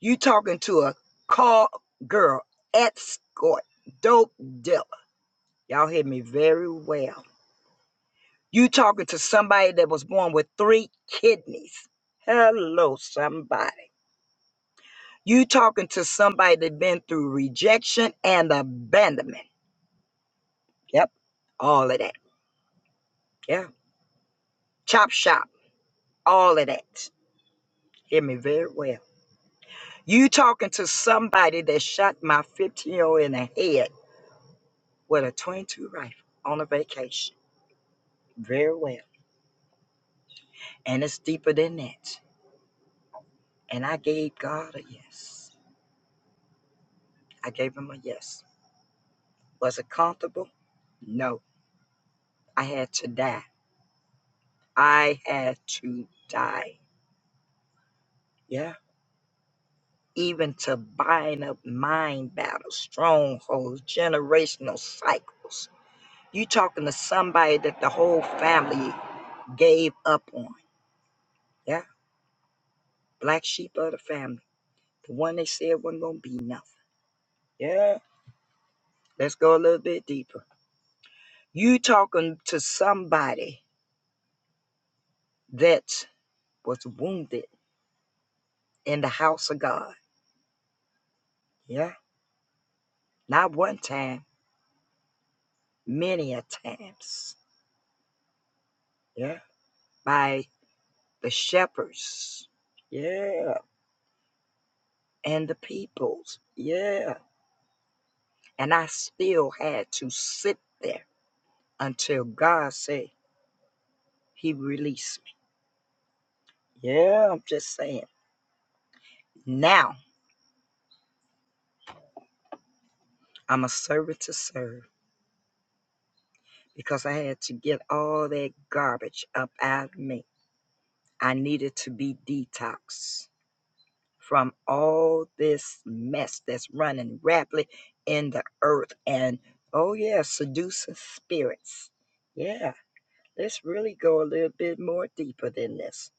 Speaker 2: You talking to a call girl, escort, dope dealer. Y'all hear me very well. You talking to somebody that was born with three kidneys. Hello, somebody. You talking to somebody that been through rejection and abandonment. Yep. All of that. Yeah. Chop shop. All of that. Hear me very well. You talking to somebody that shot my 15 year old in the head with a 22 rifle on a vacation. Very well. And it's deeper than that. And I gave God a yes. I gave him a yes. Was it comfortable? No. I had to die. I had to die. Yeah. Even to bind up mind battles, strongholds, generational cycles. You talking to somebody that the whole family gave up on. Yeah. Black sheep of the family. The one they said wasn't gonna be nothing. Yeah. Let's go a little bit deeper. You talking to somebody that was wounded in the house of God. Yeah. Not one time, many a times. Yeah. by the shepherds, yeah, and the peoples, yeah. And I still had to sit there until God said He released me. Yeah, I'm just saying. Now I'm a servant to serve because I had to get all that garbage up out of me. I needed to be detoxed from all this mess that's running rapidly in the earth and, oh, yeah, seducing spirits. Yeah Let's really go a little bit more deeper than this.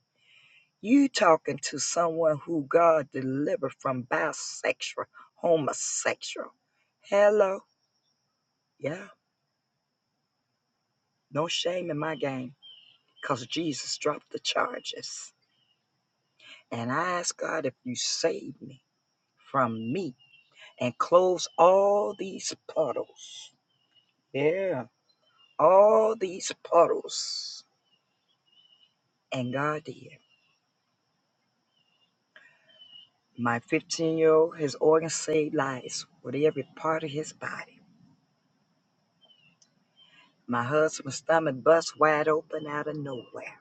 Speaker 2: You talking to someone who God delivered from bisexual, homosexual. Hello. Yeah, no shame in my game. Cause Jesus dropped the charges. And I ask God if you save me from me and close all these puddles. Yeah, all these puddles. And God did. My 15 year old, his organs saved lives with every part of his body. My husband's stomach bust wide open out of nowhere.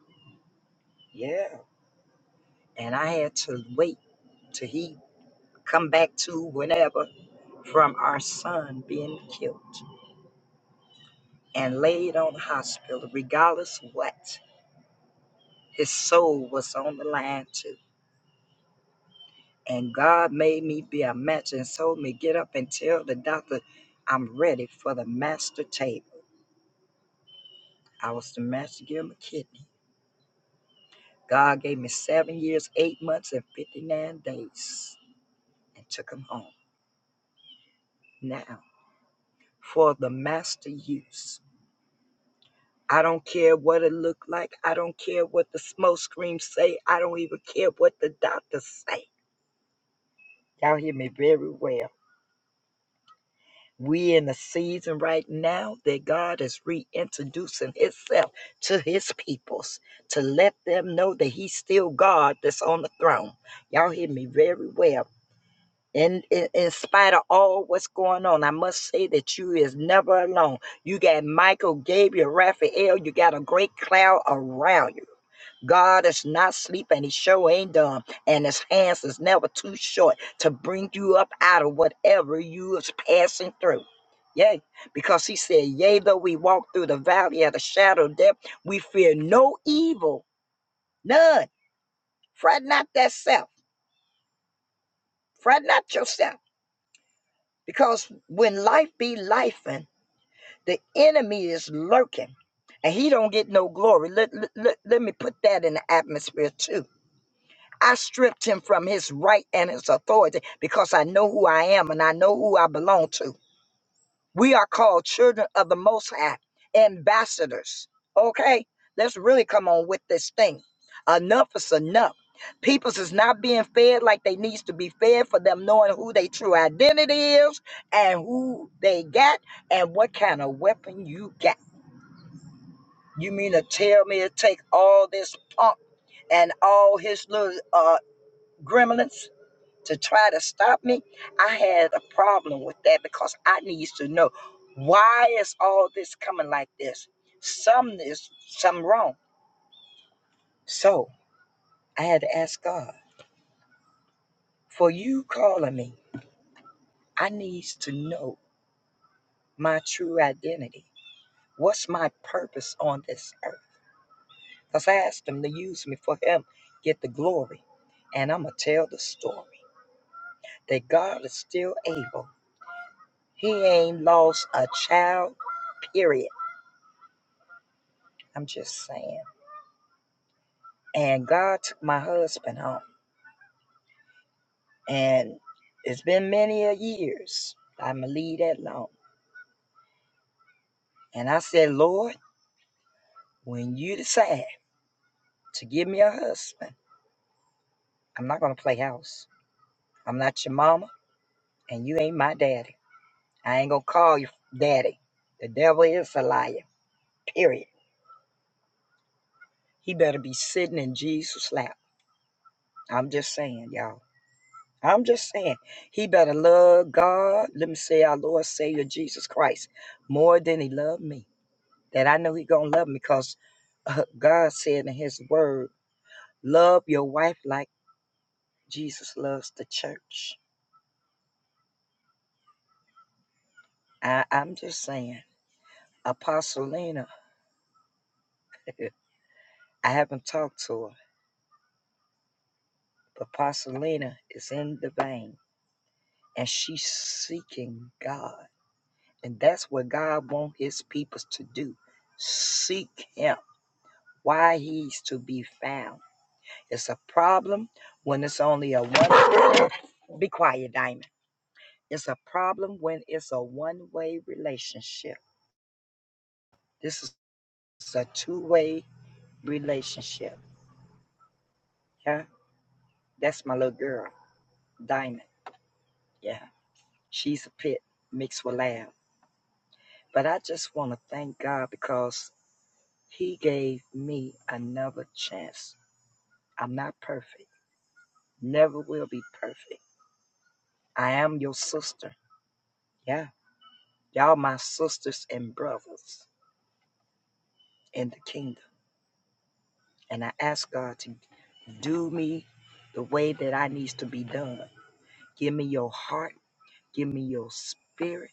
Speaker 2: Yeah. And I had to wait till he come back to whenever from our son being killed and laid on the hospital, regardless what. His soul was on the line too. And God made me be a match and told me get up and tell the doctor I'm ready for the master table. I was the master give him a kidney. God gave me seven years, eight months, and 59 days and took him home. now for the master use. I don't care what it look like. I don't care what the smoke screens say. I don't even care what the doctors say. Y'all hear me very well. We in a season right now that God is reintroducing himself to his peoples to let them know that he's still God that's on the throne. Y'all hear me very well in, in in spite of all what's going on, I must say that you is never alone. You got Michael, Gabriel, Raphael. You got a great cloud around you. God is not sleeping; He sure ain't done, and His hands is never too short to bring you up out of whatever you is passing through. Yea, because He said, "Yea, though we walk through the valley of the shadow of death, we fear no evil, none. Fret not thyself, fret not yourself, because when life be life and The enemy is lurking and he don't get no glory. Let, let, let, let me put that in the atmosphere too. I stripped him from his right and his authority because I know who I am and I know who I belong to. We are called children of the Most High, ambassadors. Okay? Let's really come on with this thing. Enough is enough. Peoples is not being fed like they needs to be fed for them knowing who their true identity is and who they got and what kind of weapon you got. You mean to tell me it take all this punk and all his little uh, gremlins to try to stop me? I had a problem with that because I needs to know why is all this coming like this? Something is something wrong. So I had to ask God for you calling me. I needs to know my true identity. What's my purpose on this earth? Because I asked him to use me for him, get the glory. And I'm going to tell the story. that God is still able. He ain't lost a child, period. I'm just saying. And God took my husband home. And it's been many a years. I'ma leave that alone. And I said, Lord, when you decide to give me a husband, I'm not gonna play house. I'm not your mama, and you ain't my daddy. I ain't gonna call you daddy. The devil is a liar, period. He better be sitting in Jesus' lap. I'm just saying, y'all. I'm just saying, he better love God. Let me say our Lord Savior Jesus Christ more than he loved me. That I know he gonna love me because uh, God said in His Word, "Love your wife like Jesus loves the church." I, I'm just saying, Apostle Lena. *laughs* I haven't talked to her, but Apostle Lena is in the vein, and she's seeking God, and that's what God wants His people to do: seek Him. Why He's to be found It's a problem when it's only a one. *coughs* Be quiet, Diamond. It's a problem when it's a one way relationship. This is a two way relationship. Yeah. That's my little girl, Diamond. Yeah. She's a pit mixed with lab. But I just want to thank God because He gave me another chance. I'm not perfect, never will be perfect. I am your sister. Yeah. Y'all, my sisters and brothers in the kingdom. And I ask God to do me the way that I needs to be done. Give me your heart. Give me your spirit.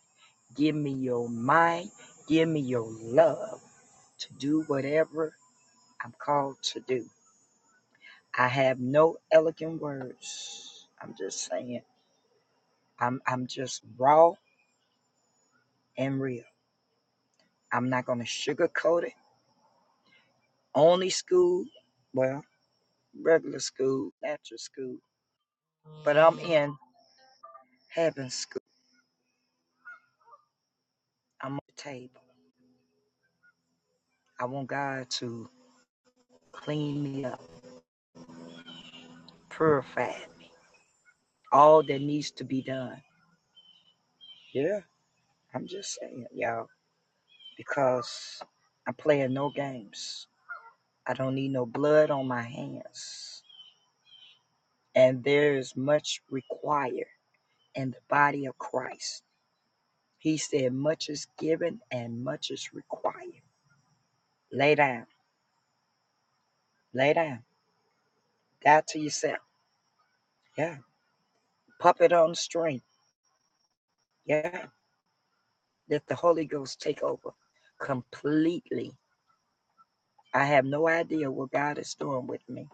Speaker 2: Give me your mind. Give me your love to do whatever I'm called to do. I have no elegant words. I'm just saying. I'm I'm just raw and real. I'm not gonna sugarcoat it. Only school, well, regular school, natural school, but I'm in heaven's school. I'm on the table. I want God to Clean me up, purify me. All that needs to be done. Yeah, I'm just saying, y'all, because I'm playing no games. I don't need no blood on my hands. And there is much required in the body of Christ. He said, Much is given and much is required. Lay down, lay down, die to yourself. Yeah, puppet on the string. Yeah, let the Holy Ghost take over completely I have no idea what God is doing with me.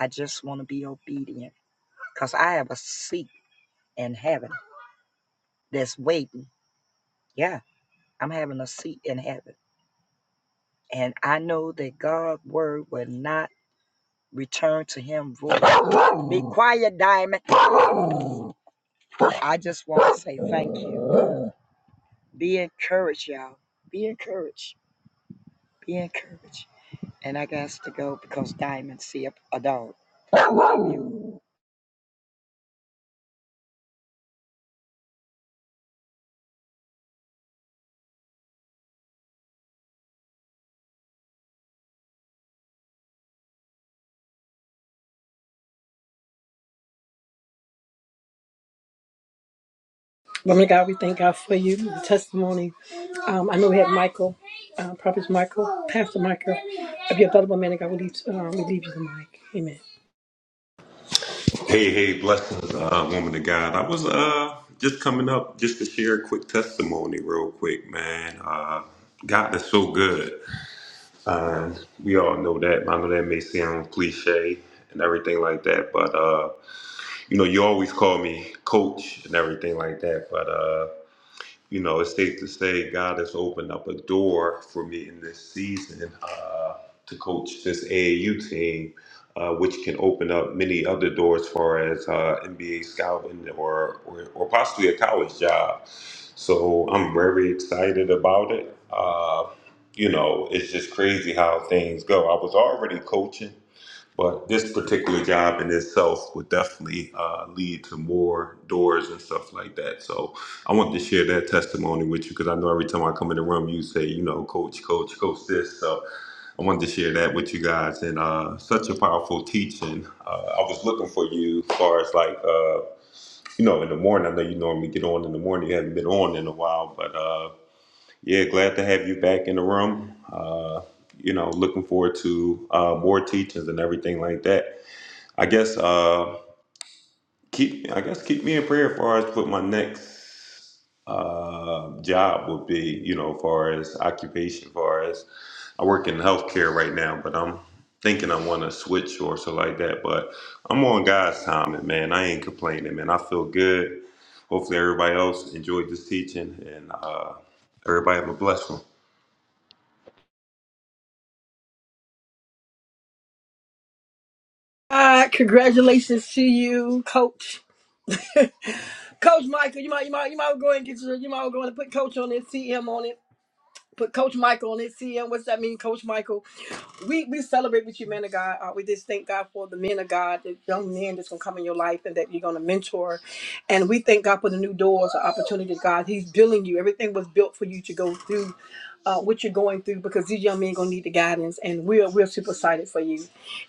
Speaker 2: I just want to be obedient because I have a seat in heaven that's waiting. Yeah, I'm having a seat in heaven. And I know that God's word will not return to him void. Be quiet, Diamond. I just want to say thank you. Be encouraged, y'all. Be encouraged. Be encouraged. And I got to go because Diamond see a, a dog.
Speaker 1: Woman of God, we thank God for you, the testimony. Um, I know we have Michael, uh, Prophet Michael, Pastor Michael. If you're available, man of God, we leave, uh, we leave you the mic. Amen.
Speaker 11: Hey, hey, blessings, uh, woman of God. I was uh just coming up just to share a quick testimony, real quick, man. Uh, God is so good. Uh, we all know that. I know that may sound cliche and everything like that, but uh, you know, you always call me coach and everything like that, but uh you know, it's safe to say God has opened up a door for me in this season uh, to coach this AAU team, uh, which can open up many other doors as far as uh, NBA scouting or, or, or possibly a college job. So I'm very excited about it. Uh, you know, it's just crazy how things go. I was already coaching but this particular job in itself would definitely uh, lead to more doors and stuff like that. So I want to share that testimony with you because I know every time I come in the room, you say, you know, coach, coach, coach this. So I wanted to share that with you guys and uh, such a powerful teaching. Uh, I was looking for you as far as like, uh, you know, in the morning. I know you normally get on in the morning. You haven't been on in a while, but uh, yeah, glad to have you back in the room. Uh, you know, looking forward to uh, more teachings and everything like that I guess uh keep I guess keep me in prayer as far as what my next uh job would be, you know, as far as occupation, as far as I work in healthcare right now, but I'm thinking I wanna switch or so like that. But I'm on God's timing, man. I ain't complaining, man. I feel good. Hopefully everybody else enjoyed this teaching and uh everybody have a blessed
Speaker 1: Ah, congratulations to you, Coach. *laughs* Coach Michael, you might you might you might go and get your you might go and put Coach on it, CM on it. Put Coach Michael on it, CM. What's that mean, Coach Michael? We we celebrate with you, men of God. Uh, we just thank God for the men of God, the young men that's gonna come in your life and that you're gonna mentor. And we thank God for the new doors, the opportunities, God. He's building you. Everything was built for you to go through uh, what you're going through because these young men gonna need the guidance, and we're we're super excited for you.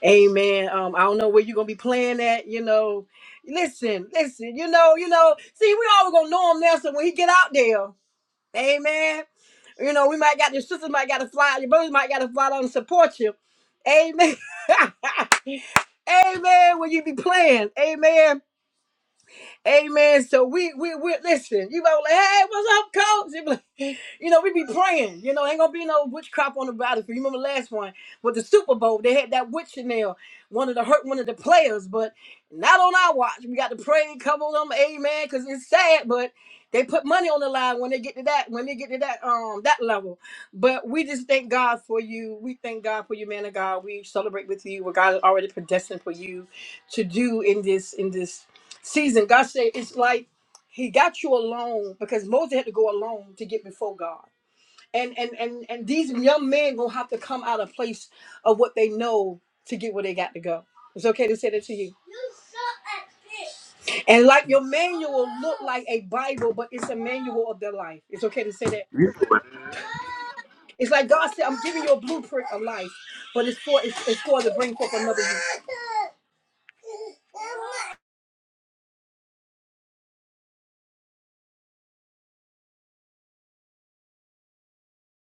Speaker 1: Amen. Um, I don't know where you're gonna be playing at. You know, listen, listen. You know, you know. See, we all gonna know him now. So when he get out there, amen. You know, we might got your sisters might got to fly, your brothers might got to fly down and support you. Amen. *laughs* amen. When you be playing, amen. Amen. So we we we listen. You know, like, hey, what's up, coach? You be like- *laughs* you know, we be praying. You know, ain't gonna be no witchcraft on the battlefield. You remember last one with the Super Bowl? They had that witch in there, one of the hurt one of the players, but not on our watch. We got to pray, cover them, amen. Because it's sad, but they put money on the line when they get to that when they get to that um that level. But we just thank God for you. We thank God for you, man of God. We celebrate with you what God has already predestined for you to do in this in this season, God said it's like He got you alone because Moses had to go alone to get before God. And and and and these young men gonna have to come out of place of what they know to get where they got to go. It's okay to say that to you. And like your manual look like a Bible, but it's a manual of their life. It's okay to say that.
Speaker 11: one.
Speaker 1: It's like God said, I'm giving you a blueprint of life, but it's for it's, it's for to bring forth another you.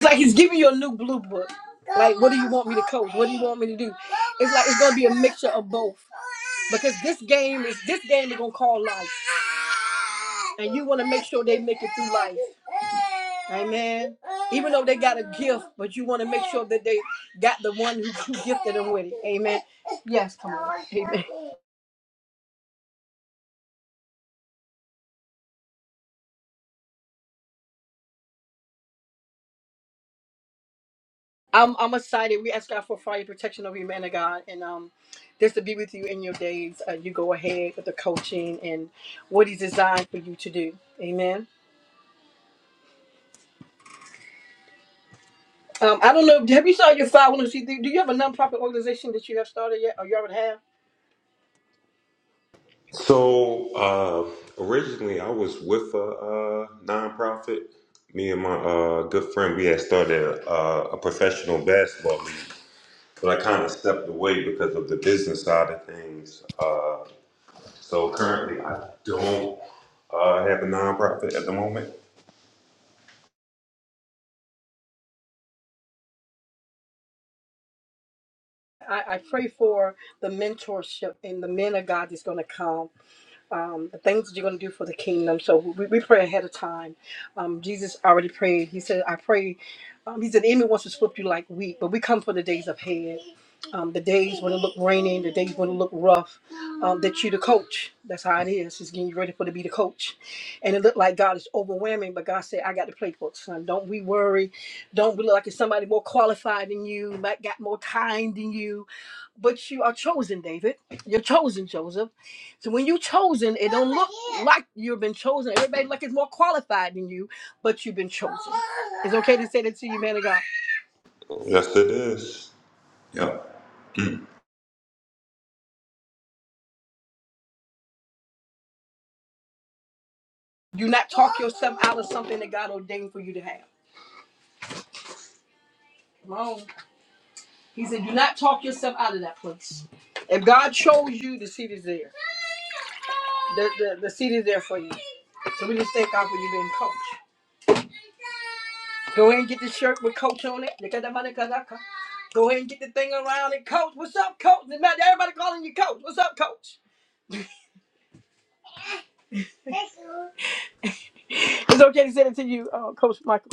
Speaker 1: It's like he's giving you a new blue book. Like, what do you want me to coach? What do you want me to do? It's like it's gonna be a mixture of both. Because this game is this game is gonna call life. And you wanna make sure they make it through life. Amen. Even though they got a gift, but you wanna make sure that they got the one who, who gifted them with it. Amen. Yes, come on. Amen. I'm I'm excited. We ask God for fire protection over you, man of God, and um, this to be with you in your days. Uh, you go ahead with the coaching and what He's designed for you to do. Amen. Um, I don't know. Have you started your five hundred c? three? Do you have a nonprofit organization that you have started yet, or you already have?
Speaker 11: So uh, originally, I was with a, uh nonprofit. Me and my uh, good friend, we had started uh, a professional basketball league, but I kind of stepped away because of the business side of things. Uh, so currently, I don't uh, have a nonprofit at the moment.
Speaker 1: I, I pray for the mentorship and the men of God that's going to come. um, the things that you're going to do for the kingdom. So we, we pray ahead of time. Um, Jesus already prayed. He said, I pray. Um, he said, the enemy wants to flip you like wheat, but we come for the days ahead. Um, the days when it look raining, the days when it look rough, um, that you the coach. That's how it is. He's getting you ready for to be the coach. And it looked like God is overwhelming, but God said, I got the playbook, son. Don't we worry. Don't we look like it's somebody more qualified than you, might got more time than you. But you are chosen, David. You're chosen, Joseph. So when you chosen, it don't look like you've been chosen. Everybody like is more qualified than you. But you've been chosen. It's okay to say that to you, man of God.
Speaker 11: Yes, it is. Yep.
Speaker 1: Do not talk yourself out of something that God ordained for you to have. Come on. He said, do not talk yourself out of that place. If God chose you, the seat is there. the The seat is there for you. So we just thank God for you being called. Go ahead and get this shirt with Coach on it. Yakadamadakadaka. Go ahead and get the thing around it. Coach, what's up, Coach? Everybody calling you Coach. What's up, Coach? It's okay to send it to you, uh, Coach Michael,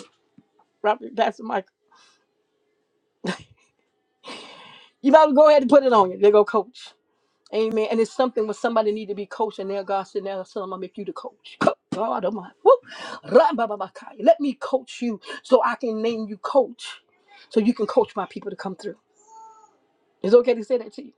Speaker 1: Robert, Pastor Michael. You might as well go ahead and put it on you. They go, Coach. Amen. And it's something where somebody need to be coached, and now God said, now son, I'm gonna make you the coach. Coach. God, oh my. Woo. Ra-ba-ba-ba-kai. Let me coach you so I can name you coach, so you can coach my people to come through. It's okay to say that to you.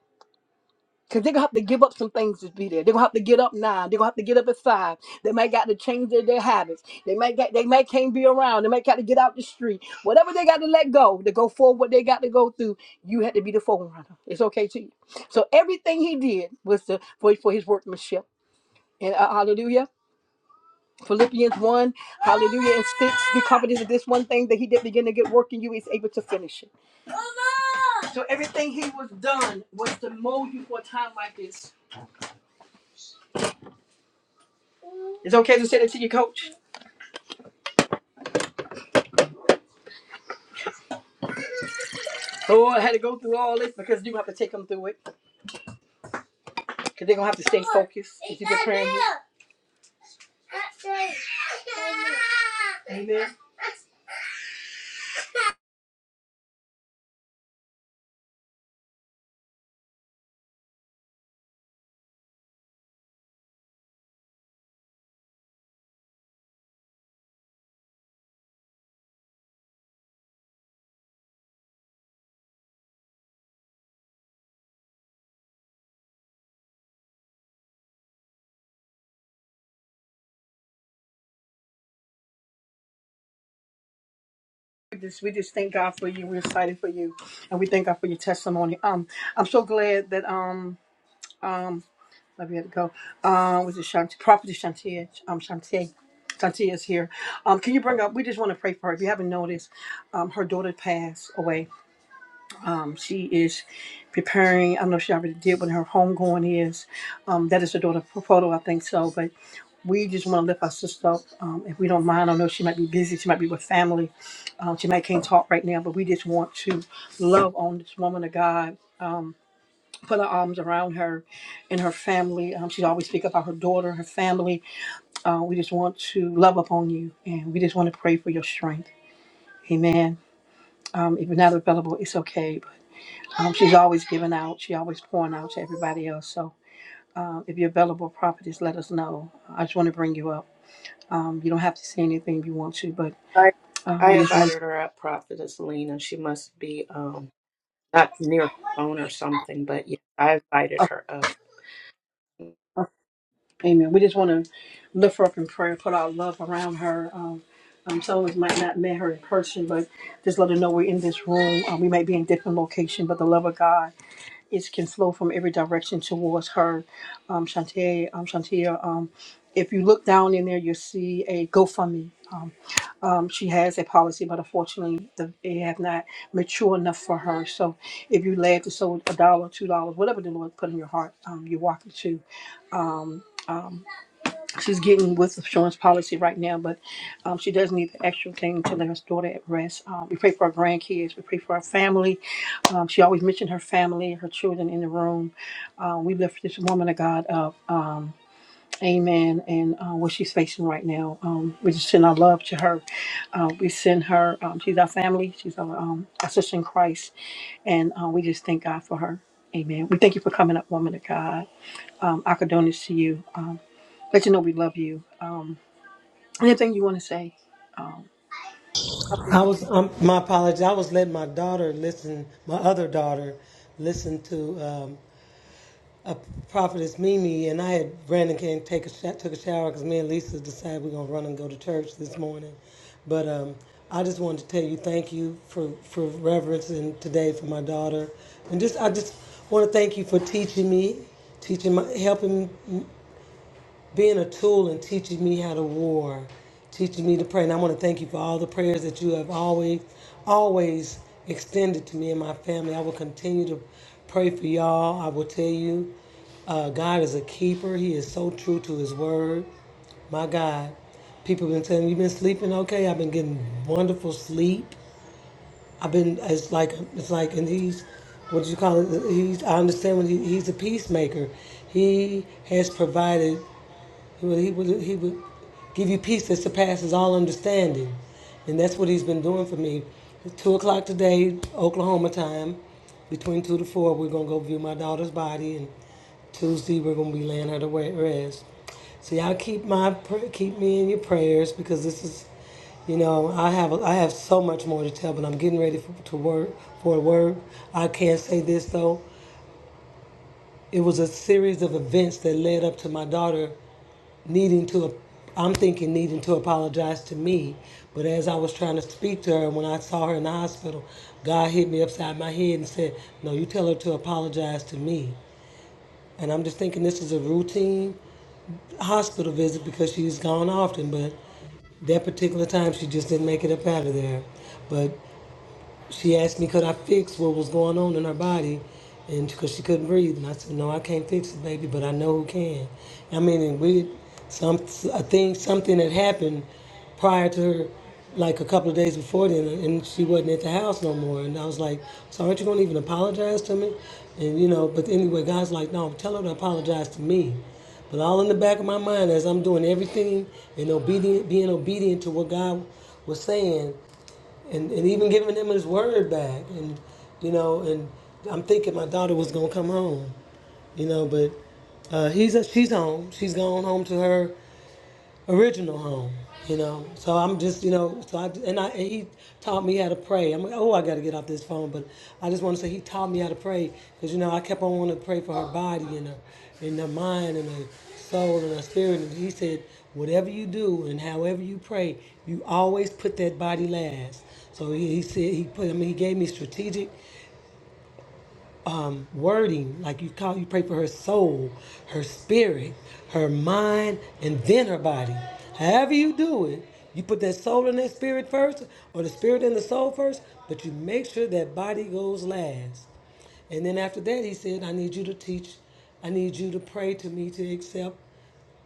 Speaker 1: Cause they're gonna have to give up some things to be there. They're gonna have to get up nine. They're gonna have to get up at five. They might got to change their, their habits. They might got they might can't be around. They might got to get out the street. Whatever they got to let go to go forward, what they got to go through, you had to be the forerunner. It's okay to you. So everything he did was to, for for his workmanship. And uh, hallelujah. Philippians 1, hallelujah, and 6. Be confident that this one thing that he did begin to get work in you, he's able to finish it. So everything he was done was to mold you for a time like this. It's okay to send it to your coach. So I had to go through all this because you have to take them through it. Because they're gonna have to stay focused. If you've been praying. here. Amen. We just, we just thank God for you. We're excited for you, and we thank God for your testimony. Um, I'm so glad that um um let me have to go. Uh, was it Shanti? Property Shantia. Um, Shantia. Shantia is here. Um, can you bring up? We just want to pray for her. If you haven't noticed, um, her daughter passed away. Um, she is preparing. I don't know if she already did when her homegoing is. Um, that is her daughter photo, I think so. But we just want to lift our sister up. Um, if we don't mind, I know she might be busy. She might be with family. Um, she might can't talk right now. But we just want to love on this woman of God. Um, put our arms around her and her family. Um, she always speak about her daughter, her family. Uh, we just want to love upon you, and we just want to pray for your strength. Amen. Um, if you're not available, it's okay. Um, she's always giving out. She always pouring out to everybody else. So um, if you're available properties, let us know. I just want to bring you up. Um, you don't have to say anything if you want to, but
Speaker 8: I, I
Speaker 1: um, we just want,
Speaker 8: invited her up, Prophetess Lena. She must be um not near her phone or something, but yeah, I invited her up.
Speaker 1: uh, Amen. We just want to lift her up in prayer, put our love around her. Um, um, some of us might not met her in person, but just let her know we're in this room. Um, we may be in different location, but the love of God is can flow from every direction towards her. Um, Shantae, um, Shantia, um, if you look down in there, you'll see a GoFundMe. um, Um, she has a policy, but unfortunately, the, it have not mature enough for her. So, if you led to sow a dollar, two dollars, whatever the Lord put in your heart, um, you're walking to. Um, um, she's getting with the insurance policy right now, but um, she does need the extra thing to let her daughter at rest. Um, we pray for our grandkids. We pray for our family. Um, she always mentioned her family, her children in the room. Uh, we lift this woman of God up. Um, Amen. And uh, what she's facing right now, um, we just send our love to her. Uh, we send her, um, she's our family, she's our, um, our sister in Christ, and uh, we just thank God for her. Amen. We thank you for coming up, woman of God. Um, our condolences to you. Um, let you know we love you. Um, anything you want to say?
Speaker 12: I was um, my apologies. I was letting my daughter listen, my other daughter, listen to um, a prophetess Mimi, and I had Brandon came take a sh- took a shower because me and Lisa decided we're gonna run and go to church this morning. But um, I just wanted to tell you thank you for for reverencing today for my daughter, and just I just want to thank you for teaching me, teaching my helping being a tool and teaching me how to war, teaching me to pray. And I want to thank you for all the prayers that you have always, always extended to me and my family. I will continue to pray for y'all. I will tell you, uh, God is a keeper. He is so true to His word. My God, people have been telling me you've been sleeping okay. I've been getting wonderful sleep. I've been. It's like it's like, and he's what do you call it? He's. I understand when he, he's a peacemaker. He has provided. He would, he would, he would give you peace that surpasses all understanding. And that's what he's been doing for me. It's two o'clock today, Oklahoma time. Between two to four, we're gonna go view my daughter's body, and Tuesday we're gonna be laying her to rest. So y'all keep my keep me in your prayers because this is, you know, I have I have so much more to tell, but I'm getting ready for, to work for work. I can't say this though. It was a series of events that led up to my daughter needing to, I'm thinking needing to apologize to me. But as I was trying to speak to her, when I saw her in the hospital, God hit me upside my head and said, No, you tell her to apologize to me. And I'm just thinking this is a routine hospital visit because she's gone often, but that particular time she just didn't make it up out of there. But she asked me could I fix what was going on in her body, and because she couldn't breathe, and I said no, I can't fix it, baby, but I know who can. I mean, and with some i think something had happened prior to her, like a couple of days before then, and she wasn't at the house no more, and I was like, so aren't you going to even apologize to me? And you know, but anyway, God's like, no, tell her to apologize to me. But all in the back of my mind, as I'm doing everything and obedient, being obedient to what God was saying, and, and even giving him his word back and you know and i'm thinking my daughter was going to come home you know but uh, he's a, she's home she's gone home to her original home, you know. So I'm just, you know, so I and I and he taught me how to pray. I'm like, oh, I got to get off this phone, but I just want to say he taught me how to pray because you know I kept on wanting to pray for her body and her and her mind and her soul and her spirit. And he said, whatever you do and however you pray, you always put that body last. So he, he said he put. I mean, he gave me strategic wording, like you call, you pray for her soul, her spirit, her mind, and then her body. However you do it, you put that soul and that spirit first, or the spirit and the soul first, but you make sure that body goes last. And then after that, he said, I need you to teach. I need you to pray to me to accept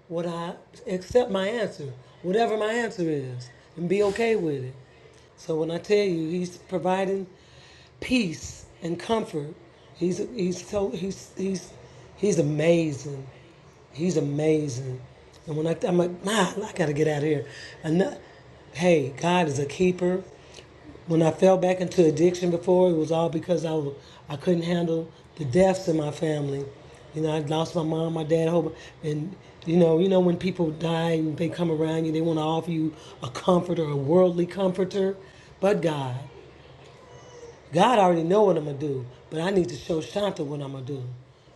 Speaker 12: would I accept my answer, whatever my answer is, and be okay with it. So when I tell you he's providing peace and comfort, he's he's so he's he's he's amazing. He's amazing. And when I I'm like, nah, I gotta get out of here. And uh, hey, God is a keeper. When I fell back into addiction before, it was all because I, was I couldn't handle the deaths in my family. You know, I lost my mom, my dad, hope, and you know, you know when people die and they come around you, they want to offer you a comforter, a worldly comforter, but God. God already know what I'm gonna do, but I need to show Shanta what I'm gonna do.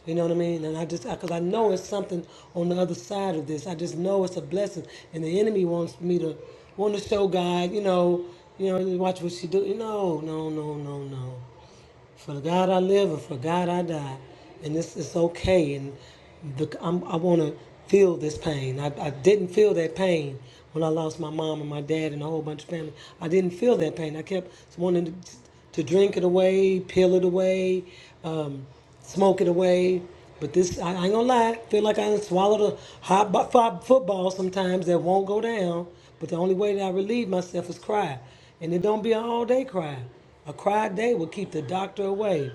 Speaker 12: You know what I mean? And I just, because I I know it's something on the other side of this. I just know it's a blessing, and the enemy wants me to want to show God. You know, you know, watch what she do. No, no, no, no, no. For the God I live and for God I die. And this is okay. And the, I'm, I want to feel this pain. I, I didn't feel that pain when I lost my mom and my dad and a whole bunch of family. I didn't feel that pain. I kept wanting to, to drink it away, peel it away, um, smoke it away. But this, I, ain't gonna lie, I feel like I swallowed a hot football sometimes that won't go down. But the only way that I relieve myself is cry, and it don't be an all day cry. A cry a day will keep the doctor away.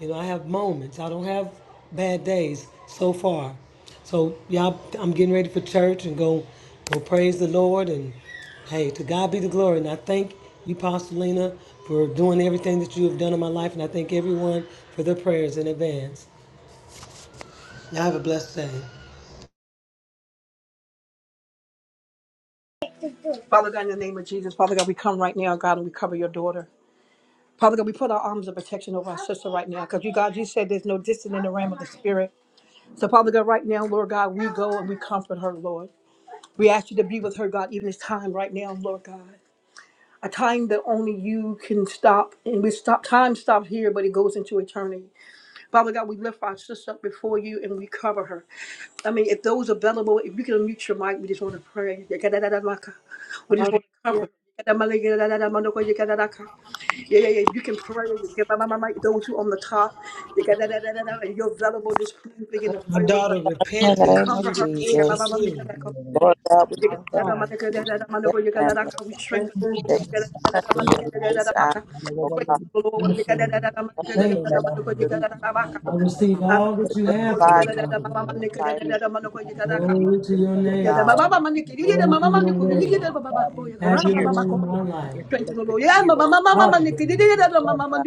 Speaker 12: You know, I have moments. I don't have bad days so far. So y'all, I'm getting ready for church and go, go praise the Lord and hey, to God be the glory. And I thank you, Pastor Lena, for doing everything that you have done in my life, and I thank everyone for their prayers in advance. Y'all have a blessed day.
Speaker 1: Father God, in the name of Jesus, Father God, we come right now, God, and we cover your daughter. Father God, we put our arms of protection over our sister right now, because you, God, you said there's no distance in the realm of the spirit. So, Father God, right now, Lord God, we go and we comfort her, Lord. We ask you to be with her, God, even this time right now, Lord God. A time that only you can stop. And we stop time stops here, but it goes into eternity. Father God, we lift our sister up before you and we cover her. I mean, if those available, if you can unmute your mic, we just want to pray. We just want to
Speaker 8: Hallelujah,
Speaker 1: comfort. Yeah, yeah, yeah. You can pray. Those who on the top, you're available. Just please begin to
Speaker 12: My
Speaker 1: pray with us
Speaker 12: daughter
Speaker 5: In the
Speaker 1: to
Speaker 12: repented.
Speaker 5: name
Speaker 12: She
Speaker 1: cover
Speaker 5: of
Speaker 12: repented
Speaker 5: Jesus.
Speaker 12: too.
Speaker 1: her.
Speaker 5: Lord God, we just
Speaker 1: We
Speaker 5: thank
Speaker 1: strengthen the
Speaker 12: Outside.
Speaker 5: you for their family
Speaker 1: Lord. Strengthen
Speaker 8: cover
Speaker 1: the
Speaker 8: her.
Speaker 1: Lord.
Speaker 5: that
Speaker 12: Jesus.
Speaker 5: you're touching them this hour, oh God.
Speaker 12: Yes, Lord.
Speaker 5: That
Speaker 12: Thank you,
Speaker 5: you're
Speaker 12: Father. I receive all that
Speaker 5: that
Speaker 12: you
Speaker 5: you're
Speaker 12: have for me,
Speaker 5: providing the
Speaker 12: Father God.
Speaker 5: supply,
Speaker 12: Glory to your
Speaker 5: oh
Speaker 12: name.
Speaker 5: God.
Speaker 12: Glory to your way. Have your way in my life.
Speaker 1: Strengthen the Lord. Yeah,
Speaker 5: Lord, this,
Speaker 12: Hallelujah.
Speaker 5: Lord God,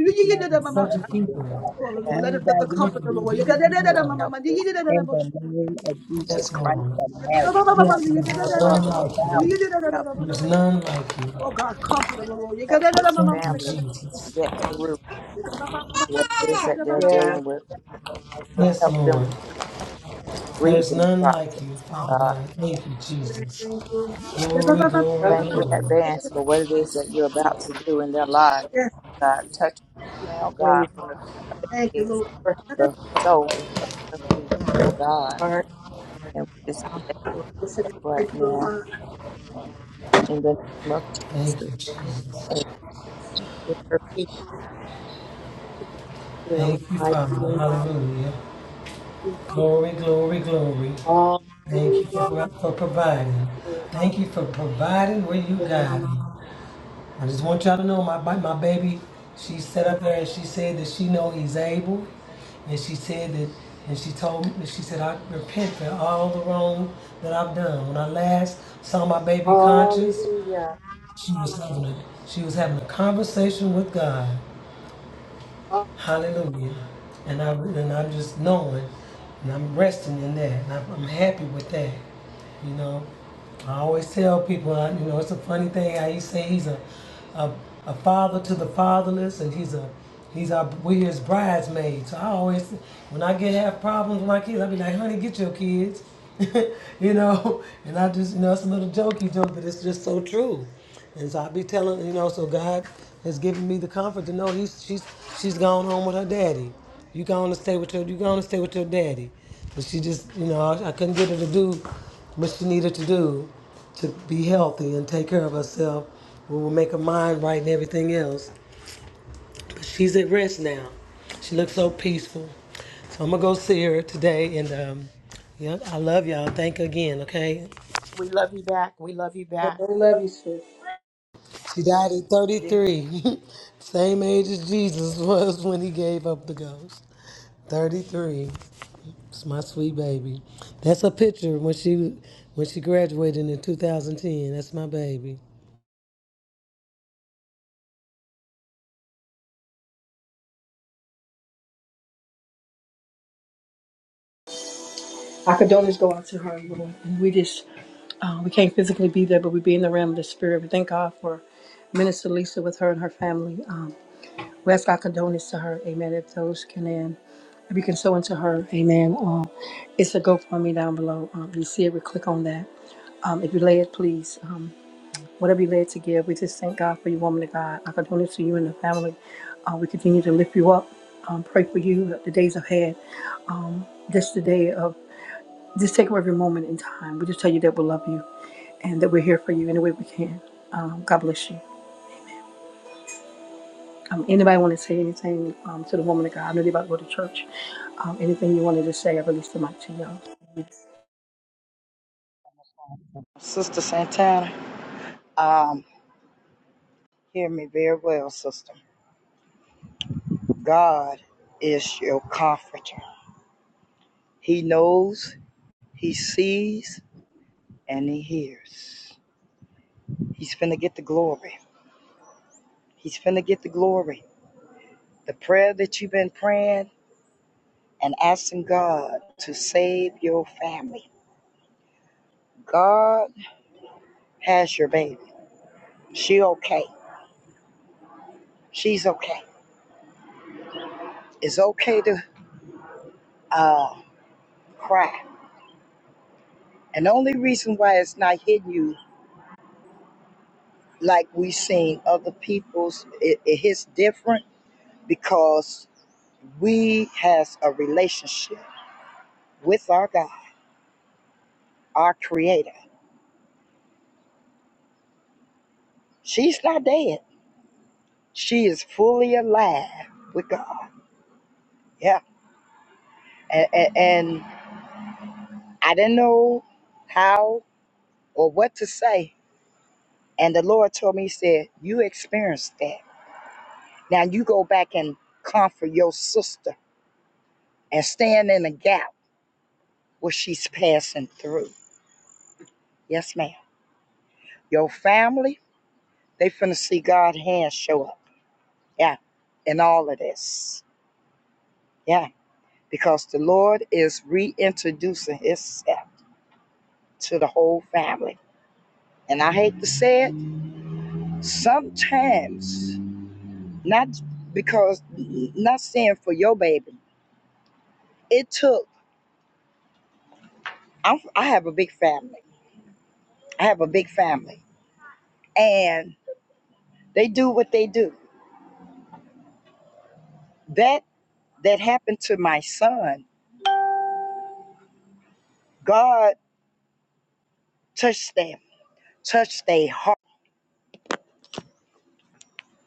Speaker 12: With such a keeper.
Speaker 1: Oh Lord,
Speaker 5: that
Speaker 1: let it feel the
Speaker 12: Thank you
Speaker 1: comfort of the
Speaker 12: for being
Speaker 1: Lord.
Speaker 12: who you
Speaker 5: will
Speaker 12: are.
Speaker 5: help this
Speaker 2: in the name of Jesus
Speaker 12: Yes,
Speaker 2: Christ
Speaker 12: Lord.
Speaker 2: of Nazareth. Help
Speaker 12: Yes,
Speaker 2: me
Speaker 12: Lord.
Speaker 2: to
Speaker 12: There's
Speaker 2: aid
Speaker 12: none
Speaker 5: mother,
Speaker 2: the
Speaker 12: like you.
Speaker 5: that
Speaker 2: balance
Speaker 5: help
Speaker 12: There's
Speaker 5: this
Speaker 12: none like you.
Speaker 1: Oh God, comfort them, Lord. Yes,
Speaker 5: help this
Speaker 12: Thank you,
Speaker 5: family
Speaker 12: Jesus.
Speaker 5: get through what it is that they're
Speaker 8: Yeah.
Speaker 5: dealing with to
Speaker 12: Yes,
Speaker 5: help them
Speaker 12: Lord.
Speaker 5: through their
Speaker 12: There's
Speaker 5: grieving
Speaker 12: none like
Speaker 5: process,
Speaker 12: you, Father
Speaker 5: God.
Speaker 12: God. Thank you, Jesus.
Speaker 8: Thank you.
Speaker 5: And
Speaker 12: Glory, glory,
Speaker 8: Cover
Speaker 5: thank you
Speaker 8: her
Speaker 12: glory.
Speaker 5: in advance for what it is that you're about to do in their lives, God. Touch right now,
Speaker 8: wings.
Speaker 5: God, from the crown of
Speaker 1: thank
Speaker 5: their
Speaker 1: you,
Speaker 5: heads,
Speaker 1: Lord.
Speaker 5: the souls of their feet, oh God.
Speaker 8: heart,
Speaker 5: And we just
Speaker 8: out
Speaker 5: bless them right
Speaker 1: Thank you, Lord.
Speaker 5: now in the name of
Speaker 12: Thank
Speaker 5: Jesus.
Speaker 12: you, Jesus.
Speaker 8: for
Speaker 5: And
Speaker 8: your peace, fill
Speaker 12: Thank you,
Speaker 8: my
Speaker 12: Father.
Speaker 8: ears.
Speaker 12: Hallelujah. Glory, glory, glory. Thank you
Speaker 8: Hallelujah.
Speaker 12: for, for providing.
Speaker 8: fill
Speaker 12: Thank you for providing where you
Speaker 8: your
Speaker 12: got him. I just want y'all to know my ba- my baby, she sat
Speaker 8: name.
Speaker 12: up there and she said that she know he's able. And she said that and she told me she said I repent for all the wrong that I've done. When I last saw my baby conscious,
Speaker 8: Hallelujah.
Speaker 12: she was having a she was having a conversation with God.
Speaker 8: Oh,
Speaker 12: Hallelujah. And I and I'm just knowing and I'm resting in that. And I'm, I'm happy with that. You know, I always tell people, uh, you know, it's a funny thing how you say he's a, a, a father to the fatherless, and he's a he's our we're his bridesmaids. So I always, when I get have problems with my kids, I be like, honey, get your kids, *laughs* you know. And I just, you know, it's a little jokey joke, but it's just so true. And so I be telling, you know, so God has given me the comfort to know he's she's she's gone home with her daddy. You gonna stay with your you gonna stay with your daddy. But she just, you know, I, I couldn't get her to do what she needed to do to be healthy and take care of herself. We will make her mind right and everything else. But she's at rest now. She looks so peaceful. So I'm gonna go see her today. And um, yeah, I love y'all. Thank you again. Okay.
Speaker 8: We love you back. We love you
Speaker 1: I
Speaker 8: back.
Speaker 1: love you, sis.
Speaker 12: She died at
Speaker 2: of you.
Speaker 12: 33, *laughs* same age as Jesus *laughs* was when he gave up the ghost. 33. It's my sweet baby. That's a picture when she when she graduated in 2010. That's my baby.
Speaker 1: Our condolences go out to her, Lord. And we just, uh, we can't physically be there, but we be in the realm of the spirit. We thank God for Minister Lisa with her and her family. Um, we ask our condolences to her. Amen. If those can end. If you can sow into her, amen. Um, it's a GoFundMe down below. Um, you see it, we click on that. Um, if you lay it, please. whatever you are led to give. We just thank God for you, woman of God. I continue to you and the family. Uh, we continue to lift you up, um, pray for you uh, the days ahead. Um, just the day of, just take every moment in time. We just tell you that we love you and that we're here for you any way we can. Um, God bless you. Um, anybody want to say anything um, to the woman of God? I know they about to go to church. Um, anything you wanted to say, I release the mic to y'all.
Speaker 2: Sister Santana. um. Hear me very well, sister. God is your comforter. He knows, He sees, and He hears. He's finna get the glory. He's finna get the glory. The prayer that you've been praying and asking God to save your family. God has your baby. She okay. She's okay. It's okay to uh, cry. And the only reason why it's not hitting you like we seen other people's, it, it hits different because we has a relationship with our God, our creator. She's not dead. She is fully alive with God. Yeah. And, and, and I didn't know how or what to say. And the Lord told me, He said, You experienced that. Now you go back and comfort your sister and stand in the gap where she's passing through. Yes, ma'am. Your family, they finna see God's hand show up. Yeah. In all of this. Yeah because the Lord is reintroducing Himself to the whole family. And I hate to say it, sometimes, not because, not saying for your baby, it took, I'm, I have a big family. I have a big family. And they do what they do. That that happened to my son, God touched them, touched their heart.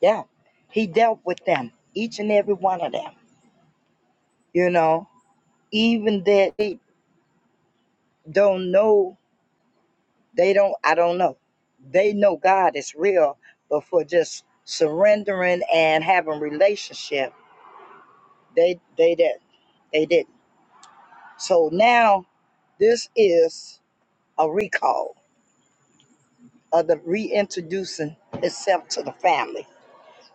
Speaker 2: Yeah, He dealt with them, each and every one of them, you know, even that they don't know They don't, I don't know. They know God is real, but for just surrendering and having relationship, they they did they didn't. So now this is a recall of the reintroducing itself to the family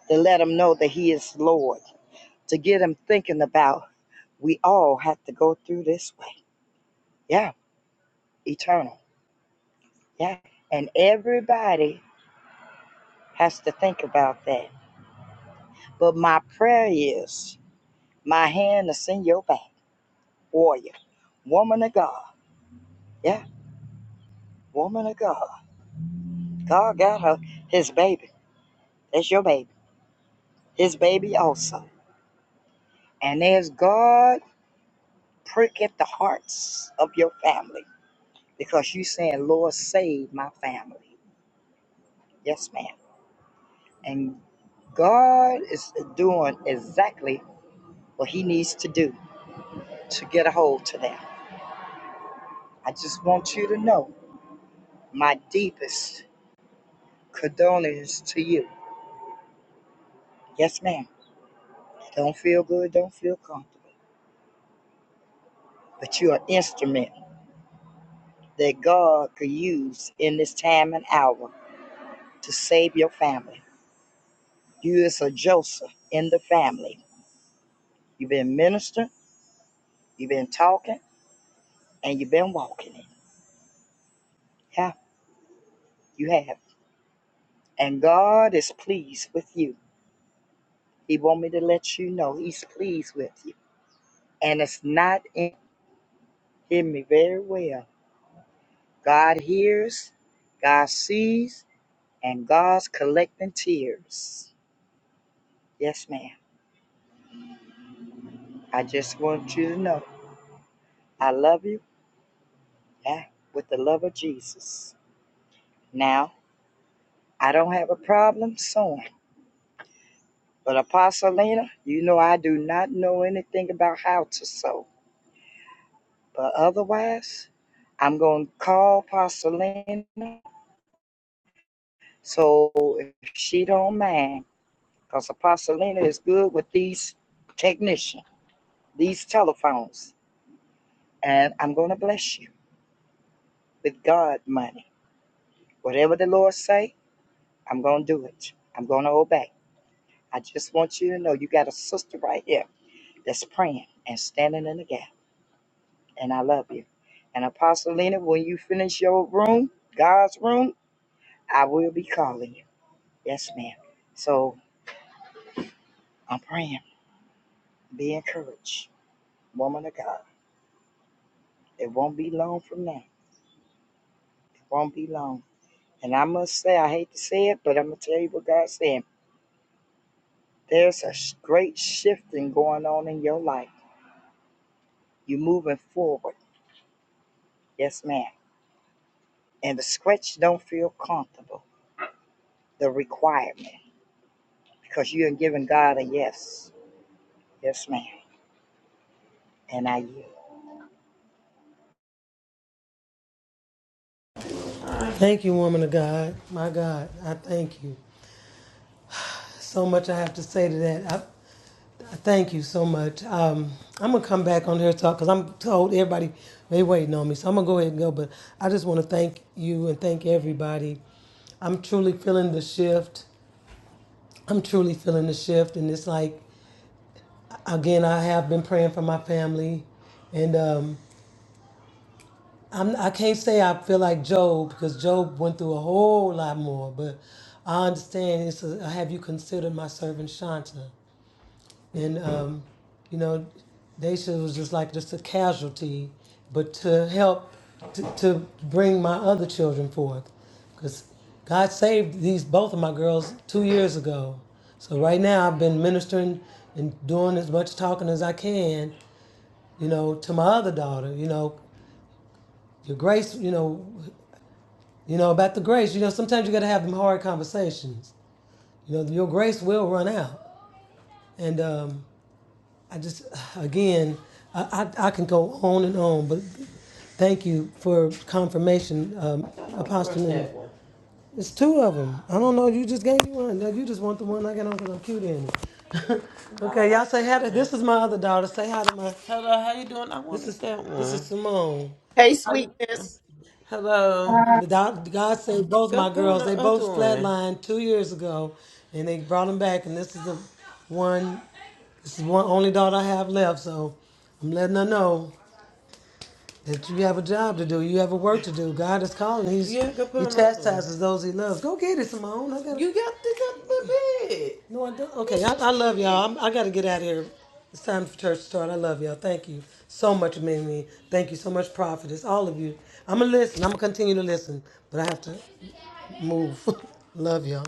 Speaker 2: to let them know that He is Lord, to get them thinking about we all have to go through this way. Yeah, eternal. Yeah, and everybody has to think about that. But my prayer is. My hand is in your back, warrior, woman of God. Yeah, woman of God. God got her, his baby. That's your baby. His baby also. And as God pricketh the hearts of your family, because you saying, Lord, save my family. Yes, ma'am. And God is doing exactly what He needs to do to get a hold to them. I just want you to know my deepest condolences to you. Yes, ma'am Don't feel good, don't feel comfortable. But you're an instrument that God could use in this time and hour to save your family. You is a Joseph in the family. You've been ministering, you've been talking, and you've been walking it. Yeah, you have. And God is pleased with you. He want me to let you know He's pleased with you. And it's not in hear me very well. God hears, God sees, and God's collecting tears. Yes, ma'am. I just want you to know I love you yeah, with the love of Jesus. Now, I don't have a problem sewing, but Apostle Lena, you know I do not know anything about how to sew. But otherwise, I'm going to call Apostle Lena so if she don't mind, because Apostle Lena is good with these technicians, these telephones. And I'm going to bless you with God money. Whatever the Lord say, I'm going to do it. I'm going to obey. I just want you to know you got a sister right here that's praying and standing in the gap. And I love you. And Apostle Lena, when you finish your room, God's room, I will be calling you. Yes, ma'am. So I'm praying. Be encouraged, woman of God. It won't be long from now. It won't be long. And I must say, I hate to say it, but I'm going to tell you what God's saying. There's a s- great shifting going on in your life. You're moving forward. Yes, ma'am. And the scratch don't feel comfortable the requirement because you are giving God a yes. Yes, ma'am. And I yield.
Speaker 12: Thank you, woman of God. My God, I thank you. So much I have to say to that. I, I thank you so much. Um, I'm gonna come back on here and talk because I'm told everybody they waiting on me. So I'm gonna go ahead and go. But I just want to thank you and thank everybody. I'm truly feeling the shift. I'm truly feeling the shift, and it's like again, I have been praying for my family, and um, I'm, I can't say I feel like Job because Job went through a whole lot more, but I understand it's a, have you considered my servant Shanta? And, um, you know, Daisha was just like just a casualty, but to help to, to bring my other children forth because God saved these both of my girls two years ago. So right now I've been ministering and doing as much talking as I can, you know, to my other daughter. You know, your grace, you know, You know, about the grace, you know, sometimes you got to have them hard conversations. You know, your grace will run out. And um, I just, again, I, I, I can go on and on, but thank you for confirmation, um, Apostle. Nina. It's two of them. I don't know. You just gave me one. No, You just want the one I got on because I'm cute in it. *laughs* okay, y'all say hi to, this is my other daughter. Say hi to my, Hello, how you doing? I want this is, that one. this is one. Simone.
Speaker 8: Hey,
Speaker 12: How you,
Speaker 8: sweetness.
Speaker 12: Hello. The doc, God saved both my girls. They both flatlined two years ago, and they brought them back. And this is the one. This is one only daughter I have left. So I'm letting her know. That you have a job to do. You have a work to do. God is calling. He's Yeah, go put He on my phone. chastises those He loves. Go get it, Simone. I gotta. You got to go to bed. No, I don't. Okay, I, I love y'all. I'm, I gotta get out of here. It's time for church to start. I love y'all. Thank you so much, Mimi. Thank you so much, Prophetess. All of you. I'm gonna listen. I'm gonna continue to listen, but I have to move. *laughs* love y'all.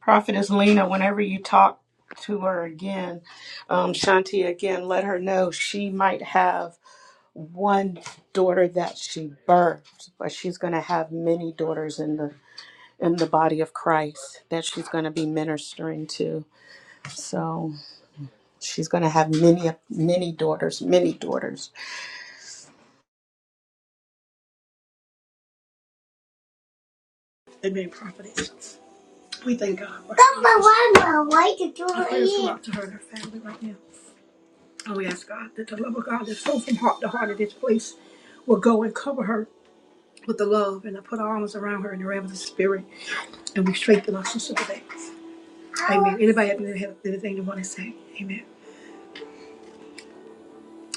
Speaker 8: Prophetess Lena, whenever you talk to her again, um, Shanti again, let her know she might have one daughter that she birthed, but she's going to have many daughters in the in the body of Christ that she's going to be ministering to. So She's going to have many, many daughters, many daughters.
Speaker 1: Amen, prophetess. We thank God. for her. Grandma, why am I white? It's over Our prayers go out to her and her family right now. And we ask God that the love of God that flows from heart to heart in this place will go and cover her with the love and to put our arms around her in the realm of the spirit. And we strengthen our sister today. Amen. Anybody have anything have anything they want to say? Amen.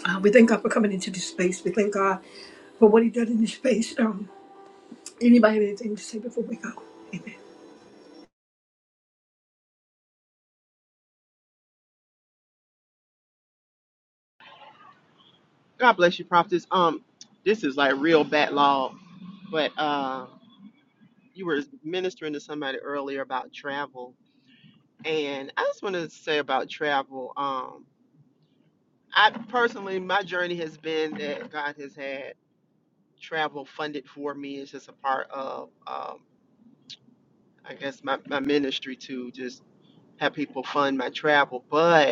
Speaker 1: Uh, we thank God for coming into this space. We thank God for what he did in this space. Um, anybody have anything to say before we go? Amen.
Speaker 9: God bless you, prophetess. Um, this is like real backlog, but uh, you were ministering to somebody earlier about travel, and I just want to say about travel. Um, I personally, my journey has been that God has had travel funded for me. It's just a part of, um, I guess, my, my ministry to just have people fund my travel. but.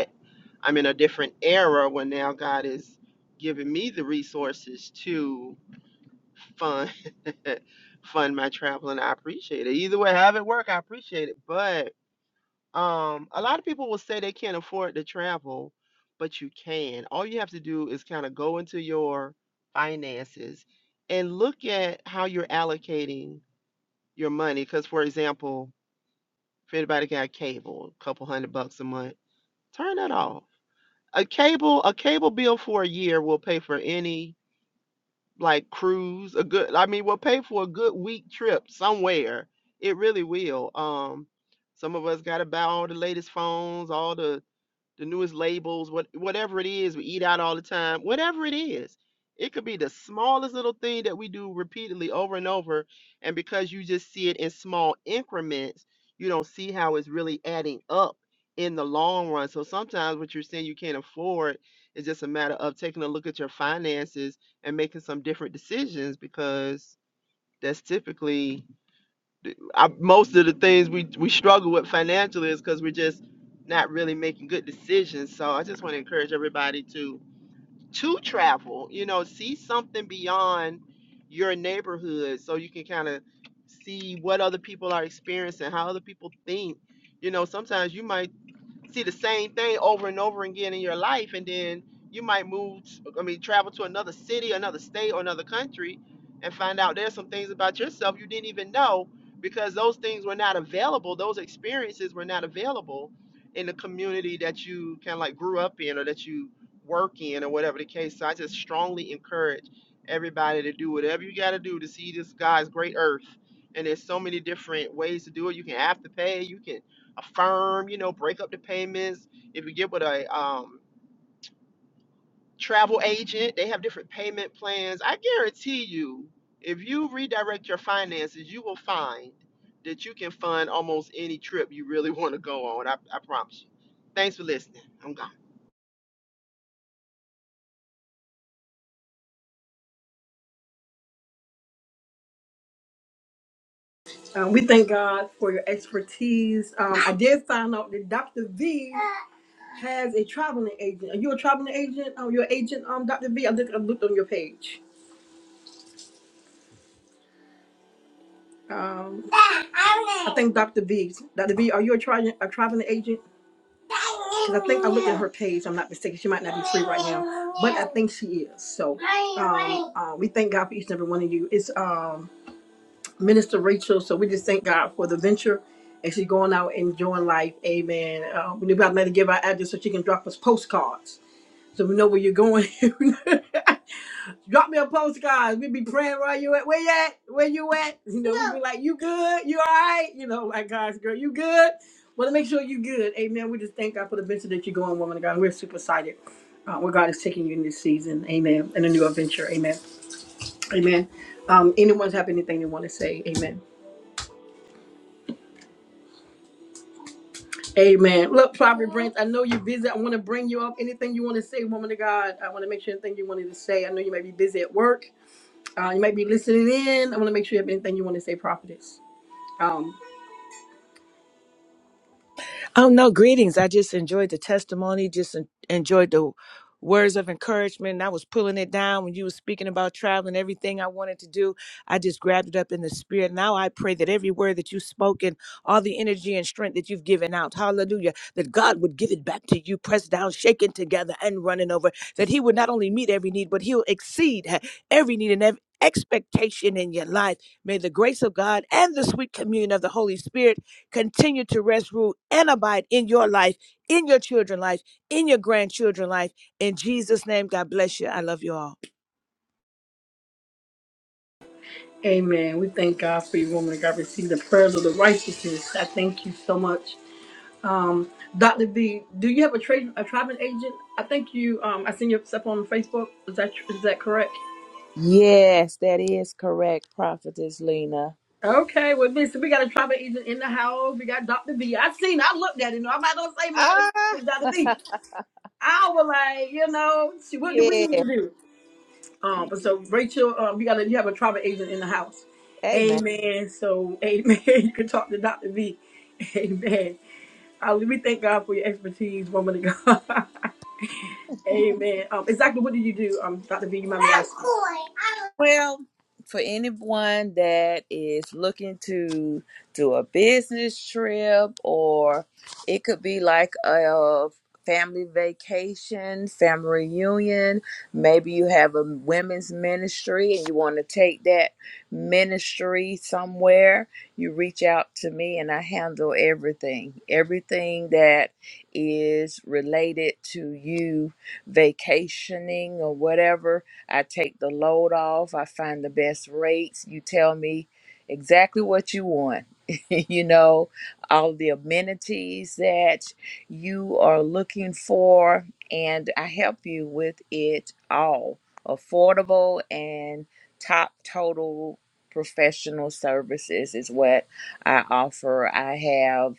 Speaker 9: I'm in a different era when now God is giving me the resources to fund *laughs* fund my travel and I appreciate it. Either way, have it work, I appreciate it. But um a lot of people will say they can't afford to travel, but you can. All you have to do is kind of go into your finances and look at how you're allocating your money. Because for example, if anybody got cable, a couple hundred bucks a month, turn that off a cable a cable bill for a year will pay for any like cruise a good i mean will pay for a good week trip somewhere it really will um some of us got to buy all the latest phones all the the newest labels, what whatever it is, we eat out all the time, whatever it is. It could be the smallest little thing that we do repeatedly over and over. And because you just see it in small increments, you don't see how it's really adding up in the long run. So sometimes what you're saying you can't afford is just a matter of taking a look at your finances and making some different decisions because that's typically I, most of the things we we struggle with financially is because we're just not really making good decisions. So I just want to encourage everybody to to travel. You know, see something beyond your neighborhood, so you can kind of see what other people are experiencing, how other people think. You know, sometimes you might see the same thing over and over again in your life and then you might move I mean travel to another city another state or another country and find out there's some things about yourself you didn't even know because those things were not available those experiences were not available in the community that you kind of like grew up in or that you work in or whatever the case so i just strongly encourage everybody to do whatever you got to do to see this guy's great earth and there's so many different ways to do it you can have to pay you can a firm, you know, break up the payments. If you get with a um, travel agent, they have different payment plans. I guarantee you, if you redirect your finances, you will find that you can fund almost any trip you really want to go on. I, I promise you. Thanks for listening. I'm gone.
Speaker 1: Um, we thank God for your expertise. Um, I did find out that Dr. V has a traveling agent. Are you a traveling agent? Oh, your agent, um, Dr. V. I looked, I looked on your page. Um, I think Dr. V. Dr. V, are you a, tra- a traveling agent? Because I think I looked at her page. I'm not mistaken. She might not be free right now, but I think she is. So um, uh, we thank God for each and every one of you. It's um, Minister Rachel. So we just thank God for the venture. And she's going out and enjoying life. Amen. Uh, we're about to let her give our address so she can drop us postcards. So we know where you're going. *laughs* Drop me a post, guys. We be praying right you at. Where you at? Where you at? You know, we be like, you good? You all right? You know, like, guys, girl, you good? Well, to make sure you good. Amen. We just thank God for the venture that you're going, woman of God. We're super excited uh, where God is taking you in this season. Amen. In a new adventure. Amen. Amen. Um, anyone's have anything they want to say? Amen. Amen. Look, Prophet Brent, I know you're busy. I want to bring you up. Anything you want to say, woman of God, I want to make sure anything you wanted to say. I know you may be busy at work. Uh, you might be listening in. I want to make sure you have anything you want to say, prophetess. Um,
Speaker 13: Oh, no, greetings. I just enjoyed the testimony, just en- enjoyed the words of encouragement. And I was pulling it down when you were speaking about traveling, everything I wanted to do. I just grabbed it up in the spirit. Now I pray that every word that you've spoken, all the energy and strength that you've given out, hallelujah, that God would give it back to you, pressed down, shaken together, and running over, that He would not only meet every need, but He'll exceed uh, every need and every expectation in your life. May the grace of God and the sweet communion of the Holy Spirit continue to rest, rule, and abide in your life, in your children's life, in your grandchildren's life. In Jesus' name, God bless you. I love you all.
Speaker 1: amen. We thank God for you, woman. of God receive the prayers of the righteousness. I thank you so much. Um, Dr. B, do you have a trade a traveling agent? I think you um I seen your stuff on Facebook. Is that is that correct?
Speaker 5: yes, that is correct, Prophetess Lena.
Speaker 1: Okay, well listen, we got a travel agent in the house. We got Dr. B. I seen I looked at it, no, I'm not gonna say my
Speaker 5: Ah,
Speaker 1: Dr.
Speaker 5: *laughs*
Speaker 1: B. I was like, you know, she what do we
Speaker 5: yes.
Speaker 1: need to do? Um, but so Rachel, um, you got you have a travel agent in the house.
Speaker 5: Amen.
Speaker 1: Amen. So amen. *laughs* You can talk to Dr. V. Amen. Uh, we thank God for your expertise, woman of God. *laughs* amen. Um, exactly what do you do, um, Dr. V? You might be asking.
Speaker 5: Well, for anyone that is looking to do a business trip, or it could be like a family vacation, family reunion, maybe you have a women's ministry and you want to take that ministry somewhere, you reach out to me and I handle everything. Everything that is related to you vacationing or whatever I take the load off. I find the best rates. You tell me exactly what you want. *laughs* you know, all the amenities that you are looking for, and I help you with it all affordable and top total professional services is what I offer. I have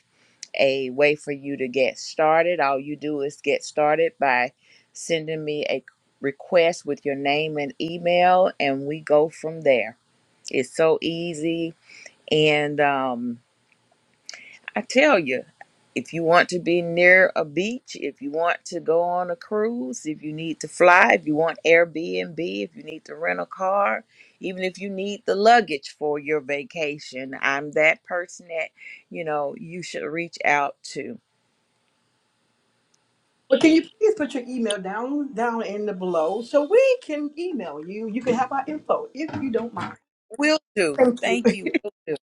Speaker 5: a way for you to get started. All you do is get started by sending me a request with your name and email, and we go from there. It's so easy. And um, I tell you, if you want to be near a beach, if you want to go on a cruise, if you need to fly, if you want Airbnb, if you need to rent a car, even if you need the luggage for your vacation, I'm that person that you know you should reach out to
Speaker 1: Well, can you please put your email down down in the below so we can email you? You can have our info if you don't mind.
Speaker 5: Will do.
Speaker 1: Thank you.
Speaker 5: Thank you. Will do.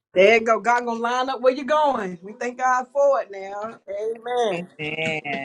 Speaker 1: *laughs* there you go. God gonna line up where you're going. We thank God for it now. Amen.
Speaker 5: Amen.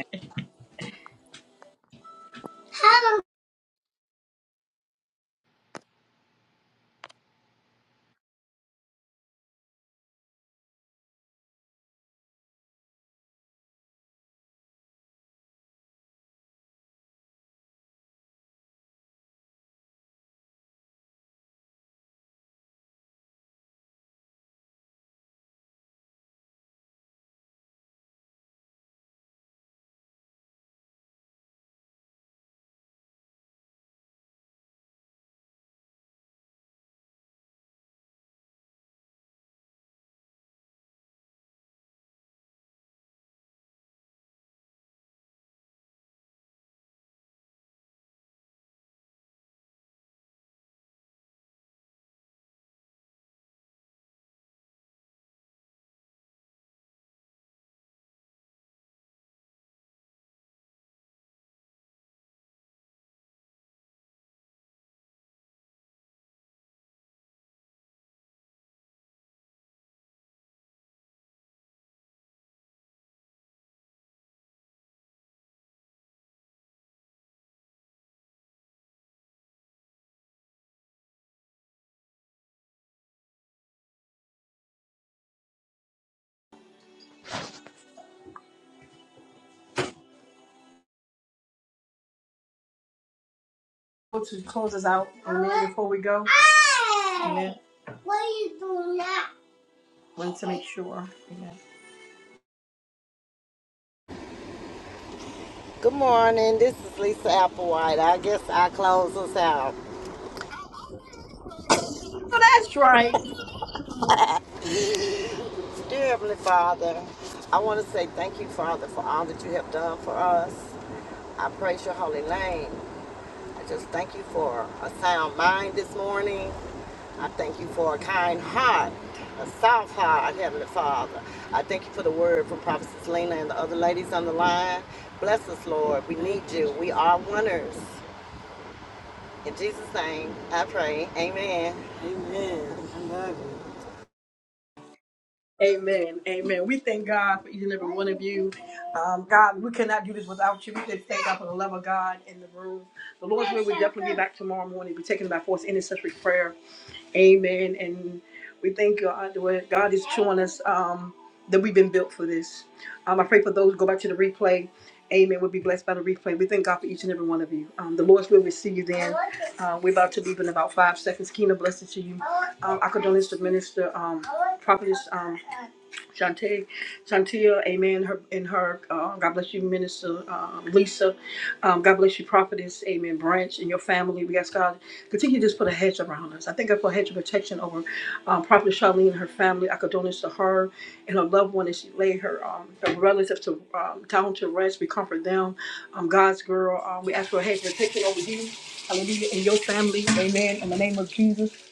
Speaker 1: to close us out, and then before we go, amen. What are you doing now? Want to make sure. Amen.
Speaker 12: Good morning. This is Lisa Applewhite. I guess I close us out.
Speaker 1: That's right.
Speaker 12: Dear Heavenly Father, I want to say thank you, Father, for all that you have done for us. I praise your holy name. I just thank you for a sound mind this morning. I thank you for a kind heart, a soft heart, Heavenly Father. I thank you for the word from Prophet Selena and the other ladies on the line. Bless us, Lord. We need you. We are winners. In Jesus' name, I pray. Amen. Amen. I love you.
Speaker 1: Amen. Amen. We thank God for each and every one of you. Um, God, we cannot do this without you. We just thank God for the love of God in the room. The Lord's will, we definitely be back tomorrow morning. Be taken by force intercessory prayer. Amen. And we thank God the way God is showing us um, that we've been built for this. Um, I pray for those who go back to the replay. Amen. We'll be blessed by the replay. We thank God for each and every one of you. Um, the Lord's will receive you then. Uh, we're about to leave in about five seconds. Kingdom blessed to you. Um, I condolence to Minister um, Prophetess um, Shantae, Shantia, amen, her, and her, uh, God bless you, Minister uh, Lisa, um, God bless you, Prophetess, amen, Branch, and your family. We ask God Continue to just put a hedge around us. I think I put a hedge of protection over um, Prophet Charlene and her family. I condolences to her and her loved one as she lay her, um, her relatives to, um, down to rest. We comfort them. Um, God's girl, um, we ask for a hedge of protection over you. Hallelujah. And your family. Amen. In the name of Jesus.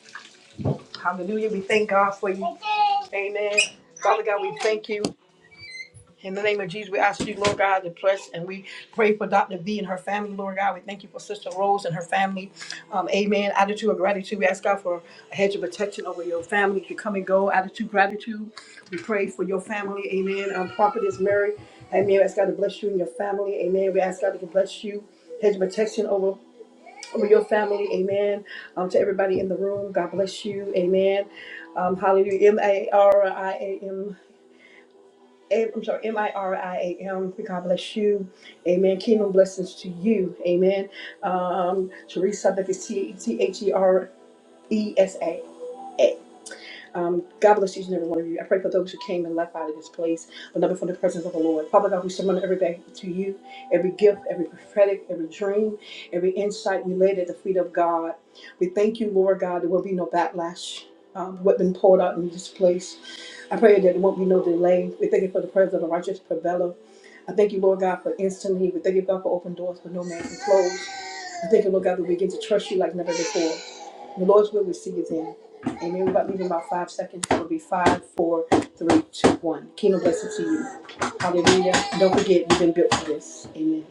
Speaker 1: Hallelujah. We thank God for you. Amen. Father God, we thank you. In the name of Jesus, we ask you, Lord God, to bless and we pray for Dr. V and her family, Lord God. We thank you for Sister Rose and her family. Um, amen. Attitude of gratitude. We ask God for a hedge of protection over your family as you come and go. Attitude of gratitude. We pray for your family. Amen. Um, Prophetess Mary. Amen. We ask God to bless you and your family. Amen. We ask God to bless you. Hedge of protection over, over your family. Amen. Um, to everybody in the room, God bless you. Amen. Um, hallelujah. M A R I A M. A- I'm sorry, M I R I A M. God bless you. Amen. Kingdom blessings to you. Amen. Um, Teresa, that is T H E R E S A. Um, God bless each and every one of you. I pray for those who came and left out of this place, but never for the presence of the Lord. Father God, we surrender every everything to you, every gift, every prophetic, every dream, every insight we laid at the feet of God. We thank you, Lord God, there will be no backlash. Um, what been poured out in this place. I pray that there won't be no delay. We thank you for the prayers of the righteous Pavella. I thank you, Lord God, for instantly. We thank you, God, for open doors, for no man can close. We thank you, Lord God, that we begin to trust you like never before. The Lord's will we see you then. Amen. We're about leaving about five seconds. It'll be five, four, three, two, one. Kingdom blessing to you. Hallelujah. And don't forget, you've been built for this. Amen.